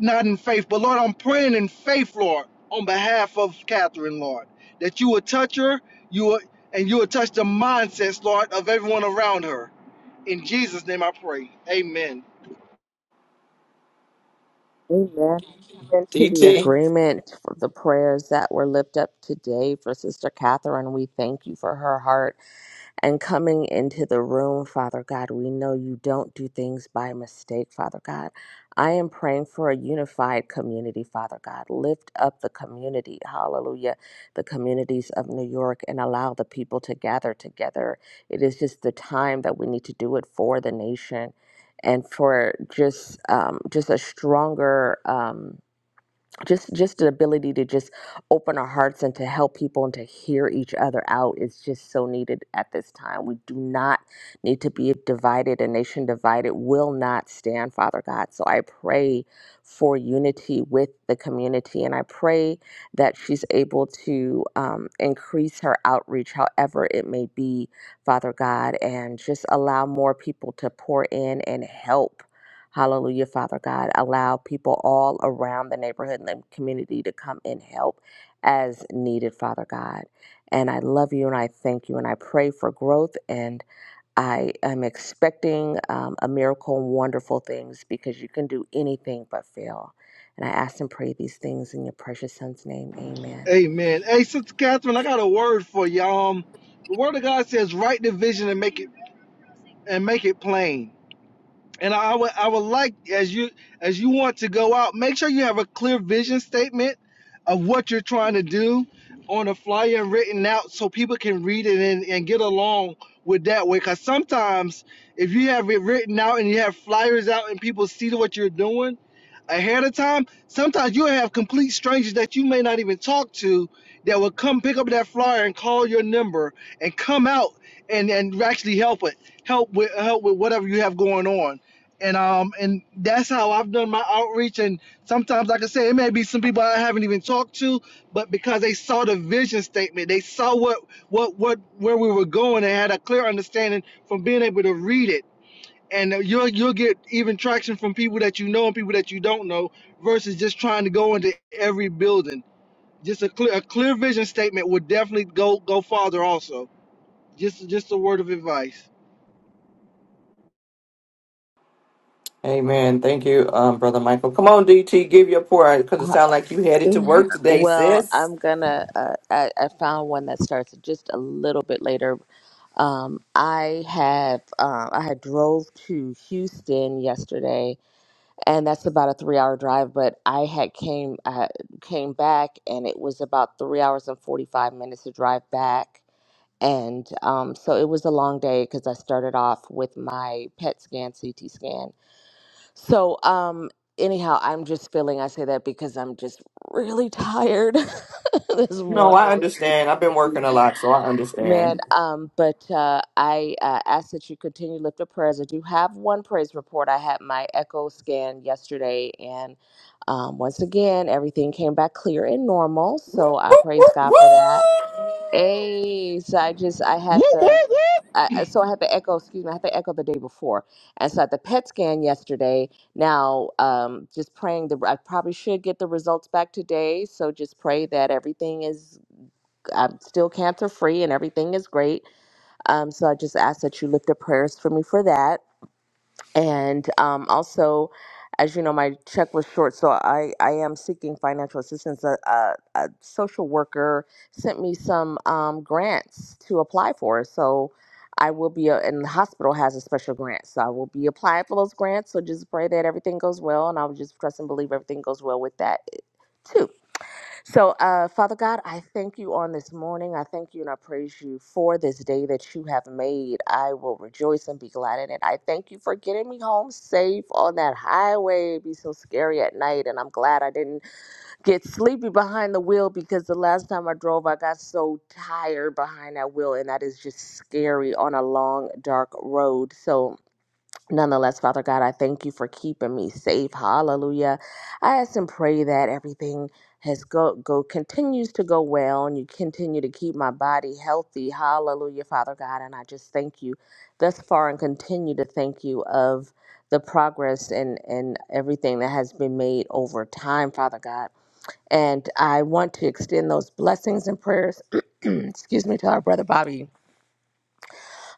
not in faith, but Lord, I'm praying in faith, Lord, on behalf of Catherine, Lord, that you will touch her, you will, and you will touch the mindsets, Lord, of everyone around her. In Jesus' name, I pray. Amen.
Amen. Into the
DT.
agreement for the prayers that were lifted up today for Sister Catherine. We thank you for her heart and coming into the room, Father God. We know you don't do things by mistake, Father God. I am praying for a unified community, Father God. Lift up the community, hallelujah, the communities of New York, and allow the people to gather together. It is just the time that we need to do it for the nation and for just um, just a stronger um, just just the ability to just open our hearts and to help people and to hear each other out is just so needed at this time. We do not need to be divided. A nation divided will not stand, Father God. So I pray for unity with the community, and I pray that she's able to um, increase her outreach, however it may be, Father God, and just allow more people to pour in and help Hallelujah, Father God. Allow people all around the neighborhood and the community to come and help as needed, Father God. And I love you and I thank you and I pray for growth and I am expecting um, a miracle and wonderful things because you can do anything but fail. And I ask and pray these things in your precious son's name. Amen.
Amen. Hey, Sister Catherine, I got a word for you. Um, the Word of God says, "Write the vision and make it and make it plain." And I would I would like as you as you want to go out, make sure you have a clear vision statement of what you're trying to do on a flyer written out so people can read it and, and get along with that way. Cause sometimes if you have it written out and you have flyers out and people see what you're doing ahead of time, sometimes you'll have complete strangers that you may not even talk to that will come pick up that flyer and call your number and come out and, and actually help it help with help with whatever you have going on and um and that's how I've done my outreach. And sometimes, like I say, it may be some people I haven't even talked to, but because they saw the vision statement, they saw what what what where we were going, and had a clear understanding from being able to read it. And you'll you'll get even traction from people that you know and people that you don't know, versus just trying to go into every building. Just a clear a clear vision statement would definitely go go farther. Also, just just a word of advice.
Amen. Thank you, um, Brother Michael. Come on, DT, give your pour because
Uh,
it sounds like you headed to
Yeah,
work today,
Well,
sis.
I'm gonna. Uh, I, I found one that starts just a little bit later. Um, I have. Uh, I had drove to Houston yesterday, and that's about a three-hour drive. But I had came. I had- came back, and it was about three hours and forty-five minutes to drive back. And um, so it was a long day because I started off with my PET scan, CT scan. So um, anyhow, I'm just feeling. I say that because I'm just really tired. this
No, I
morning.
understand. I've been working a lot, so I
Man,
understand.
um, but uh, I uh, ask that you continue to lift up prayers. I do have one praise report. I had my echo scan yesterday, and um, once again, everything came back clear and normal.
Woo,
So I
woo,
praise
woo,
God for
woo!
that. Hey, so I just I
Woo
had
woo
the
woo!
I, I- so I had the echo. Excuse me, I had the echo the day before, and so I had the PET scan yesterday. Now, um, just praying the I probably should get the results back today. So just pray that everything is I'm still cancer free and everything is great. Um, so I just ask that you lift up prayers for me for that. And um, also, as you know, my check was short, so I, I am seeking financial assistance. A, a, a social worker sent me some um, grants to apply for. So I will be, a, and the hospital has a special grant. So I will be applying for those grants. So just pray that everything goes well. And I'll just trust and believe everything goes well with that too. So, uh, Father God, I thank you on this morning. I thank you and I praise you for this day that you have made. I will rejoice and be glad in it. I thank you for getting me home safe on that highway. It'd be so scary at night, and I'm glad I didn't get sleepy behind the wheel because the last time I drove, I got so tired behind that wheel, and that is just scary on a long, dark road. So, Nonetheless, Father God, I thank you for keeping me safe. Hallelujah. I ask and pray that everything has go go continues to go well and you continue to keep my body healthy. Hallelujah, Father God. And I just thank you thus far and continue to thank you of the progress and, and everything that has been made over time, Father God. And I want to extend those blessings and prayers, excuse me, to our brother Bobby.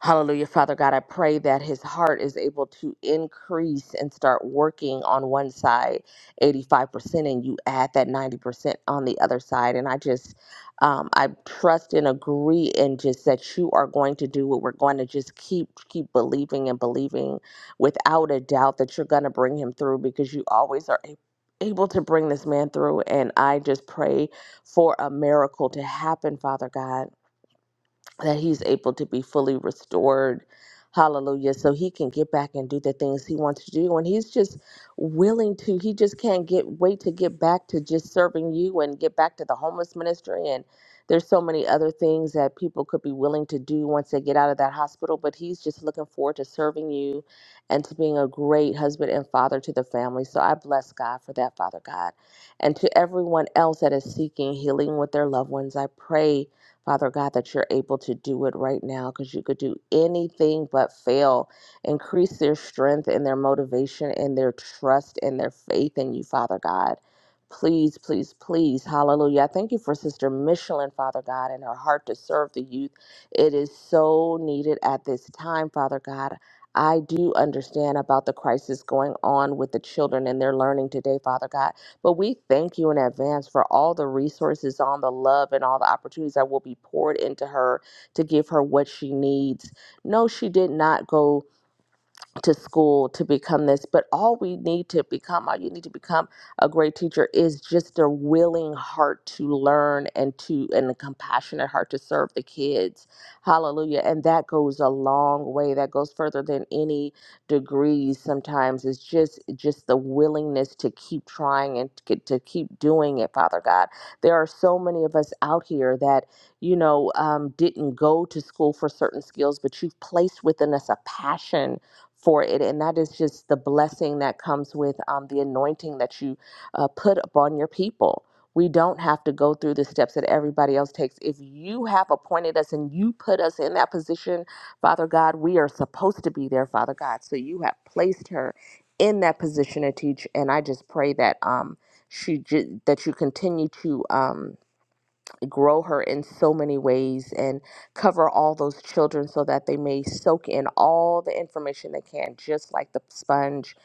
Hallelujah, Father God. I pray that his heart is able to increase and start working on one side 85%, and you add that 90% on the other side. And I just, um, I trust and agree, and just that you are going to do what we're going to just keep, keep believing and believing without a doubt that you're going to bring him through because you always are a- able to bring this man through. And I just pray for a miracle to happen, Father God that he's able to be fully restored. Hallelujah. So he can get back and do the things he wants to do. And he's just willing to, he just can't get wait to get back to just serving you and get back to the homeless ministry. And there's so many other things that people could be willing to do once they get out of that hospital. But he's just looking forward to serving you and to being a great husband and father to the family. So I bless God for that, Father God. And to everyone else that is seeking healing with their loved ones, I pray. Father God, that you're able to do it right now because you could do anything but fail. Increase their strength and their motivation and their trust and their faith in you, Father God. Please, please, please. Hallelujah. I Thank you for Sister Michelin, Father God, and her heart to serve the youth. It is so needed at this time, Father God. I do understand about the crisis going on with the children and their learning today, Father God. But we thank you in advance for all the resources on the love and all the opportunities that will be poured into her to give her what she needs. No, she did not go to school to become this, but all we need to become, all you need to become a great teacher is just a willing heart to learn and to and a compassionate heart to serve the kids. Hallelujah. And that goes a long way. That goes further than any degrees sometimes. It's just just the willingness to keep trying and to, to keep doing it, Father God. There are so many of us out here that, you know, um, didn't go to school for certain skills, but you've placed within us a passion for it. And that is just the blessing that comes with um, the anointing that you uh, put upon your people. We don't have to go through the steps that everybody else takes. If you have appointed us and you put us in that position, Father God, we are supposed to be there, Father God. So you have placed her in that position to teach. And I just pray that um, she ju- that you continue to. Um, grow her in so many ways and cover all those children so that they may soak in all the information they can, just like the sponge.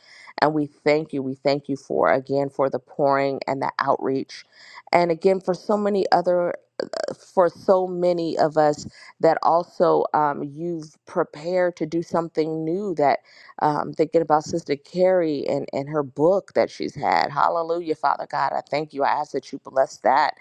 And we thank you. We thank you for, again, for the pouring and the outreach. And again, for so many other for so many of us that also um, you've prepared to do something new that um, thinking about sister carrie and, and her book that she's had hallelujah father god i thank you i ask that you bless that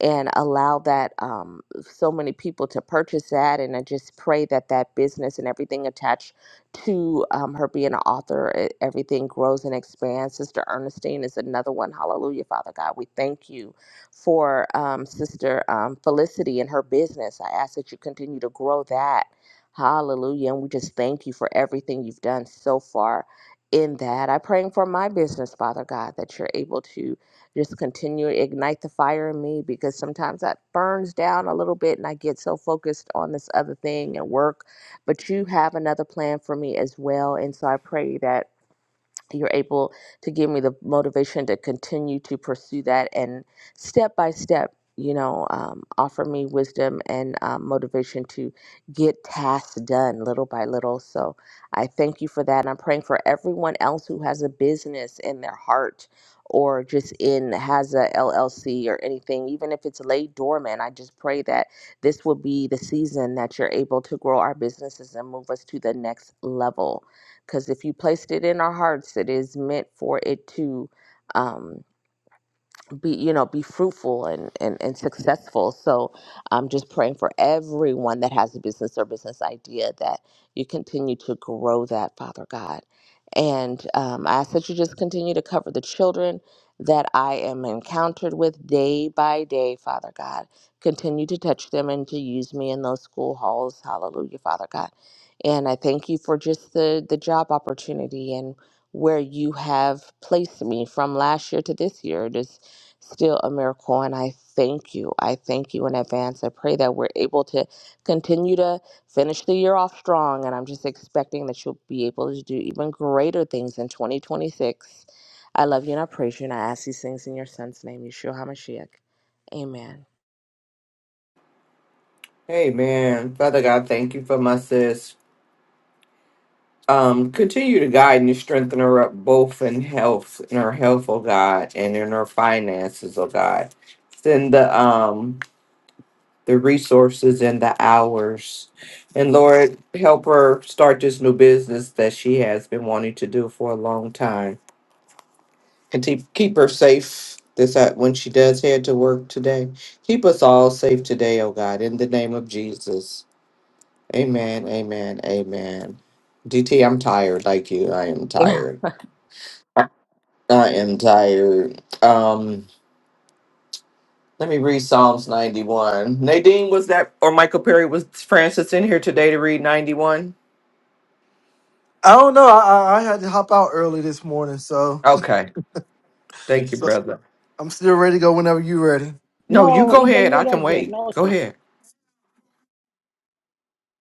and allow that um, so many people to purchase that and i just pray that that business and everything attached to um, her being an author e- everything grows and expands sister ernestine is another one hallelujah father god we thank you for um, Sister um, Felicity and her business. I ask that you continue to grow that. Hallelujah. And we just thank you for everything you've done so far in that. I'm praying for my business, Father God, that you're able to just continue to ignite the fire in me because sometimes that burns down a little bit and I get so focused on this other thing and work. But you have another plan for me as well. And so I pray that you're able to give me the motivation to continue to pursue that and step by step you know um, offer me wisdom and um, motivation to get tasks done little by little so i thank you for that and i'm praying for everyone else who has a business in their heart or just in has a llc or anything even if it's laid dormant i just pray that this will be the season that you're able to grow our businesses and move us to the next level because if you placed it in our hearts, it is meant for it to. Um, be you know be fruitful and and, and successful so i'm just praying for everyone that has a business or business idea that you continue to grow that father god and um, i ask that you just continue to cover the children that i am encountered with day by day father god continue to touch them and to use me in those school halls hallelujah father god and i thank you for just the the job opportunity and where you have placed me from last year to this year. Just still a miracle. And I thank you. I thank you in advance. I pray that we're able to continue to finish the year off strong. And I'm just expecting that you'll be able to do even greater things in 2026. I love you and I praise you. And I ask these things in your son's name, Yeshua HaMashiach. Amen.
Amen. Father God, thank you for my sis. Um, continue to guide and strengthen her up both in health, in her health, oh God, and in her finances, oh God. Send the um the resources and the hours. And Lord, help her start this new business that she has been wanting to do for a long time. And to keep her safe this uh, when she does head to work today. Keep us all safe today, oh God, in the name of Jesus. Amen, amen, amen. DT, I'm tired like you. I am tired. I am tired. Um let me read Psalms 91. Nadine was that or Michael Perry was Francis in here today to read 91?
I don't know. I, I I had to hop out early this morning, so,
Okay. Thank you,
so
brother.
I'm still ready to go whenever you're ready.
No, you go ahead. I can wait. Go
sis.
ahead.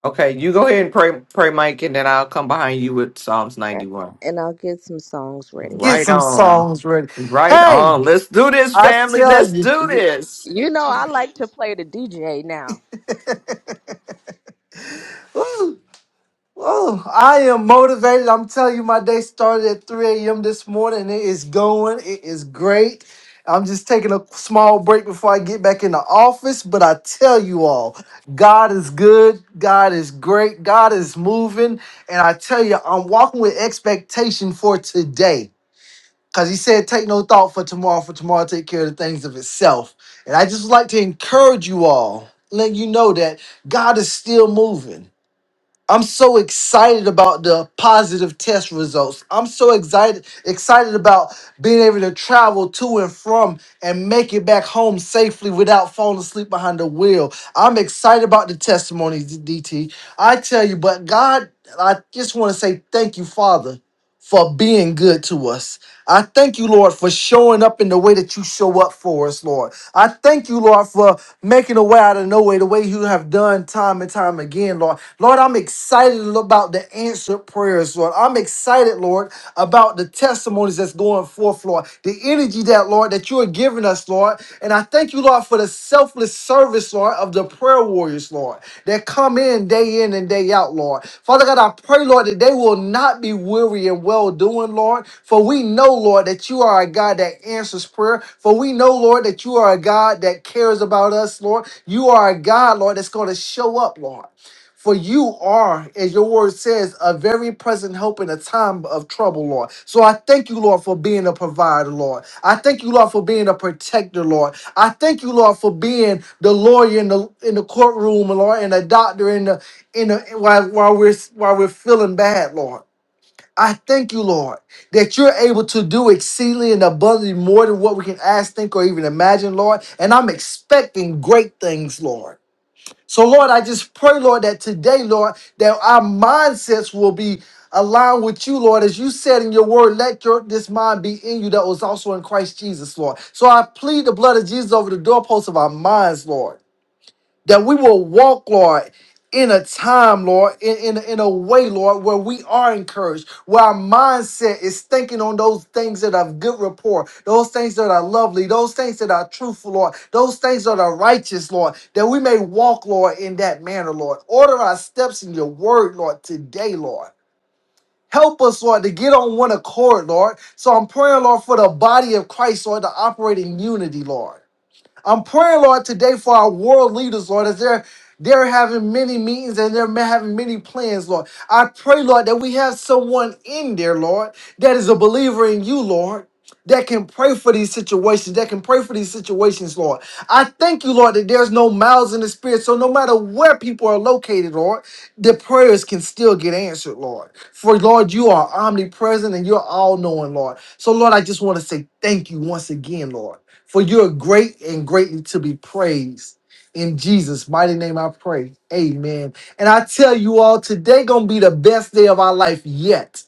Okay, you go ahead and pray, pray, Mike, and then I'll come behind you with Psalms 91.
and I'll get some songs ready.
Get
Right
some
on.
songs ready.
Right
Hey,
on. Let's do this,
I
family.
tell
Let's
you,
do
You,
this.
you know, I like to play the DJ now.
ooh, ooh, I am motivated. I'm telling you, my day started at 3 a.m. this morning. and It is going. It is great. I'm just taking a small break before I get back in the office, but I tell you all, God is good. God is great. God is moving. And I tell you, I'm walking with expectation for today. Because he said, Take no thought for tomorrow, for tomorrow take care of the things of itself. And I just would like to encourage you all, let you know that God is still moving. I'm so excited about the positive test results. I'm so excited excited about being able to travel to and from and make it back home safely without falling asleep behind the wheel. I'm excited about the testimonies, DT. I tell you, but God, I just want to say thank you, Father, for being good to us. I thank you, Lord, for showing up in the way that you show up for us, Lord. I thank you, Lord, for making a way out of no way, the way you have done time and time again, Lord. Lord, I'm excited about the answered prayers, Lord. I'm excited, Lord, about the testimonies that's going forth, Lord. The energy that, Lord, that you are giving us, Lord. And I thank you, thank you, Lord, for the selfless service, Lord, of the prayer warriors, Lord, that come in day in and day out, Lord. Father God, I pray, Lord, that they will not be weary and well doing, Lord. For we know, Lord, that you are a God that answers prayer. For we know, Lord, that you are a God that cares about us, Lord. You are a God, Lord, that's going to show up, Lord. For you are, as your word says, a very present help in a time of trouble, Lord. So I thank you, Lord, for being a provider, Lord. I thank you, Lord, for being a protector, Lord. I thank you, Lord, for being the lawyer in the in the courtroom, Lord, and the doctor in the in the while while we're while we're feeling bad, Lord. I thank you, Lord, that you're able to do exceedingly and abundantly more than what we can ask, think, or even imagine, Lord. And I'm expecting great things, Lord. So, Lord, I just pray, Lord, that today, Lord, that our mindsets will be aligned with you, Lord. As you said in your word, let your this mind be in you that was also in Christ Jesus, Lord. So I plead the blood of Jesus over the doorposts of our minds, Lord that we will walk, Lord, in a time, Lord, in, in, in a way, Lord, where we are encouraged, where our mindset is thinking on those things that have good rapport, those things that are lovely, those things that are truthful, Lord, those things that are righteous, Lord, that we may walk, Lord, in that manner, Lord. Order our steps in your word, Lord, today, Lord. Help us, Lord, to get on one accord, Lord. So I'm praying, Lord, for the body of Christ, Lord, to operate in unity, Lord. I'm praying, Lord, today for our world leaders, Lord, as they're they're having many meetings and they're ma- having many plans, Lord. I pray, Lord, that we have someone in there, Lord, that is a believer in you, Lord. That can pray for these situations, that can pray for these situations, Lord. I thank you, Lord, that there's no mouths in the spirit. So no matter where people are located, Lord, the prayers can still get answered, Lord. For Lord, you are omnipresent and you're all knowing, Lord. So, Lord, I just want to say thank you once again, Lord. For you are great and greatly to be praised. In Jesus' mighty name I pray. Amen. And I tell you all, today gonna be the best day of our life yet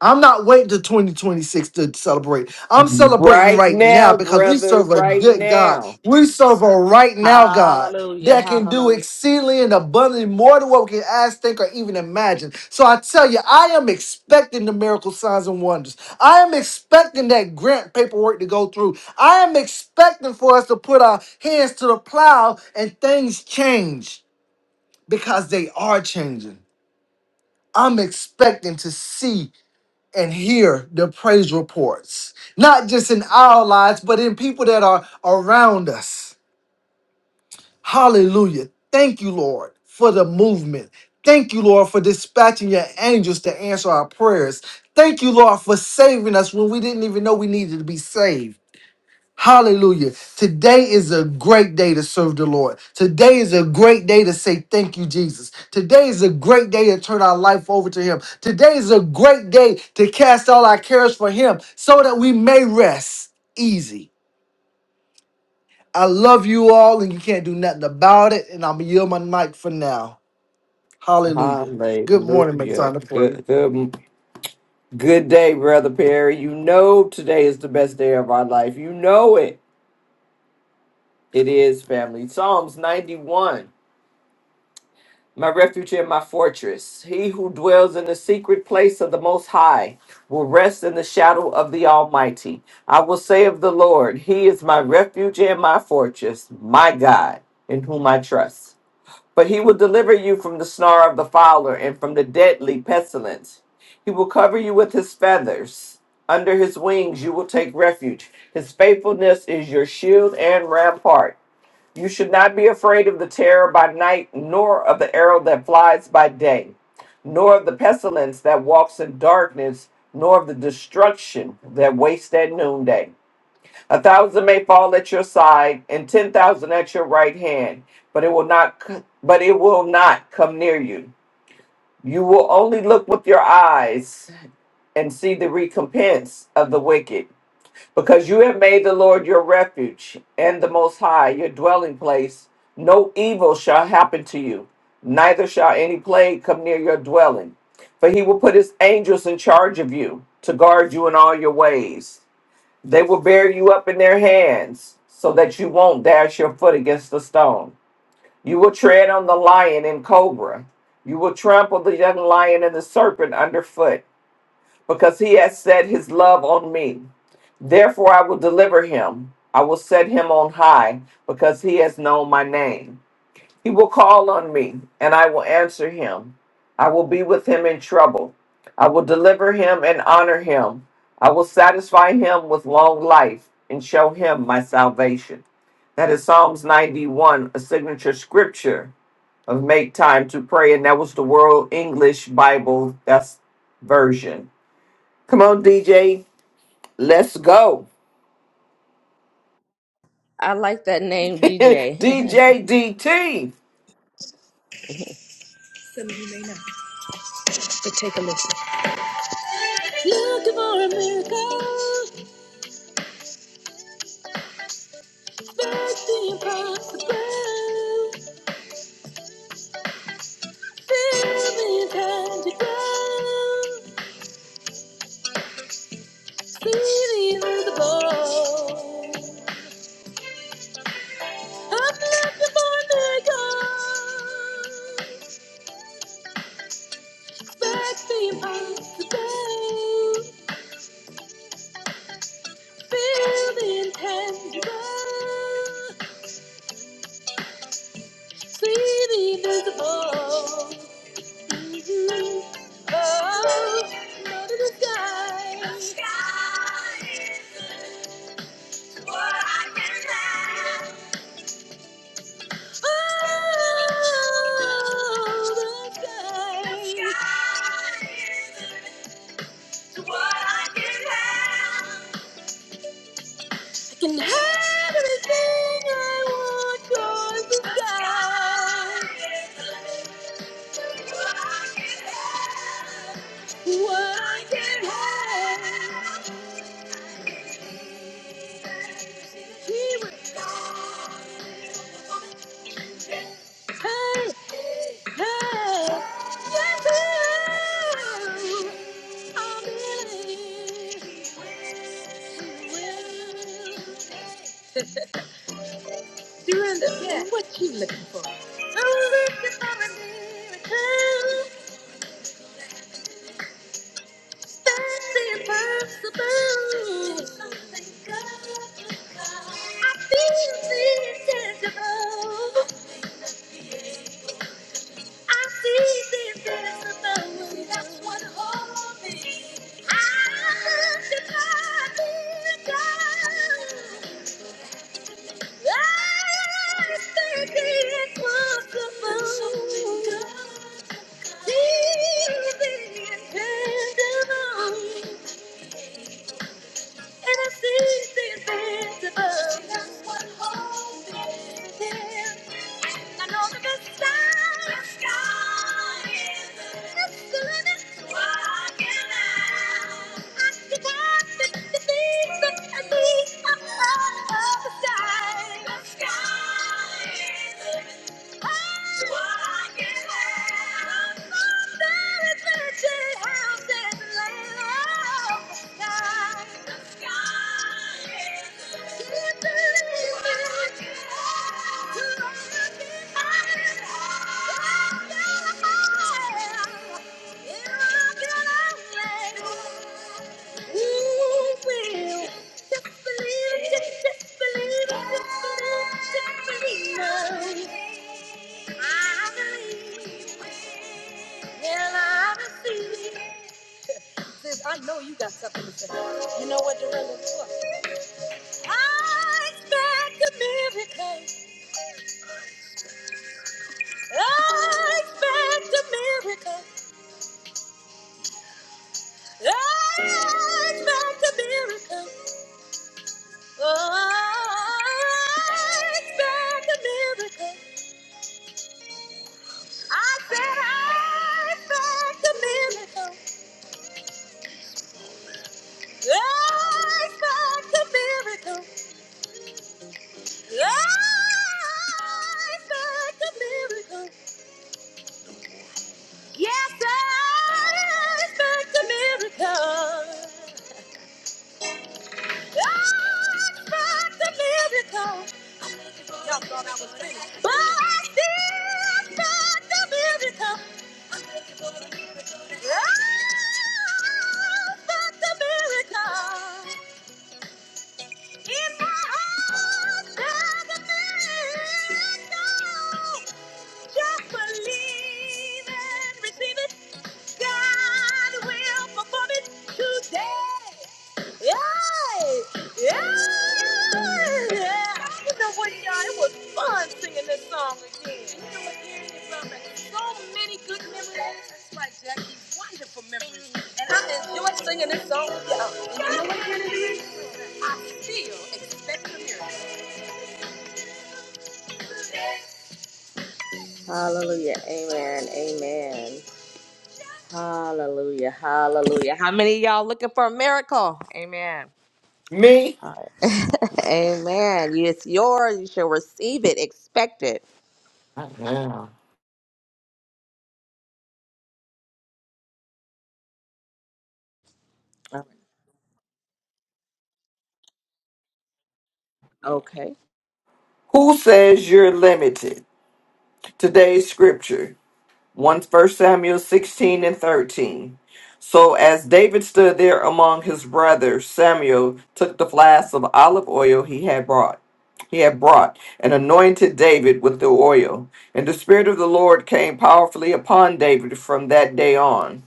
I'm not waiting to 2026 to celebrate. I'm celebrating
Right
right now
now,
because we
brother.
serve a
Right
good God.
now.
We serve a right now God
Hallelujah.
that can do
Hallelujah.
exceedingly and abundantly more than what we can ask, think, or even imagine. So I tell you, I am expecting the miracle signs and wonders. I am expecting that grant paperwork to go through. I am expecting for us to put our hands to the plow and things change because they are changing. I'm expecting to see and hear the praise reports, not just in our lives, but in people that are around us. Hallelujah. Thank you, Lord, for the movement. Thank you, Lord, for dispatching your angels to answer our prayers. Thank you, Lord, for saving us when we didn't even know we needed to be saved. Hallelujah. Today is a great day to serve the Lord. Today is a great day to say thank you, Jesus. Today is a great day to turn our life over to Him. Today is a great day to cast all our cares for Him so that we may rest easy. I love you all, and you can't do nothing about it. And I'm going to yield my mic for now. Hallelujah. Good morning, make time
Hallelujah.
to pray.
Good, good, good day, brother Perry. You know today is the best day of our life. You know it. It is, family. Psalms 91. my refuge and my fortress. He who dwells in the secret place of the Most High will rest in the shadow of the Almighty. I will say of the Lord, He is my refuge and my fortress, my God, in whom I trust. But He will deliver you from the snare of the fowler and from the deadly pestilence. He will cover you with His feathers. Under His wings you will take refuge. His faithfulness is your shield and rampart. You should not be afraid of the terror by night, nor of the arrow that flies by day, nor of the pestilence that walks in darkness, nor of the destruction that wastes at noonday. A thousand may fall at your side, and ten thousand at your right hand, but it will not. c- But it will not come near you. You will only look with your eyes and see the recompense of the wicked because you have made the Lord your refuge and the Most High your dwelling place, no evil shall happen to you, neither shall any plague come near your dwelling. For he will put his angels in charge of you to guard you in all your ways. They will bear you up in their hands so that you won't dash your foot against a stone. You will tread on the lion and cobra. You will trample the young lion and the serpent underfoot, because he has set his love on me. Therefore, I will deliver him. I will set him on high because he has known my name. He will call on me, and I will answer him. I will be with him in trouble. I will deliver him and honor him. I will satisfy him with long life and show him my salvation. That is Psalms 91, a signature scripture of Make Time to Pray, and that was the World English Bible that's version. Come on, DJ, let's go.
I like that name, DJ.
DJ DT,
Take a listen. Looking for a miracle, expect the impossible. Feel the intangible, see the invisible. I'm looking for a miracle, expect the impossible. Feel the intangible, see the invisible. I can have everything I want 'cause the sky. What you looking for? I'm looking for a miracle. Nothing's impossible. Thank you. got. I feel the intangible. I see the invisible. That's what holds me. I look at my God. I think it's possible. Something good. See the invisible. And I see the invisible. Just one hope is within. I know the best time. the sky is the limit. Walking out. I see God, the, the things that I see above the sky. The sky is the Ooh, Yeah. Sis, I know you got something to say. You know what, Dorinda? Look. I expect a miracle. I expect a miracle. I expect a miracle. Oh, I expect a miracle. I said I expect a miracle. I expect a miracle. I expect a miracle. Yes, I expect a miracle. Y'all thought I was crazy. But this God's a miracle. Yeah, yeah, yeah. I don't know what y'all. It was fun singing this song again. You know, again, it brought back so many good memories. It's like Jackie's wonderful memories, and I enjoy singing this song with y'all. you know what, Kennedy? I still expect a miracle. Hallelujah, amen, amen. Hallelujah, hallelujah. How many of y'all looking for a miracle? Amen.
me.
All right. Amen. It's yours. You shall receive it. Expect it.
Yeah.
Okay.
Who says you're limited? Today's scripture, 1 Samuel 16 and 13. So as David stood there among his brothers, Samuel took the flask of olive oil he had brought. He had brought and anointed David with the oil. And the Spirit of the Lord came powerfully upon David from that day on.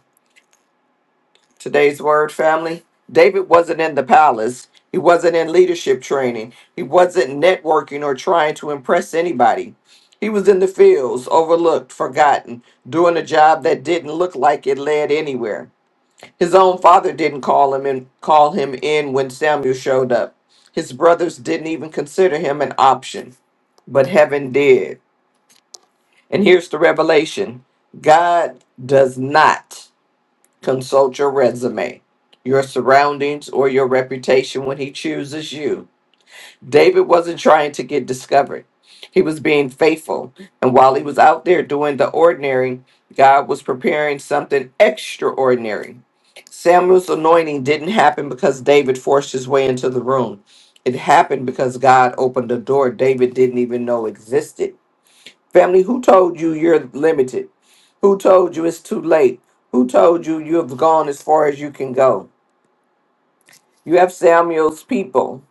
Today's word, family. David wasn't in the palace. He wasn't in leadership training. He wasn't networking or trying to impress anybody. He was in the fields, overlooked, forgotten, doing a job that didn't look like it led anywhere. His own father didn't call him in, call him in when Samuel showed up. His brothers didn't even consider him an option, but heaven did. And here's the revelation. God does not consult your resume, your surroundings, or your reputation when he chooses you. David wasn't trying to get discovered, he was being faithful. And while he was out there doing the ordinary, God was preparing something extraordinary. Samuel's anointing didn't happen because David forced his way into the room. It happened because God opened a door David didn't even know existed. Family, who told you you're limited? Who told you it's too late? Who told you you have gone as far as you can go? You have Samuel's people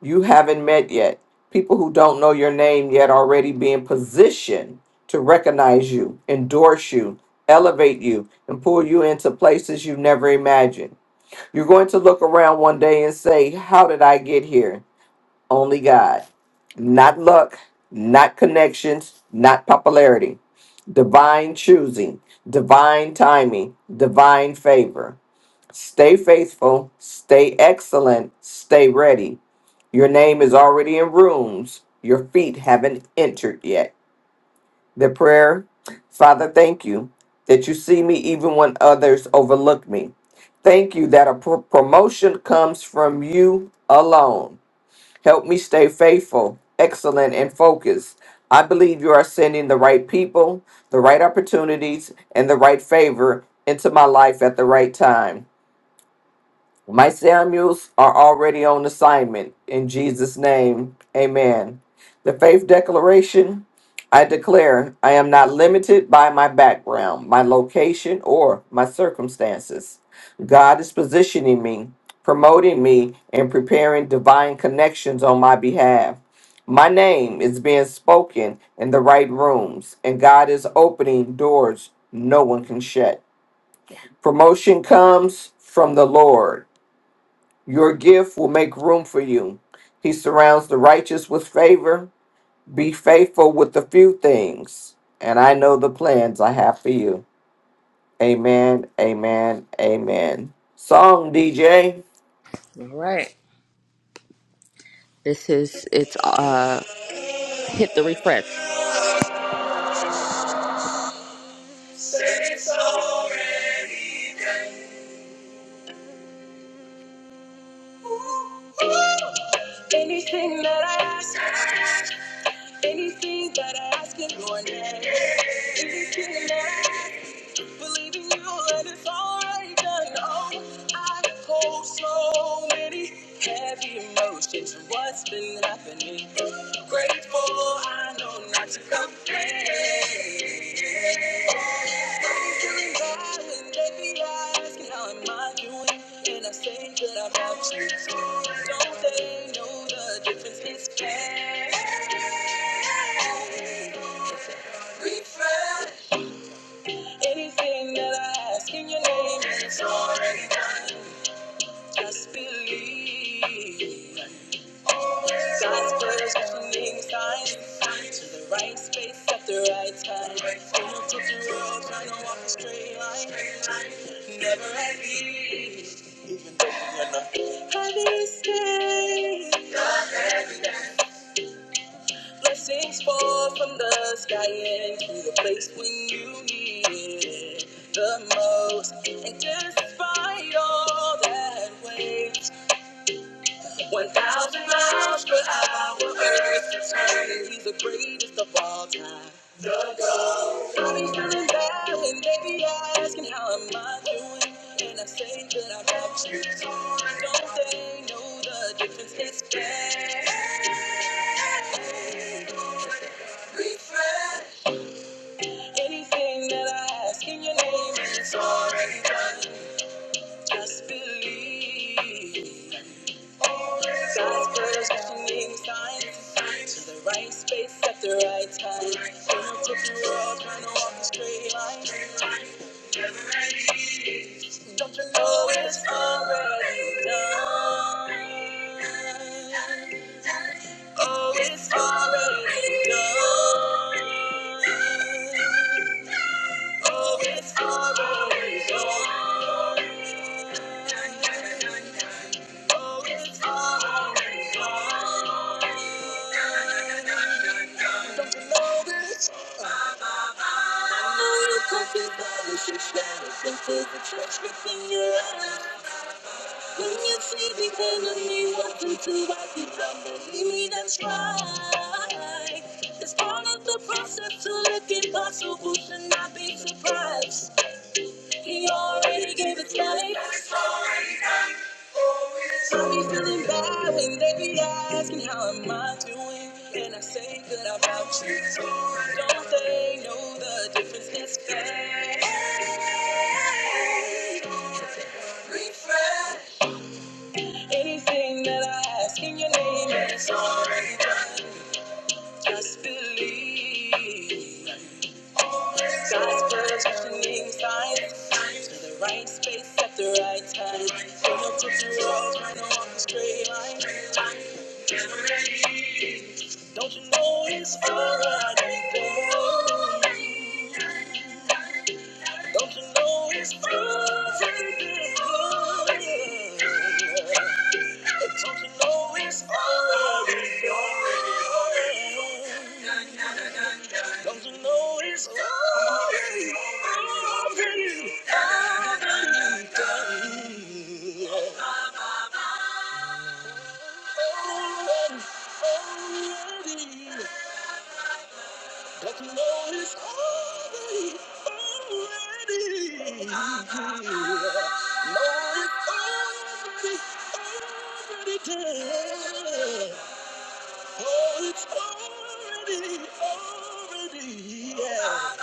you haven't met yet, people who don't know your name yet already being positioned to recognize you, endorse you, elevate you, and pull you into places you never imagined. You're going to look around one day and say, How did I get here? Only God. not luck, not connections, not popularity. Divine choosing, divine timing, divine favor. Stay faithful, stay excellent, stay ready. Your name is already in rooms your feet haven't entered yet. The prayer Father, thank you that you see me even when others overlook me. Thank you that a pro- promotion comes from you alone. Help me stay faithful, excellent, and focused. I believe you are sending the right people, the right opportunities, and the right favor into my life at the right time. My Samuels are already on assignment. In Jesus' name, amen. The faith declaration I declare I am not limited by my background, my location, or my circumstances. God is positioning me, promoting me, and preparing divine connections on my behalf. My name is being spoken in the right rooms, and God is opening doors no one can shut. Promotion comes from the Lord. Your gift will make room for you. He surrounds the righteous with favor. Be faithful with the few things, and I know the plans I have for you. Amen, amen, amen. Song DJ.
All right. This is it's uh hit the refresh. Anything that I ask, anything that I ask in your name, anything that I believe in you and it's already done. Oh, I hold so many heavy emotions. What's been happening? Grateful, I know not to complain. Oh, Anything that I ask in your name, it's already done. Just believe. God's word is opening signs to the right space at the right time. Don't take the road, trying to walk a straight line. Never at ease. Holy Spirit, blessings fall from the sky and be the place when you need it the most. And despite all that weight, One thousand miles per hour, earth is turning. He's the greatest of all time. The Bobby's feeling bad and baby asking how am I doing, and I say that I'm actually torn. Don't they know the difference is bad. Anything that I ask in your name, it's already done. Just believe. God's word is beckoning signs to the right space at the right time. In a different world, trying to walk a straight line. Don't you know it's already done? Oh, it's already done. Oh, it's already done. Don't you know this? I know you're confused by the shit shadows and the trash within your eyes. When you see the enemy walking to wipe you down, believe me, that's right. It's part of the process to look impossible, should not be surprised. He already gave it life. So be feeling bad when they be asking how am I doing, and I say that I'm out you. too. Don't they know the difference is fair? Anything that I ask in your name It's already done. Just believe. God's words reaching signs to the right space at the right time. Don't take the wrong turn on the straight line. Don't you know it's already done? Don't you know it's already done? Don't you know it's already over? Don't you know it's already already already done? Already, already. Cause Lord is already, already. Lord is already, already dead. Oh, it's already, already, yeah.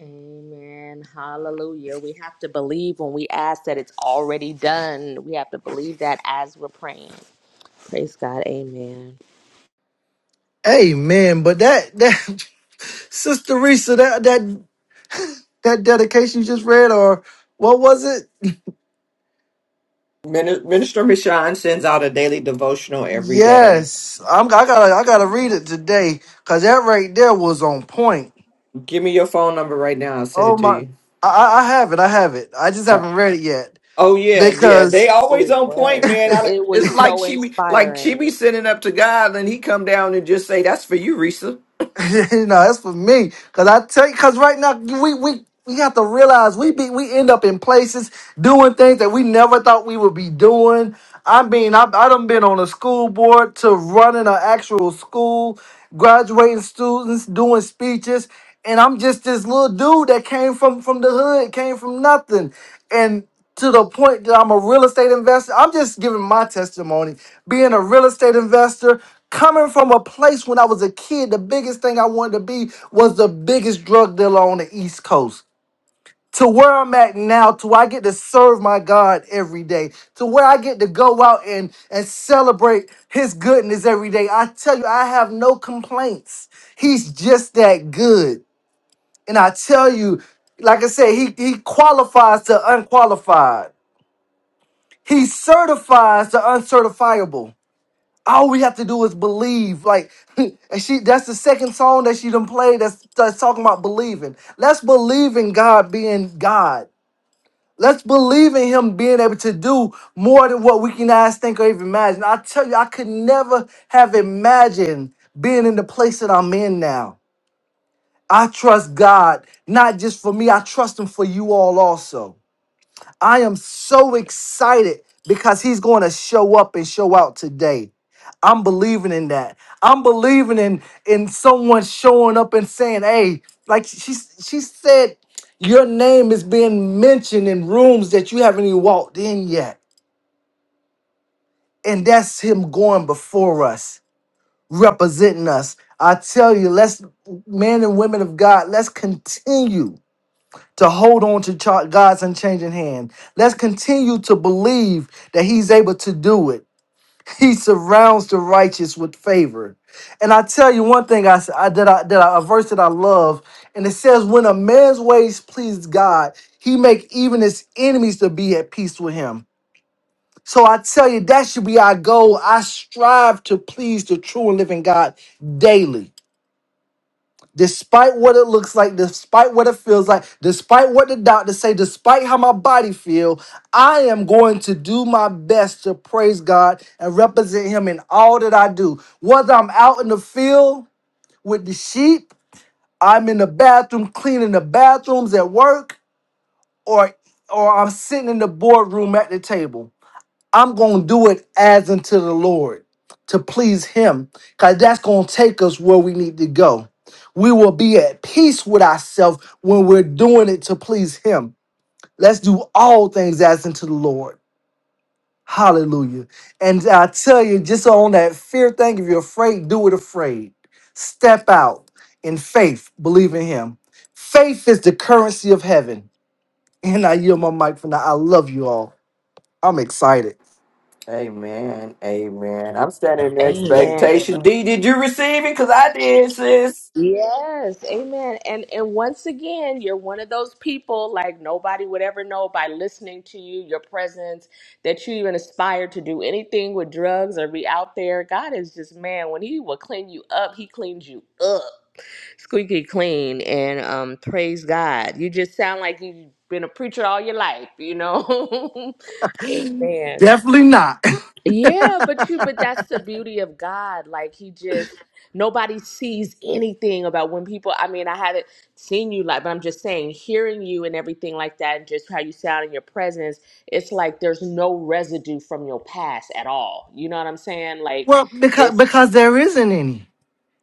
Amen. Hallelujah. We have to believe when we ask that it's already done. We have to believe that as we're praying. Praise God. Amen.
Amen. But that, that Sister Risa, that, that, that dedication you just read, or what was it?
Min- Minister Michon sends out a daily devotional every day.
Yes, I'm. I gotta. I gotta read it today because that right there was on point.
Give me your phone number right now. I'll send
Oh
it to
my!
you.
I, I I have it. I have it. I just
Uh,
haven't read it yet
oh yeah, yeah. They
because
always
It
on point,
was.
man. I,
It was
it's like
so
she be like she be
inspiring.
sending up to God, and he come down and just say, "That's for you, Risa."
you know that's for me. Because I tell you, because right now we we we have to realize we be we end up in places doing things that we never thought we would be doing. I mean, I I done been on a school board to running an actual school graduating students, doing speeches, and I'm just this little dude that came from from the hood, came from nothing, and to the point that I'm a real estate investor. I'm just giving my testimony, being a real estate investor. Coming from a place when I was a kid, the biggest thing I wanted to be was the biggest drug dealer on the East Coast to where I'm at now, to where I get to serve my God every day, to where I get to go out and, and celebrate His goodness every day. I tell you, I have no complaints. He's just that good. And I tell you, like I said, He, he qualifies to unqualified, He certifies the uncertifiable. All we have to do is believe. Like, and she that's the second song that she done played that's, that's talking about believing. Let's believe in God being God. Let's believe in him being able to do more than what we can ask, think, or even imagine. I tell you, I could never have imagined being in the place that I'm in now. I trust God, not just for me, I trust him for you all also. I am so excited because he's going to show up and show out today. I'm believing in that. I'm believing in in someone showing up and saying, "Hey, like she she said, your name is being mentioned in rooms that you haven't even walked in yet." And that's him going before us, representing us. I tell you, let's men and women of God, let's continue to hold on to cha- God's unchanging hand. Let's continue to believe that He's able to do it. He surrounds the righteous with favor. And I tell you one thing I, s- I- that I that I, a verse that I love, and it says, "When a man's ways please God, he make even his enemies to be at peace with him." So I tell you, that should be our goal. I strive to please the true and living God daily despite what it looks like despite what it feels like despite what the doctors say despite how my body feel i am going to do my best to praise god and represent him in all that i do whether i'm out in the field with the sheep i'm in the bathroom cleaning the bathrooms at work or or i'm sitting in the boardroom at the table I'm going to do it as unto the Lord to please Him, because that's going to take us where we need to go. We will be at peace with ourselves when we're doing it to please Him. Let's do all things as unto the Lord. Hallelujah. And I tell you, just on that fear thing, if you're afraid, do it afraid. Step out in faith, believe in Him. Faith is the currency of heaven. And I yield my mic for now. I love you all. I'm excited.
Amen. Amen. I'm standing in
Amen.
expectation. D, did you receive it? Because I did, sis.
Yes. Amen. And and once again, you're one of those people like nobody would ever know by listening to you, your presence, that you even aspired to do anything with drugs or be out there. God is just man, when he will clean you up, he cleans you up. Squeaky clean. And um praise God. You just sound like you've been a preacher all your life, you know? Amen.
Definitely not.
Yeah, but you but that's the beauty of God. Like he just nobody sees anything about when people I mean, I haven't seen you like but I'm just saying hearing you and everything like that and just how you sound in your presence, it's like there's no residue from your past at all. You know what I'm saying? Like
Well, because
it's
because there isn't any.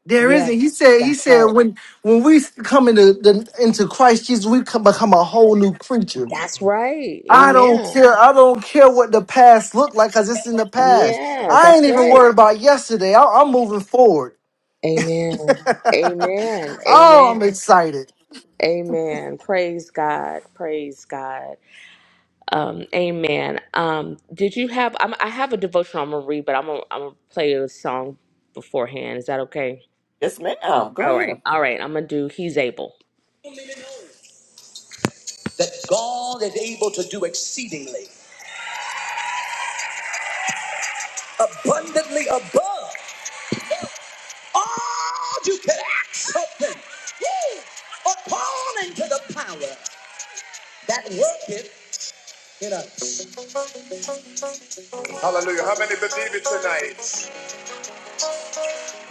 There isn't. He
yes,
said. He
that's
said
right.
when when we come into the, into Christ Jesus, we come, become a whole new creature.
That's right.
I don't
Amen.
care. I don't care what the past looked like, cause it's in the past.
Yeah,
I
that's
ain't even
right.
worried about yesterday. I, I'm moving forward.
Amen. Amen.
oh, I'm
Amen.
excited.
Amen. Praise God. Praise God. Um, amen. Um, did you have? I'm, I have a devotional I'm gonna read, but I'm gonna, I'm gonna play a song beforehand. Is that okay?
Yes, ma'am. Go
All right,
ahead.
all right. I'm gonna do. He's able. That God is able to do exceedingly abundantly above all you can ask or something. According to the power that worketh in us. Hallelujah. How many believe it tonight?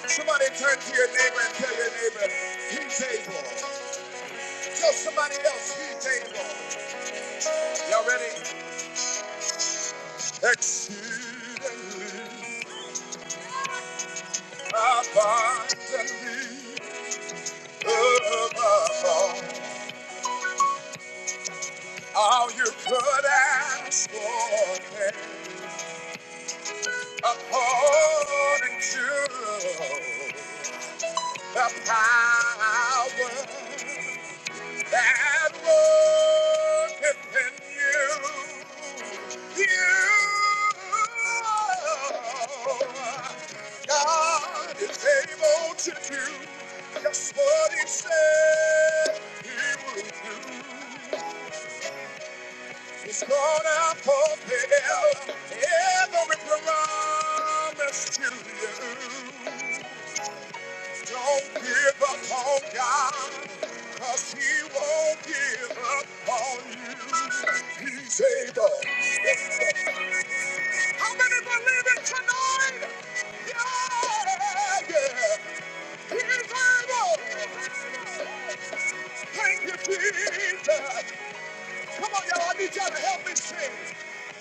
Somebody turn to your neighbor and tell your neighbor, He's able. Tell somebody else he's able. Y'all ready? Exceedingly, abundantly, above all, all you could ask for, according to The power that worketh in you. You, God is able to do just what He said He would do. He's gonna fulfill every promise to you. Don't give up on God, cause he won't give up on you. He's able. How many believe it tonight? Yeah, yeah. He's able. Thank you, Jesus. Come on, y'all. I need y'all to help me sing.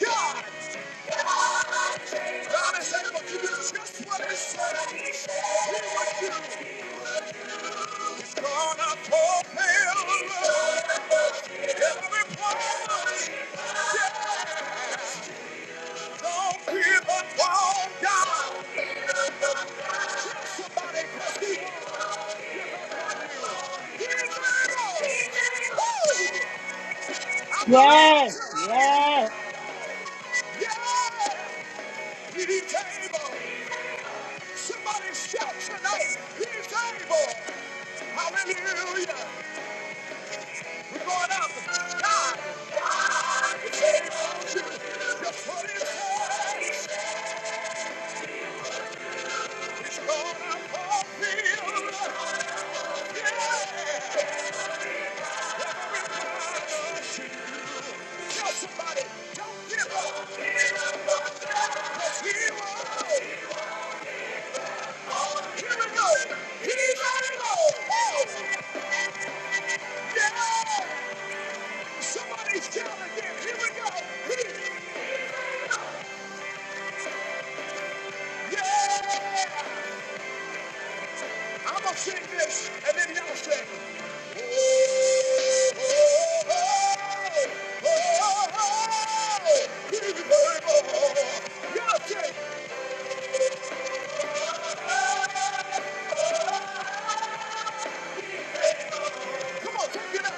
God. God is able to do just what he said he would do. He's gonna fulfill every promise. Yeah. Don't give up on God. Somebody press the He's able. Woo! I believe it
Yes,
tonight.
yes.
Yeah, he's able. Somebody shout tonight. He's able. Hallelujah. We're going up. God, God, we can't hold you. Just put it down. It's gonna fulfill. Yeah. Everybody, Tell somebody, don't give up. Let's hear it. Here we go. He's ready to go. Oh. Yeah. Somebody's shouting again. Here we go. He's ready to go. Yeah! I'm gonna sing this, and then y'all sing. Oh, oh, oh, oh, oh, oh, he's the Bible. Y'all sing. Come on, take it up.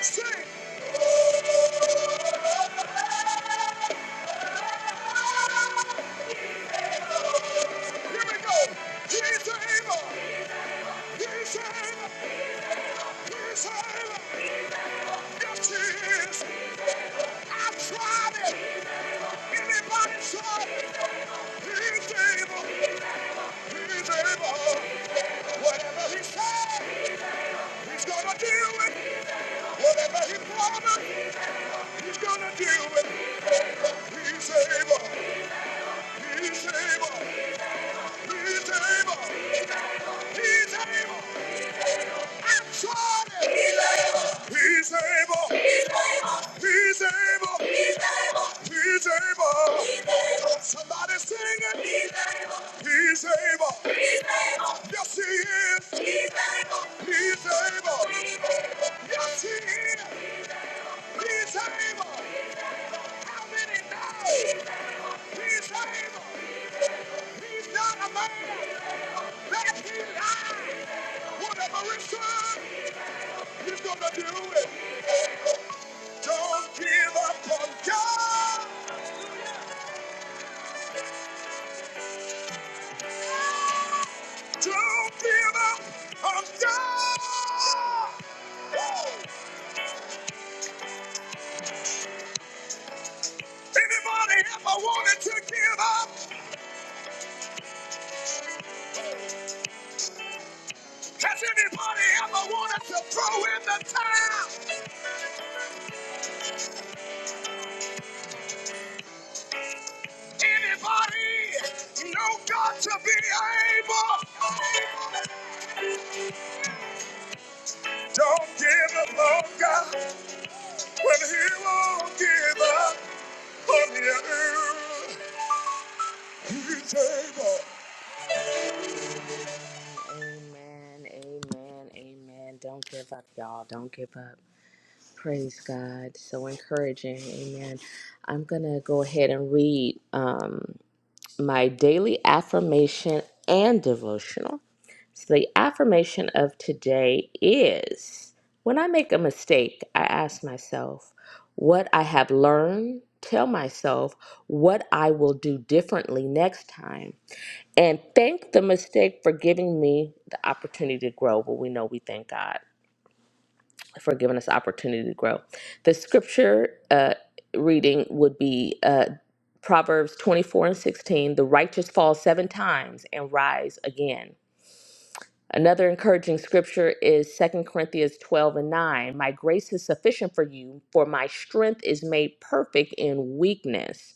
Sing! Here we go. He's able. He's able. He's able. Yes, he is. I tried it. Anybody tried it? He's able. He's able. Whatever he said, he's gonna do it. Whatever he promised, he's gonna do it. He's able. He's able. He's able. He's able. I tried it. He's able. He's able. He's able. He's able. Somebody sing it. He's able. Yes, he is. He's able. Yes, he is. He's able. How many know? He's able. He's not a man that he lied. Whatever it's done, he's gonna do it. Don't give up on God. Don't give up on God. Anybody ever wanted to give up? Has anybody ever wanted to throw in the towel? Anybody know God to be able? Don't give up on God when He won't give up on you. Amen, amen, amen. Don't give up, y'all. Don't give up. Praise God. So encouraging. Amen. I'm going to go ahead and read um, my daily affirmation and devotional. So, the affirmation of today is when I make a mistake, I ask myself what I have learned, tell myself what I will do differently next time, and thank the mistake for giving me the opportunity to grow. Well, we know we thank God for giving us the opportunity to grow. The scripture uh, reading would be uh, Proverbs 24 and 16 The righteous fall seven times and rise again. Another encouraging scripture is Second Corinthians 12 and 9. My grace is sufficient for you, for my strength is made perfect in weakness.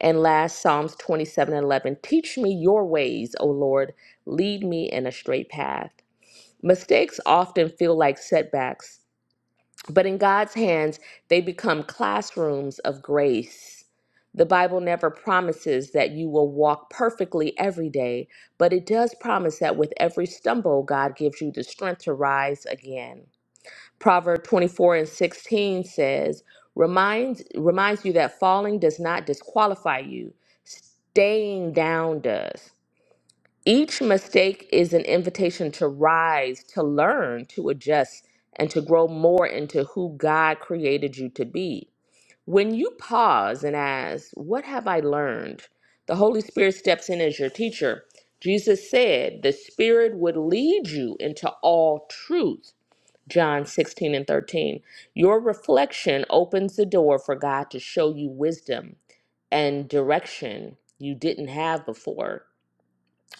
And last, Psalms 27 and 11. Teach me your ways, O Lord. Lead me in a straight path. Mistakes often feel like setbacks, but in God's hands, they become classrooms of grace. The Bible never promises that you will walk perfectly every day, but it does promise that with every stumble, God gives you the strength to rise again. Proverb 24 and 16 says, reminds, reminds you that falling does not disqualify you, staying down does. Each mistake is an invitation to rise, to learn, to adjust, and to grow more into who God created you to be. When you pause and ask, What have I learned? the Holy Spirit steps in as your teacher. Jesus said the Spirit would lead you into all truth. John 16 and 13. Your reflection opens the door for God to show you wisdom and direction you didn't have before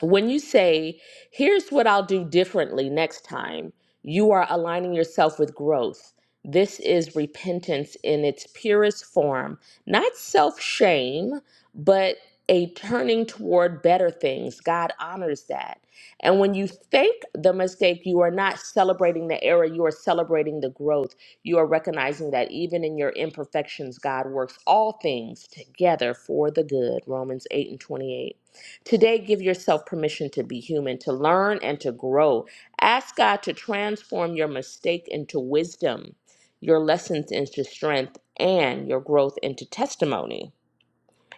when you say, here's what I'll do differently next time, you are aligning yourself with growth. This is repentance in its purest form, not self shame, but a turning toward better things. God honors that. And when you thank the mistake, you are not celebrating the error, you are celebrating the growth. You are recognizing that even in your imperfections, God works all things together for the good. Romans 8 and 28 Today, give yourself permission to be human, to learn and to grow. Ask God to transform your mistake into wisdom, your lessons into strength, and your growth into testimony.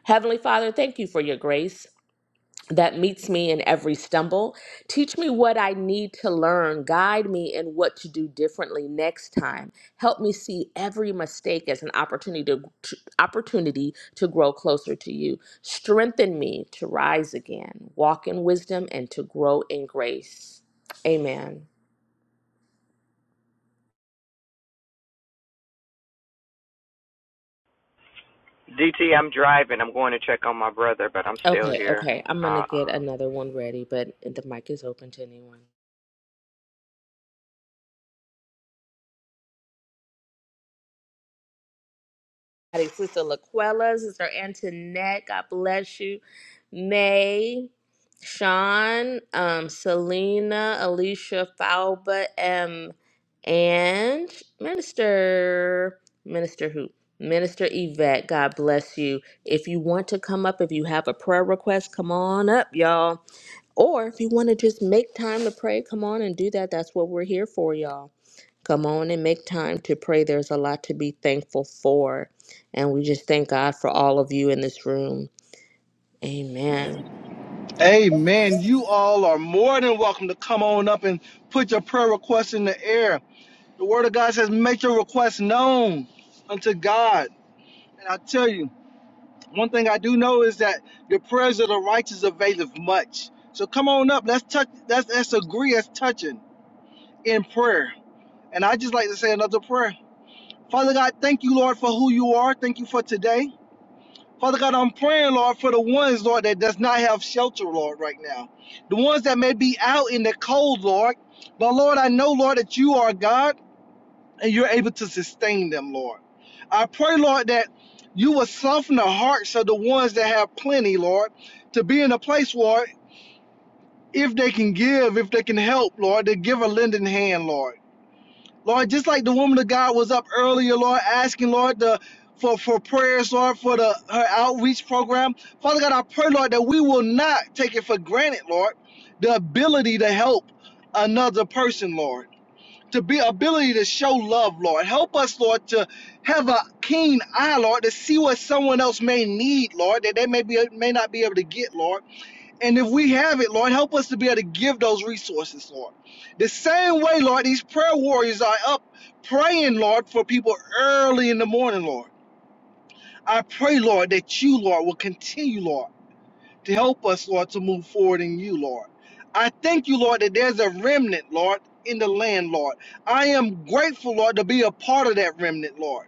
Heavenly Father, thank you for your grace that meets me in every stumble. Teach me what I need to learn. Guide me in what to do differently next time. Help me see every mistake as an opportunity to, to- opportunity to grow closer to you. Strengthen me to rise again, walk in wisdom, and to grow in grace. Amen.
DT, I'm driving. I'm going to check on my brother, but I'm still
Okay,
here.
okay. I'm gonna
Uh,
get
uh.
another one ready, but the mic is open to anyone. everybody. Sister Laquella, Sister Antoinette, God bless you. May, Sean, um, Selena, Alicia, Falba, M, and Minister, Minister who? Minister Yvette, God bless you. If you want to come up, if you have a prayer request, come on up, y'all. Or if you want to just make time to pray, come on and do that. That's what we're here for, y'all. Come on and make time to pray. There's a lot to be thankful for. And we just thank God for all of you in this room. Amen.
Amen. You all are more than welcome to come on up and put your prayer requests in the air. The Word of God says, make your requests known unto God. And I tell you. One thing I do know is that the prayers of the righteous availeth much. So come on up. Let's touch. Let's, let's agree. Let's touching in prayer. And I just like to say another prayer. Father God, thank you, Lord, for who you are. Thank you for today. Father God, I'm praying, Lord, for the ones, Lord, that does not have shelter, Lord, right now. The ones that may be out in the cold, Lord. But Lord, I know, Lord, that you are God and you're able to sustain them, Lord. I pray, Lord, that you will soften the hearts of the ones that have plenty, Lord, to be in a place, Lord, if they can give, if they can help, Lord, to give a lending hand, Lord. Lord, just like the woman of God was up earlier, Lord, asking, Lord, the for, for prayers, Lord, for the her outreach program. Father God, I pray, Lord, that we will not take it for granted, Lord, the ability to help another person, Lord to be ability to show love, Lord. Help us, Lord, to have a keen eye, Lord, to see what someone else may need, Lord, that they may be may not be able to get, Lord. And if we have it, Lord, help us to be able to give those resources, Lord. The same way, Lord, these prayer warriors are up praying, Lord, for people early in the morning, Lord. I pray, Lord, that you, Lord, will continue, Lord to help us, Lord, to move forward in you, Lord. I thank you, Lord, that there's a remnant, Lord, in the land, Lord. I am grateful, Lord, to be a part of that remnant, Lord.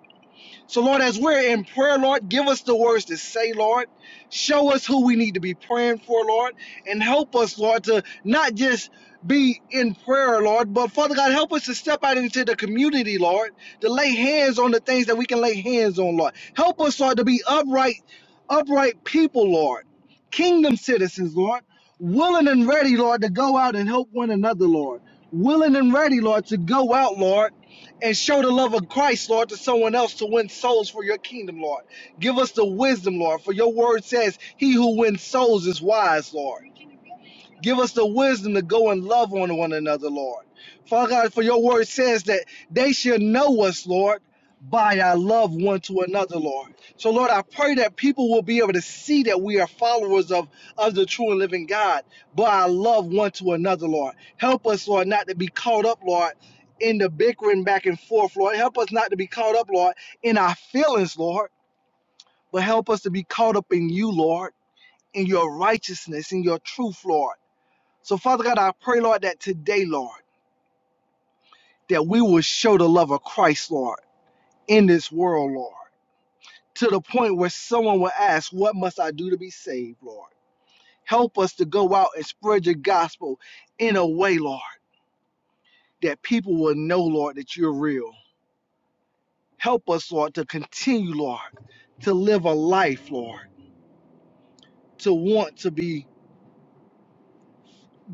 So, Lord, as we're in prayer, Lord, give us the words to say, Lord. Show us who we need to be praying for, Lord, and help us, Lord, to not just be in prayer, Lord, but Father God, help us to step out into the community, Lord, to lay hands on the things that we can lay hands on, Lord. Help us, Lord, to be upright, upright people, Lord, kingdom citizens, Lord, willing and ready, Lord, to go out and help one another, Lord. Willing and ready, Lord, to go out, Lord and show the love of Christ, Lord, to someone else to win souls for your kingdom, Lord. Give us the wisdom, Lord, for your word says, He who wins souls is wise, Lord. Give us the wisdom to go and love on one another, Lord. Father God, for your word says that they shall know us, Lord, by our love one to another, Lord. So, Lord, I pray that people will be able to see that we are followers of, of the true and living God by our love one to another, Lord. Help us, Lord, not to be caught up, Lord, in the bickering back and forth, Lord. Help us not to be caught up, Lord, in our feelings, Lord, but help us to be caught up in you, Lord, in your righteousness, in your truth, Lord. So, Father God, I pray, Lord, that today, Lord, that we will show the love of Christ, Lord, in this world, Lord, to the point where someone will ask, What must I do to be saved, Lord? Help us to go out and spread your gospel in a way, Lord, that people will know, Lord, that you're real. Help us, Lord, to continue, Lord, to live a life, Lord, to want to be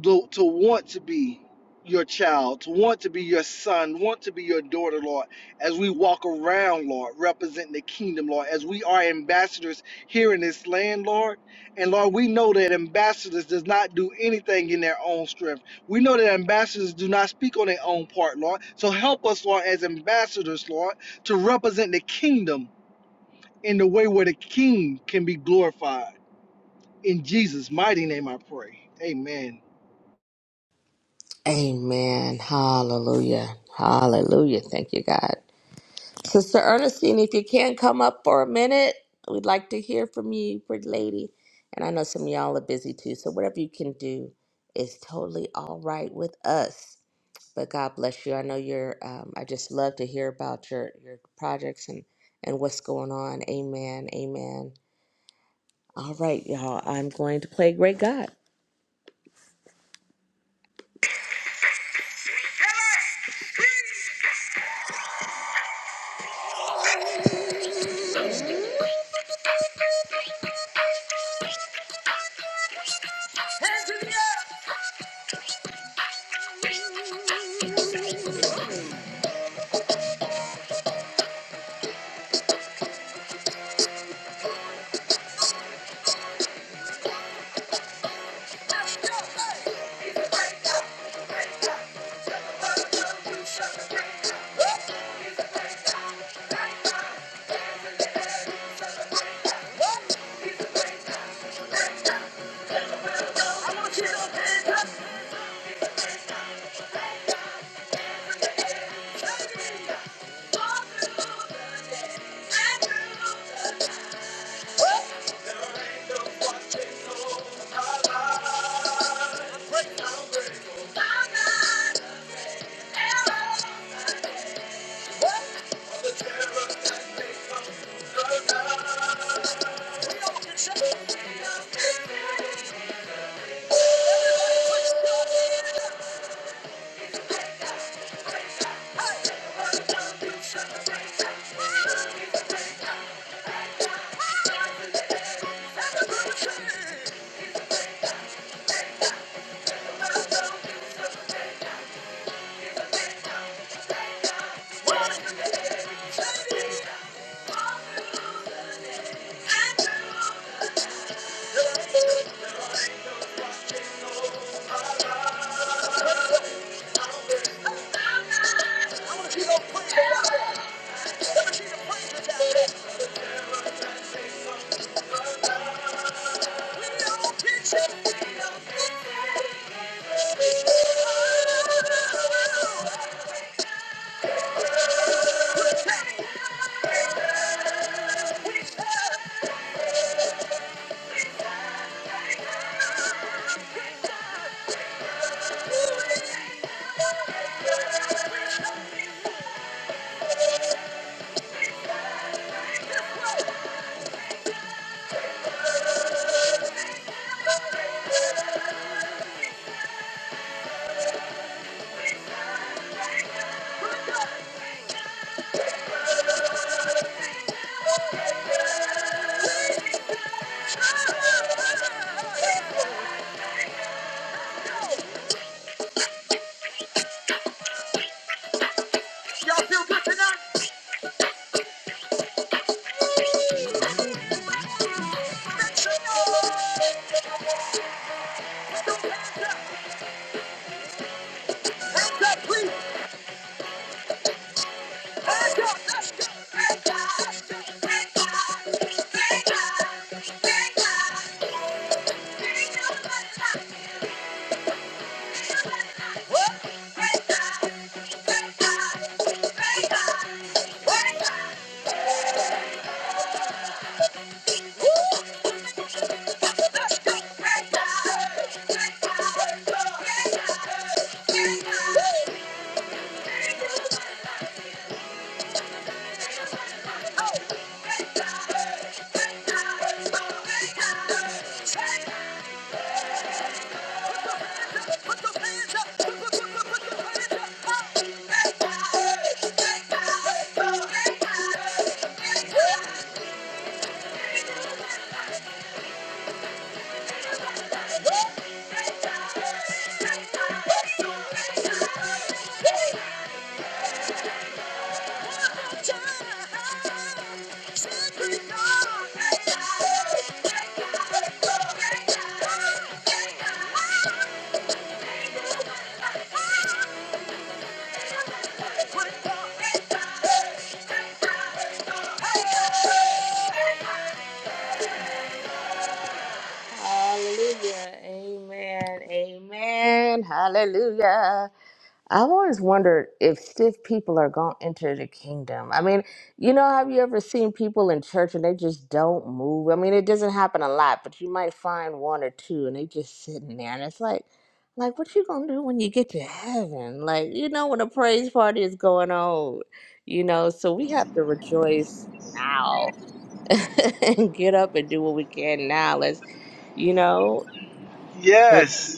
to, to want to be your child, to want to be your son, want to be your daughter, Lord, as we walk around, Lord, representing the kingdom, Lord, as we are ambassadors here in this land, Lord. And Lord, we know that ambassadors does not do anything in their own strength. We know that ambassadors do not speak on their own part, Lord. So help us, Lord, as ambassadors, Lord, to represent the kingdom in the way where the king can be glorified. In Jesus' mighty name I pray. Amen.
Amen. Hallelujah. Hallelujah. Thank you, God. Sister Ernestine, if you can come up for a minute, we'd like to hear from you, pretty lady. And I know some of y'all are busy too. So whatever you can do is totally all right with us. But God bless you. I know you're. Um, I just love to hear about your your projects and and what's going on. Amen. Amen. All right, y'all. I'm going to play Great God. Y'all feel good tonight? Wake up! Thank you. Hallelujah. Amen. Amen. Hallelujah. I've always wondered if stiff people are going to enter the kingdom. I mean, you know, have you ever seen people in church and they just don't move? I mean, it doesn't happen a lot, but you might find one or two and they just sitting there and it's like like what you going to do when you get to heaven? Like, you know when a praise party is going on, you know, so we have to rejoice now and get up and do what we can now. Let's, you know, with
Yes.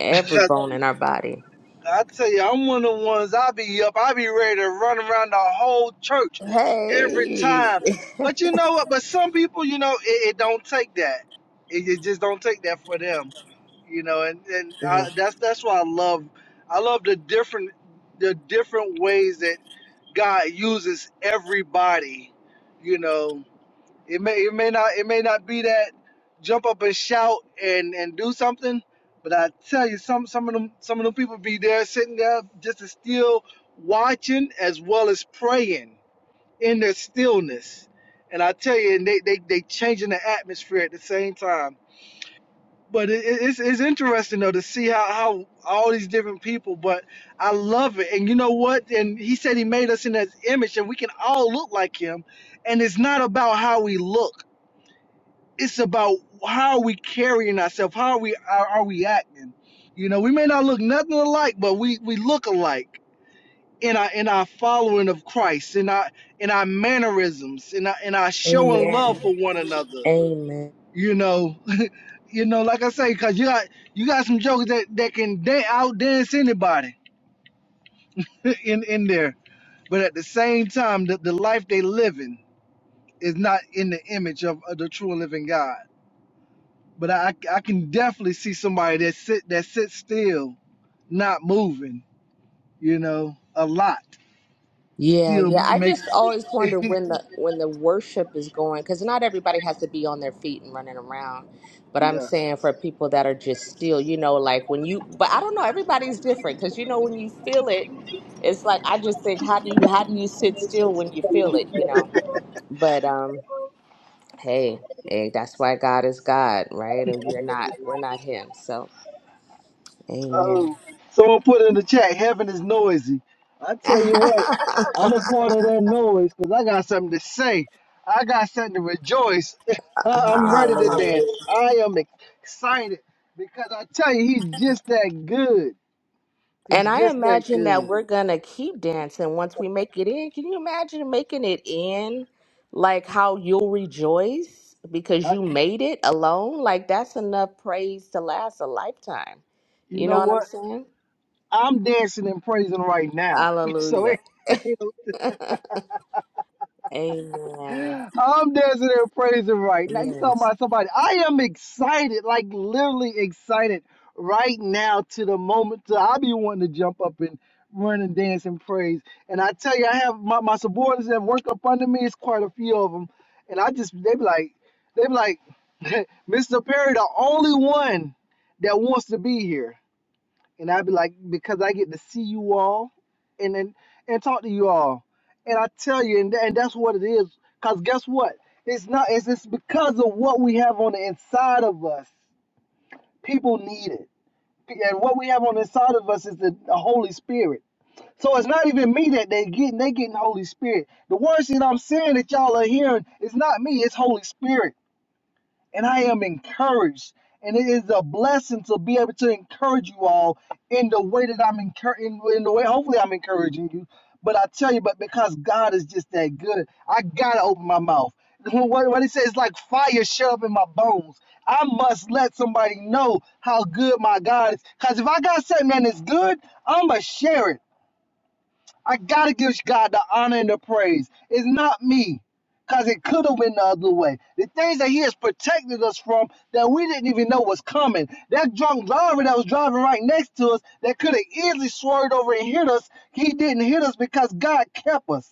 every
Cause
bone in our body.
I tell you, I'm one of the ones. I be up. I be ready to run around the whole church every
Hey.
time. But you know what? But some people, you know, it, it don't take that. It, it just don't take that for them. You know, and and
Yeah.
I, that's that's why I love. I love the different the different ways that God uses everybody. You know. It may it may not it may not be that jump up and shout and and do something, but I tell you some some of them some of them people be there sitting there just as still watching as well as praying in their stillness. And I tell you, and they they they changing the atmosphere at the same time. But it, it's it's interesting though to see how how all these different people. But I love it, and you know what? And he said he made us in his image, and we can all look like him. And it's not about how we look it's about how are we carrying ourselves, how are we are, are we acting. You know, we may not look nothing alike, but we we look alike in our in our following of Christ, in our in our mannerisms, in our in our showing love
Amen.
for one another.
Amen.
You know, you know, like I say, cause you got you got some jokers that that can dan out dance anybody in in there, but at the same time, the, the life they living is not in the image of, of the true and living God. But I, I can definitely see somebody that sit that sits still, not moving. You know, a lot
Yeah,
still
yeah. I
makes.
just always wonder when the when the worship is going because not everybody has to be on their feet and running around. But I'm
yeah.
saying for people that are just still, you know, like when you. But I don't know. Everybody's different because you know when you feel it, it's like I just think how do you how do you sit still when you feel it, you know? But um, hey, hey, that's why God is God, right? And we're not we're not Him. So, Amen.
Oh, someone put in the chat. Heaven is noisy. I tell you what, I'm a part of that noise because I got something to say. I got something to rejoice. I'm ready to
Hallelujah.
dance. I am excited because I tell you, he's just that good. He's
And I
just that
imagine that
good.
we're gonna keep dancing once we make it in. Can you imagine making it in? Like how you'll rejoice because
I,
you made it alone? Like that's enough praise to last a lifetime.
you
You know
know
what I'm
what?
saying?
I'm dancing and praising right now. So
Hallelujah.
it,
Amen.
I'm dancing and praising right now. You talking
Yes.
about somebody? I am excited, like literally excited right now to the moment. To, I be wanting to jump up and run and dance and praise. And I tell you, I have my, my subordinates that work up under me. It's quite a few of them, and I just they be like, they be like, Mr. Perry, the only one that wants to be here. and I'd be like, because I get to see you all, and then and talk to you all, and I tell you, and, and that's what it is. Cause guess what? It's not. It's it's because of what we have on the inside of us. People need it, and what we have on the inside of us is the, the Holy Spirit. So it's not even me that they getting. They getting the Holy Spirit. The words that I'm saying that y'all are hearing is not me. It's Holy Spirit and I am encouraged. And it is a blessing to be able to encourage you all in the way that I'm encouraging, in, the way hopefully I'm encouraging you. But I tell you, but because God is just that good, I gotta open my mouth. What, what he says it's like fire shut up in my bones. I must let somebody know how good my God is. Cause if I got something that is good, I'ma share it. I gotta give God the honor and the praise. It's not me, cause it could have been the other way. The things that He has protected us from that we didn't even know was coming. That drunk driver that was driving right next to us that could have easily swerved over and hit us, he didn't hit us because God kept us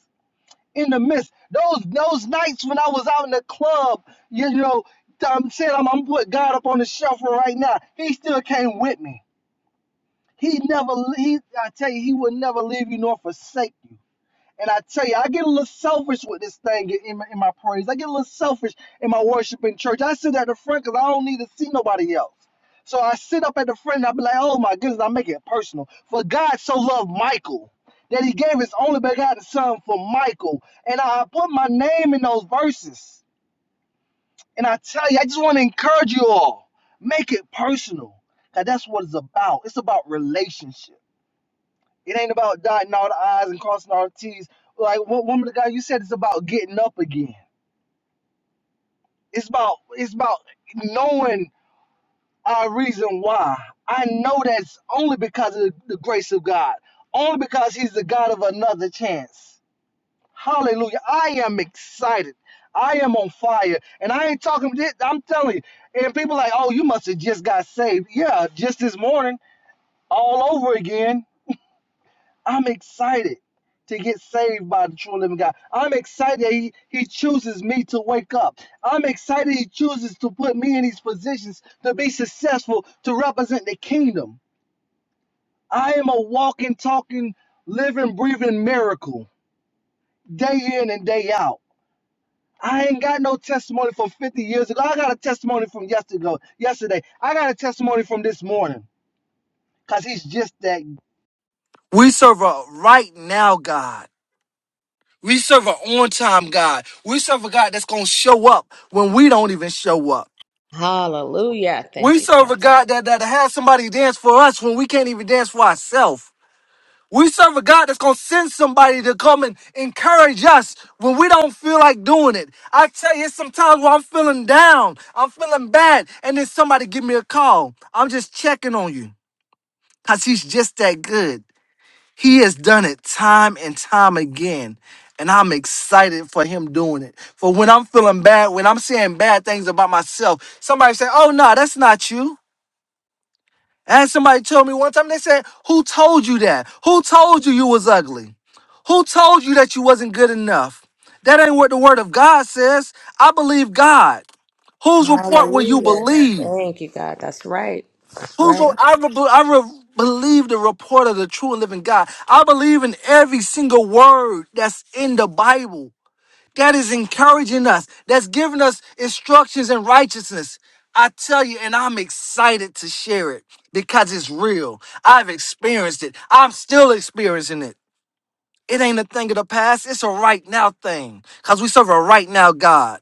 in the midst. Those those nights when I was out in the club, you know, I'm saying I'm, I'm putting God up on the shelf right now. He still came with me. He never, he, I tell you, he will never leave you nor forsake you. And I tell you, I get a little selfish with this thing in my, in my praise. I get a little selfish in my worship in church. I sit at the front because I don't need to see nobody else. So I sit up at the front and I be like, oh my goodness, I make it personal. For God so loved Michael that he gave his only begotten son for Michael. And I put my name in those verses. And I tell you, I just want to encourage you all. Make it personal. Cause that's what it's about. It's about relationship. It ain't about dotting all the I's and crossing all the T's. Like what woman of God, you said it's about getting up again. It's about it's about knowing our reason why. I know that's only because of the grace of God. Only because He's the God of another chance. Hallelujah. I am excited. I am on fire. And I ain't talking I'm telling you. And people like, oh, you must have just got saved. Yeah, just this morning, all over again. I'm excited to get saved by the true living God. I'm excited he, he chooses me to wake up. I'm excited he chooses to put me in these positions to be successful, to represent the kingdom. I am a walking, talking, living, breathing miracle day in and day out. I ain't got no testimony from 50 years ago. I got a testimony from yesterday. Yesterday, I got a testimony from this morning because he's just that We serve a right now God. We serve an on time God. We serve a God that's going to show up when we don't even show up.
Hallelujah. Thank
We
you,
serve
God.
a God that, that has somebody dance for us when we can't even dance for ourselves. We serve a God that's going to send somebody to come and encourage us when we don't feel like doing it. I tell you, it's sometimes where I'm feeling down, I'm feeling bad, and then somebody give me a call. I'm just checking on you because he's just that good. He has done it time and time again. And I'm excited for him doing it. For when I'm feeling bad, when I'm saying bad things about myself, somebody say, Oh, no, that's not you. And somebody told me one time, they said, Who told you that? Who told you you was ugly? Who told you that you wasn't good enough? That ain't what the word of God says. I believe God. Whose report will you
Hallelujah.
believe?
Thank you, God. That's right. That's
Whoso
right.
I, I re- believe the report of the true and living God. I believe in every single word that's in the Bible. That is encouraging us. That's giving us instructions in righteousness. I tell you, and I'm excited to share it because it's real. I've experienced it. I'm still experiencing it. It ain't a thing of the past. It's a right now thing. Because we serve a right now God.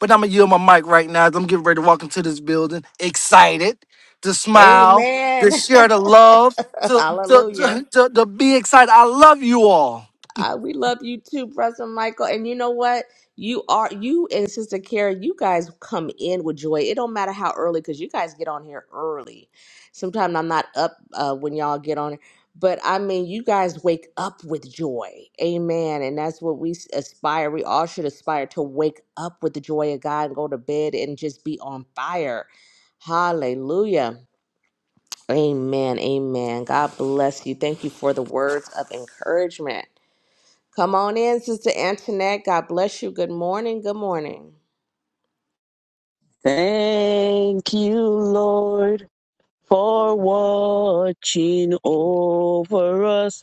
But I'm going to yield my mic right now. as I'm getting ready to walk into this building, excited to smile, to
Amen.
share the love, to, to,
Hallelujah.
to, to, to be excited. I love you all.
Uh, we love you too, brother Michael. And you know what? You are you and Sister Carrie. You guys come in with joy. It don't matter how early, because you guys get on here early. Sometimes I'm not up uh, when y'all get on, but I mean, you guys wake up with joy. Amen. And that's what we s- aspire. We all should aspire to wake up with the joy of God and go to bed and just be on fire. Hallelujah. Amen. Amen. God bless you. Thank you for the words of encouragement. Come on in, Sister Antoinette. God bless you. Good morning. Good morning.
Thank you, Lord, for watching over us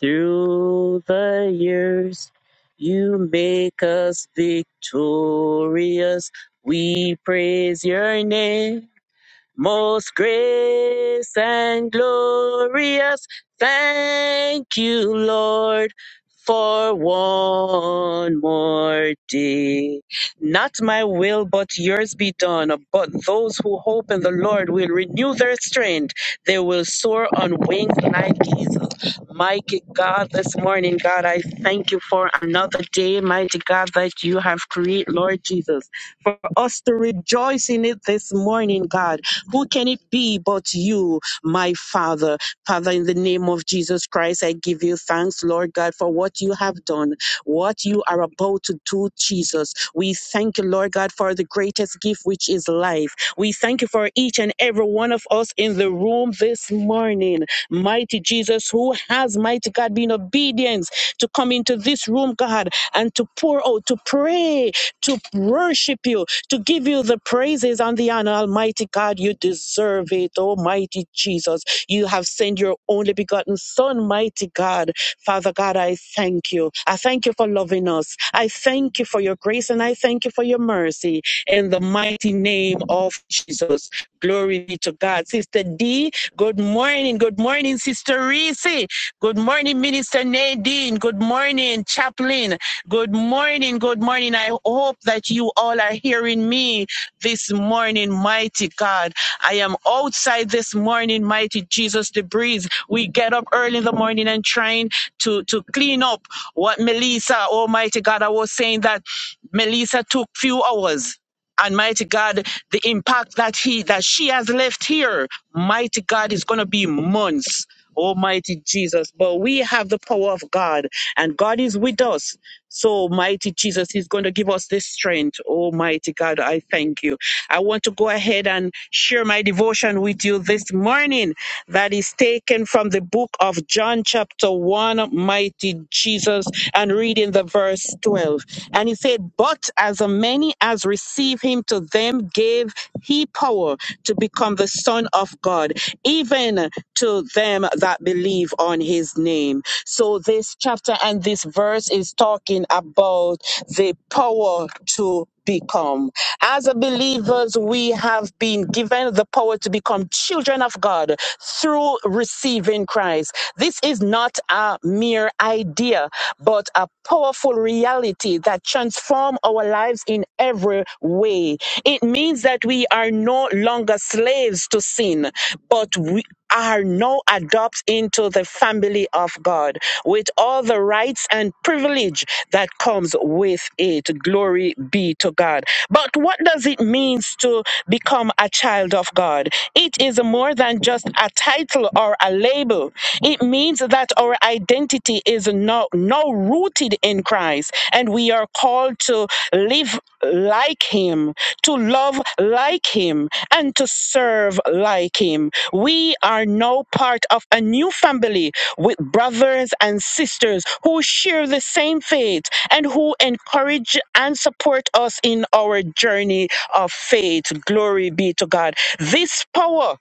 through the years. You make us victorious. We praise your name. Most grace and glorious, thank you, Lord, for one more day. Not my will, but yours be done. But those who hope in the Lord will renew their strength. They will soar on wings like eagles. Mighty God, this morning, God, I thank you for another day, mighty God, that you have created, Lord Jesus, for us to rejoice in it this morning, God. Who can it be but you, my Father? Father, in the name of Jesus Christ, I give you thanks, Lord God, for what you have done, what you are about to do, Jesus. We thank you, Lord God, for the greatest gift, which is life. We thank you for each and every one of us in the room this morning. Mighty Jesus, who has, mighty God, been obedient to come into this room, God, and to pour out, to pray to worship you, to give you the praises and the honor. Almighty God, you deserve it. Almighty Jesus, you have sent your only begotten Son, mighty God. Father God, I thank you. I thank you for loving us. I thank you for your grace and I thank you for your mercy in the mighty name of Jesus. Glory be to God. Sister D, good morning. Good morning, Sister Reese. Good morning, Minister Nadine. Good morning, Chaplain. Good morning. Good morning. I hope that you all are hearing me this morning, mighty God. I am outside this morning, mighty Jesus, the breeze. We get up early in the morning and trying to, to clean up what Melissa, almighty God, I was saying that Melissa took few hours and mighty God, the impact that he that she has left here, mighty God, is gonna be months. Almighty Jesus. But we have the power of God and God is with us. So mighty Jesus is going to give us this strength. Almighty God, I thank you. I want to go ahead and share my devotion with you this morning that is taken from the book of John chapter 1, mighty Jesus, and reading the verse 12. And he said, But as many as receive him, to them gave he power to become the Son of God, even to them that believe on his name. So, this chapter and this verse is talking about the power to become. As a believers, we have been given the power to become children of God through receiving Christ. This is not a mere idea, but a powerful reality that transforms our lives in every way. It means that we are no longer slaves to sin, but we are now adopted into the family of God with all the rights and privilege that comes with it. Glory be to God. But what does it mean to become a child of God? It is more than just a title or a label. It means that our identity is now, now rooted in Christ and we are called to live like him, to love like him, and to serve like him. We are now part of a new family with brothers and sisters who share the same faith and who encourage and support us in our journey of faith. Glory be to God. This power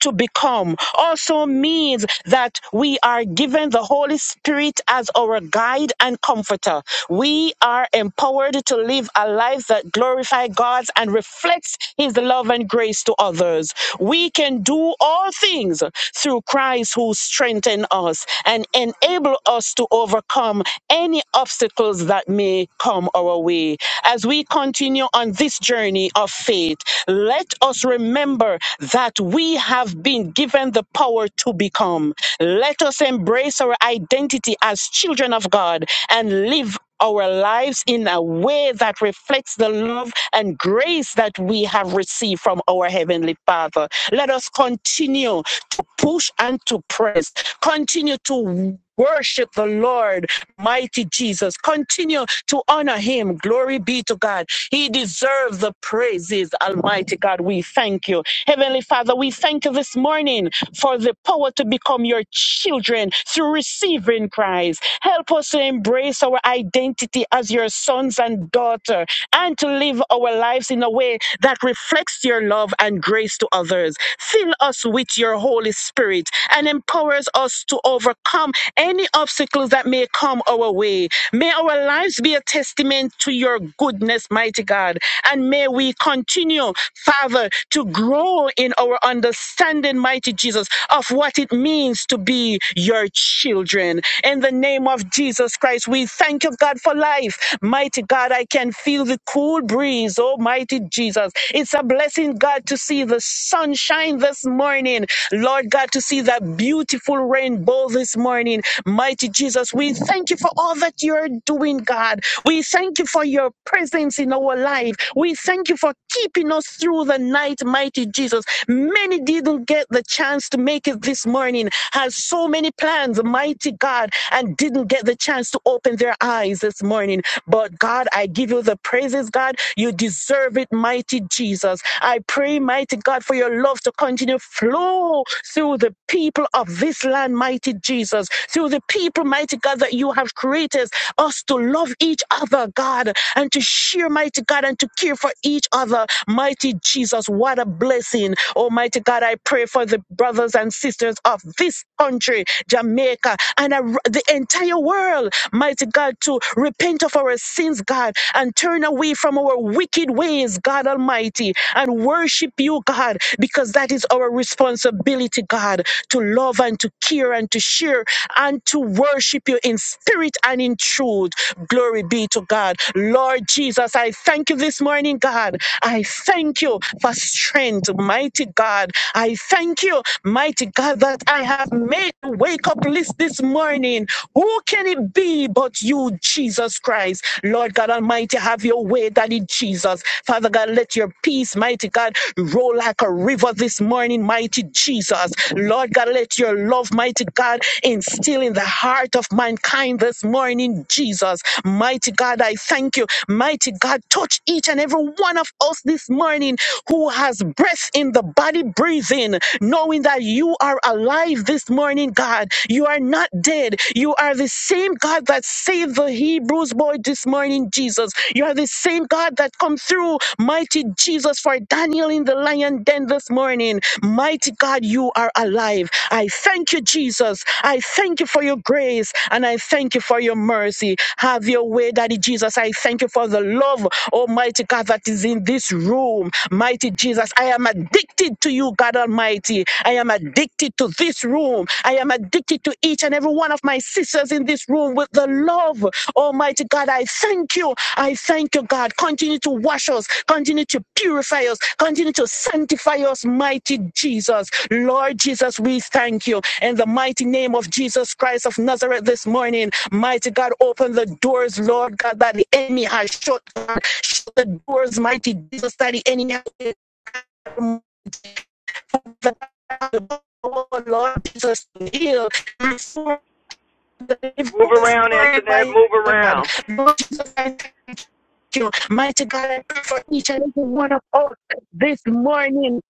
to become also means that we are given the Holy Spirit as our guide and comforter. We are empowered to live a life that glorifies God and reflects His love and grace to others. We can do all things through Christ who strengthens us and enable us to overcome any obstacles that may come our way. As we continue on this journey of faith, let let us remember that we have been given the power to become. Let us embrace our identity as children of God and live our lives in a way that reflects the love and grace that we have received from our Heavenly Father. Let us continue to push and to press, continue to Worship the Lord, mighty Jesus. Continue to honor him. Glory be to God. He deserves the praises, Almighty God. We thank you. Heavenly Father, we thank you this morning for the power to become your children through receiving Christ. Help us to embrace our identity as your sons and daughter and to live our lives in a way that reflects your love and grace to others. Fill us with your Holy Spirit and empower us empowers us to overcome any obstacles that may come our way. May our lives be a testament to your goodness, mighty God. And may we continue, Father, to grow in our understanding, mighty Jesus, of what it means to be your children. In the name of Jesus Christ, we thank you, God, for life. Mighty God, I can feel the cool breeze, oh, mighty Jesus. It's a blessing, God, to see the sunshine this morning. Lord God, God, to see that beautiful rainbow this morning. Mighty Jesus, we thank you for all that you're doing, God. We thank you for your presence in our life. We thank you for keeping us through the night, mighty Jesus. Many didn't get the chance to make it this morning, had so many plans, mighty God, and didn't get the chance to open their eyes this morning. But God, I give you the praises, God. You deserve it, mighty Jesus. I pray, mighty God, for your love to continue continue to flow through the people of this land, mighty Jesus, through the people, mighty God, that you have created us to love each other, God, and to share, mighty God, and to care for each other, mighty Jesus. What a blessing. Almighty God, I pray for the brothers and sisters of this country, Jamaica, and ar- the entire world, mighty God, to repent of our sins, God, and turn away from our wicked ways, God Almighty, and worship worship you, God, because that is our responsibility, God, to love and to care and to share and to worship you in spirit and in truth. Glory be to God. Lord Jesus, I thank you this morning, God. I thank you for strength, mighty God. I thank you, mighty God, that I have made a wake up list this morning. Who can it be but you, Jesus Christ? Lord God Almighty, have your way, Daddy Jesus. Father God, let let your peace, mighty God, roll like a river this morning, mighty Jesus. Lord God, let your love, mighty God, instill in the heart of mankind this morning, Jesus. Mighty God, I thank you. Mighty God, touch each and every one of us this morning who has breath in the body breathing, knowing that you are alive this morning, God. You are not dead. You are the same God that saved the Hebrews boy this morning, Jesus. You are the same God God, that come through. Mighty Jesus, for Daniel in the lion den this morning. Mighty God, you are alive. I thank you, Jesus. I thank you for your grace and I thank you for your mercy. Have your way, Daddy Jesus. I thank you for the love, Almighty God, that is in this room. Mighty Jesus, I am addicted to you, God Almighty. I am addicted to this room. I am addicted to each and every one of my sisters in this room with the love, Almighty God. I thank you I thank you, God. Continue to wash us, continue to purify us, continue to sanctify us, mighty Jesus. Lord Jesus, we thank you. In the mighty name of Jesus Christ of Nazareth this morning, mighty God, open the doors, Lord God, that the enemy has shut. Shut the doors, mighty Jesus, that the enemy has shut. Oh, Lord Jesus, heal. Restore the life
Move
of this
around, Antoinette. Move
God.
around.
Lord Jesus, I thank you. Mighty God, I pray for each and every one of us this morning.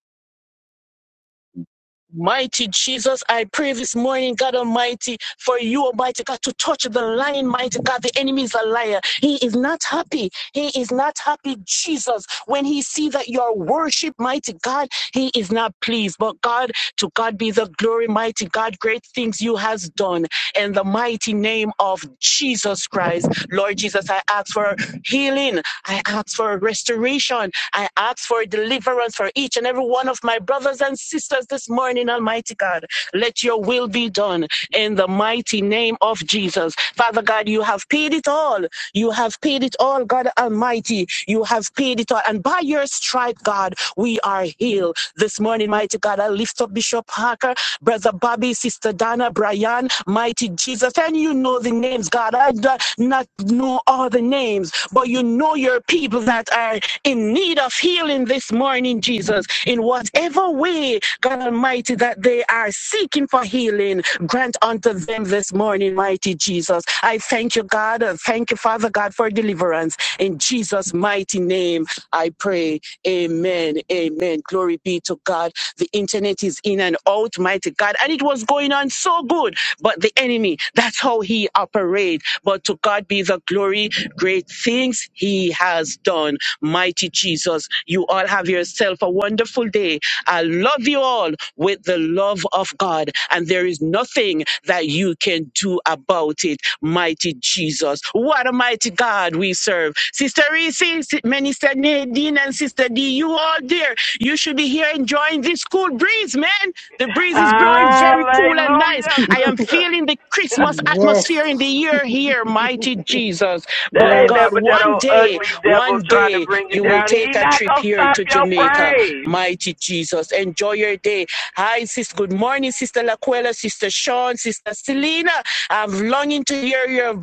Mighty Jesus, I pray this morning, God Almighty, for you, Almighty God, to touch the lion, mighty God. The enemy is a liar. He is not happy. He is not happy, Jesus. When he sees that you are worship, mighty God, he is not pleased. But God, to God be the glory, mighty God, great things you has done in the mighty name of Jesus Christ. Lord Jesus, I ask for healing. I ask for restoration. I ask for deliverance for each and every one of my brothers and sisters this morning, Almighty God. Let your will be done in the mighty name of Jesus. Father God, you have paid it all. You have paid it all, God Almighty. You have paid it all. And by your stripe, God, we are are healed. This morning, mighty God, I lift up Bishop Parker, Brother Bobby, Sister Donna, Brian, mighty Jesus. And you know the names, God. I do not know all the names, but you know your people that are in need of healing this morning, Jesus. In whatever way, God Almighty, that they are seeking for healing, grant unto them this morning, mighty Jesus. I thank you, God. Thank you, Father God, for deliverance in Jesus' mighty name. I pray. Amen. Amen. Glory be to God. The internet is in and out, mighty God. And it was going on so good. But the enemy, that's how he operates. But to God be the glory. Great things he has done. Mighty Jesus, you all have yourself a wonderful day. I love you all with the love of God. And there is nothing that you can do about it. Mighty Jesus. What a mighty God we serve. Sister Reese, Si- Minister Nadine, and Sister D, you all there. You should be here enjoying this cool breeze, man. The breeze is blowing very cool and nice.
Hallelujah,
I am feeling the
sister.
Christmas
Yes,
atmosphere in the air here, mighty Jesus.
that
But
ain't nothing
God,
yes.
but that
one
old
day,
ugly
one
devil trying
day,
to bring you
you will
down.
take
He
a
not
trip
gonna
here
stop
to
your
Jamaica,
praise.
mighty Jesus. Enjoy your day. Hi, sis. Good morning, Sister Laquella, Sister Sean, Sister Selena. I'm longing to hear your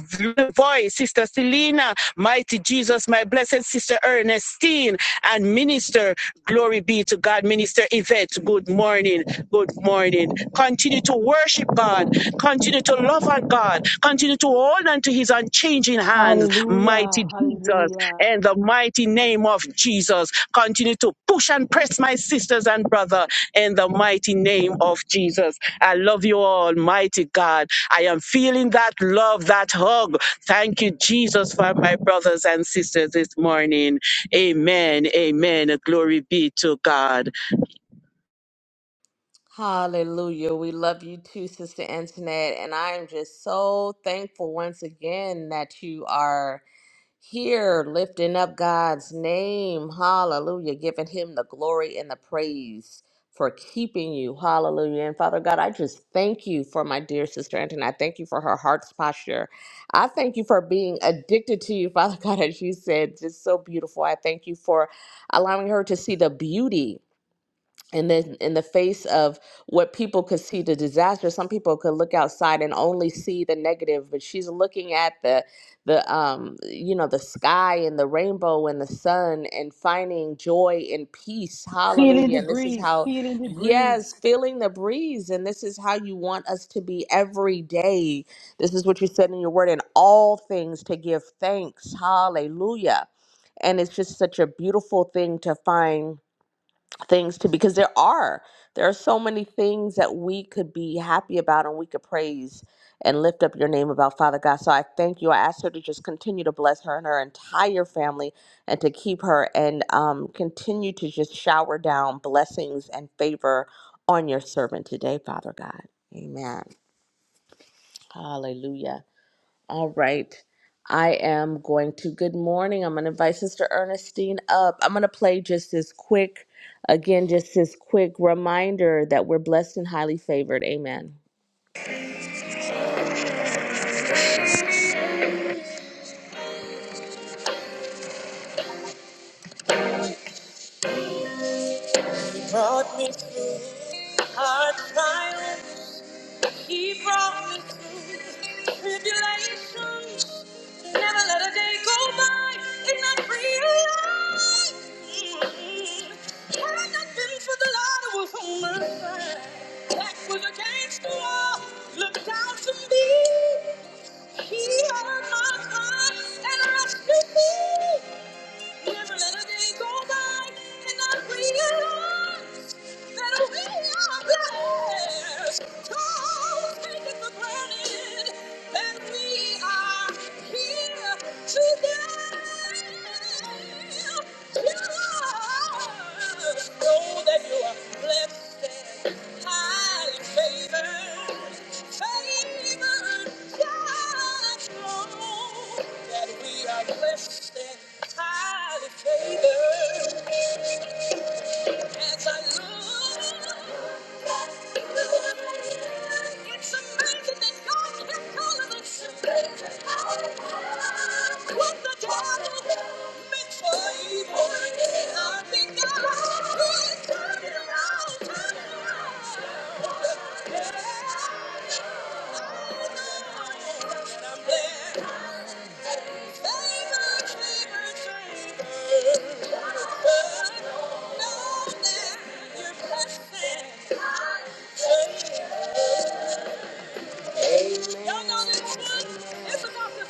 voice, Sister Selena, mighty Jesus, my blessed Sister Ernestine, and Minister, glory be to God, Minister Yvette, good morning, good morning. Continue to worship God, continue to love our God, continue to hold on to his unchanging hands,
Hallelujah,
mighty Jesus,
hallelujah.
and the mighty name of Jesus. Continue to push and press my sisters and brother in the mighty name of Jesus. I love you all, mighty God. I am feeling that love, that hug. Thank you, Jesus, for my brothers and sisters this morning. Amen. Amen. Glory be to God.
Hallelujah. We love you too, Sister Antoinette. And I am just so thankful once again that you are. here lifting up God's name. Hallelujah. Giving him the glory and the praise for keeping you. Hallelujah. And Father God, I just thank you for my dear sister Antoinette. I thank you for her heart's posture. I thank you for being addicted to you, Father God, as you said, just so beautiful. I thank you for allowing her to see the beauty and then in the face of what people could see the disaster some people could look outside and only see the negative but she's looking at the the um you know the sky and the rainbow and the sun and finding joy and peace
Feeling the
hallelujah and this is
breeze,
how
feeling the breeze.
yes feeling the breeze and this is how you want us to be every day this is what you said in your word in all things to give thanks hallelujah and it's just such a beautiful thing to find things to because there are there are so many things that we could be happy about and we could praise and lift up your name about father god so i thank you i ask her to just continue to bless her and her entire family and to keep her and um, continue to just shower down blessings and favor on your servant today father god amen hallelujah all right. I am going to, good morning. I'm going to invite Sister Ernestine up. I'm going to play just this quick, again, just this quick reminder that we're blessed and highly favored. Amen. Brought me to hard trials. He brought me to tribulation. Never let a day go by. If not for Had it not been for the Lord who was on my side. Back was against the wall. Looked out to me. He heard my cry and rescued me. Never let a day go by and I realize. Blessed and highly favored. Thank you. Amen. Y'all know this one? It's about the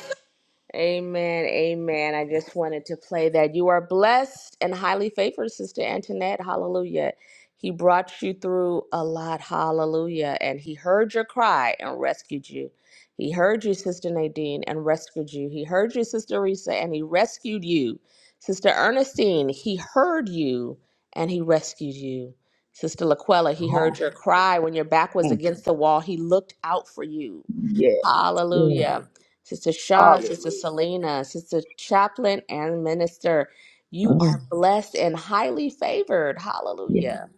Amen. Amen. I just wanted to play that. You are blessed and highly favored, Sister Antoinette. Hallelujah. He brought you through a lot. Hallelujah. And he heard your cry and rescued you. He heard you, Sister Nadine, and rescued you. He heard you, Sister Risa, and he rescued you. Sister Ernestine, he heard you and he rescued you. Sister Laquella, he heard
Hallelujah.
your cry when your back was
Mm,
against the wall. He looked out for you.
Yes, yes.
Hallelujah. Sister Shaw, Sister
Hallelujah.
Selena, Sister Chaplain, and Minister, you
Mm,
are blessed and highly favored.
Yes.
Hallelujah.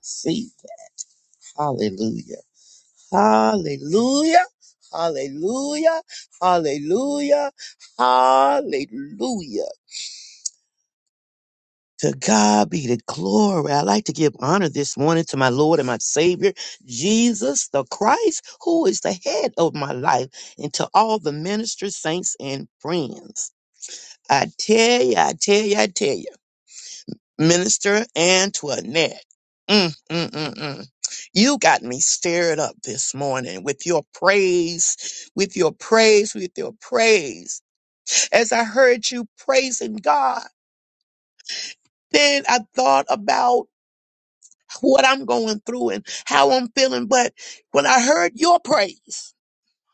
See. Hallelujah. Hallelujah. Hallelujah. Hallelujah. Hallelujah. To God be the glory. I like to give honor this morning to my Lord and my Savior, Jesus the Christ, who is the head of my life, and to all the ministers, saints, and friends. I tell you, I tell you, I tell you. Minister Antoinette. Mm, mm, mm, mm. You got me stirred up this morning with your praise, with your praise, with your praise. As I heard you praising God, then I thought about what I'm going through and how I'm feeling. But when I heard your praise,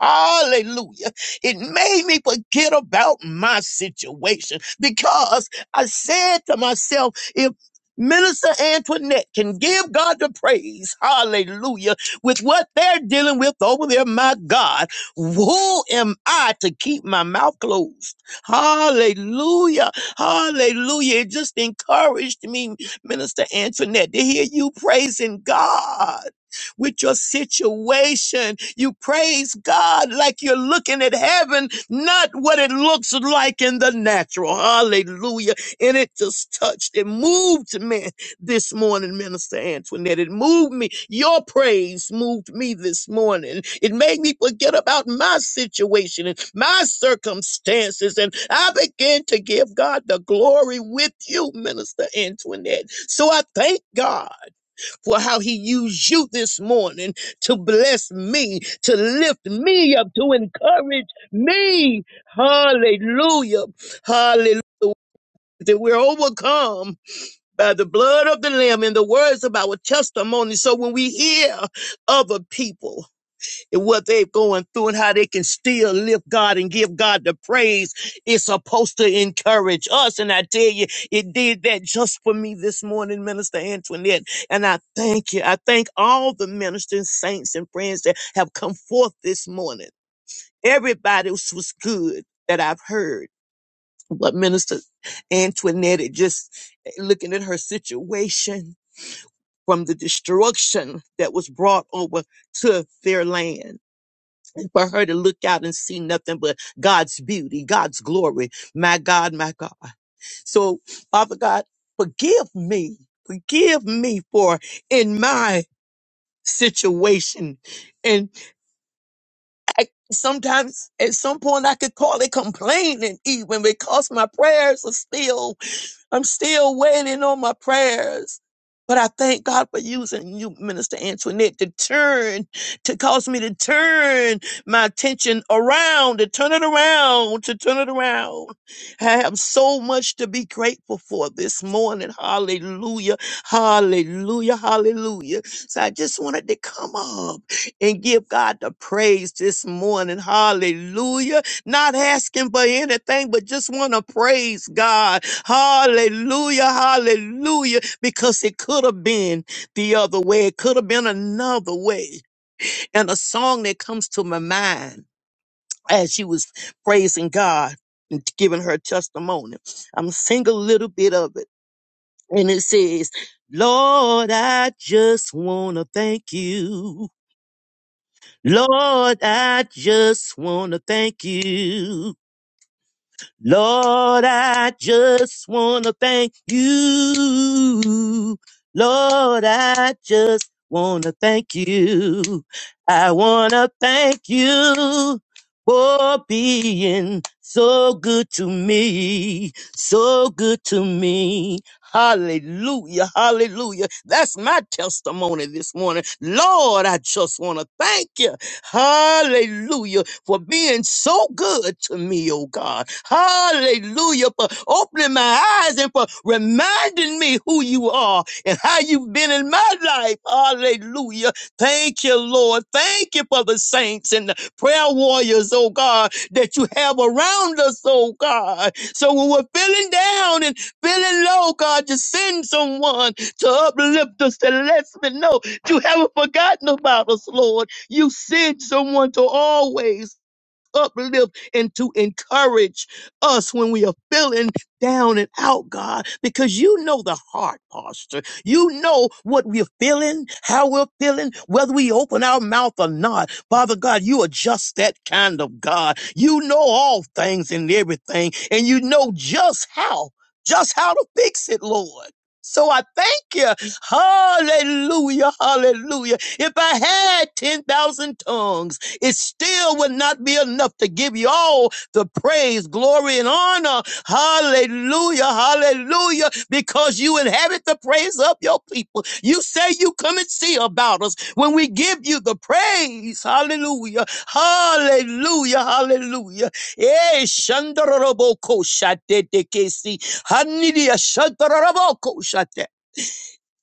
Hallelujah. It made me forget about my situation because I said to myself, if Minister Antoinette can give God the praise, hallelujah, with what they're dealing with over there, my God, who am I to keep my mouth closed? Hallelujah, hallelujah. It just encouraged me, Minister Antoinette, to hear you praising God with your situation. You praise God like you're looking at heaven, not what it looks like in the natural. Hallelujah. And it just touched, it moved me this morning, Minister Antoinette. It moved me. Your praise moved me this morning. It made me forget about my situation and my circumstances. And I began to give God the glory with you, Minister Antoinette. So I thank God for how he used you this morning to bless me, to lift me up, to encourage me. Hallelujah. Hallelujah. That we're overcome by the blood of the Lamb and the words of our testimony. So when we hear other people and what they're going through and how they can still lift God and give God the praise is supposed to encourage us. And I tell you, it did that just for me this morning, Minister Antoinette. And I thank you. I thank all the ministers, saints, and friends that have come forth this morning. Everybody was was good that I've heard. But Minister Antoinette, it just looking at her situation from the destruction that was brought over to their land for her to look out and see nothing but God's beauty, God's glory. My God, my God. So, Father God, forgive me. Forgive me for in my situation. And I, sometimes at some point I could call it complaining even because my prayers are still I'm still waiting on my prayers. But I thank God for using you, Minister Antoinette, to turn, to cause me to turn my attention around, to turn it around, to turn it around. I have so much to be grateful for this morning. Hallelujah. Hallelujah. Hallelujah. So I just wanted to come up and give God the praise this morning. Hallelujah not asking for anything, but just want to praise God. Hallelujah, hallelujah, because it could have been the other way. It could have been another way. And a song that comes to my mind as she was praising God and giving her testimony, I'm sing a little bit of it. And it says, Lord, I just want to thank you. Lord, I just want to thank you. Lord, I just want to thank you. Lord, I just want to thank you. I want to thank you for being so good to me, so good to me. Hallelujah, hallelujah. That's my testimony this morning. Lord, I just want to thank you. Hallelujah for being so good to me, oh God. Hallelujah, for opening my eyes and for reminding me who you are and how you've been in my life. Hallelujah. Thank you, Lord. Thank you for the saints and the prayer warriors, oh God, that you have around us, oh God. So when we're feeling down and feeling low, God, just send someone to uplift us and let us know you haven't forgotten about us, Lord. You send someone to always uplift and to encourage us when we are feeling down and out, God, because you know the heart posture. You know what we're feeling, how we're feeling, whether we open our mouth or not. Father God, you are just that kind of God. You know all things and everything, and you know just how, just how to fix it, Lord. So I thank you. Hallelujah. Hallelujah. If I had 10,000 tongues, it still would not be enough to give you all the praise, glory, and honor. Hallelujah, hallelujah, because you inhabit the praise of your people. You say you come and see about us when we give you the praise. Hallelujah, hallelujah, hallelujah. Eh, shandaraboko shatete kesi, hanidia shandaraboko shate.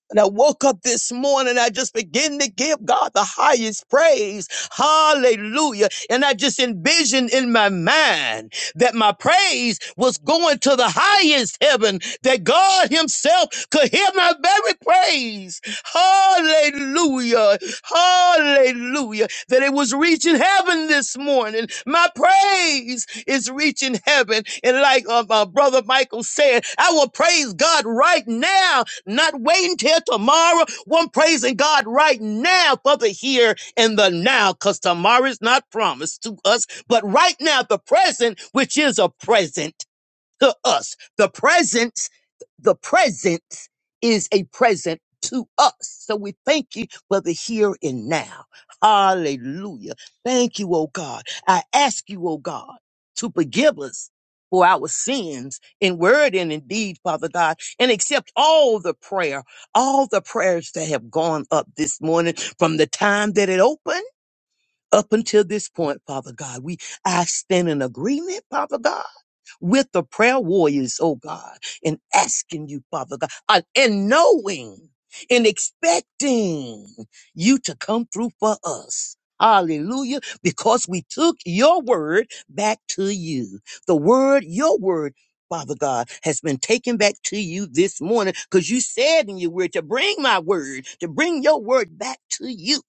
And I woke up this morning, I just began to give God the highest praise. Hallelujah. And I just envisioned in my mind that my praise was going to the highest heaven, that God Himself could hear my very praise. Hallelujah. Hallelujah. That it was reaching heaven this morning. My praise is reaching heaven. And like uh, my brother Michael said, I will praise God right now, not waiting till tomorrow. Well, I'm praising God right now for the here and the now because tomorrow is not promised to us but right now, the present, which is a present to us, the presence, the presence is a present to us. So we thank you for the here and now. Hallelujah. Thank you, oh God. I ask you, oh God, to forgive us for our sins in word and in deed, Father God, and accept all the prayer, all the prayers that have gone up this morning from the time that it opened up until this point, Father God. We I stand in agreement, Father God, with the prayer warriors, oh God, and asking you, Father God, uh, and knowing and expecting you to come through for us. Hallelujah. Because we took your word back to you. The word, your word, Father God, has been taken back to you this morning because you said in your word to bring my word, to bring your word back to you.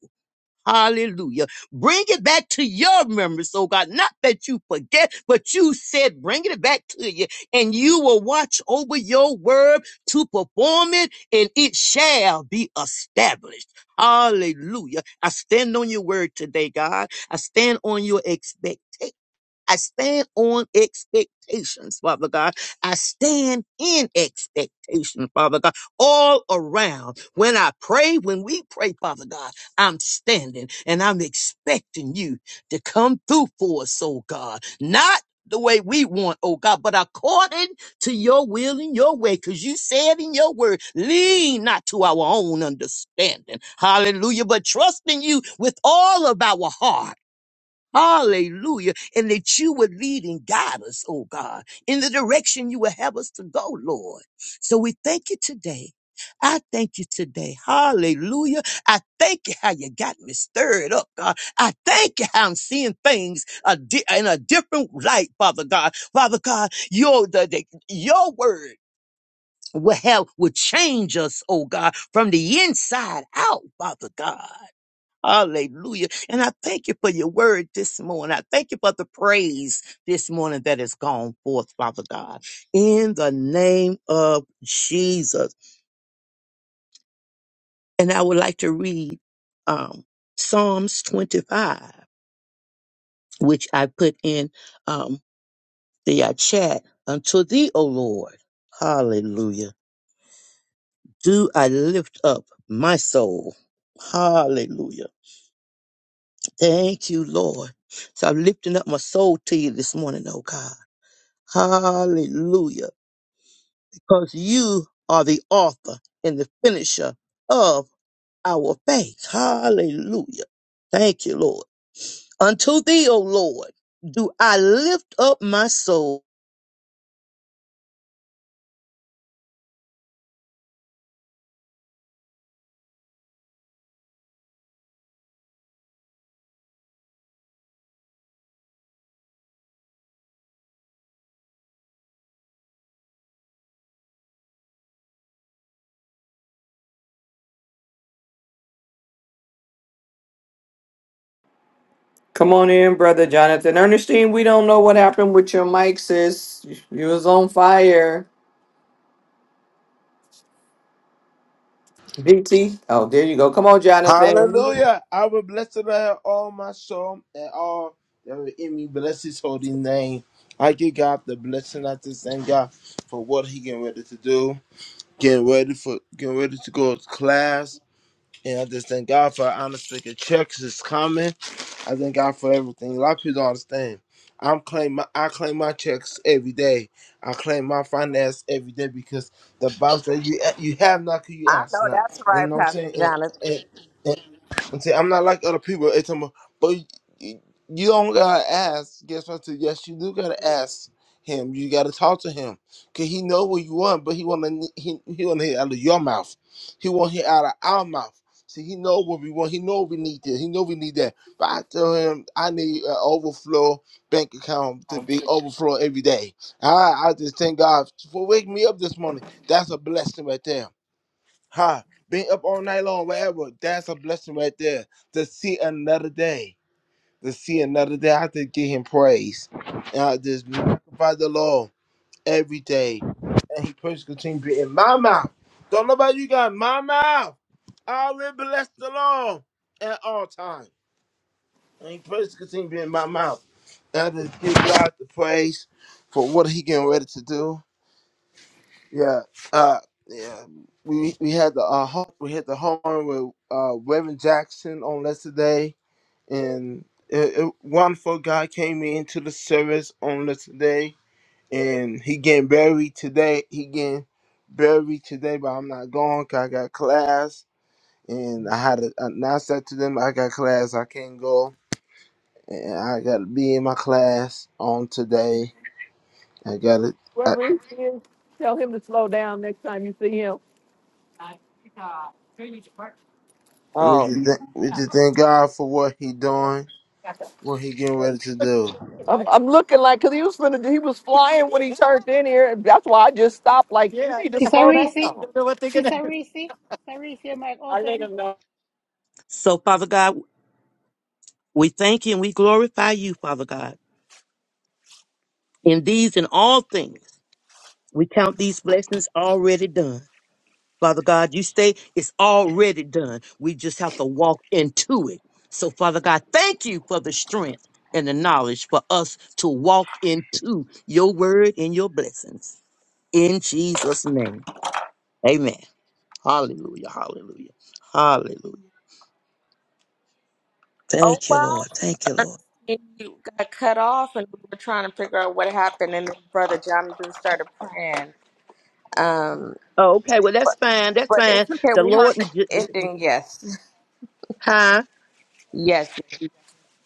Hallelujah. Bring it back to your memory, so God. Not that you forget, but you said bring it back to you, and you will watch over your word to perform it, and it shall be established. Hallelujah. I stand on your word today, God. I stand on your expectation. I stand on expectations, Father God. I stand in expectation, Father God, all around. When I pray, when we pray, Father God, I'm standing and I'm expecting you to come through for us, oh God. Not the way we want, oh God, but according to your will and your way, because you said in your word, lean not to our own understanding. Hallelujah. But trust in you with all of our heart Hallelujah. And that you would lead and guide us, oh God, in the direction you would have us to go, Lord. So we thank you today. I thank you today. Hallelujah. I thank you how you got me stirred up, God. I thank you how I'm seeing things a di- in a different light, Father God. Father God, your, the, the, your word will have, will change us, oh God, from the inside out, Father God. Hallelujah. And I thank you for your word this morning. I thank you for the praise this morning that has gone forth, Father God, in the name of Jesus. And I would like to read um, Psalms 25, which I put in um, the uh, chat. Unto thee, O Lord, hallelujah, do I lift up my soul. Hallelujah. Thank you, Lord. So I'm lifting up my soul to you this morning, oh God. Hallelujah. Because you are the author and the finisher of our faith. Hallelujah. Thank you, Lord. Unto thee, O Lord, do I lift up my soul.
Come on in, brother Jonathan. Ernestine, we don't know what happened with your mic, sis. You was on fire. DT. Oh, there you go. Come on, Jonathan.
Hallelujah. I will bless the Lord with all my soul and all that were in me. Bless his holy name. I give God the blessing. I just thank God for what he getting ready to do. Getting ready for getting ready to go to class. And I just thank God for honest speaking checks is coming. I thank God for everything. A lot of people don't understand. I'm claim my, I claim my checks every day. I claim my finance every day because the Bible says you you have not 'cause you
I
ask
know
not.
that's
And you
right,
know what I'm
Pastor
saying? And,
Jonathan.
and, and see, I'm not like other people. It's um, but you, you don't gotta ask. Guess what? I said? Yes, you do gotta ask him. You gotta talk to him, cause he know what you want, but he wanna he, he wanna hear out of your mouth. He want to hear out of our mouth. See, he know what we want. He know we need this. He know we need that. But I tell him I need an overflow bank account to be overflow every day. I I just thank God for waking me up this morning. That's a blessing right there. Ha, being up all night long, whatever. That's a blessing right there. To see another day. To see another day. I have to give him praise. And I just magnify the Lord every day. And he praise continue to be in my mouth. Don't know about you guys, my mouth. I will bless the Lord at all times. And he praise continue to be in my mouth. And I just give God the praise for what he getting ready to do. Yeah, uh, yeah. We we had the uh, home, we had the home run with uh, Reverend Jackson on yesterday, and it, it, wonderful guy came into the service on yesterday, and he getting buried today. He getting buried today, but I'm not going 'cause I got class, and I had to announce that to them. I got class, I can't go, and I got to be in my class on today. I got to. I,
Whoever he is, tell him to slow down next time you see him.
we
Oh.
just thank, we just thank God for what He doing What he getting ready to do?
I'm, I'm looking like because he was finna, he was flying when he turned in here. and That's why I just stopped. Like you Yeah. need to
Sister
slow
Reese,
down.
Sister Reese, Sister Reese, your mic open.
So, Father God, we thank you and we glorify you, Father God, in these and all things. We count these blessings already done. Father God, you say it's already done. We just have to walk into it. So, Father God, thank you for the strength and the knowledge for us to walk into your word and your blessings. In Jesus' name, amen. Hallelujah, hallelujah, hallelujah.
Oh,
Thank you, Lord.
well,
Thank you, Lord.
you got cut off, and we were trying to figure out what happened, and then Brother Jonathan started praying. Um,
Oh, okay, well that's
But
fine. That's
but
fine.
it's okay.
The
We heard
Lord,
the ending. Yes,
huh?
yes, yes. We, got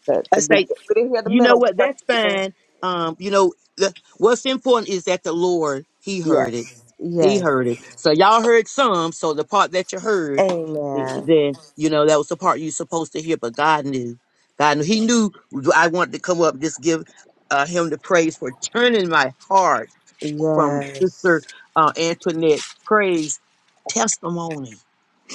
the,
I
the begin-
say,
we didn't hear the
you know
middle. We
what?
heard
That's
the beginning.
fine. Um, you know, the, what's important is that the Lord He heard it
Yes,
He
yes.
heard it. So y'all heard some. So the part that you heard, th-
Amen.
then you know that was the part you supposed to hear. But God knew. God knew. He knew I wanted to come up. Just give uh, him the praise for turning my heart from
Yes.
Sister uh, Antoinette's praise testimony.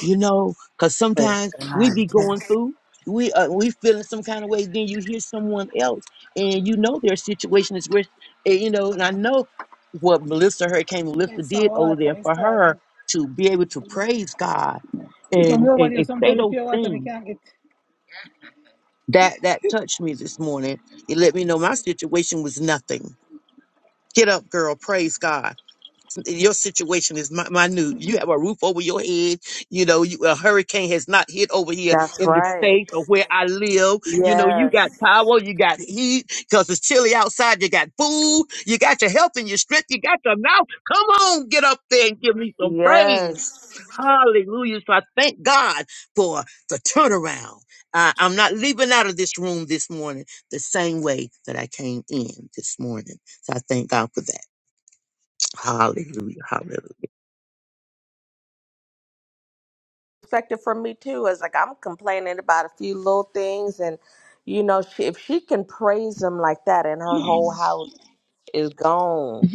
You know, because
first.
sometimes we be going through, we uh, we feeling some kind of way. Then you hear someone else, and you know their situation is where, and, you know. And I know what Melissa Hurricane Melissa did over there for her to be able to praise God and and, and say those things that that touched me this morning. It let me know my situation was nothing. Get up, girl. Praise God your situation is mi- minute. You have a roof over your head. You know, you, a hurricane has not hit over here in the states or where I live. You know, you got power, you got heat because it's chilly outside. You got food, you got your health and your strength, you got your mouth. Come on, get up there and give me some praise. Hallelujah. So I thank God for the turnaround. I, I'm not leaving out of this room this morning the same way that I came in this morning. So I thank God for that. Hallelujah. Hallelujah.
Perspective for me too is like I'm complaining about a few little things, and you know, she, if she can praise him like that in her
Yes.
whole house. is gone.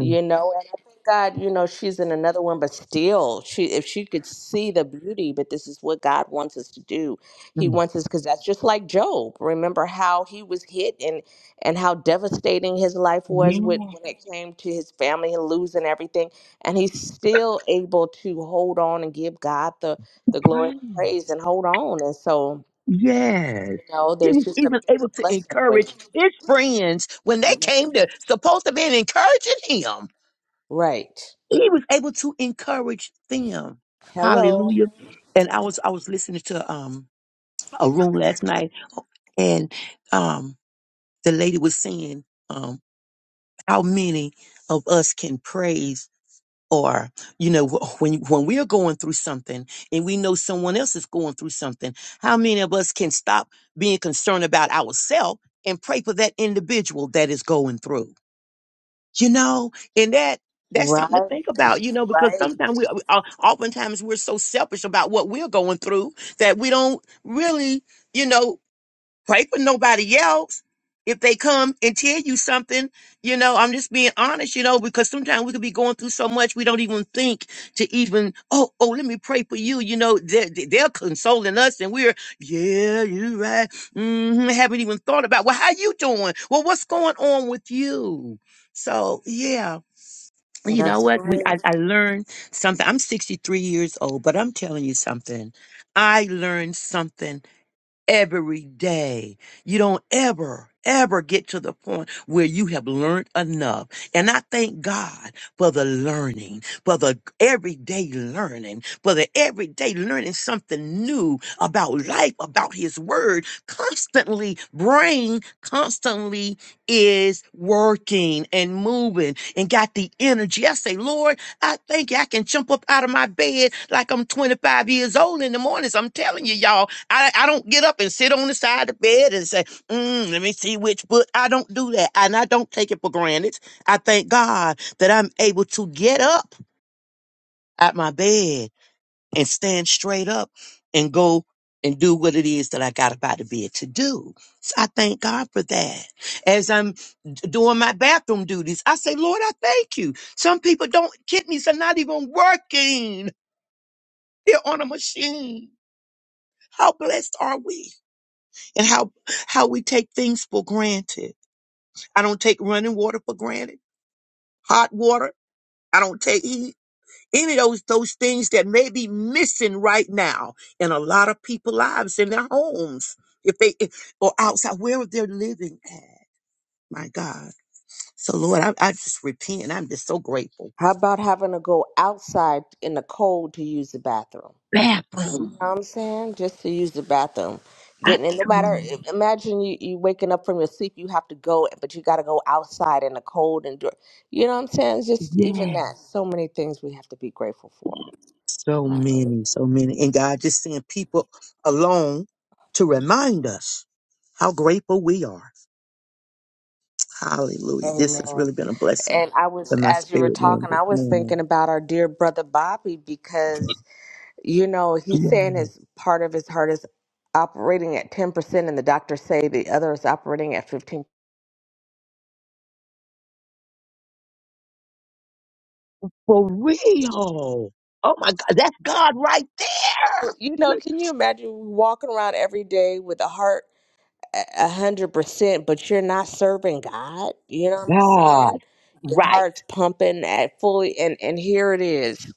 You know, and I thank God, you know, she's in another one, but still, she if she could see the beauty, but this is what God wants us to do. He wants us because that's just like Job. Remember how he was hit and and how devastating his life was with
Yeah,
when it came to his family and losing everything, and he's still able to hold on and give God the the glory and
praise.
the praise and hold on. And so,
Yes.
you know,
He was
there's just a
even able
bigger
to
blessing
encourage
with
his friends when they came to supposed to be encouraging him.
right.
He was able to encourage them.
Hello.
Hallelujah. And I was I was listening to um a room last night and um the lady was saying um how many of us can praise or you know wh- when when we are going through something and we know someone else is going through something how many of us can stop being concerned about ourselves and pray for that individual that is going through you know and that that's something to think about you know because
Right.
sometimes we we- o- oftentimes we're so selfish about what we're going through that we don't really you know pray for nobody else if they come and tell you something you know i'm just being honest you know because sometimes we could be going through so much we don't even think to even oh oh let me pray for you you know they're, they're consoling us and we're yeah you're right hmm haven't even thought about well how you doing well what's going on with you so yeah you know
That's
what we
right.
I, I learned something i'm 63 years old but i'm telling you something i learned something every day. You don't ever, ever get to the point where you have learned enough. And I thank God for the learning, for the everyday learning, for the everyday learning something new about life, about His Word. Constantly, brain constantly is working and moving and got the energy. I say, Lord, I think I can jump up out of my bed like I'm 25 years old in the mornings. I'm telling you, y'all, I, I don't get up and sit on the side of the bed and say, mm, let me see which book. I don't do that. And I don't take it for granted. I thank God that I'm able to get up at my bed and stand straight up and go and do what it is that I got about the bed to do. So I thank God for that. As I'm d- doing my bathroom duties, I say, Lord, I thank you. Some people don't, kidneys are not even working. They're on a machine. How blessed are we? and how how we take things for granted. I don't take running water for granted, hot water. I don't take heat. Any of those those things that may be missing right now in a lot of people's lives in their homes, if they if- or outside where they're living at. My God. So Lord, I, I just repent. I'm just so grateful.
How about having to go outside in the cold to use the bathroom? You
Bathroom.
know what I'm saying? Just to use the bathroom.
I,
Getting it, no matter, imagine you, you waking up from your sleep, you have to go, but you got to go outside in the cold and, do- you know what I'm saying? It's just even
yeah.
that. So many things we have to be grateful for.
So many, so many. And God just sent people along to remind us how grateful we are Hallelujah. This has
Amen.
really been a blessing
And I was,
to my
as you were
spirit man
talking,
this
I was thinking
morning.
about our dear brother Bobby because you know, he's
Yeah.
saying his part of his heart is operating at 10%, and the doctors say the other is operating at 15
For real. Oh my God. That's God right
Well, You
there.
know,
Look,
can you imagine walking around every day with a heart a 100%, but you're not serving God? You know what I'm
God.
saying? Your
Right.
heart's pumping at fully, and, and here it is.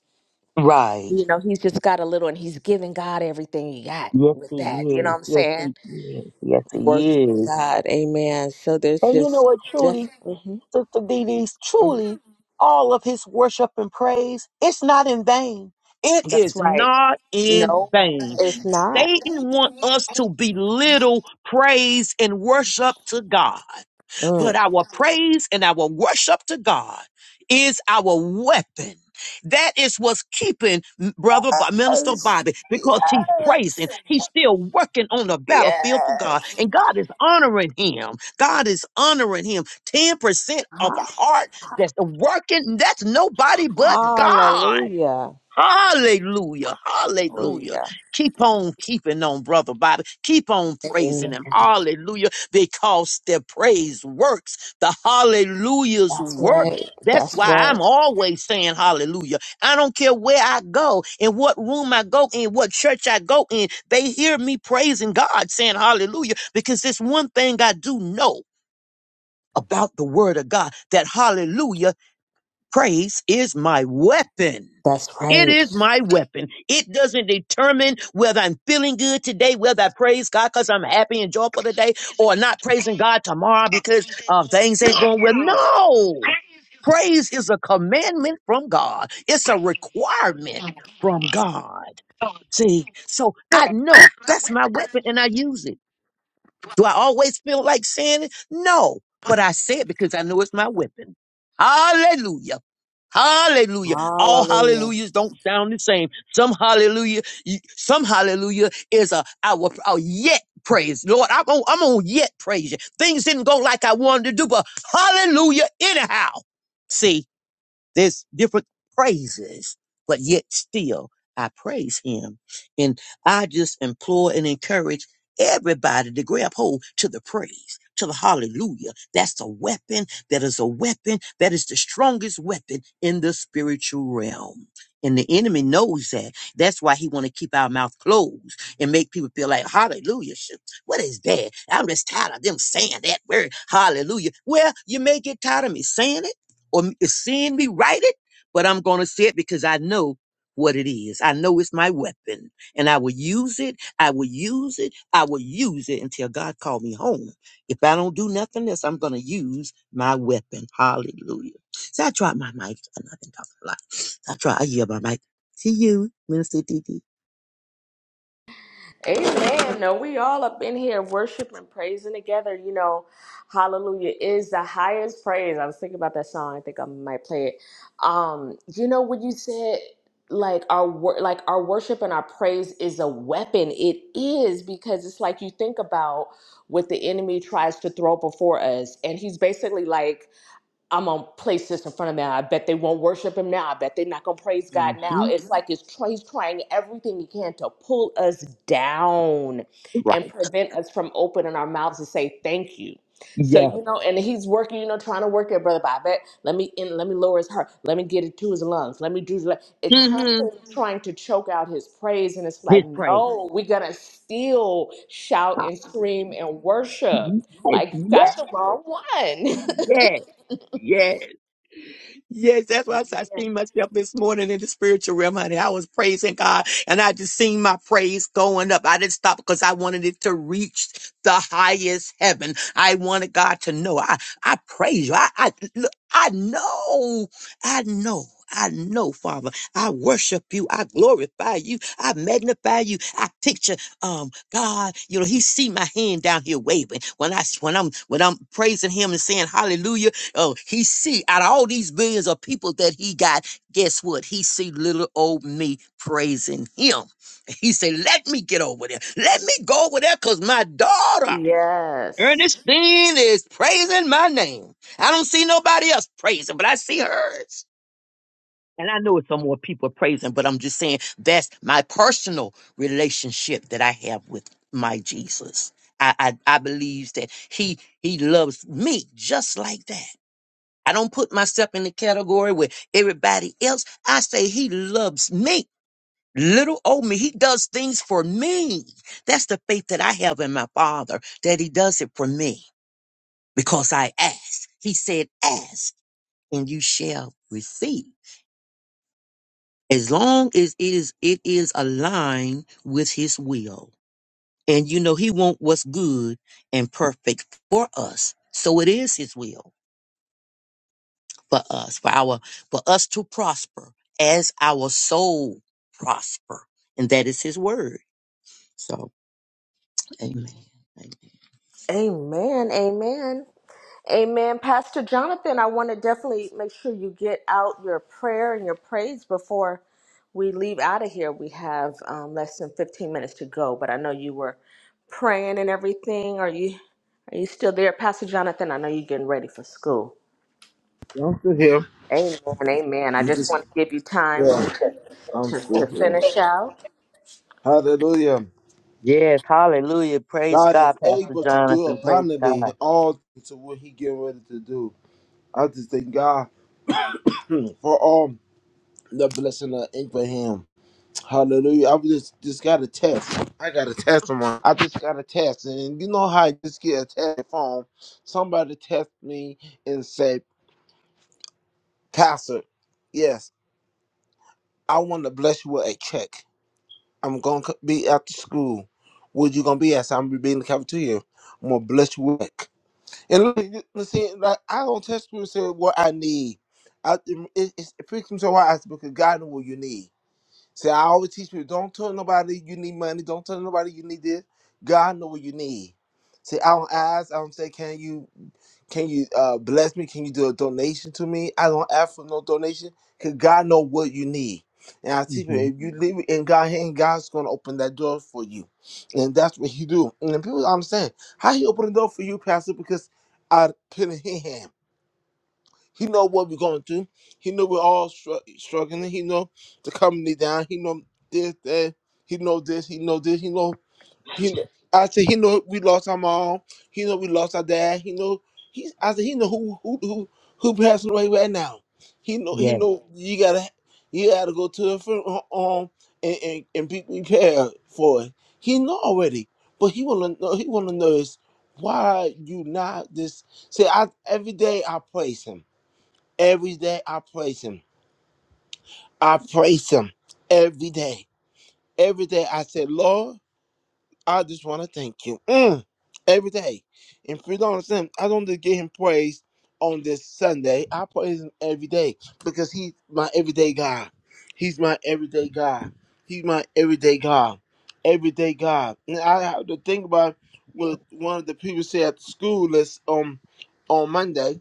Right.
You know, he's just got a little, and he's giving God everything he got
Yes,
with that.
he
You know
is.
what I'm
Yes,
saying?
he is. Yes, he
Worshiping
is.
God. Amen. So there's
And you know
just,
what, truly,
just, mhm,
Sister Dee Dee's
mhm.
truly, all of his worship and praise, it's not in vain. It
that's
is
right.
not in
No,
vain
it's not.
Satan want us to belittle praise and worship to God,
Mm.
but our praise and our worship to God is our weapon. That is what's keeping M- brother Bo- minister Bobby because he's praising. He's still working on the battlefield for
Yes.
God, and God is honoring him. God is honoring him. Ten percent of a
Ha-
heart that's working. That's nobody but God.
Hallelujah.
Hallelujah. Hallelujah.
Hallelujah.
Keep on keeping on, Brother Bobby. Keep on praising
Amen.
him. Hallelujah. Because the praise works. The hallelujahs
That's
work.
right.
That's
That's
why I'm
right.
always saying hallelujah. I don't care where I go, in what room I go in, what church I go in. They hear me praising God saying hallelujah because it's one thing I do know about the word of God that hallelujah Praise is my weapon.
That's
It
right.
is my weapon. It doesn't determine whether I'm feeling good today, whether I praise God because I'm happy and joyful today, or not praising God tomorrow because uh, things ain't going well. No, praise is a commandment from God, it's a requirement from God. See, so I know that's my weapon and I use it. Do I always feel like saying it? No, but I say it because I know it's my weapon. Hallelujah. Hallelujah. All
Hallelujah.
hallelujahs don't sound the same. Some hallelujah, you- some hallelujah is a I will I'll yet praise. Lord, I'm on, I'm on yet praise you. Things didn't go like I wanted to do, but hallelujah anyhow. See, there's different praises, but yet still I praise him. And I just implore and encourage everybody to grab hold to the praise, to the hallelujah. That's a weapon that is a weapon that is the strongest weapon in the spiritual realm. And the enemy knows that. That's why he want to keep our mouth closed and make people feel like, hallelujah, shit, what is that? I'm just tired of them saying that word, hallelujah. Well, you may get tired of me saying it or m- seeing me write it, but I'm going to say it because I know what it is. I know it's my weapon and I will use it. I will use it. I will use it until God call me home. If I don't do nothing else, I'm going to use my weapon. Hallelujah. So I tried my mic and I've been talking a lot. I try. I yield my mic to you, Minister DD.
Amen. Okay. Um, you know when you said like our wor- like our worship and our praise is a weapon. It is because it's like you think about what the enemy tries to throw before us, and he's basically like I'm gonna place this in front of them. I bet they won't worship him now. I bet they're not gonna praise God now.
Mm-hmm.
It's like it's tr- he's trying everything he can to pull us down and
Right.
prevent us from opening our mouths to say thank you. So
Yes.
you know, and he's working, you know, trying to work it, brother. But I bet let me in, let me lower his heart, let me get it to his lungs, let me do let- it.
Mm-hmm.
Constantly trying to choke out his praise, and it's like,
His praise.
no, we're gonna still shout
Ah,
and scream and worship.
Yes.
Like you
Yes.
got the wrong one.
Yes. Yes. Yes, that's why I said I seen myself this morning in the spiritual realm, honey. I was praising God and I just seen my praise going up. I didn't stop because I wanted it to reach the highest heaven. I wanted God to know. I, I praise you. I, I, look, I know, I know. I know, Father. I worship you. I glorify you. I magnify you. I picture, um, God. You know, He see my hand down here waving when I when I'm when I'm praising Him and saying Hallelujah. Oh, he see out of all these billions of people that he got, guess what? He see little old me praising him. He say, "Let me get over there. Let me go over there, cause my daughter
Yes.
Ernestine is praising my name. I don't see nobody else praising, but I see hers." And I know it's some more people praising, but I'm just saying that's my personal relationship that I have with my Jesus. I I, I believe that he he loves me just like that. I don't put myself in the category with everybody else. I say he loves me. Little old me. He does things for me. That's the faith that I have in my father, that he does it for me because I ask. He said, ask and you shall receive. As long as it is, it is aligned with his will. And you know, he wants what's good and perfect for us. So it is his will. for us, for our, for us to prosper as our soul prosper. And that is his word. So, amen. amen.
Amen. Amen. Amen. Pastor Jonathan, I want to definitely make sure you get out your prayer and your praise before we leave out of here. We have um, less than 15 minutes to go, but I know you were praying and everything. Are you are you still there, Pastor Jonathan? I know you're getting ready for school.
I'm still here.
Amen. Amen. I
We
just
just
want to give you time
yeah,
to
I'm
to,
still
to
here.
finish out.
Hallelujah.
Yes, hallelujah. Praise
God
God,
is
Pastor
able to do
Jonathan. Praise God.
abundantly in all things to what he getting ready to do. I just thank God hmm, for all the blessing of Abraham. Hallelujah. I just just got a test. I got a test on I just got a test. And you know how I just get a test phone. Somebody test me and say, Pastor, yes, I want to bless you with a check. I'm gonna c- be after school. Where you gonna be at? So I'm gonna be in the cafeteria. I'm gonna bless you with. it." And look, you- you see, like I don't test people and say what I need. I, it, it's- it freaks me so out because God knows what you need. See, I always teach people don't tell nobody you need money. Don't tell nobody you need this. God know what you need. See, I don't ask. I don't say, can you can you uh, bless me? Can you do a donation to me? I don't ask for no donation because God know what you need. And I teach people
hmm
if you leave it in God's hand, God's gonna open that door for you. And that's what He do. And then people I'm saying, how He open the door for you, Pastor, because I put it in His hand. He know what we're going through. He know we're all str- struggling. He know the company down. He know this, that. He know this. He know this. He know. He. Know. I said he know we lost our mom. He know we lost our dad. He know. He. I said he know who who who who passing away right now. He know. He
Yes.
know you gotta you gotta go to the funeral home and and, and be prepared for it. He know already, but he wanna know. He wanna know is why you not this. See, I every day I praise him. Every day I praise him. I praise him every day. Every day I say, Lord, I just want to thank you. Mm, every day. And if you don't understand, I don't just give him praise on this Sunday. I praise him every day because he's my everyday God. He's my everyday God. He's my everyday God. Everyday God. And I have to think about what one of the people said at the school list on on Monday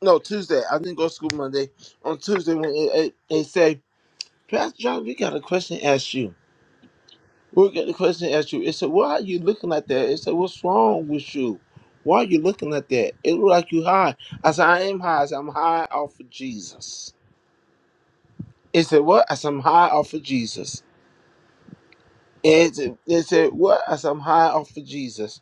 no, Tuesday. I didn't go to school Monday. On Tuesday, when it, it, they say, Pastor John, we got a question to ask you. We got a question to ask you. It said, Why are you looking like that? It said, What's wrong with you? Why are you looking like that? It look like you high. I said, I am high. I said, I'm high off of Jesus. It said, What? I said, I'm high off of Jesus. And it said, it said, What? I said, I'm high off of Jesus.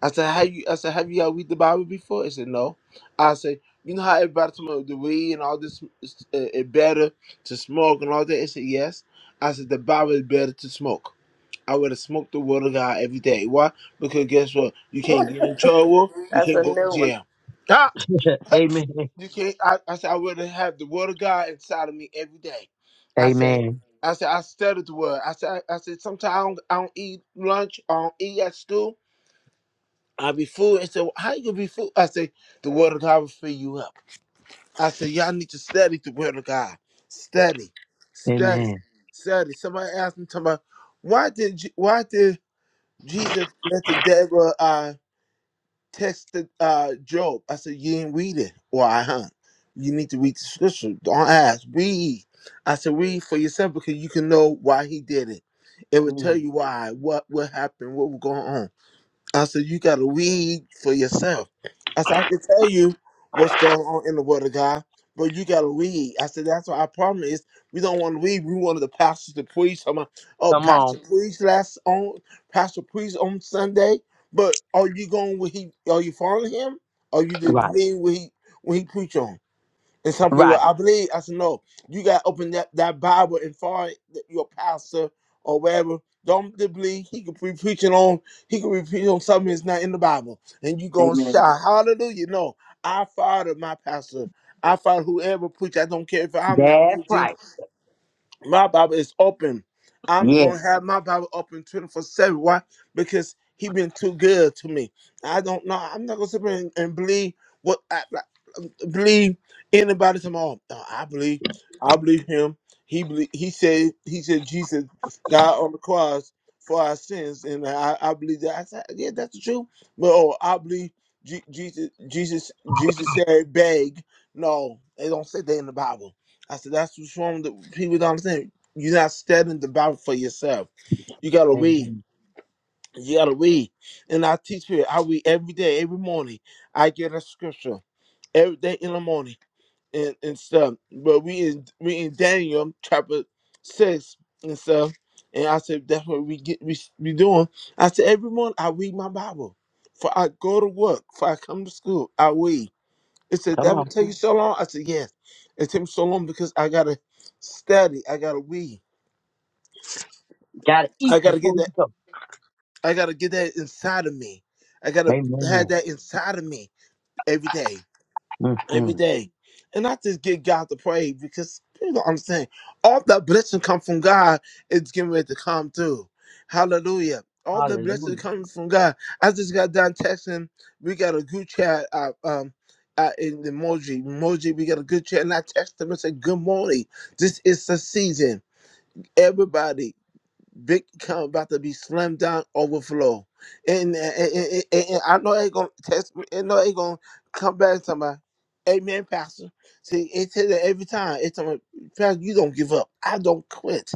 I said, "Have you?" I said, "Have you all read the Bible before?" He said, "No." I said, "You know how everybody talking about the weed and all this is uh, it better to smoke and all that?" He said, "Yes." I said, "The Bible is better to smoke. I would have smoked the word of God every day. Why? Because guess what? You can't get in trouble. You
That's
can't
a
go to
new one.
jail. Ah!
Amen.
You can't. I, I said, I would have the word of God inside of me every day. I said."
Amen.
I said I studied the word. I said I, I said sometimes I don't, I don't eat lunch. I don't eat at school. I'll be fooled. I said, well, how you gonna be fooled? I said, the word of God will fill you up. I said, y'all need to study the word of God. Study, study,
Amen.
study. Somebody asked me, somebody, why did Je- why did Jesus let the devil uh, test the, uh, Job? I said, you didn't read it. Why, huh? You need to read the scripture. Don't ask. Read. I said, read for yourself because you can know why he did it. It will tell
Mm.
you why, what, what happened, what was going on. I said, you got to read for yourself. I said, I can tell you what's going on in the Word of God, but you got to read. I said, that's what our problem is. We don't want to read. We wanted the pastors to preach. I'm like, oh,
Come on.
pastor preached last on pastor preached on Sunday, but are you going where he? Are you following him? Are you just
Right.
being where he when he preach on? And some people,
Right.
I believe, I said, no, you got to open that, that Bible and find th- your pastor or wherever. Don't believe he could be preaching on, he could be preaching on something that's not in the Bible. And you going to
Amen.
shout, hallelujah. No, I follow my pastor. I follow whoever preach. I don't care if I'm not
That's
preaching.
right.
My Bible is open. I'm
Yeah.
going to have my Bible open 24 7. Why? Because he been too good to me. I don't know. I'm not going to sit there and, and believe what. I, believe anybody tomorrow. No, I believe. I believe him. He believe, he said he said Jesus died on the cross for our sins, and I, I believe that. I said, yeah, that's the truth. But oh, I believe Je- Jesus. Jesus. Jesus said, "Beg." No, they don't say that in the Bible. I said that's what's wrong. That people don't understand. You're not studying the Bible for yourself. You gotta read.
Amen.
You gotta read. And I teach people. I read every day, every morning. I get a scripture every day in the morning and, and stuff. But we in we in Daniel chapter six and stuff. And I said that's what we get we we doing. I said every morning I read my Bible. For I go to work, for I come to school, I read. It said
Come
that would
on.
take you so long. I said yes. It took me so long because I gotta study. I gotta read.
Gotta
I
eat
gotta get
before
that.
you go.
I gotta get that inside of me. I gotta have
Amen.
that inside of me every day. every
hmm
day. And I just get God to pray because people don't understand. All the blessing come from God is getting ready to come through. Hallelujah. All the
Hallelujah.
blessing comes from God. I just got done texting. We got a good chat uh, um, uh, in the emoji. Emoji, we got a good chat. And I texted him and said, Good morning. This is the season. Everybody big account about to be slammed down, overflow. And, and, and- and- and I know they gonna test me. I know they gonna come back to my Amen, Pastor. See, it tell that every time. It's time, Pastor, you don't give up. I don't quit.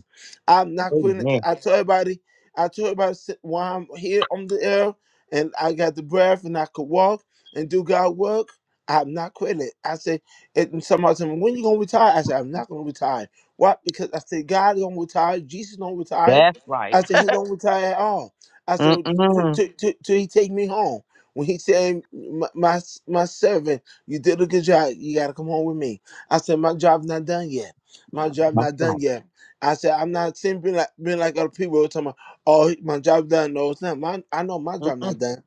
I'm not quitting.
Amen.
I tell everybody, I tell everybody sit- while I'm here on the air and I got the breath and I could walk and do God work. I'm not quitting. I say, and somebody said, when you gonna retire? I said, I'm not gonna retire. Why? Because I said, God don't retire, Jesus don't retire.
That's right.
I said he don't retire at all. I said "Well, "T-
Mm-mm.
t- t- till he take me home. When he said my, my my servant, you did a good job. You gotta come home with me. I said my job not done yet. My job
That's
not done
right.
yet. I said I'm not saying being like being like other people talking about oh my job done. No, it's not. My I know my job
Mm-mm,
not done.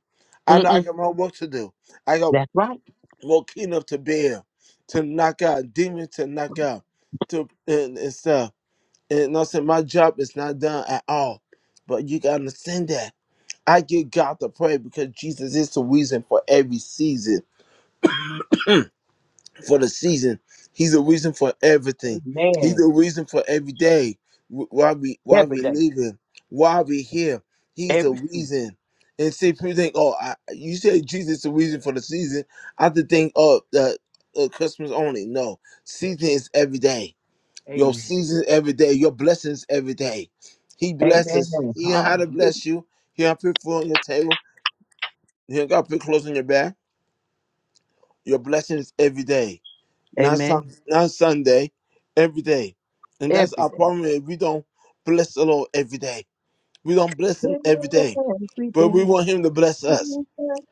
I know I
mm-mm.
got more work to do. I got
That's right.
more keynote to bear, to knock out demons to knock out to and, and stuff. And no, saying my job is not done at all. But you gotta understand that. I give God the praise because Jesus is the reason for every season. For the season. He's the reason for everything. He's the
Amen.
reason for every day. wh- Why we why we
Every day,
living. Why we here. He's the
every season.
reason. And see people think, oh, I, you say Jesus is the reason for the season. I have to think, oh, the uh, customers only. No. Season is every day your
Amen.
seasons every day, your blessings every day. He
Amen.
blesses. He know how to
Hallelujah.
bless you. He got put food on your table. He got put clothes on your back. Your blessings every day, not
Amen.
sun, not Sunday, every day. And that's
Every
our
day.
problem. Is we don't bless the Lord every day. We don't bless Him every day,
Every
but we
day.
want Him to bless us.
Every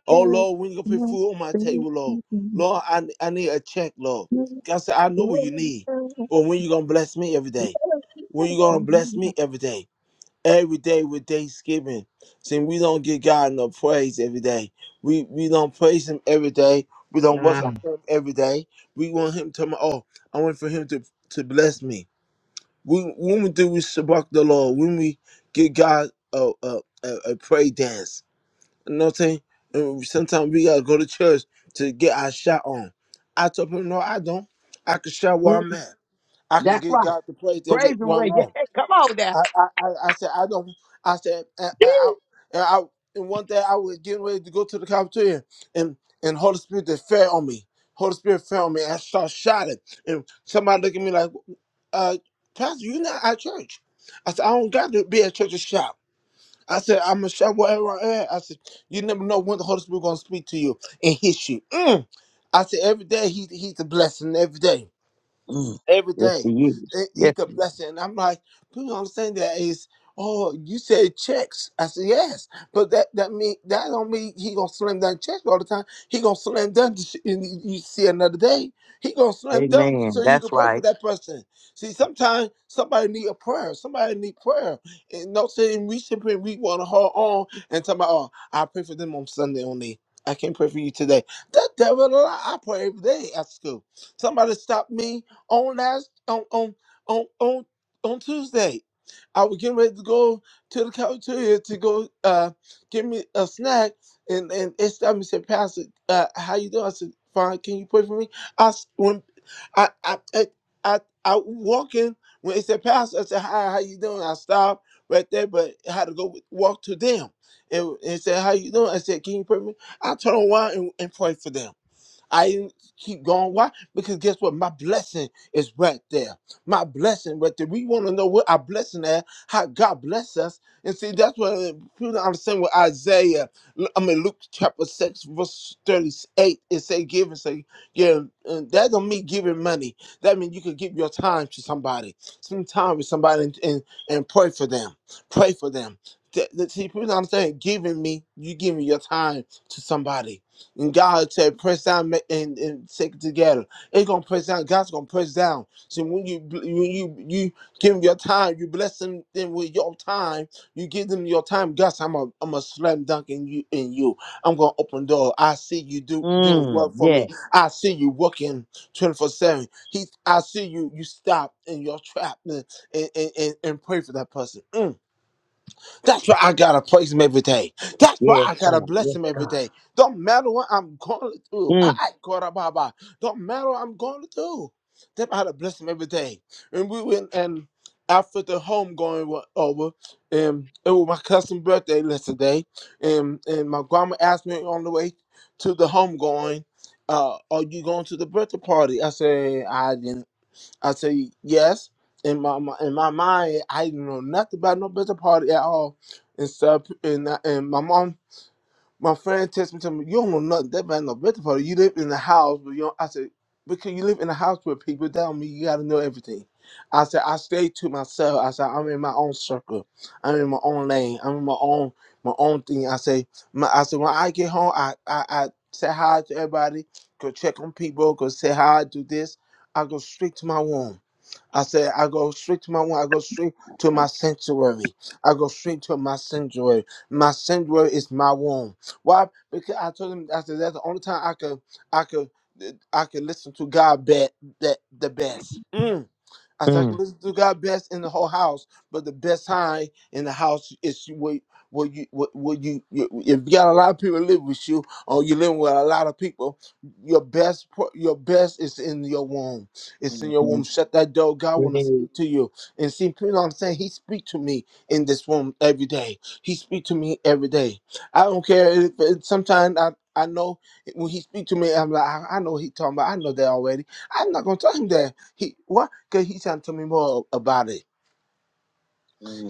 Oh
day.
Lord, when you gonna put food on my table, Lord, Lord, I I need a check, Lord. God said, I know what you need, but when you gonna bless me every day? When you gonna bless me every day? every day with thanksgiving. See, we don't give God no praise every day. We we don't praise Him every day. We don't
Ah,
worship Him every day. We want Him to oh, I want for Him to to bless me. When when we do we shabak the Lord, when we give God a a, a, a praise dance, you know what I'm saying? And sometimes we gotta go to church to get our shot on. I told him no, I don't. I can shout where
mm,
I'm at. I can
That's
get
right.
God to praise every
Praise and
where I'm
way. Yeah,
at.
come on now.
I, I, I I said, I don't. I said, I, I, I, uh, I- and one day I was getting ready to go to the cafeteria, and and Holy Spirit they fell on me. Holy Spirit fell on me. and I started shouting, and somebody looked at me like, uh, "Pastor, you're not at church." I said, "I don't got to be at church to shout." I said, "I'm gonna shout wherever I am." I said, "You never know when the Holy Spirit gonna speak to you and hit you." Mm. I said, "Every day he, he's a blessing. Every day."
Mm.
every
Yes, he
day.
is.
It- He
Yes, he
could
is.
blessing. And I'm like, people don't saying that is, oh, you said checks. I said, yes. But that that mean that don't mean he gonna slam dunk checks all the time. He gonna slam dunk the shit and you you see another day. He gonna slam dunk so
Amen.
you can
That's
pray for
right.
that person. See, sometimes somebody need a prayer. Somebody need prayer. And no saying we should pray, we wanna hold on and talk about, oh, I pray for them on Sunday only. I can't pray for you today. That devil, a lie. I pray every day at school. Somebody stopped me on last on on on on, on Tuesday. I was getting ready to go to the cafeteria to go uh get me a snack and and it stopped me and said, Pastor, uh how you doing? I said, Fine, can you pray for me? I s- when I I I I, I walking when it said Pastor, I said, Hi, how you doing? I stopped right there, but I had to go walk to them. And, and said, How you doing? I said, Can you pray for me? I turn around and, and pray for them. I didn't keep going. Why? Because guess what? My blessing is right there. My blessing right there. We want to know what our blessing is, how God bless us. And see, that's what uh, people don't understand with Isaiah. I mean, Luke chapter 6, verse 38, it say give and say, yeah, and that don't mean giving money. That means you could give your time to somebody, some time with somebody and, and, and pray for them. Pray for them. Th- th- See, people don't understand giving me, you giving your time to somebody and God said, press down and, and take it together. It's gonna press down. God's gonna press down. So when you when you you give him your time, you bless them Then with your time. You give them your time. God, said, I'm a I'm a slam dunk in you in you. I'm gonna open door. I see you do doing
Mm.
work for me.
Yes,
I see you working 24 seven. He I see you you stop in your trap and and, and, and pray for that person. Mm. That's why I gotta praise him every day. That's why
yes,
I gotta
God.
bless
Yes,
him
God.
every day. Don't matter what I'm going through.
Mm,
I Baba. Don't matter what I'm going through. Then I gotta bless him every day. And we went and after the home going was over, um, it was my cousin's birthday yesterday, and and my grandma asked me on the way to the home going, uh, are you going to the birthday party? I said I didn't. I say yes. In my mi- in my mind, I didn't know nothing about no birthday party at all, and stuff. And I- and my mom, my friend, texted me, tell me, "You don't know nothing about no birthday party. You live in the house, but you." Don't, I said, "Because you live in a house where people tell me you got to know everything." I said, "I stay to myself." I said, "I'm in my own circle. I'm in my own lane. I'm in my own my own thing." I say, my, "I said when I get home, I I, I say hi to everybody, go check on people, go say hi, do this." I go straight to my room. I said, I go straight to my one. I go straight to my sanctuary. I go straight to my sanctuary. My sanctuary is my womb. Why? Because I told him, I said, that's the only time I could, I could, I could listen to God be, the, the best. Mm. I said I can
mm,
listen to God best in the whole house, but the best time in the house is where where you where, where you, you if you got a lot of people live with you or you're living with a lot of people, your best pro- your best is in your womb. It's in
mm,
your womb.
mm.
Shut that door. God
We
wanna
hear you.
speak to you. And see, you know what I'm saying? He speak to me in this room every day. He speak to me every day. I don't care if if sometimes I I know when he speak to me, I'm like, I, I know he talking about. I know that already. I'm not gonna tell him that. He what? Can he trying to tell me more about it?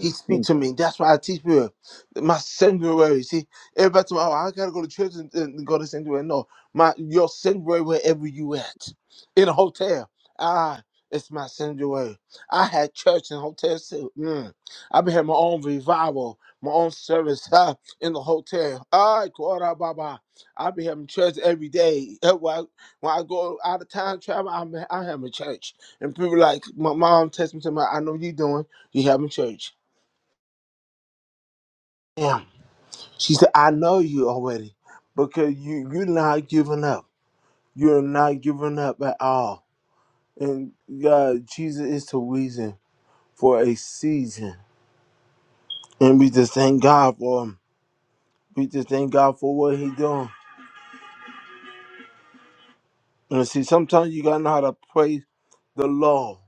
He speak
Mm.
to me. That's why I teach people. My sanctuary. See, everybody tell me, oh, I gotta go to church and, and go to sanctuary. No, my your sanctuary wherever you at. In a hotel. Ah, it's my sanctuary. I had church and hotels too. Mm. I've been had my own revival, my own service huh, in the hotel. Ah, God, Baba. I be having church every day. Eh, When I when I go out of town travel, I'm I have a church. And people like my mom text me to my I know you doing, you having church am. She said, I know you already because you, you're not giving up. You're not giving up at all. And God, Jesus is the reason for a season. And we just thank God for him. We just thank God for what He doing. And see, sometimes you gotta know how to praise the Lord.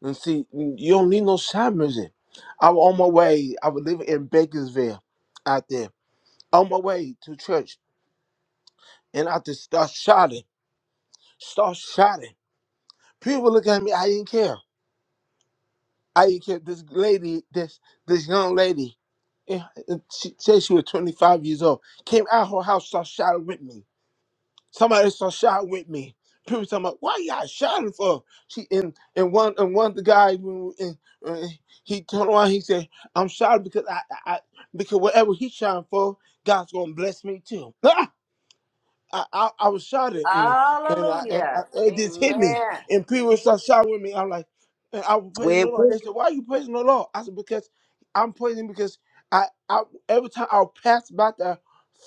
And see, you don't need no sound music. I was on my way. I was living in Bakersville out there. On my way to church. And I just start shouting. Start shouting. People look at me. I didn't care. I didn't care. This lady, this this young lady, eh, eh, she said she was 25 years old. Came out her house, started shouting with me. Somebody started shouting with me. People talking about why y'all shouting for? She and and one and one of the guys when we- and, uh, he turned around. He said, "I'm shouting because I, I I- because whatever he's shouting for, God's gonna bless me too." I, I, I was shot and and, I, and
Hallelujah.
I, it just hit me. And people started shouting with me. I'm like, and I was praising
We
the Lord.
will-
They said, "Why are you praising the Lord?" I said, "Because I'm praising because I, I every time I would pass by the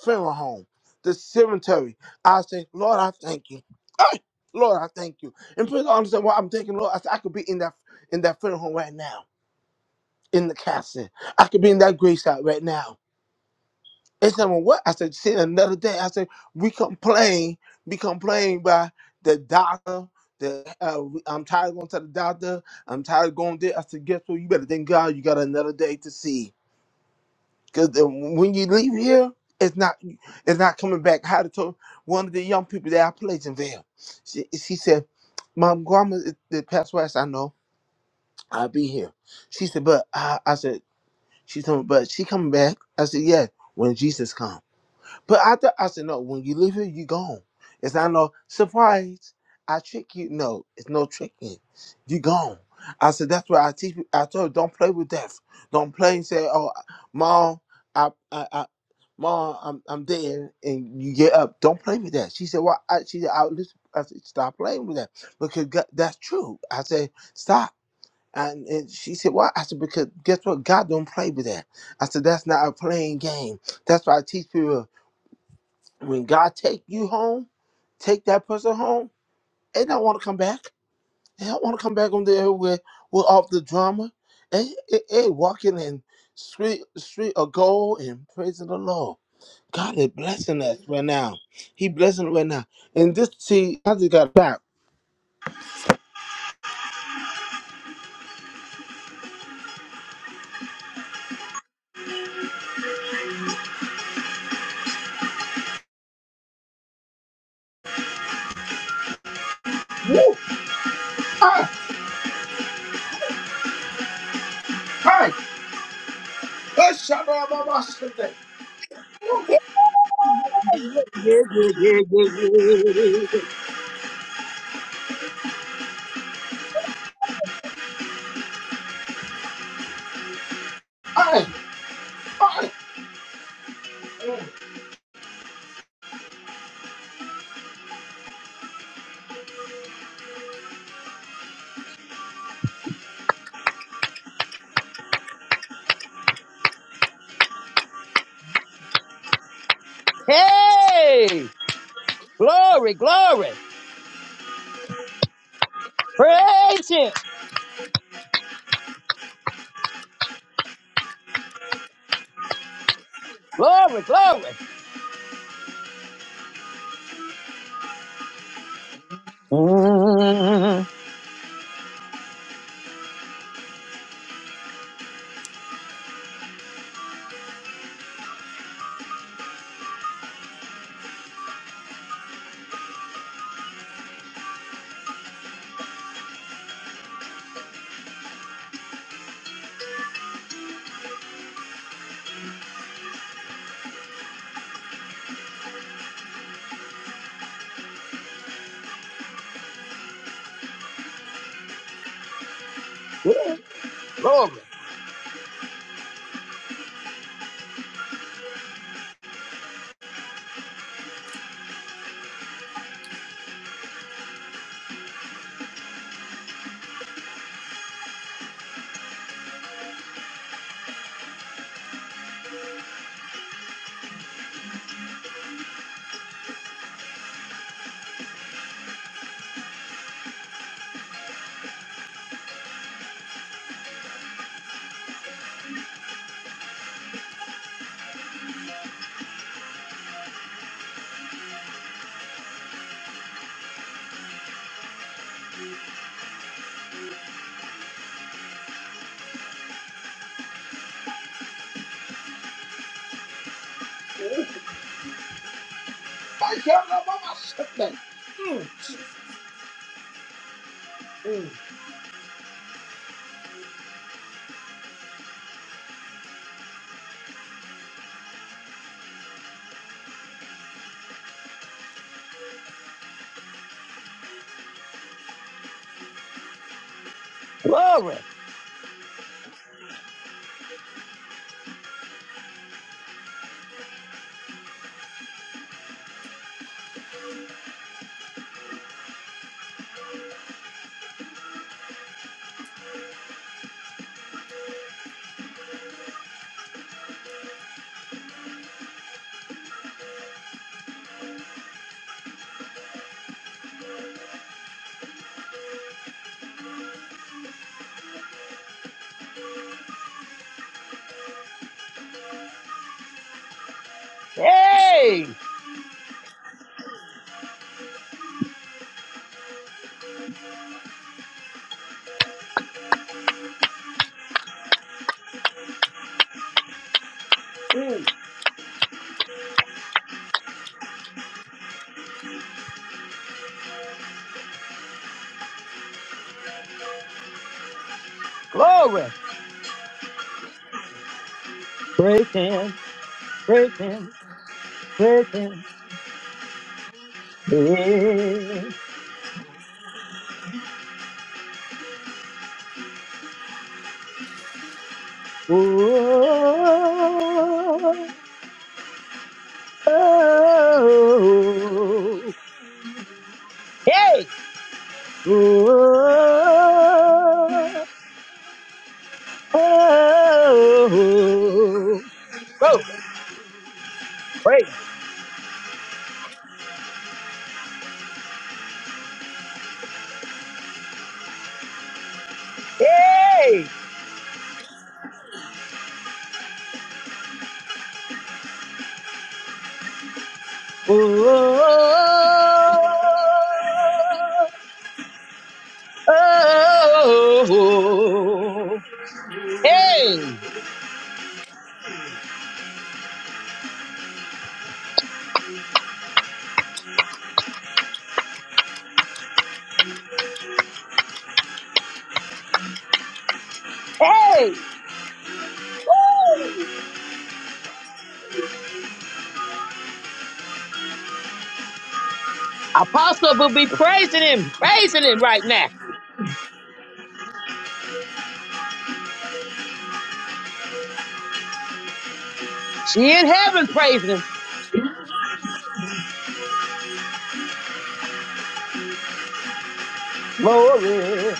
funeral home, the cemetery, I say, Lord, I thank you. Ah, Lord, I thank you." And people don't understand why I'm thanking the Lord. I said, I could be in that in that funeral home right now, in the castle. I could be in that gravesite right now. They said, well, what? I said, see, another day. I said, we complain, we complain by the doctor. The, uh, I'm tired of going to the doctor. I'm tired of going there. I said, guess what? You better thank God you got another day to see. Because when you leave here, it's not it's not coming back. How to told one of the young people that I played in there. She, she said, Mom, grandma, is- the past west, I said, I know. I'll be here. She said, but I, I said, she told me, but she coming back. I said, yeah, when Jesus comes. But I thought I said, no, when you leave here, you gone. It's not no surprise. I trick you. No, it's no tricking. You gone. I said, that's why I teach you. I told you, don't play with death. Don't play and say, oh, mom, I, I, I mom, I'm, I'm dead. And you get up. Don't play with that. She said, well, I, she said, I, listen. I said, stop playing with that because God, that's true. I said, stop. And, and she said, why? I said, because guess what? God don't play with that. I said, that's not a playing game. That's why I teach people. When God take you home, take that person home, they don't want to come back. They don't want to come back on there with with all the drama. They, they, they walking in street street of gold and praising the Lord. God is blessing us right now. He blessing right now. And this see, I just got back. Woo! Ay, ay, ay, shabba, ba, ba, shabba. Woo!
Hey, yeah, yeah, yeah, yeah, yeah.
Ay, ay, mm,
yeah. Hey! glory, glory, praise Him, glory, glory, mm, yeah, glory,
mm, ay, shabba, ba, ba, Mm, mm.
glory, hey, glory, praise Him, praise Him, praise Him, yeah. Oh, oh, Hey! Oh, oh, oh, oh, praise it. Hey! Oh, oh, oh, oh. hey! Hey! Woo! Apostle will be praising him, praising him right now. She in heaven praising him. Glory,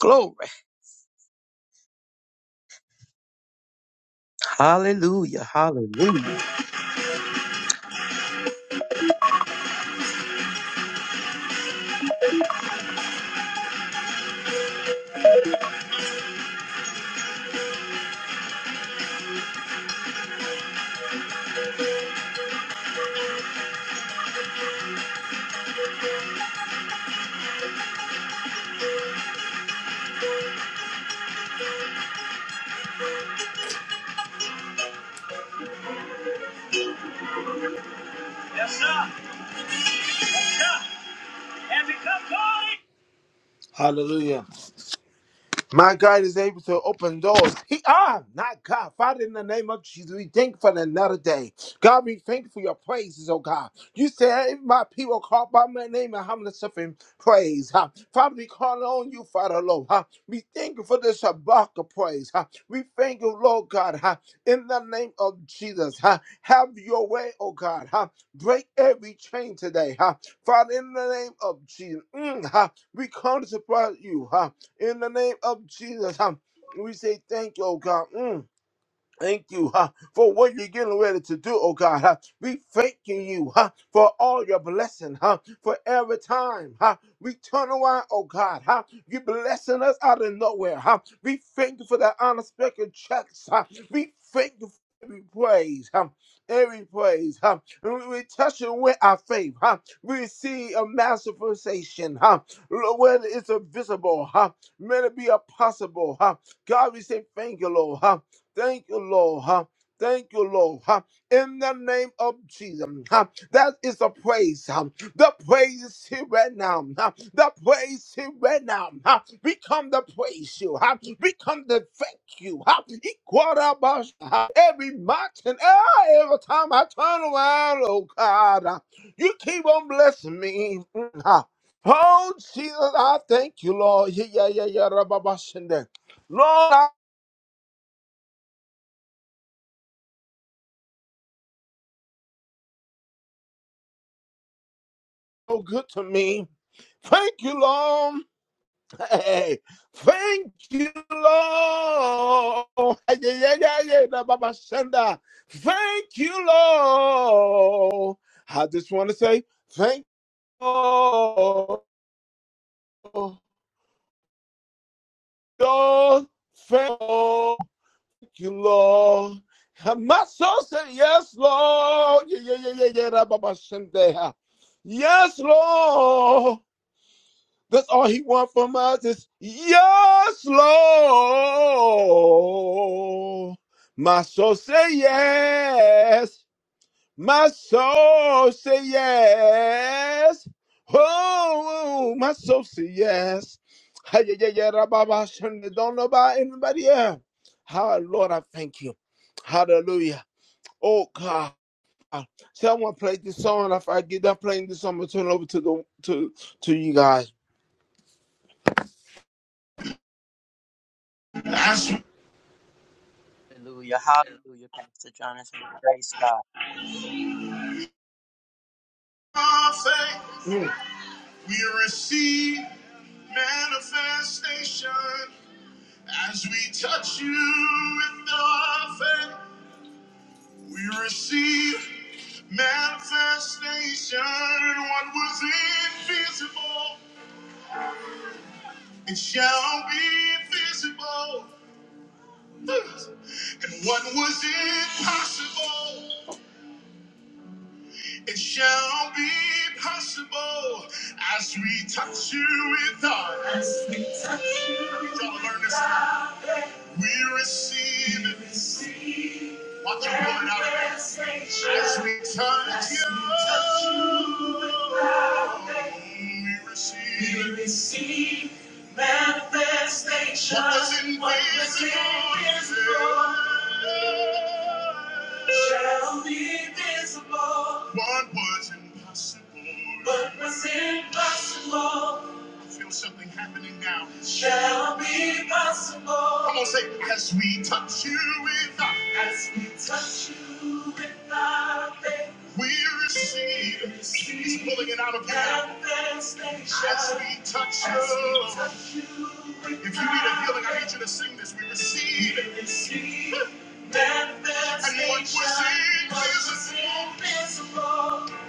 glory. Hallelujah, hallelujah.
Yes, sir. Yeah. Have you come, God? Hallelujah. My God is able to open doors. He ah, not God. Father, in the name of Jesus, we thank you for another day. God, we thank you for your praises, oh God. You said if my people call by my name and humble themselves in praise. Huh? Father, we call on you, Father Lord. Huh? We thank you for this Shabbat of praise. Huh? We thank you, Lord God, huh? in the name of Jesus. Huh? Have your way, oh God. Huh? Break every chain today. Huh? Father, in the name of Jesus. Mm, huh? We come to support you. Huh? In the name of Jesus, um, we say thank you, oh God. Mm. Thank you huh, for what you're getting ready to do, oh God. huh. We thanking you huh, for all your blessing, huh, for every time huh, we turn around, oh God. Huh, you blessing us out of nowhere. Huh. We thank you for that unexpected checks. Huh. We thank you for every praise. Huh. Every praise, huh? And we, we touch it with our faith, huh? We see a manifestation, huh? Lord, Whether it's a visible, huh? May it be a possible, huh? God, we say thank you, Lord, huh? Thank you, Lord. Huh? Thank you, Lord. Huh? In the name of Jesus. Huh? That is the praise. Huh? The praise is here right now. Huh? The praise is here right now. Huh? We come to praise you. Huh? We come to thank you. Huh? Ikwarabash, huh? Every mountain, ah, every time I turn around, oh God, huh? you keep on blessing me. Mm, huh? Oh, Jesus, I thank you, Lord. Yeah, yeah, yeah, yeah. Rababashende. Lord, so good to me. Thank you, Lord. Hey, thank you, Lord. Hey, Yeah, yeah, yeah, yeah, da, ba, ba, shanda. Thank you, Lord. I just want to say thank you, Lord. Lord, Thank you, Lord. And My soul said, Yes, Lord. Yeah, yeah, yeah, yeah, yeah, da, ba, ba, shanda. Yes, Lord. That's all he wants from us is yes, Lord. My soul say yes. My soul say yes. Oh, my soul say yes. Hi, Yeah, yeah, yeah, da, ba, ba, shun, Don't know about anybody else. How, Lord, I thank you. Hallelujah. Oh God. Someone played this song. If I get done playing this song, I'm gonna turn it over to the to to you guys. That's-
Hallelujah. Hallelujah, Pastor Jonathan. Praise God.
You See manifestation as we touch you in the faith. We receive manifestation. What was invisible, it shall be visible. And what was impossible, it shall be possible as we touch you with our. Y'all learn this. We receive it. Watch them coming out of it. As we touch you. We receive. We manifestation. What was invisible. What was invisible Shall be visible. What was impossible. What was impossible. I feel something happening now. Shall be possible. Come on, say, as we touch you with our, as we touch you with our faith. We receive. He's pulling it out of you. As we touch you. If you need a healing, I need you to sing this. We receive. We receive. And what was invisible.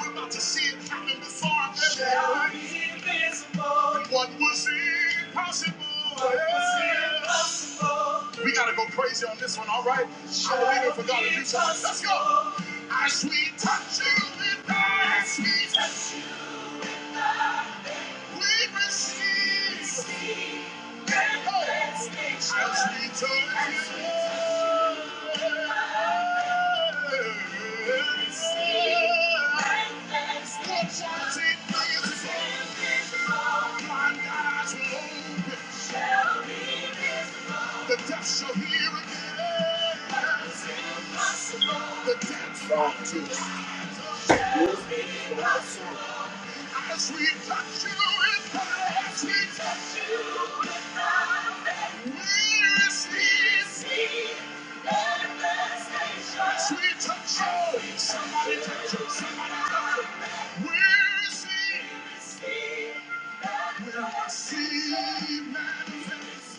We're about to see it happen before our very eyes. Shall be was impossible. We gotta go crazy on this one, all right? I believe believing for God to do something. Let's go. As we touch you we our As we touch you, we receive miracles. As we touch you. Watch it, The deaf shall hear again. The dead shall do. As we touch you in prayer, As we touch you. We receive the manifestation. As we touch you, somebody touch you, somebody touch you. We receive, we receive manifestation.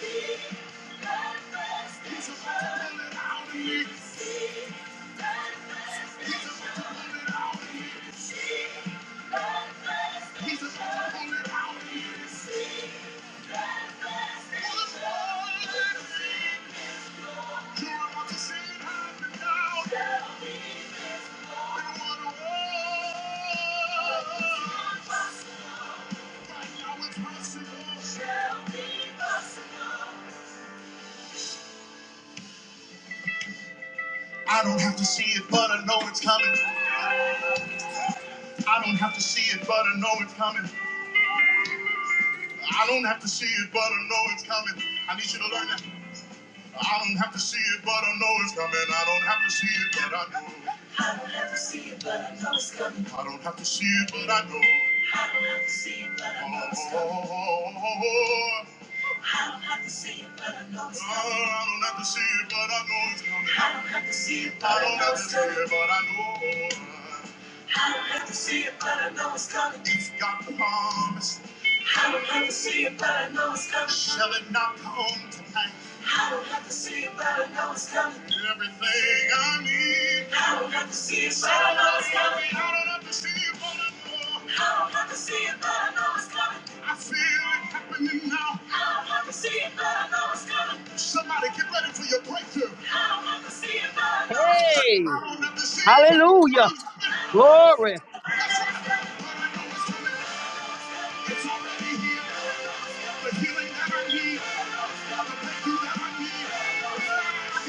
Right I don't have to see it, but I know it's coming. I don't have to see it, but I know it's coming. I don't have to see it, but I know it's coming. I need you to learn that. I don't have to see it, but I know it's coming. I don't have to see it, but I know. I don't have to see it, but I know it's coming. I don't have to see it, but I know. I don't have to see it, but I know it's coming. I don't have to see it, but I know it's coming. Oh, I don't have to see it, but I know it's coming. I don't have to see it, but I don't have know. it's coming. I don't have to see it, but I know it's coming. He's got the promise. I don't have to see it, but I know it's coming. Shall it not come tonight? I don't have to see it, but I know it's coming. Everything I need. I don't have to see it, but I know it's coming. I don't have to see it, but I know. I don't have to see it, but I know it's coming. I feel it happening now. I don't have to see it, but I know it's coming. Somebody get ready for your breakthrough. I don't have to see it, but I know it's coming. I
Hey,
don't have to see it, but I know
hallelujah,
it's coming.
glory.
That's right. But I know it's coming. It's already here. The healing that I need. The breakthrough that I need. What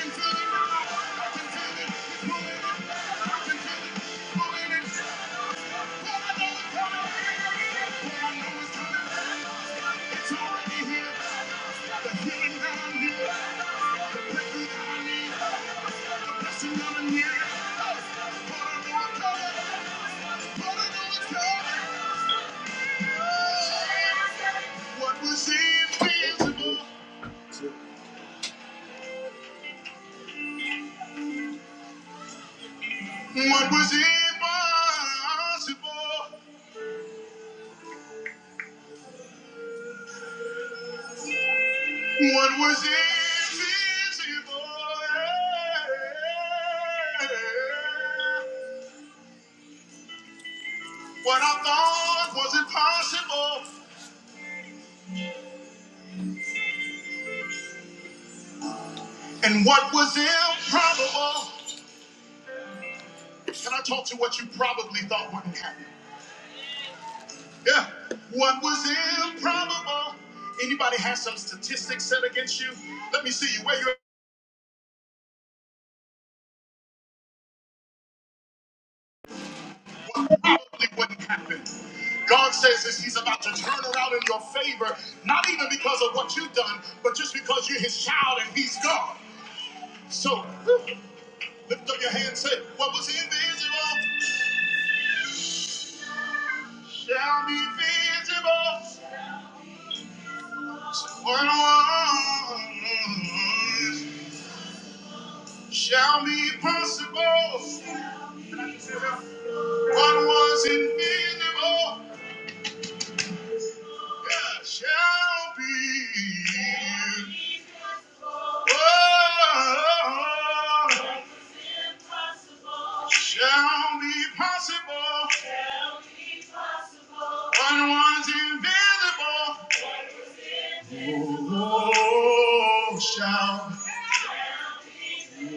was impossible? What was impossible? What was invisible? What I thought was impossible, and what was improbable? Can I talk to what you probably thought wouldn't happen? Yeah. What was improbable? Anybody has some statistics set against you? Let me see you where you probably wouldn't happen. God says this, He's about to turn around in your favor, not even because of what you've done, but just because you're His child and He's God. So lift up your hands, say, What was invisible shall be visible. What was shall be possible. What was invisible yeah, shall be. Oh, shall be possible. What was invisible. Oh, shall be. I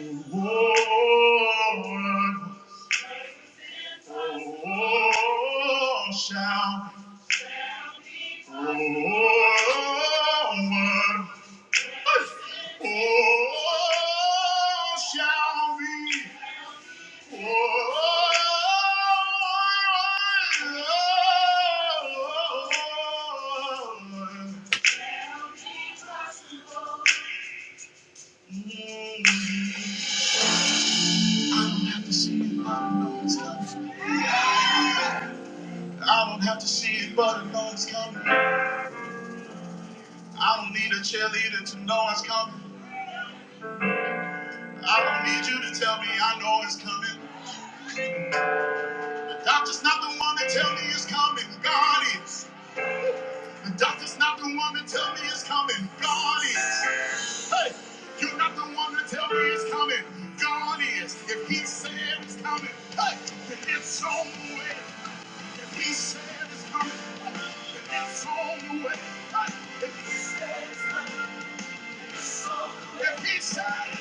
don't have to see it, but I know it's coming. I don't have to see it, but I know it's coming. I don't need a cheerleader to know it's coming. I don't need you to tell me I know it's coming. The doctor's not the one to tell me it's coming. God is. The doctor's not the one to tell me it's coming. God is. Hey, you're not the one to tell me it's coming. God is. If He said it's coming, hey, then it's on the way. If He said it's coming, hey, then it's on the way. Hey, if He said it's coming. It's on the way. It's on the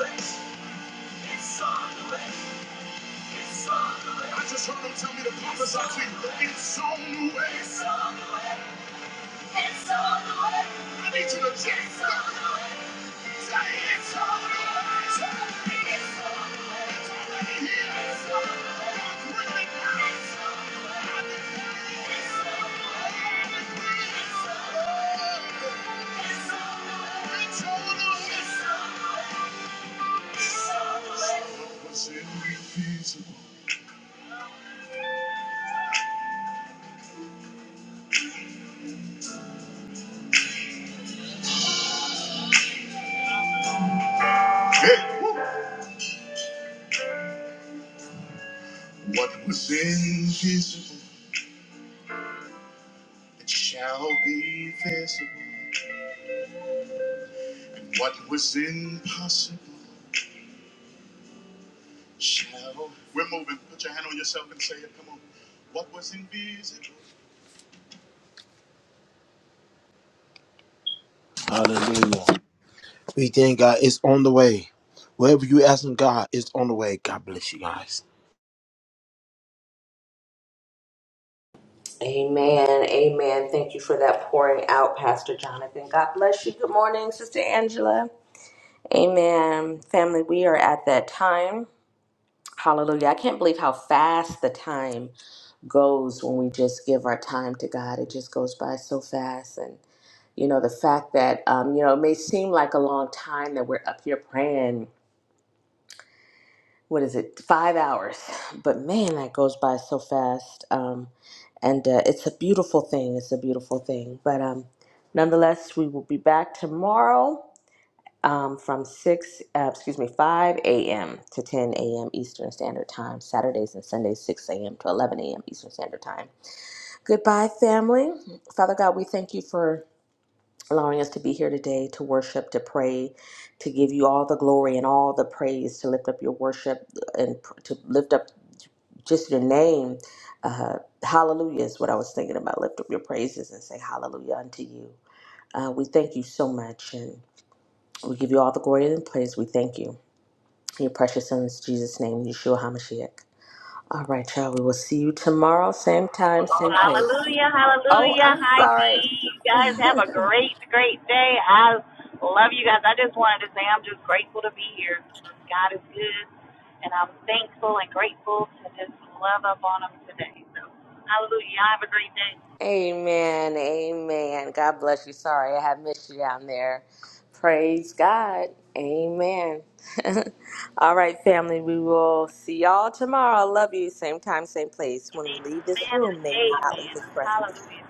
way. It's on the way. I just heard him tell me to prophesy to you. It's on the way. Yes. What was invisible? Hey, woo. What was invisible? It shall be visible. And what was impossible? We're moving. Put your hand on yourself and say it. Come on. What was invisible? Hallelujah. We thank God. It's on the way. Wherever you asking God, it's on the way. God bless you guys.
And amen. Thank you for that pouring out, Pastor Jonathan. God bless you. Good morning, Sister Angela. Amen. Family, we are at that time. Hallelujah. I can't believe how fast the time goes when we just give our time to God. It just goes by so fast. And, you know, the fact that, um, you know, it may seem like a long time that we're up here praying what is it five hours but man that goes by so fast um, and uh, it's a beautiful thing it's a beautiful thing but um, nonetheless we will be back tomorrow um, from 6 uh, excuse me 5 a.m to 10 a.m eastern standard time saturdays and sundays 6 a.m to 11 a.m eastern standard time goodbye family father god we thank you for allowing us to be here today to worship to pray to give you all the glory and all the praise to lift up your worship uh, and pr- to lift up just your name. Uh, hallelujah is what I was thinking about. Lift up your praises and say hallelujah unto you. Uh, we thank you so much and we give you all the glory and praise. We thank you. In your precious son's Jesus' name, Yeshua HaMashiach. All right, child, we will see you tomorrow, same time, same place.
Hallelujah,
Oh,
hallelujah.
I'm
Hi, D.
sorry.
You guys have a great, great day. I love you guys. I just wanted to say I'm just grateful to be here. God is good, and I'm thankful and grateful to just love up on Him today. So, hallelujah. Have a great day.
Amen. Amen. God bless you. Sorry, I have missed you down there. Praise God. Amen. All right, family. We will see y'all tomorrow. I love you. Same time, same place. When we leave this
Amen and
room, may we not leave
amen.
His presence.
Hallelujah.